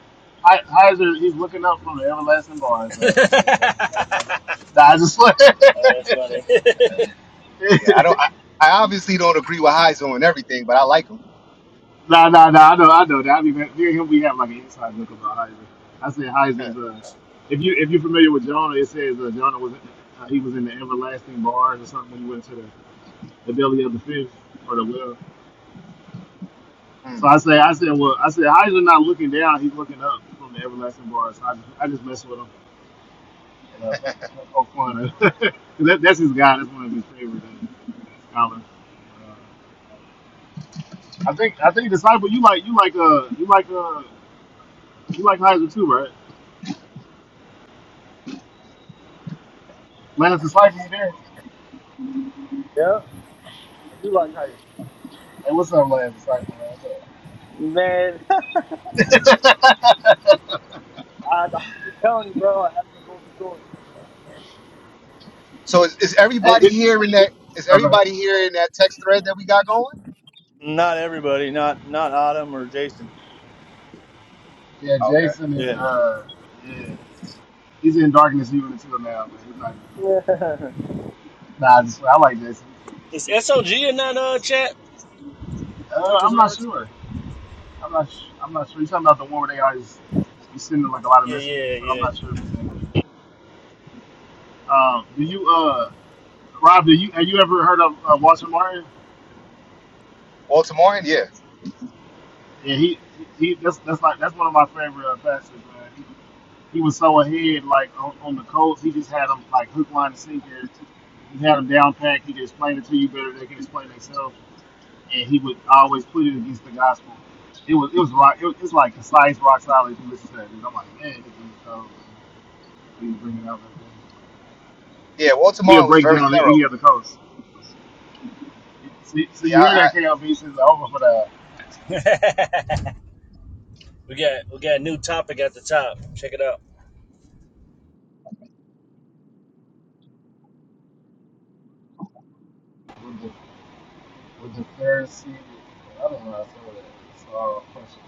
Speaker 1: Hei- Heiser, he's looking up from the everlasting bars. Man. He's, he's, he's,
Speaker 2: Oh, That's
Speaker 1: he's,
Speaker 2: funny.
Speaker 1: he's, he's,
Speaker 13: Yeah, I don't. I, I obviously don't agree with Heiser on everything, but I like him.
Speaker 1: Nah, nah, nah. I know, I know that. I mean, me and him, we have like an inside joke about Heiser. I say Heiser's uh, if you if you're familiar with Jonah, it says uh, Jonah was uh, he was in the everlasting bars or something when he went to the, the belly of the fish or the well. So
Speaker 13: Mm.
Speaker 1: I say, I said, well, I said Heiser not looking down, he's looking up from the everlasting bars. So I just, I just mess with him. And, uh, that- that's all fun. 'Cause that, that's his guy. That's one of his favorite uh, scholars. Uh, I think I think disciple, you like you like uh you like uh you like Heiser too, right? Lance disciple, you there?
Speaker 9: Yeah, I do like how you.
Speaker 1: Hey, what's up, last disciple, man?
Speaker 9: Man, I, I keep telling you, bro, I have no golden sword.
Speaker 13: So is, is
Speaker 1: hey,
Speaker 13: everybody
Speaker 1: th-
Speaker 13: here in that? Is
Speaker 1: oh,
Speaker 13: everybody here in that text thread that we got going?
Speaker 9: Not everybody, not not Adam or Jason.
Speaker 1: yeah,
Speaker 13: Okay.
Speaker 1: Jason is,
Speaker 9: Yeah.
Speaker 1: uh, yeah, he's in darkness even too now, man. He's not even.
Speaker 9: Yeah.
Speaker 1: Nah, I just I like Jason.
Speaker 2: Is SOG in that uh chat?
Speaker 1: Uh,
Speaker 2: Tucker's
Speaker 1: I'm not
Speaker 2: Arts?
Speaker 1: sure. I'm not. Sh- I'm not sure. You talking about the one where they always be sending like a lot of
Speaker 2: Yeah,
Speaker 1: messages? So I'm
Speaker 2: yeah,
Speaker 1: not sure if he's in. it. Um, do you, uh, Rob? Do you have you ever heard of uh, Walter Martin?
Speaker 13: Walter Martin, yeah,
Speaker 1: Yeah, he, he. That's that's like that's one of my favorite uh, pastors, man. He, he was so ahead, like on, on the Colts. He just had them like hook, line, and sinker He had him down pat. He could explain it to you better than they can explain themselves, and he would always put it against the gospel. It was it was rock. It was, it's like concise, rock solid. If you listen to that, dude, I'm like, man, He's bringing out that thing.
Speaker 13: yeah. Walter
Speaker 1: He'll
Speaker 13: Martin was
Speaker 1: break
Speaker 13: very
Speaker 1: down
Speaker 13: thorough.
Speaker 1: any other coast. So, so
Speaker 13: Yeah,
Speaker 1: you hear
Speaker 13: I,
Speaker 1: that KLV says over for that
Speaker 2: yeah. we got we got a new topic at the top. Check it out.
Speaker 1: with the with the Pharisee. I don't know. How I saw that. So question.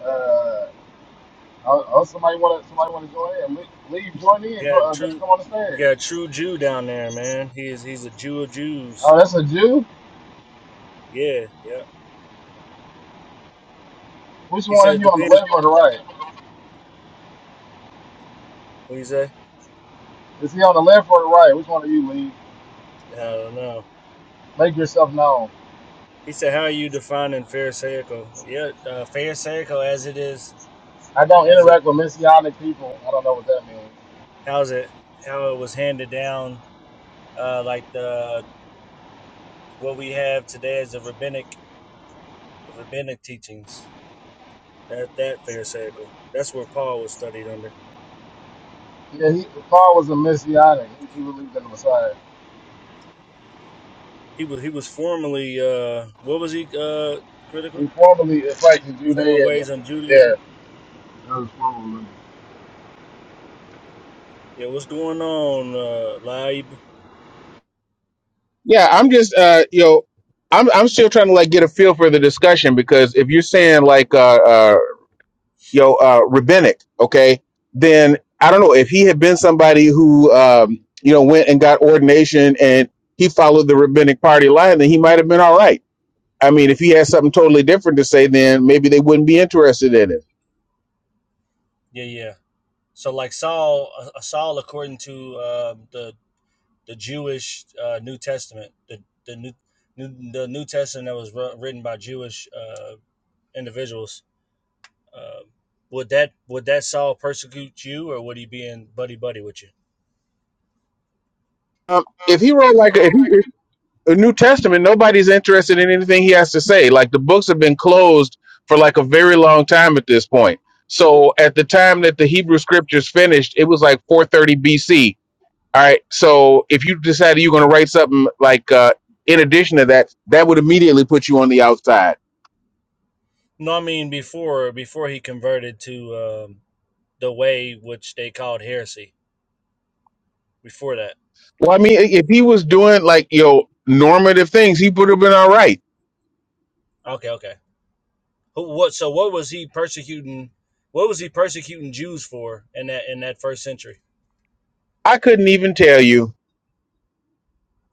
Speaker 1: Uh, oh, oh, somebody want to somebody want to join in? Le- Leave, join
Speaker 2: We
Speaker 1: in,
Speaker 2: got a
Speaker 1: jo- uh,
Speaker 2: true
Speaker 1: come on the
Speaker 2: we
Speaker 1: stage.
Speaker 2: got a true Jew down there, man. He is he's a Jew of Jews.
Speaker 1: Oh, that's a Jew.
Speaker 2: Yeah, yeah.
Speaker 1: Which
Speaker 2: He
Speaker 1: one
Speaker 2: said
Speaker 1: are
Speaker 2: it
Speaker 1: you on the
Speaker 2: depends
Speaker 1: left or the right?
Speaker 2: what do you say?
Speaker 1: Is he on the left or the right? Which one do you, leave?
Speaker 2: I don't know.
Speaker 1: Make yourself known.
Speaker 2: He said, How are you defining Pharisaical? Yeah, uh, Pharisaical as it is
Speaker 1: I don't
Speaker 2: as it
Speaker 1: interact with messianic people. I don't know what that means.
Speaker 2: how's it how it was handed down, uh like the what we have today as the rabbinic the rabbinic teachings. That that Pharisaical. That's where Paul was studied under.
Speaker 1: Yeah, he, Paul was a messianic. He, believed in the Messiah.
Speaker 2: He was he was formerly uh what was he uh critical?
Speaker 1: He formerly practiced
Speaker 2: Former
Speaker 1: Judaism.
Speaker 2: ways on
Speaker 1: Yeah.
Speaker 2: Judaism.
Speaker 1: That was formerly.
Speaker 2: Yeah, what's going on, uh Laib?
Speaker 16: Yeah, I'm just uh you know, I'm I'm still trying to like get a feel for the discussion because if you're saying like uh uh you know uh rabbinic, okay, then I don't know if he had been somebody who um you know went and got ordination and he followed the rabbinic party line, then he might have been all right. I mean, if he had something totally different to say, then maybe they wouldn't be interested in it.
Speaker 2: Yeah, yeah. So like Saul, uh, Saul according to uh, the the Jewish uh, New Testament, the the new, new the New Testament that was wr- written by Jewish uh, individuals. Uh, would that would that Saul persecute you, or would he be in buddy buddy with you?
Speaker 16: Um, if he wrote like a, if he, the New Testament, nobody's interested in anything he has to say. Like the books have been closed for like a very long time at this point. So at the time that the Hebrew scriptures finished, it was like 430 BC. All right. So if you decided you're going to write something like uh, in addition to that, that would immediately put you on the outside.
Speaker 2: No, I mean before before he converted to um, the way which they called heresy. Before that,
Speaker 16: Well, I mean, if he was doing like you know normative things, he would have been all right.
Speaker 2: okay, okay. Who, what? So what was he persecuting? What was he persecuting Jews for in that in that first century?
Speaker 16: I couldn't even tell you.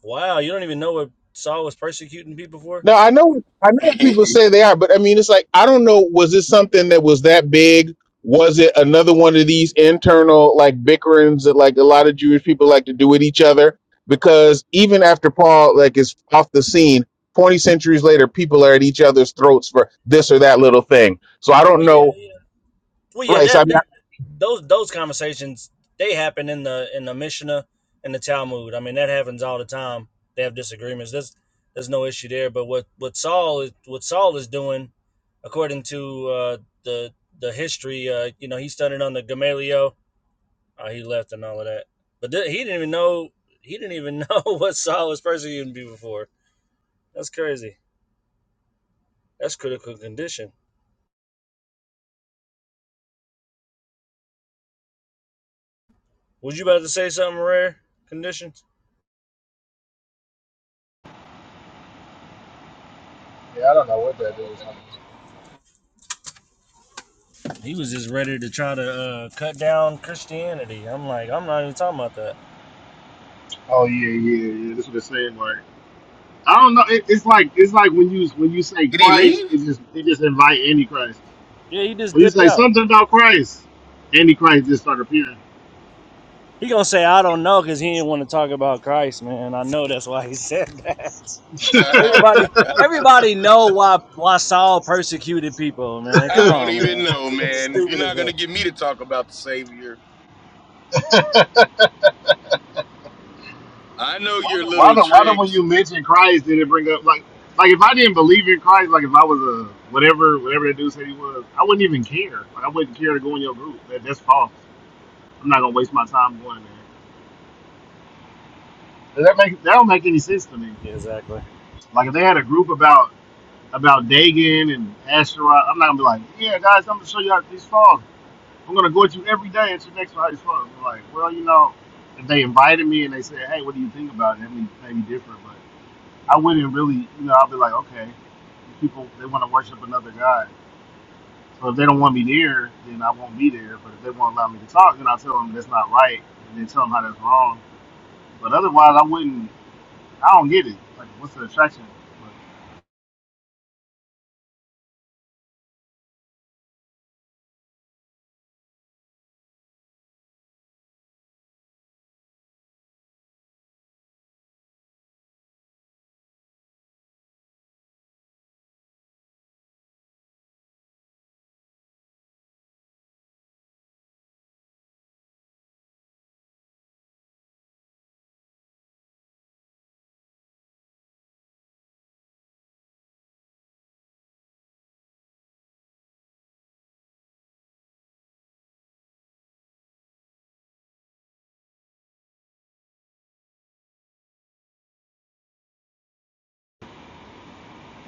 Speaker 2: Wow, you don't even know what Saul was persecuting people for.
Speaker 16: Now I know I know what people say they are, but I mean it's like I don't know, was it something that was that big? Was it another one of these internal like bickerings that like a lot of Jewish people like to do with each other? Because even after Paul like is off the scene, twenty centuries later, people are at each other's throats for this or that little thing. So I don't
Speaker 2: Well, yeah,
Speaker 16: know
Speaker 2: yeah. Well, yeah.
Speaker 16: right. So I
Speaker 2: That that those those conversations they happen in the in the Mishnah and the Talmud. I mean, that happens all the time. They have disagreements. There's there's no issue there. But what what Saul is what Saul is doing, according to uh, the the history, uh, you know, he's studying under Gamaliel. Uh, he left and all of that. But th- he didn't even know he didn't even know what Saul was persecuting people for. That's crazy. That's critical condition. Was you about to say something rare? Conditions.
Speaker 1: Yeah, I don't know what that dude
Speaker 2: He was just ready to try to uh, cut down Christianity. I'm like, I'm not even talking about that.
Speaker 1: Oh yeah, yeah, yeah. That's what they're saying. Like I don't know. It, it's like it's like when you when you say
Speaker 11: Did he
Speaker 1: Christ,
Speaker 11: leave?
Speaker 1: it just it just invite any Christ.
Speaker 2: Yeah, he just
Speaker 1: When you
Speaker 2: dipped
Speaker 1: say
Speaker 2: out.
Speaker 1: something about Christ, any Christ just start appearing.
Speaker 2: He gonna say I don't know because he didn't want to talk about Christ, man. I know that's why he said that. Everybody, everybody know why why Saul persecuted people, man. Come
Speaker 11: I don't
Speaker 2: on,
Speaker 11: even
Speaker 2: man.
Speaker 11: know,
Speaker 2: It's
Speaker 11: man. You're
Speaker 2: Stupid as
Speaker 11: not
Speaker 2: that.
Speaker 11: gonna get me to talk about the Savior. I know you're
Speaker 1: Why
Speaker 11: little
Speaker 1: the why the
Speaker 11: trick.
Speaker 1: when you mention Christ did it bring up like like if I didn't believe in Christ, like if I was a whatever whatever that dude said he was, I wouldn't even care. Like I wouldn't care to go in your group. That, that's false. I'm not gonna waste my time going there. that make that don't make any sense to me.
Speaker 2: Yeah, exactly.
Speaker 1: Like if they had a group about about Dagon and Asherah, I'm not gonna be like, yeah guys, I'm gonna show you how these false. I'm gonna go at you every day at your next fight is false. like, well you know, if they invited me and they said, hey, what do you think about it? That may may be different, but I wouldn't really, you know, I'll be like, okay, people they want to worship another god. So if they don't want me there, then I won't be there. But if they won't allow me to talk, then I tell them that's not right, and then tell them how that's wrong. But otherwise, I wouldn't. I don't get it. Like, what's the attraction?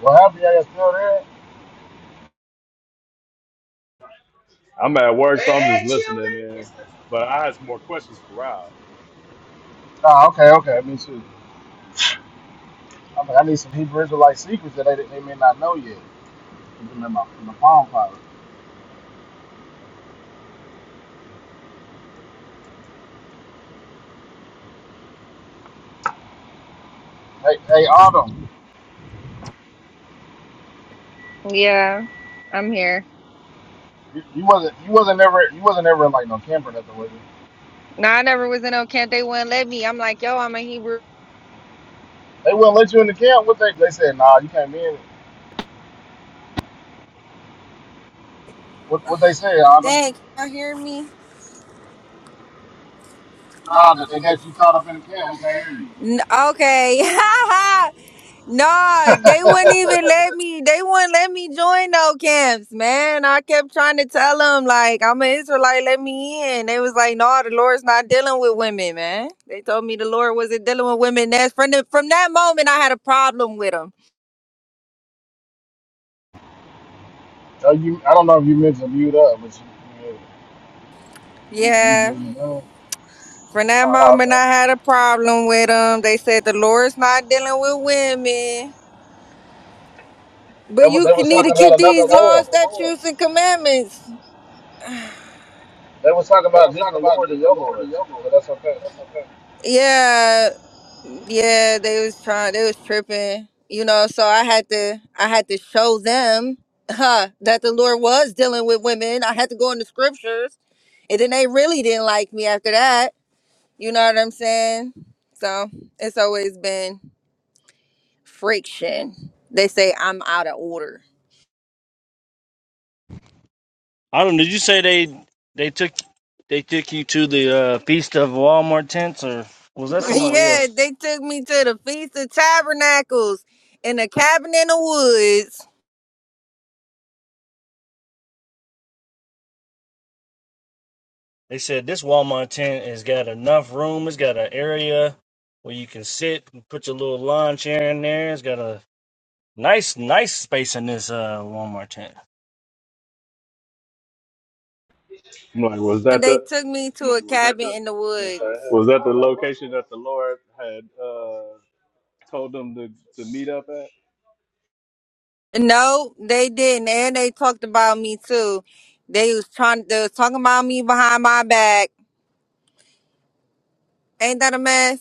Speaker 1: What happened? Y'all still there?
Speaker 15: I'm at work, but I had some more questions for Rob.
Speaker 1: Oh, okay, okay. Me too. I'm like, I need some Hebrew Israelite secrets that they, they may not know yet. Put them in my, in my palm Pilot? Hey, hey, Autumn,
Speaker 8: that. Yeah, I'm here.
Speaker 1: you, you wasn't you wasn't ever you wasn't ever in like no camp or nothing, was you?
Speaker 8: No, I never was in no camp. They wouldn't let me. I'm like, yo, I'm a Hebrew.
Speaker 1: They wouldn't let you in the camp. What they they said? Nah, you can't be in. What what they say, Adam?
Speaker 8: Dang, can y'all hear me? Nah,
Speaker 1: Nah,
Speaker 8: but
Speaker 1: that
Speaker 8: they
Speaker 1: they
Speaker 8: got
Speaker 1: got
Speaker 8: you
Speaker 1: you caught
Speaker 8: caught up
Speaker 1: up in
Speaker 8: in
Speaker 1: the
Speaker 8: the
Speaker 1: camp. We
Speaker 8: camp. We
Speaker 1: can't hear you.
Speaker 8: can't hear you. N- okay. no, they wouldn't even let me. They wouldn't let me join no camps, man. I kept trying to tell them, like, I'm an Israelite, let me in. They was like, no, the Lord's not dealing with women, man. They told me the Lord wasn't dealing with women. That's from the, from that moment, I had a problem with them.
Speaker 1: Uh, you I don't know if you mentioned mute up, but you, you was
Speaker 8: Yeah.
Speaker 1: you was you doing?
Speaker 8: From that
Speaker 1: Oh,
Speaker 8: moment,
Speaker 1: okay.
Speaker 8: I had a problem with them. They said the Lord's not dealing with women,
Speaker 1: They
Speaker 8: but
Speaker 1: wa-
Speaker 8: you
Speaker 1: they
Speaker 8: can
Speaker 1: was
Speaker 8: need
Speaker 1: talking
Speaker 8: to keep
Speaker 1: about another
Speaker 8: these laws,
Speaker 1: Lord.
Speaker 8: different lords. statutes, and commandments.
Speaker 1: They was talking
Speaker 8: They
Speaker 1: about a
Speaker 8: was talking
Speaker 1: different
Speaker 8: about
Speaker 1: Lord than
Speaker 8: different
Speaker 1: your
Speaker 8: lords
Speaker 1: Lord.
Speaker 8: and your
Speaker 1: So that's
Speaker 8: lords.
Speaker 1: okay.
Speaker 8: But okay. Yeah, yeah, they was trying, they was tripping, you know. So I had to, I had to show them, huh, that the Lord was dealing with women. I had to go in the scriptures, and then they really didn't like me after that. You know what I'm saying? So it's always been. friction. They say I'm out of order.
Speaker 2: Autumn, did you say they they took they took you to the uh, feast of Walmart tents, or was that
Speaker 8: That's all
Speaker 2: somebody
Speaker 8: yeah,
Speaker 2: else?
Speaker 8: they took me to the Feast of Tabernacles in a cabin in the woods.
Speaker 2: They said this Walmart tent has got enough room. It's got an area where you can sit and put your little lawn chair in there. It's got a nice, nice space in this uh, Walmart tent.
Speaker 15: I'm like, was that
Speaker 8: They
Speaker 15: the
Speaker 8: took me to a was at cabin the in the woods.
Speaker 15: was that the location that the Lord had? uh told them to, to meet up at?
Speaker 8: No, they didn't. And they talked about me too. They was trying they was talking about me behind my back. Ain't that a mess?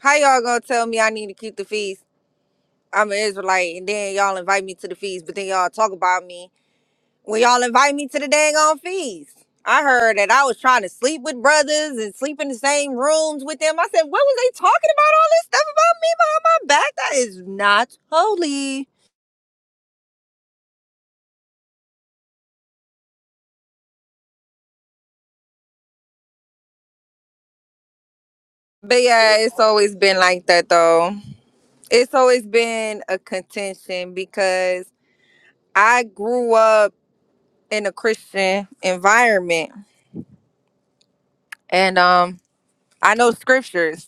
Speaker 8: How y'all gonna tell me I need to keep the feast? I'm an Israelite and then y'all invite me to the feast, but then y'all talk about me Well, y'all invite me to the dang on feast. I heard that I was trying to sleep with brothers and sleep in the same rooms with them. I said, what was they talking about all this stuff about me behind my back? That is not holy. But yeah, it's always been like that though. It's always been a contention because I grew up in a Christian environment and um I know scriptures.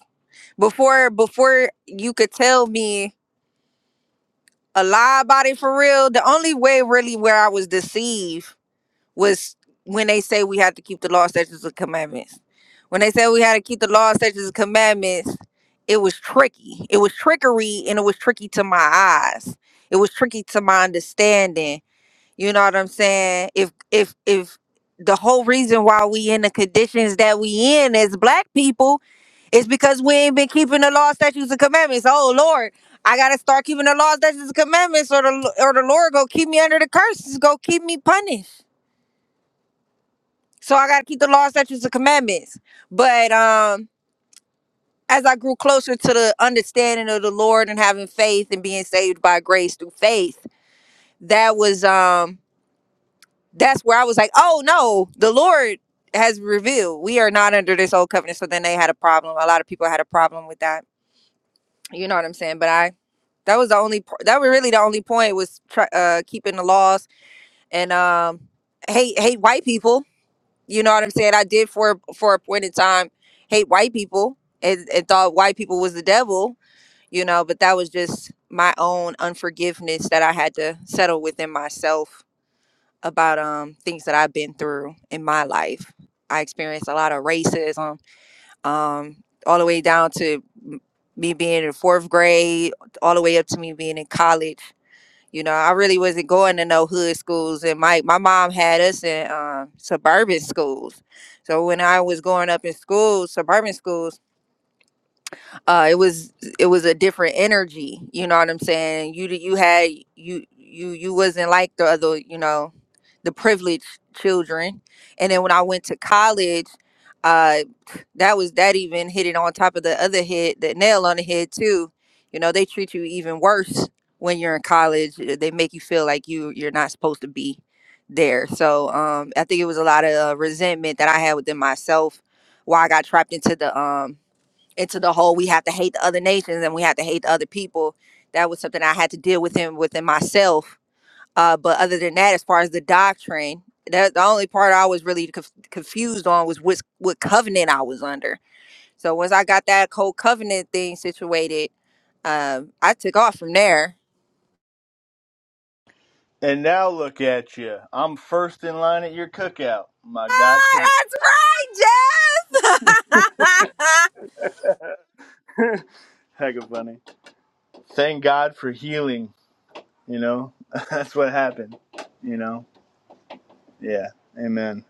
Speaker 8: Before before you could tell me a lie about it for real. The only way really where I was deceived was when they say we had to keep the law, statutes, and commandments. When they said we had to keep the law, statutes, and commandments, it was tricky. It was trickery and it was tricky to my eyes. It was tricky to my understanding you know what I'm saying? If if if the whole reason why we in the conditions that we in as black people is because we ain't been keeping the law, statutes, and commandments. Oh Lord, I gotta start keeping the law, statutes, and commandments, or the or the Lord go keep me under the curses, go keep me punished. So I gotta keep the law, statutes, and commandments. But um, as I grew closer to the understanding of the Lord and having faith and being saved by grace through faith, that was um that's where I was like, oh no, the Lord has revealed we are not under this old covenant. So then they had a problem. A lot of people had a problem with that. You know what I'm saying? But I, that was the only, po- that was really the only point was try, uh, keeping the laws and um, hate hate white people. You know what I'm saying? I did for for a point in time hate white people and, and thought white people was the devil. You know, but that was just my own unforgiveness that I had to settle within myself about um things that I've been through in my life. I experienced a lot of racism, um, all the way down to m- me being in fourth grade, all the way up to me being in college. You know, I really wasn't going to no hood schools, and my my mom had us in um, suburban schools. So when I was growing up in school, suburban schools uh it was it was a different energy you know what i'm saying you d- you had you you you wasn't like the other you know the privileged children and then when i went to college uh that was that even hit it on top of the other head the nail on the head too you know they treat you even worse when you're in college Uh, they make you feel like you you're not supposed to be there so um i think it was a lot of uh, resentment that i had within myself why i got trapped into the um into the whole we have to hate the other nations and we have to hate the other people. That was something I had to deal with in within myself. Uh, but other than that, as far as the doctrine, that the only part I was really conf- confused on was what what covenant I was under. So once I got that whole covenant thing situated, um, I took off from there.
Speaker 9: And now look at you. I'm first in line at your cookout. My God, today.
Speaker 8: Ah, that's right, Jeff.
Speaker 9: heck of funny. Thank God for healing. You know, that's what happened. You know, yeah. Amen.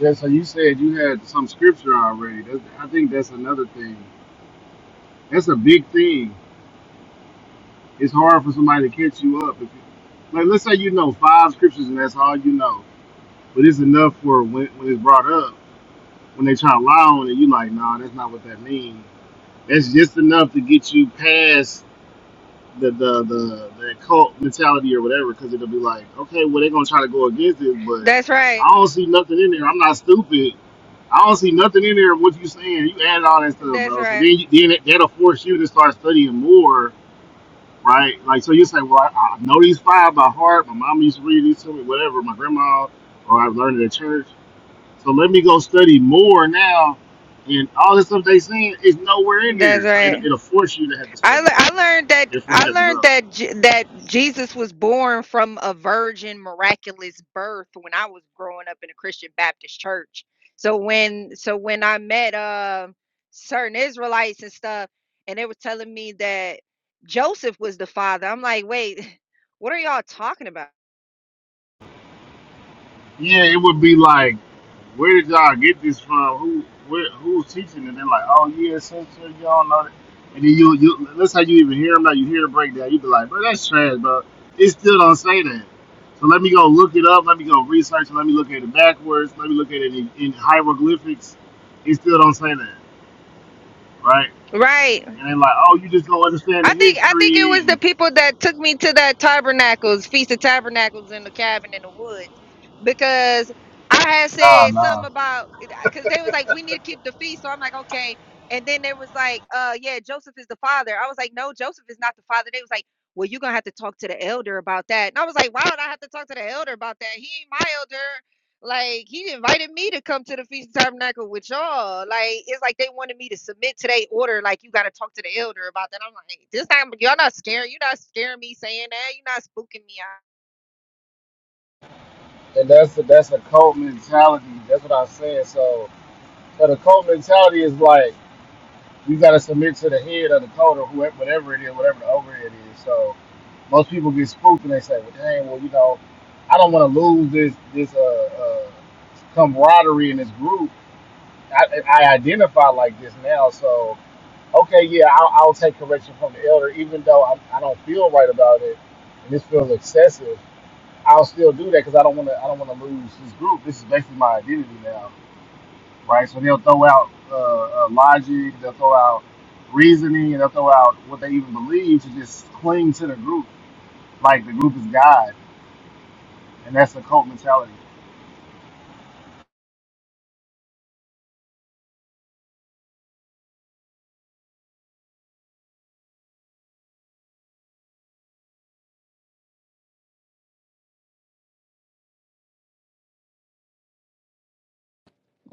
Speaker 1: Yeah. So you said you had some scripture already. That's, I think that's another thing. That's a big thing. It's hard for somebody to catch you up. If you, like, let's say you know five scriptures and that's all you know, but it's enough for when when it's brought up when they try to lie on it, you like, nah, that's not what that means. That's just enough to get you past the the the, the cult mentality or whatever, because it'll be like, okay, well they're gonna try to go against it, but
Speaker 8: That's right.
Speaker 1: I don't see nothing in there. I'm not stupid. I don't see nothing in there of what you saying. You added all that stuff,
Speaker 8: That's
Speaker 1: bro. So
Speaker 8: right.
Speaker 1: then, you, then that- that'll force you to start studying more, right? Like, so you say, well, I, I know these five by heart. My mom used to read these to me, whatever. My grandma, or I learned it at church. So let me go study more now. And all the stuff they saying is nowhere in
Speaker 8: That's
Speaker 1: there. So it,
Speaker 8: right.
Speaker 1: it'll force you to have to
Speaker 8: I, le-
Speaker 1: study.
Speaker 8: I learned that
Speaker 1: It'll force
Speaker 8: I
Speaker 1: you to have to
Speaker 8: learned
Speaker 1: grow.
Speaker 8: that J- that Jesus was born from a virgin miraculous birth when I was growing up in a Christian Baptist church. So when so when I met uh, certain Israelites and stuff, and they were telling me that Joseph was the father, I'm like, wait, what are y'all talking about?
Speaker 1: Yeah, it would be like, where did y'all get this from? Who where, who's teaching? And they're like, oh yeah, so so y'all know that. And then you you that's how you even hear them. Now you hear the breakdown. You be like, bro, that's trash, bro. It still don't say that. So let me go look it up. Let me go research. it, Let me look at it backwards. Let me look at it in, in hieroglyphics. It still don't say that, right?
Speaker 8: Right.
Speaker 1: And then like, oh, you just don't understand the
Speaker 8: I think I think it
Speaker 1: history
Speaker 8: was
Speaker 1: and
Speaker 8: the people that took me to that tabernacles, feast of tabernacles in the cabin in the woods, because I had
Speaker 1: nah,
Speaker 8: said something
Speaker 1: nah.
Speaker 8: about because they was like we need to keep the feast, so I'm like okay, and then they was like uh yeah Joseph is the father. I was like no Joseph is not the father. They was like well you're gonna have to talk to the elder about that, and I was like why would I have to talk to the elder about that? He ain't my elder. Like he invited me to come to the Feast of Tabernacle with y'all. Like it's like they wanted me to submit to their order. Like you got to talk to the elder about that. I'm like, this time y'all not scaring. You're not scaring me saying that. You're not spooking me
Speaker 1: And that's a, that's a cult mentality. That's what I'm saying. So, so the cult mentality is like you got to submit to the head of the cult or whoever, whatever it is, whatever the overhead is. So most people get spooked and they say, well, dang, well, you know, I don't want to lose this this uh, uh, camaraderie in this group. I, I identify like this now, so. okay, yeah, I'll, I'll take correction from the elder, even though I, I don't feel right about it, and this feels excessive. I'll still do that because I don't want to. I don't want to lose this group. This is basically my identity now, right? So they'll throw out uh, uh, logic, they'll throw out reasoning, and they'll throw out what they even believe to just cling to the group, like the group is God, and that's the cult mentality.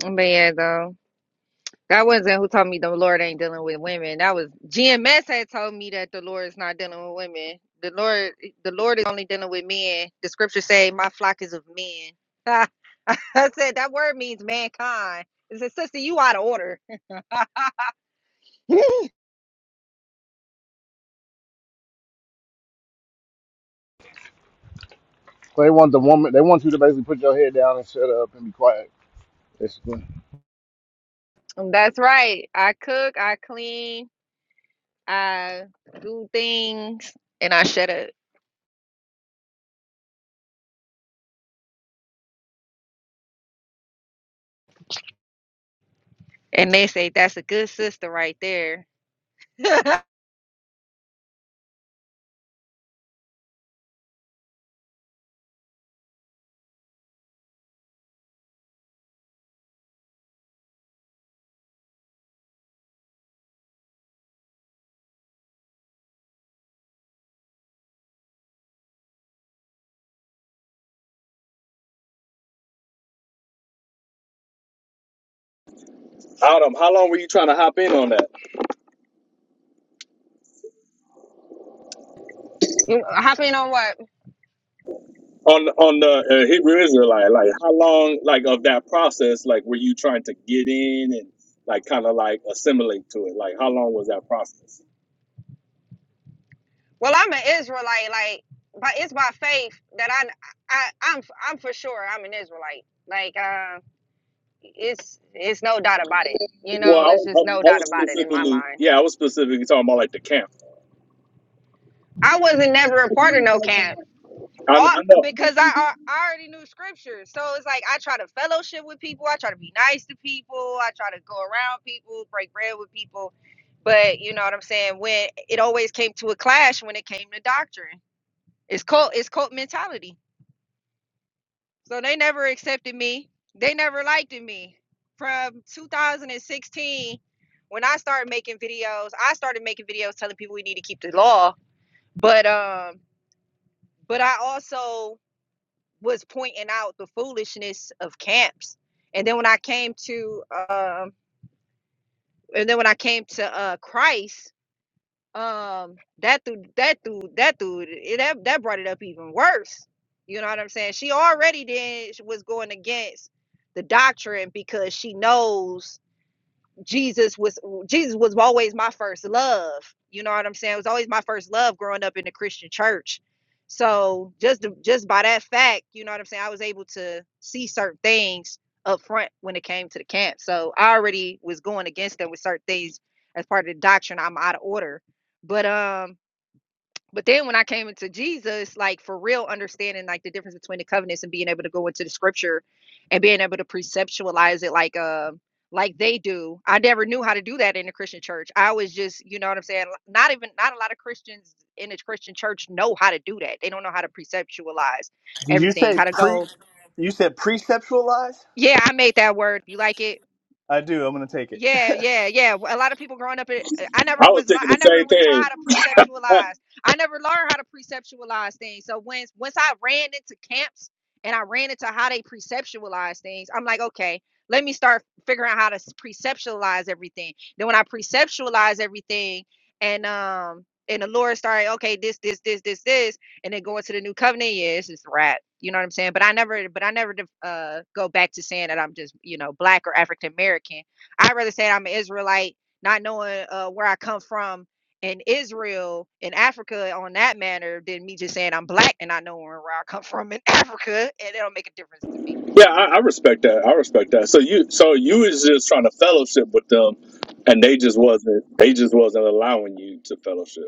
Speaker 8: out. But yeah, though that wasn't who told me the Lord ain't dealing with women. That was GMS had told me that the Lord is not dealing with women. The Lord, the Lord is only dealing with men. The scripture say, "My flock is of men." I said that word means mankind. It said, "Sister, you out of order."
Speaker 1: So they want the woman. They want you to basically put your head down and shut up and be quiet. Basically,
Speaker 8: That's right. I cook, I clean, I do things, and I shut up. And they say that's a good sister right there.
Speaker 15: Adam, how long were you trying to hop in on that?
Speaker 8: You hopping on what?
Speaker 15: On on the uh, Hebrew Israelite, like how long, like of that process, like were you trying to get in and like kind of like assimilate to it? Like how long was that process?
Speaker 8: Well, I'm an Israelite, like, but it's by faith that I, I, I'm, I'm for sure I'm an Israelite. Like, uh, it's, it's no doubt about it. You
Speaker 15: Well,
Speaker 8: know,
Speaker 15: I,
Speaker 8: it's
Speaker 15: was- I,
Speaker 8: just no
Speaker 15: I
Speaker 8: doubt
Speaker 15: was
Speaker 8: about it in my
Speaker 15: specifically,
Speaker 8: mind.
Speaker 15: yeah, I was specifically talking about like the camp.
Speaker 8: I wasn't never a part of no camp.
Speaker 15: I, I
Speaker 8: all,
Speaker 15: know,
Speaker 8: because I, I already knew scripture. So it's like I try to fellowship with people. I try to be nice to people. I try to go around people, break bread with people. But you know what I'm saying? When it always came to a clash when it came to doctrine. It's cult it's cult mentality. So they never accepted me. They never liked me. From 2016, when I started making videos, I started making videos telling people we need to keep the law. But um, but I also was pointing out the foolishness of camps. And then when I came to um and then when I came to uh Christ, um that dude that dude that dude it, that that brought it up even worse. You know what I'm saying? She already did was going against the doctrine because she knows Jesus was Jesus was always my first love. You know what I'm saying? It was always my first love growing up in the Christian church. So just the- just by that fact, you know what I'm saying, I was able to see certain things up front when it came to the camp. So I already was going against them with certain things as part of the doctrine. I'm out of order. But um but then when I came into Jesus, like for real understanding like the difference between the covenants and being able to go into the scripture and being able to preceptualize it like uh like they do. I never knew how to do that in the Christian church. I was just, you know what I'm saying? Not even not a lot of Christians in the Christian church know how to do that. They don't know how to preceptualize
Speaker 9: Did you
Speaker 8: everything,
Speaker 9: say
Speaker 8: how to
Speaker 9: pre?
Speaker 8: go,
Speaker 9: You said preceptual lies.
Speaker 8: yeah, I made that word. You like it?
Speaker 9: I do. I'm gonna take it.
Speaker 8: Yeah, yeah, yeah. A lot of people growing up, it- uh, I never
Speaker 15: I was
Speaker 8: was, le-
Speaker 15: thinking
Speaker 8: I
Speaker 15: the
Speaker 8: never
Speaker 15: same
Speaker 8: was taught
Speaker 15: thing.
Speaker 8: how to
Speaker 15: Uh,
Speaker 8: preceptualize. I never learned how to preceptualize things. So once, once I ran into camps and I ran into how they preceptualize things, I'm like, okay, let me start figuring out how to s- preceptualize everything. Then when I preceptualize everything, and um, and the Lord started, okay, this, this, this, this, this, and then go into the new covenant. Yeah, it's just rap. You know what I'm saying? But I never, but I never def- uh go back to saying that I'm just, you know, black or African American I'd rather say I'm an Israelite, not knowing uh, where I come from in Israel, in Africa, on that matter, than me just saying I'm black and not knowing where I come from in Africa, and it don't make a difference to me.
Speaker 15: yeah, I, I respect that. I respect that. So you, so you was just trying to fellowship with them, and they just wasn't. They just wasn't allowing you to fellowship.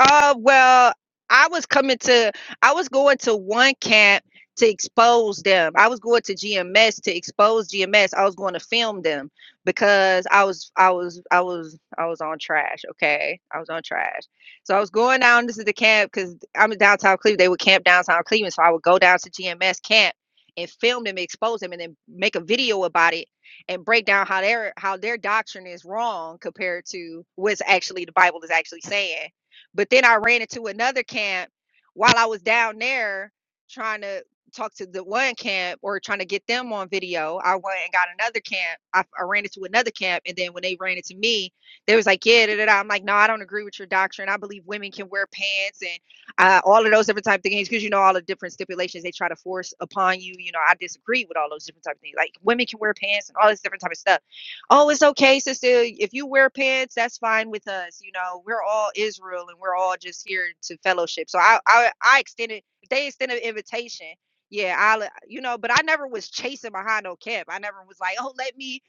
Speaker 8: Uh, well, I was coming to, I was going to one camp to expose them. I was going to GMS to expose GMS. I was going to film them because I was, I was, I was, I was on trash. Okay, I was on trash. So I was going down. This is the camp because I'm in downtown Cleveland. They would camp downtown Cleveland, so I would go down to GMS camp and film them, expose them, and then make a video about it and break down how their how their doctrine is wrong compared to what's actually the Bible is actually saying but then I ran into another camp while I was down there trying to talk to the one camp or trying to get them on video. I went and got another camp. I, I ran into another camp. And then when they ran into me, they was like, yeah, da, da, da. I'm like, no, I don't agree with your doctrine. I believe women can wear pants and uh, all of those different type of things because you know all the different stipulations they try to force upon you. You know, I disagree with all those different type of things. Like women can wear pants and all this different type of stuff. Oh, it's okay, sister. If you wear pants, that's fine with us. You know, we're all Israel and we're all just here to fellowship. So I I, I extended if they extended an invitation. Yeah, I you know, but I never was chasing behind no cap. I never was like, oh, let me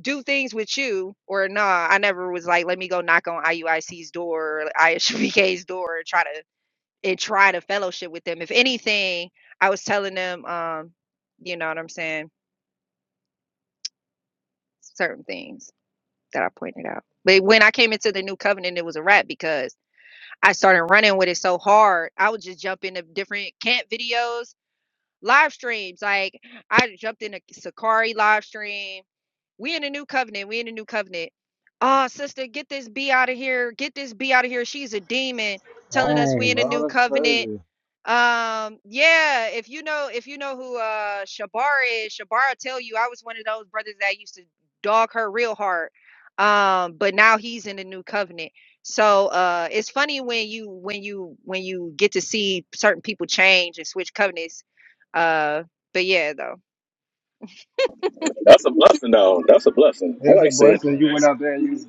Speaker 8: do things with you, or nah. I never was like, let me go knock on IUIC's door, or ISBK's door, and try to and try to fellowship with them. If anything, I was telling them, um, you know what I'm saying, certain things. that I pointed out. But when I came into the new covenant, it was a wrap because I started running with it so hard. I would just jump into different camp videos, live streams. Like I jumped in a Sakari live stream. We in the new covenant. We in the new covenant. Oh, sister, get this B out of here. Get this B out of here. She's a demon telling us we
Speaker 1: Dang,
Speaker 8: in a new
Speaker 1: bro, that's
Speaker 8: covenant.
Speaker 1: crazy.
Speaker 8: Um, yeah, if you know if you know who uh Shabara is, Shabara tell you I was one of those brothers that used to dog her real hard. Um, but now he's in the new covenant. So uh it's funny when you when you when you get to see certain people change and switch covenants. Uh but yeah though.
Speaker 15: That's a blessing, though. That's a blessing. I
Speaker 1: that's a
Speaker 15: like saying
Speaker 1: blessing. You went out there and you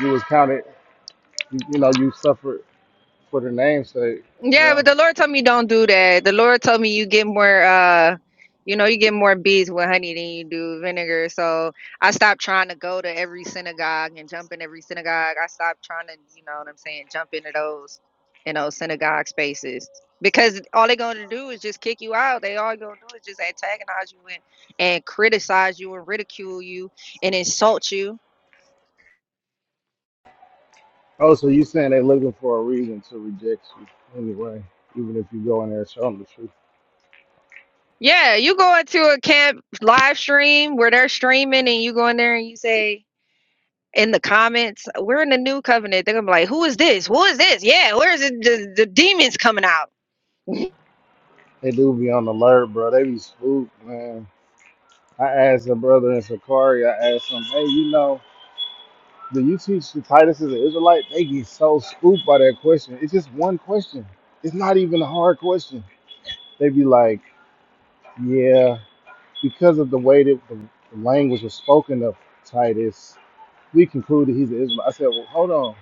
Speaker 1: you was counted, you, you know, you suffered for the name's sake, you
Speaker 8: Yeah, but
Speaker 1: know.
Speaker 8: the Lord told me don't do that. The Lord told me you get more uh you know, you get more bees with honey than you do vinegar. So I stopped trying to go to every synagogue and jump in every synagogue. I stopped trying to, you know what I'm saying, jump into those you know, synagogue spaces. Because all they're gonna do is just kick you out. They all gonna do is just antagonize you and, and criticize you and ridicule you and insult you.
Speaker 1: Oh, so you saying they looking for a reason to reject you anyway, even if you go in there and show them the truth.
Speaker 8: Yeah, you go into a camp live stream where they're streaming and you go in there and you say, in the comments. We're in the new covenant. They're gonna be like, "Who is this? Who is this? Yeah, where is it? The, the demons coming out."
Speaker 1: They do be on the alert, bro. They be spooked, man. I asked a brother in Sakari, I asked him, hey, you know, do you teach the Titus is an Israelite? They get so spooked by that question. It's just one question. It's not even a hard question. They be like, yeah, because of the way that the the language was spoken of Titus, We concluded he's an Israelite. I said, well, hold on.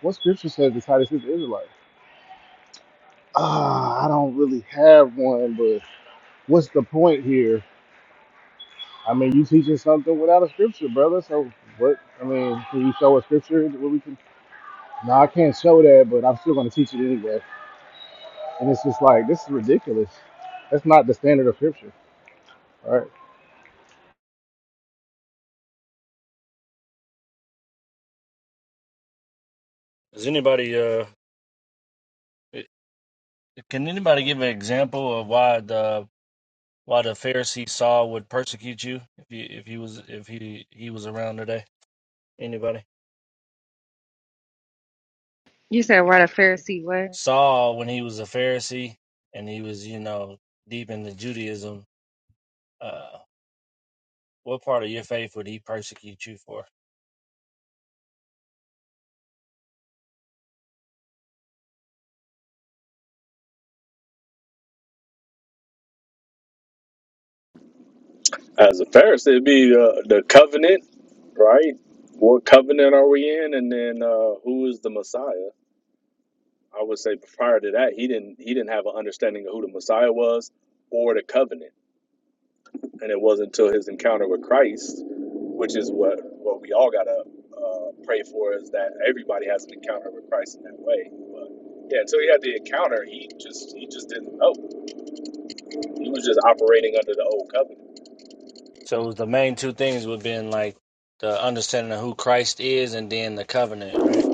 Speaker 1: What scripture says Titus is an Israelite? Ah, I don't really have one, but what's the point here? I mean, you teaching something without a scripture, brother. So what? I mean, can you show a scripture where we can? No, I can't show that, but I'm still going to teach it anyway. And it's just like this is ridiculous. That's not the standard of scripture, all right?
Speaker 2: Does anybody uh, can anybody give an example of why the why the Pharisee Saul would persecute you if you if he was if he he was around today? Anybody?
Speaker 8: You said, "What a Pharisee? What?
Speaker 2: Saul when he was a Pharisee and he was you know deep into Judaism. Uh, what part of your faith would he persecute you for?
Speaker 15: as a Pharisee, it'd be uh, the covenant, right? What covenant are we in, and then uh, who is the Messiah? I would say prior to that, he didn't he didn't have an understanding of who the Messiah was or the covenant, and it wasn't until his encounter with Christ, which is what what we all gotta uh, pray for, is that everybody has an encounter with Christ in that way. But yeah, until he had the encounter, he just he just didn't know. He was just operating under the old covenant.
Speaker 2: So the main two things would have been like the understanding of who Christ is and then the covenant, right?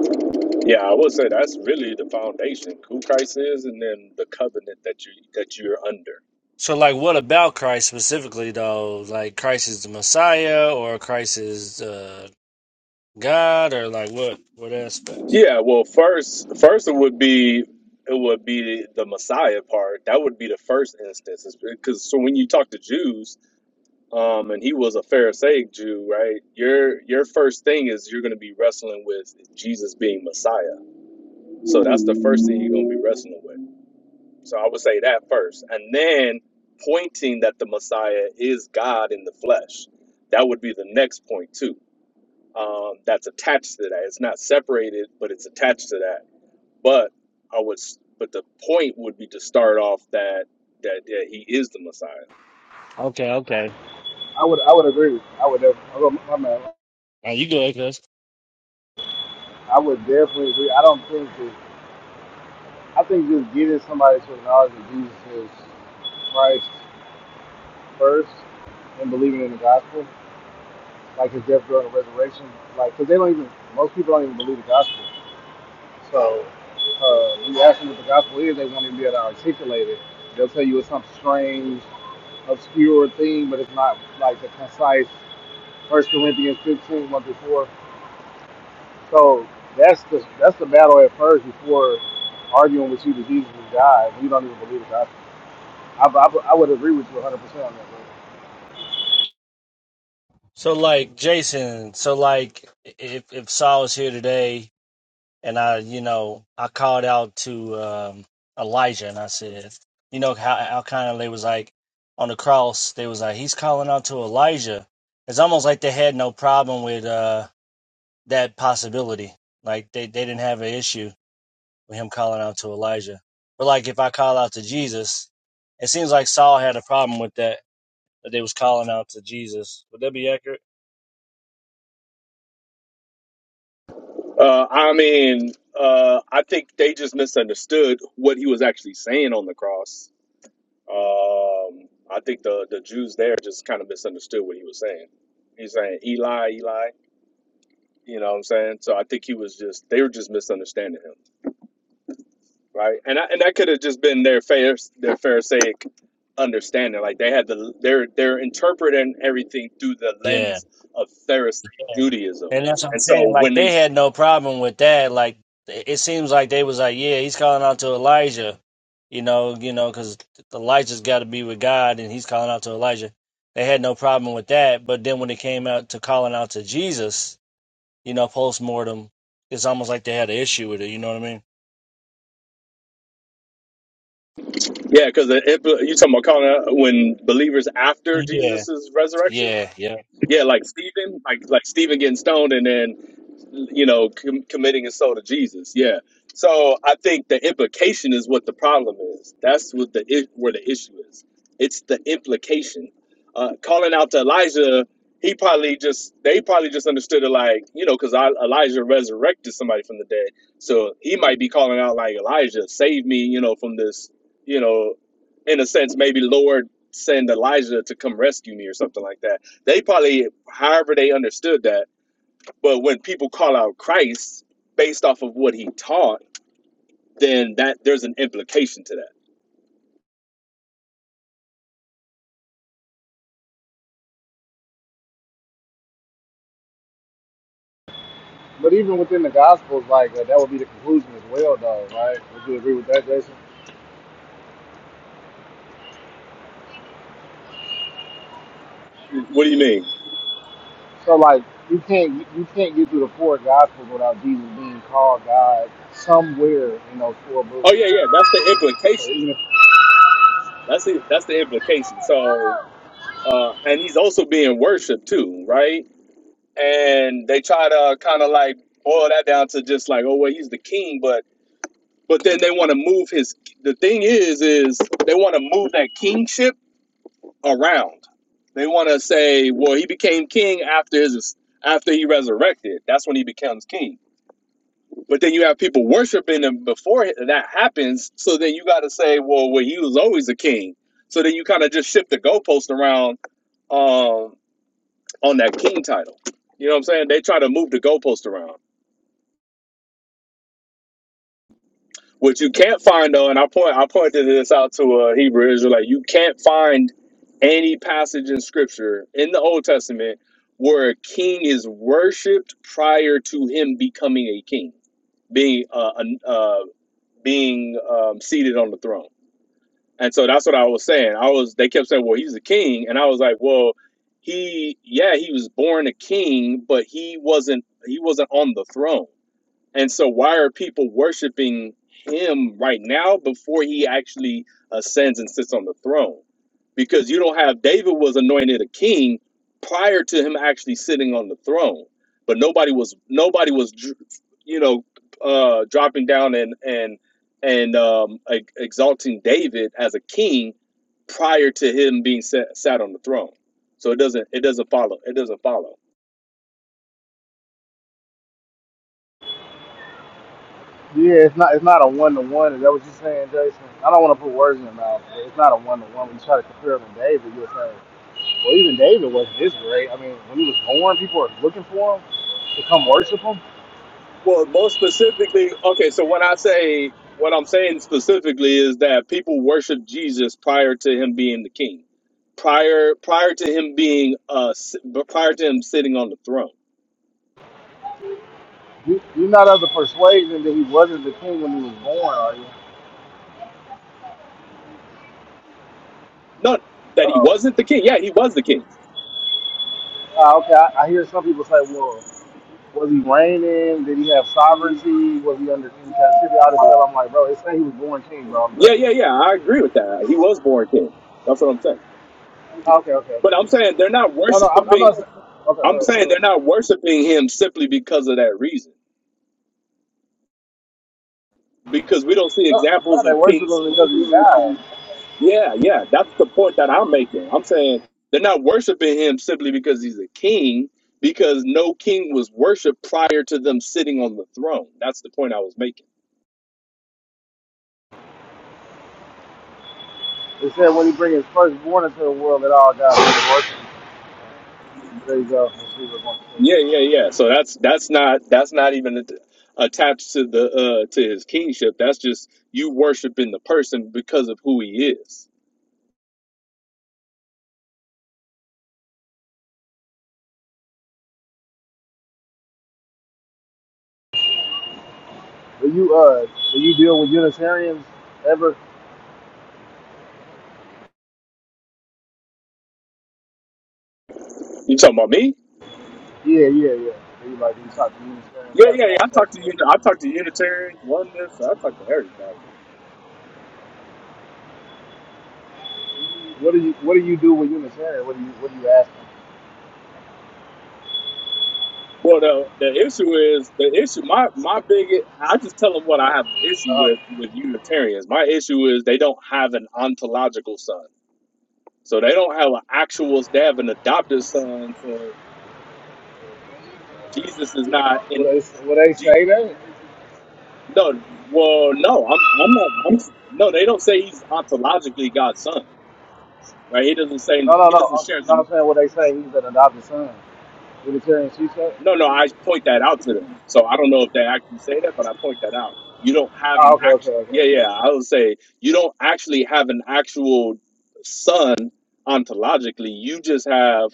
Speaker 15: Yeah, I would say that's really the foundation, who Christ is, and then the covenant that you that you're under.
Speaker 2: So like what about Christ specifically though? Like Christ is the Messiah or Christ is uh, God or like what what aspects?
Speaker 15: Yeah, well, first, first it would be it would be the Messiah part. That would be the first instance, because so when you talk to Jews, um, and he was a Pharisaic Jew, right? Your your first thing is you're going to be wrestling with Jesus being Messiah. So that's the first thing you're going to be wrestling with. So I would say that first. And then pointing that the Messiah is God in the flesh. That would be the next point, too. Um, that's attached to that. It's not separated, but it's attached to that. But I would, s- but the point would be to start off that that, that he is the Messiah.
Speaker 2: Okay, okay.
Speaker 1: I would I would agree. I would def- I would- my man,
Speaker 2: Are you good, cuz?
Speaker 1: I would definitely agree. I don't think that I think just giving somebody to the knowledge of Jesus is Christ first and believing in the gospel, like his death, burial, and resurrection, like because they don't even most people don't even believe the gospel. So uh, when you ask them what the gospel is, they won't even be able to articulate it. They'll tell you it's some strange, obscure thing, but it's not like the concise First Corinthians fifteen, one 1 through 4. So that's the that's the battle at first before arguing with you that Jesus is God. You don't even believe the gospel. I, I, I would agree with you 100 percent on that. Bro.
Speaker 2: So like Jason, so like if if Saul was here today, and I, you know, I called out to um, Elijah and I said, you know, how Elkanah they was like on the cross, they was like, he's calling out to Elijah. It's almost like they had no problem with uh, that possibility. Like they, they didn't have an issue with him calling out to Elijah. But like if I call out to Jesus, it seems like Saul had a problem with that, that they was calling out to Jesus. Would that be accurate?
Speaker 15: Uh, I mean, uh, I think they just misunderstood what he was actually saying on the cross. Um, I think the the Jews there just kind of misunderstood what he was saying. He's saying Eli, Eli. You know what I'm saying? So I think he was just they were just misunderstanding him, right? And I, and that could have just been their fair their Pharisaic understanding. Like they had the they're they're interpreting everything through the
Speaker 2: Yeah.
Speaker 15: lens of Pharisee Judaism.
Speaker 2: And that's what I'm
Speaker 15: And
Speaker 2: saying.
Speaker 15: so
Speaker 2: Like
Speaker 15: when they
Speaker 2: they had no problem with that. Like it it seems like they was like, yeah, he's calling out to Elijah, you know, you know, because Elijah's got to be with God, and he's calling out to Elijah. They had no problem with that. But then when it came out to calling out to Jesus, you know, post mortem, it's almost like they had an issue with it. You know what I
Speaker 15: yeah, because you talking about calling out when believers after
Speaker 2: mean? Yeah.
Speaker 15: Jesus's resurrection,
Speaker 2: Yeah. Yep.
Speaker 15: yeah, like Stephen, like like Stephen getting stoned, and then you know, com- committing his soul to Jesus. Yeah. So I think the implication is what the problem is. That's what the i- where the issue is. It's the implication. Uh, calling out to Elijah, he probably just they probably just understood it like you know because Elijah resurrected somebody from the dead, so he might be calling out like Elijah, save me, you know, from this, you know, in a sense maybe Lord send Elijah to come rescue me or something like that. They probably however they understood that but when people call out Christ based off of what he taught, then that there's an implication to that.
Speaker 1: But even within the Gospels, like uh, that would be the conclusion as well, though, right? Would you agree with that, Jason?
Speaker 15: What do you mean?
Speaker 1: So like you can't you can't get through the four Gospels without Jesus being called God somewhere in those four books.
Speaker 15: Oh yeah, yeah, that's the
Speaker 1: So
Speaker 15: implication.
Speaker 1: even if
Speaker 15: That's the that's the implication. So uh and he's also being worshiped too, right? And they try to kind of like boil that down to just like, oh well, he's the king, but but then they want to move his the thing is is they want to move that kingship around. They want to say, well, he became king after his after he resurrected. That's when he becomes king. But then you have people worshiping him before that happens. So then you got to say, well, well, he was always a king. So then you kind of just shift the goalpost around um, on that king title. You know what I'm saying? They try to move the goalpost around. What you can't find though, and I point I pointed this out to a Hebrew Israelite, you can't find any passage in scripture in the Old Testament where a king is worshipped prior to him becoming a king, being uh, an- uh being um, seated on the throne. And so that's what I was saying. I was they kept saying, "Well, he's a king," and I was like, "Well, he yeah, he was born a king, but he wasn't he wasn't on the throne." And so, why are people worshiping him right now before he actually ascends and sits on the throne? Because you don't have David was anointed a king prior to him actually sitting on the throne, but nobody was nobody was dr- you know uh, dropping down and and and um, e- exalting David as a king prior to him being sat, sat on the throne. So it doesn't it doesn't follow it doesn't follow.
Speaker 1: yeah, it's not it's not a one to one. Is that what you're saying, Jason? I don't want to put words in your mouth. But it's not a one to one. When you try to compare him to David, you are saying, well, even David wasn't this great. I mean, when he was born, people were looking for him to come worship him.
Speaker 15: Well, most specifically, okay, so when I say what I'm saying specifically is that people worship Jesus prior to him being the king, prior prior to him being uh si- but prior to him sitting on the throne.
Speaker 1: You, you're not of the persuasion that he wasn't the king when he was born, are you?
Speaker 15: Not that he
Speaker 1: Uh-oh.
Speaker 15: wasn't the king. Yeah, he was the king.
Speaker 1: Uh, okay, I, I hear some people say, well, was he reigning? Did he have sovereignty? Was he under in captivity? All this stuff. I'm like, bro, it's saying he was born king, bro, on the
Speaker 15: Yeah,
Speaker 1: page.
Speaker 15: yeah, yeah. I agree with that. He was born king. That's what I'm saying.
Speaker 1: Ah, Okay, okay,
Speaker 15: But
Speaker 1: okay.
Speaker 15: I'm saying they're not
Speaker 1: No, no, I'm, I'm
Speaker 15: worshiping.
Speaker 1: not saying. Okay,
Speaker 15: I'm
Speaker 1: go ahead.
Speaker 15: saying they're not worshiping him simply because of that reason. Because we don't see
Speaker 1: No, no,
Speaker 15: examples of
Speaker 1: they worship
Speaker 15: kings.
Speaker 1: him because he's God.
Speaker 15: Yeah, yeah, that's the point that I'm making. I'm saying they're not worshiping him simply because he's a king, because no king was worshipped prior to them sitting on the throne. That's the point I was making.
Speaker 1: It said when he bring his firstborn into the world, that all God will worship him. There you go. Let's see what I'm saying.
Speaker 15: Yeah, yeah, yeah. So that's that's not that's not even at- attached to the uh to his kingship. That's just you worshiping the person because of who he is.
Speaker 1: Do you, uh, do you deal with Unitarians ever?
Speaker 15: You talking about me?
Speaker 1: Yeah, yeah, yeah. Everybody, like you talk to Unitarian, they
Speaker 15: Yeah,
Speaker 1: have a
Speaker 15: yeah, yeah. I talk
Speaker 1: conversation.
Speaker 15: to you.
Speaker 1: with them.
Speaker 15: I talk to Unitarians, oneness. I talk to everybody.
Speaker 1: What do you What do you do with Unitarian? What do you What do you ask them?
Speaker 15: Well, the the issue is the issue. My my big. I just tell them what I have an issue with with Unitarians. My issue is they don't have an ontological son, so they don't have an actual. They have an adopted son, so Jesus is not
Speaker 1: uh What
Speaker 15: in.
Speaker 1: they What they
Speaker 15: G,
Speaker 1: say that?
Speaker 15: no, well, no, I'm I'm not. I'm no. They don't say he's ontologically God's son, right? He doesn't say
Speaker 1: No, no,
Speaker 15: he doesn't
Speaker 1: no.
Speaker 15: share
Speaker 1: I'm
Speaker 15: the.
Speaker 1: not saying what they say. He's an adopted son. Unitarian, she said.
Speaker 15: No, no, I point that out to them. So I don't know if they actually say that, but I point that out. You don't have an
Speaker 1: Oh, okay, okay,
Speaker 15: actual,
Speaker 1: okay.
Speaker 15: yeah, yeah.
Speaker 1: okay.
Speaker 15: I would say you don't actually have an actual son ontologically. You just have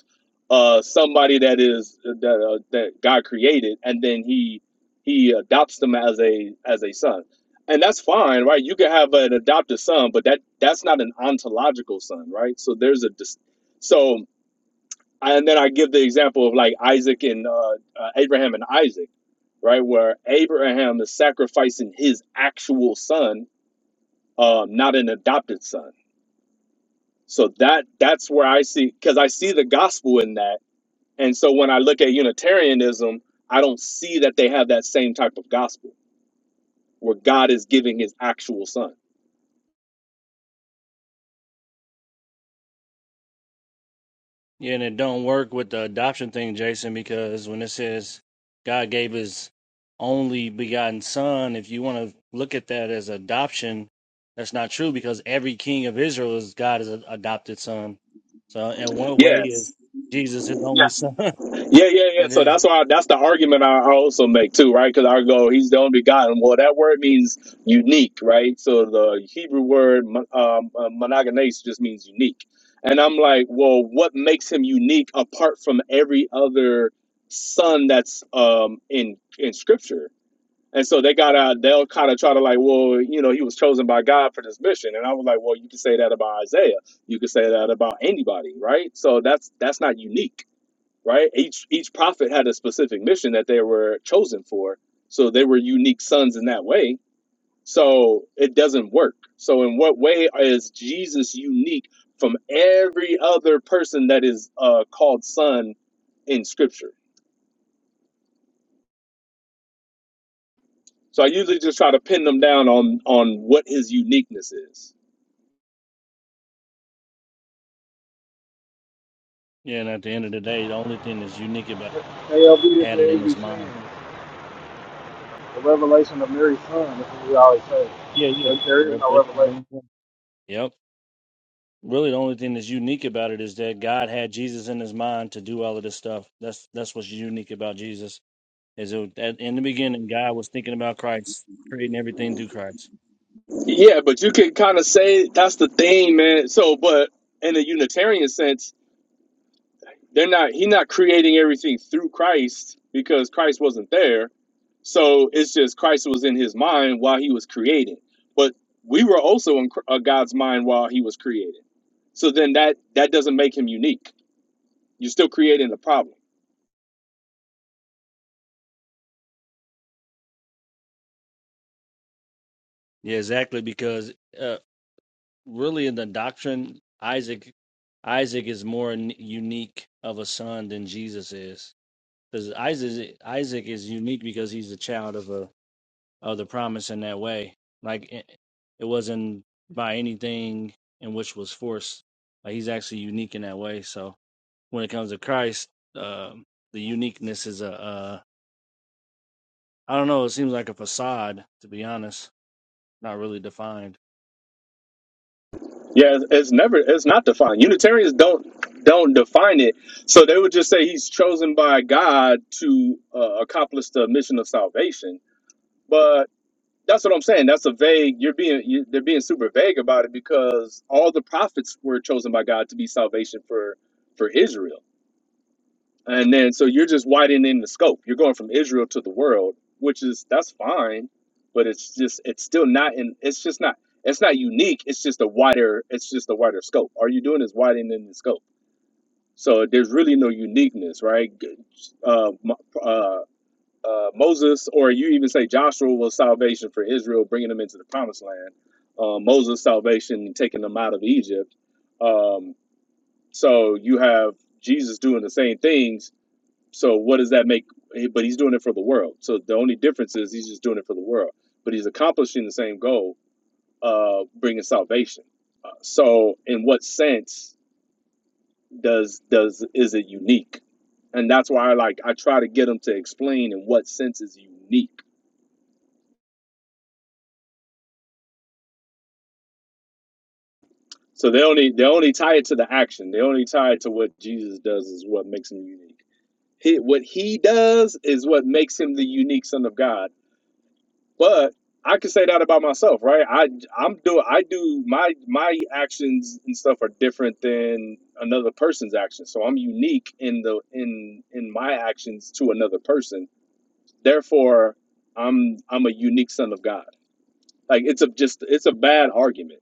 Speaker 15: uh, somebody that is that uh, that God created, and then he he adopts them as a as a son, and that's fine, right? You can have an adopted son, but that that's not an ontological son, right? So there's a dis- so and then I give the example of like Isaac and uh, uh, Abraham and Isaac, right? Where Abraham is sacrificing his actual son, um, not an adopted son. So that that's where I see because I see the gospel in that, and so when I look at Unitarianism, I don't see that they have that same type of gospel where God is giving His actual son.
Speaker 2: Yeah, and it don't work with the adoption thing, Jason, because when it says God gave his only begotten son, if you want to look at that as adoption, that's not true because every king of Israel is God's adopted son. So in one way is
Speaker 15: Yes.
Speaker 2: Jesus his only son.
Speaker 15: Yeah, yeah, yeah.
Speaker 2: and
Speaker 15: So
Speaker 2: then
Speaker 15: that's why that's the argument I I also make too, right? Because I go, he's the only God, and well, that word means unique, right? So the Hebrew word mon- um, uh, monogenes just means unique, and I'm like, well, what makes him unique apart from every other son that's um, in in Scripture? And so they gotta they'll kind of try to like, well, you know, he was chosen by God for this mission, and I was like, well, you can say that about Isaiah, you can say that about anybody, right? So that's that's not unique right? Each each prophet had a specific mission that they were chosen for, so they were unique sons in that way. So it doesn't work. So in what way is Jesus unique from every other person that is uh, called son in Scripture? So I usually just try to pin them down on on what his uniqueness is.
Speaker 2: yeah, and at the end of the day, the only thing that's unique about
Speaker 1: KLB
Speaker 2: it,
Speaker 1: is
Speaker 2: had it
Speaker 1: what we
Speaker 2: in his
Speaker 1: be
Speaker 2: mind.
Speaker 1: seeing. The revelation of Mary's son. That's what we always say.
Speaker 2: Yeah, yeah.
Speaker 1: There, there is no revelation.
Speaker 2: Revelation 1. Really, the only thing that's unique about it is that God had Jesus in His mind to do all of this stuff. That's that's what's unique about Jesus. Is it, at, in the beginning, God was thinking about Christ, creating everything through Christ.
Speaker 15: Yeah, but you can kind of say that's the thing, man. So, but in a Unitarian sense They're not he's not creating everything through Christ because Christ wasn't there. So it's just Christ was in his mind while he was creating. But we were also in Cr- uh, God's mind while he was creating. So then that that doesn't make him unique. You're still creating the problem.
Speaker 2: Yeah, exactly. Because uh, really, in the doctrine, Isaac, Isaac is more n- unique of a son than Jesus is. Because Isaac, Isaac is unique because he's a child of a of the promise in that way. Like it, it wasn't by anything in which was forced. Like he's actually unique in that way. So when it comes to Christ, um the uniqueness is a, a I don't know. It seems like a facade, to be honest. Not really defined.
Speaker 15: Yeah, it's it's never it's not defined. Unitarians don't don't define it. So they would just say he's chosen by God to uh, accomplish the mission of salvation. That's what I'm saying. That's a vague. You're being you, they're being super vague about it because all the prophets were chosen by God to be salvation for for Israel, and then so you're just widening the scope. You're going from Israel to the world, which is that's fine, but it's just it's still not in. It's just not. It's not unique. It's just a wider. It's just a wider scope. All you're doing is widening the scope. So there's really no uniqueness, right? Good. Uh, m- uh, uh, Moses, or you even say Joshua was salvation for Israel, bringing them into the promised land. Uh, Moses' salvation, taking them out of Egypt. Um, so you have Jesus doing the same things. So what does that make? But he's doing it for the world. So the only difference is he's just doing it for the world. But he's accomplishing the same goal, uh, bringing salvation. Uh, so in what sense does does is it unique? And that's why I like I try to get them to explain in what sense is unique So they only they only tie it to the action. They only tie it to what Jesus does is what makes him unique. He, what he does is what makes him the unique son of God. But I can say that about myself, right? I I'm do I do my my actions and stuff are different than another person's actions. So I'm unique in the in in my actions to another person. Therefore, I'm I'm a unique son of God. Like it's a just it's a bad argument.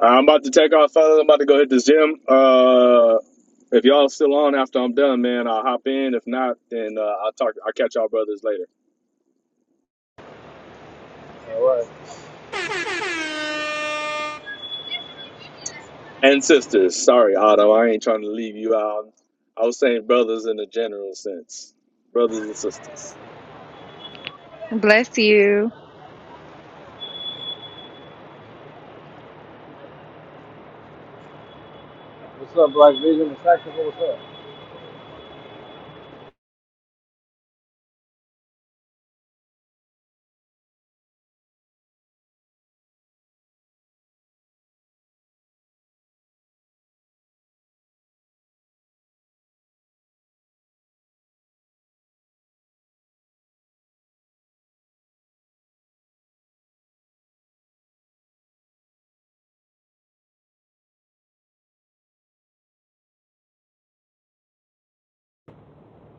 Speaker 15: I'm about to take off. I'm about to go hit this gym. Uh, If y'all still on after I'm done, man, I'll hop in. If not, then uh, I'll talk. I'll catch y'all brothers later
Speaker 1: All right.
Speaker 15: and sisters. Sorry, Otto, I ain't trying to leave you out. I was saying brothers in a general sense, brothers and sisters.
Speaker 8: Bless you."
Speaker 1: What's up, Black Vision and Tactical? What's up?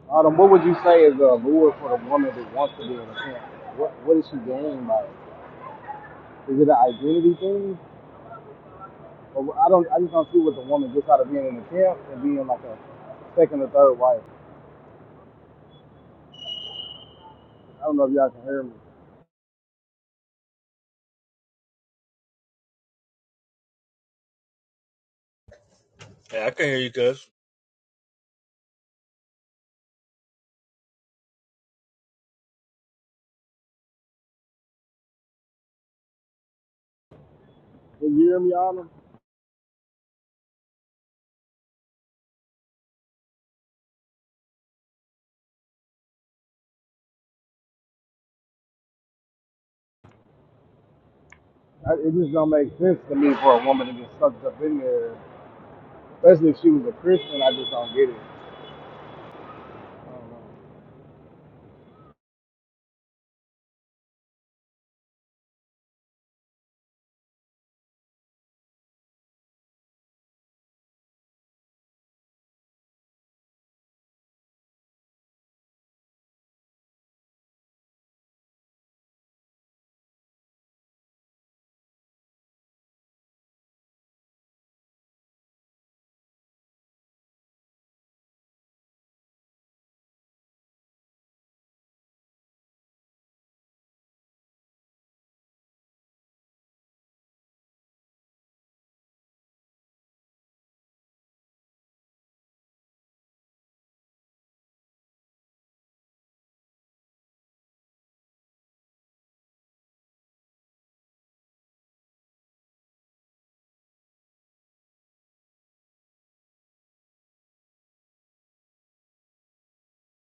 Speaker 1: Autumn, what would you say is the lure for the woman that wants to be in a tent? What What is she gaining by it? Is it an identity thing? Or I don't. I just don't see what the woman gets out of being in a camp and being like a second or third wife. I don't know if y'all can hear me.
Speaker 2: Yeah, I can hear you, cuz.
Speaker 1: Can you hear me, Autumn? it just don't make sense to me for a woman to get sucked up in there, especially if she was a Christian. I just don't get it. I don't know.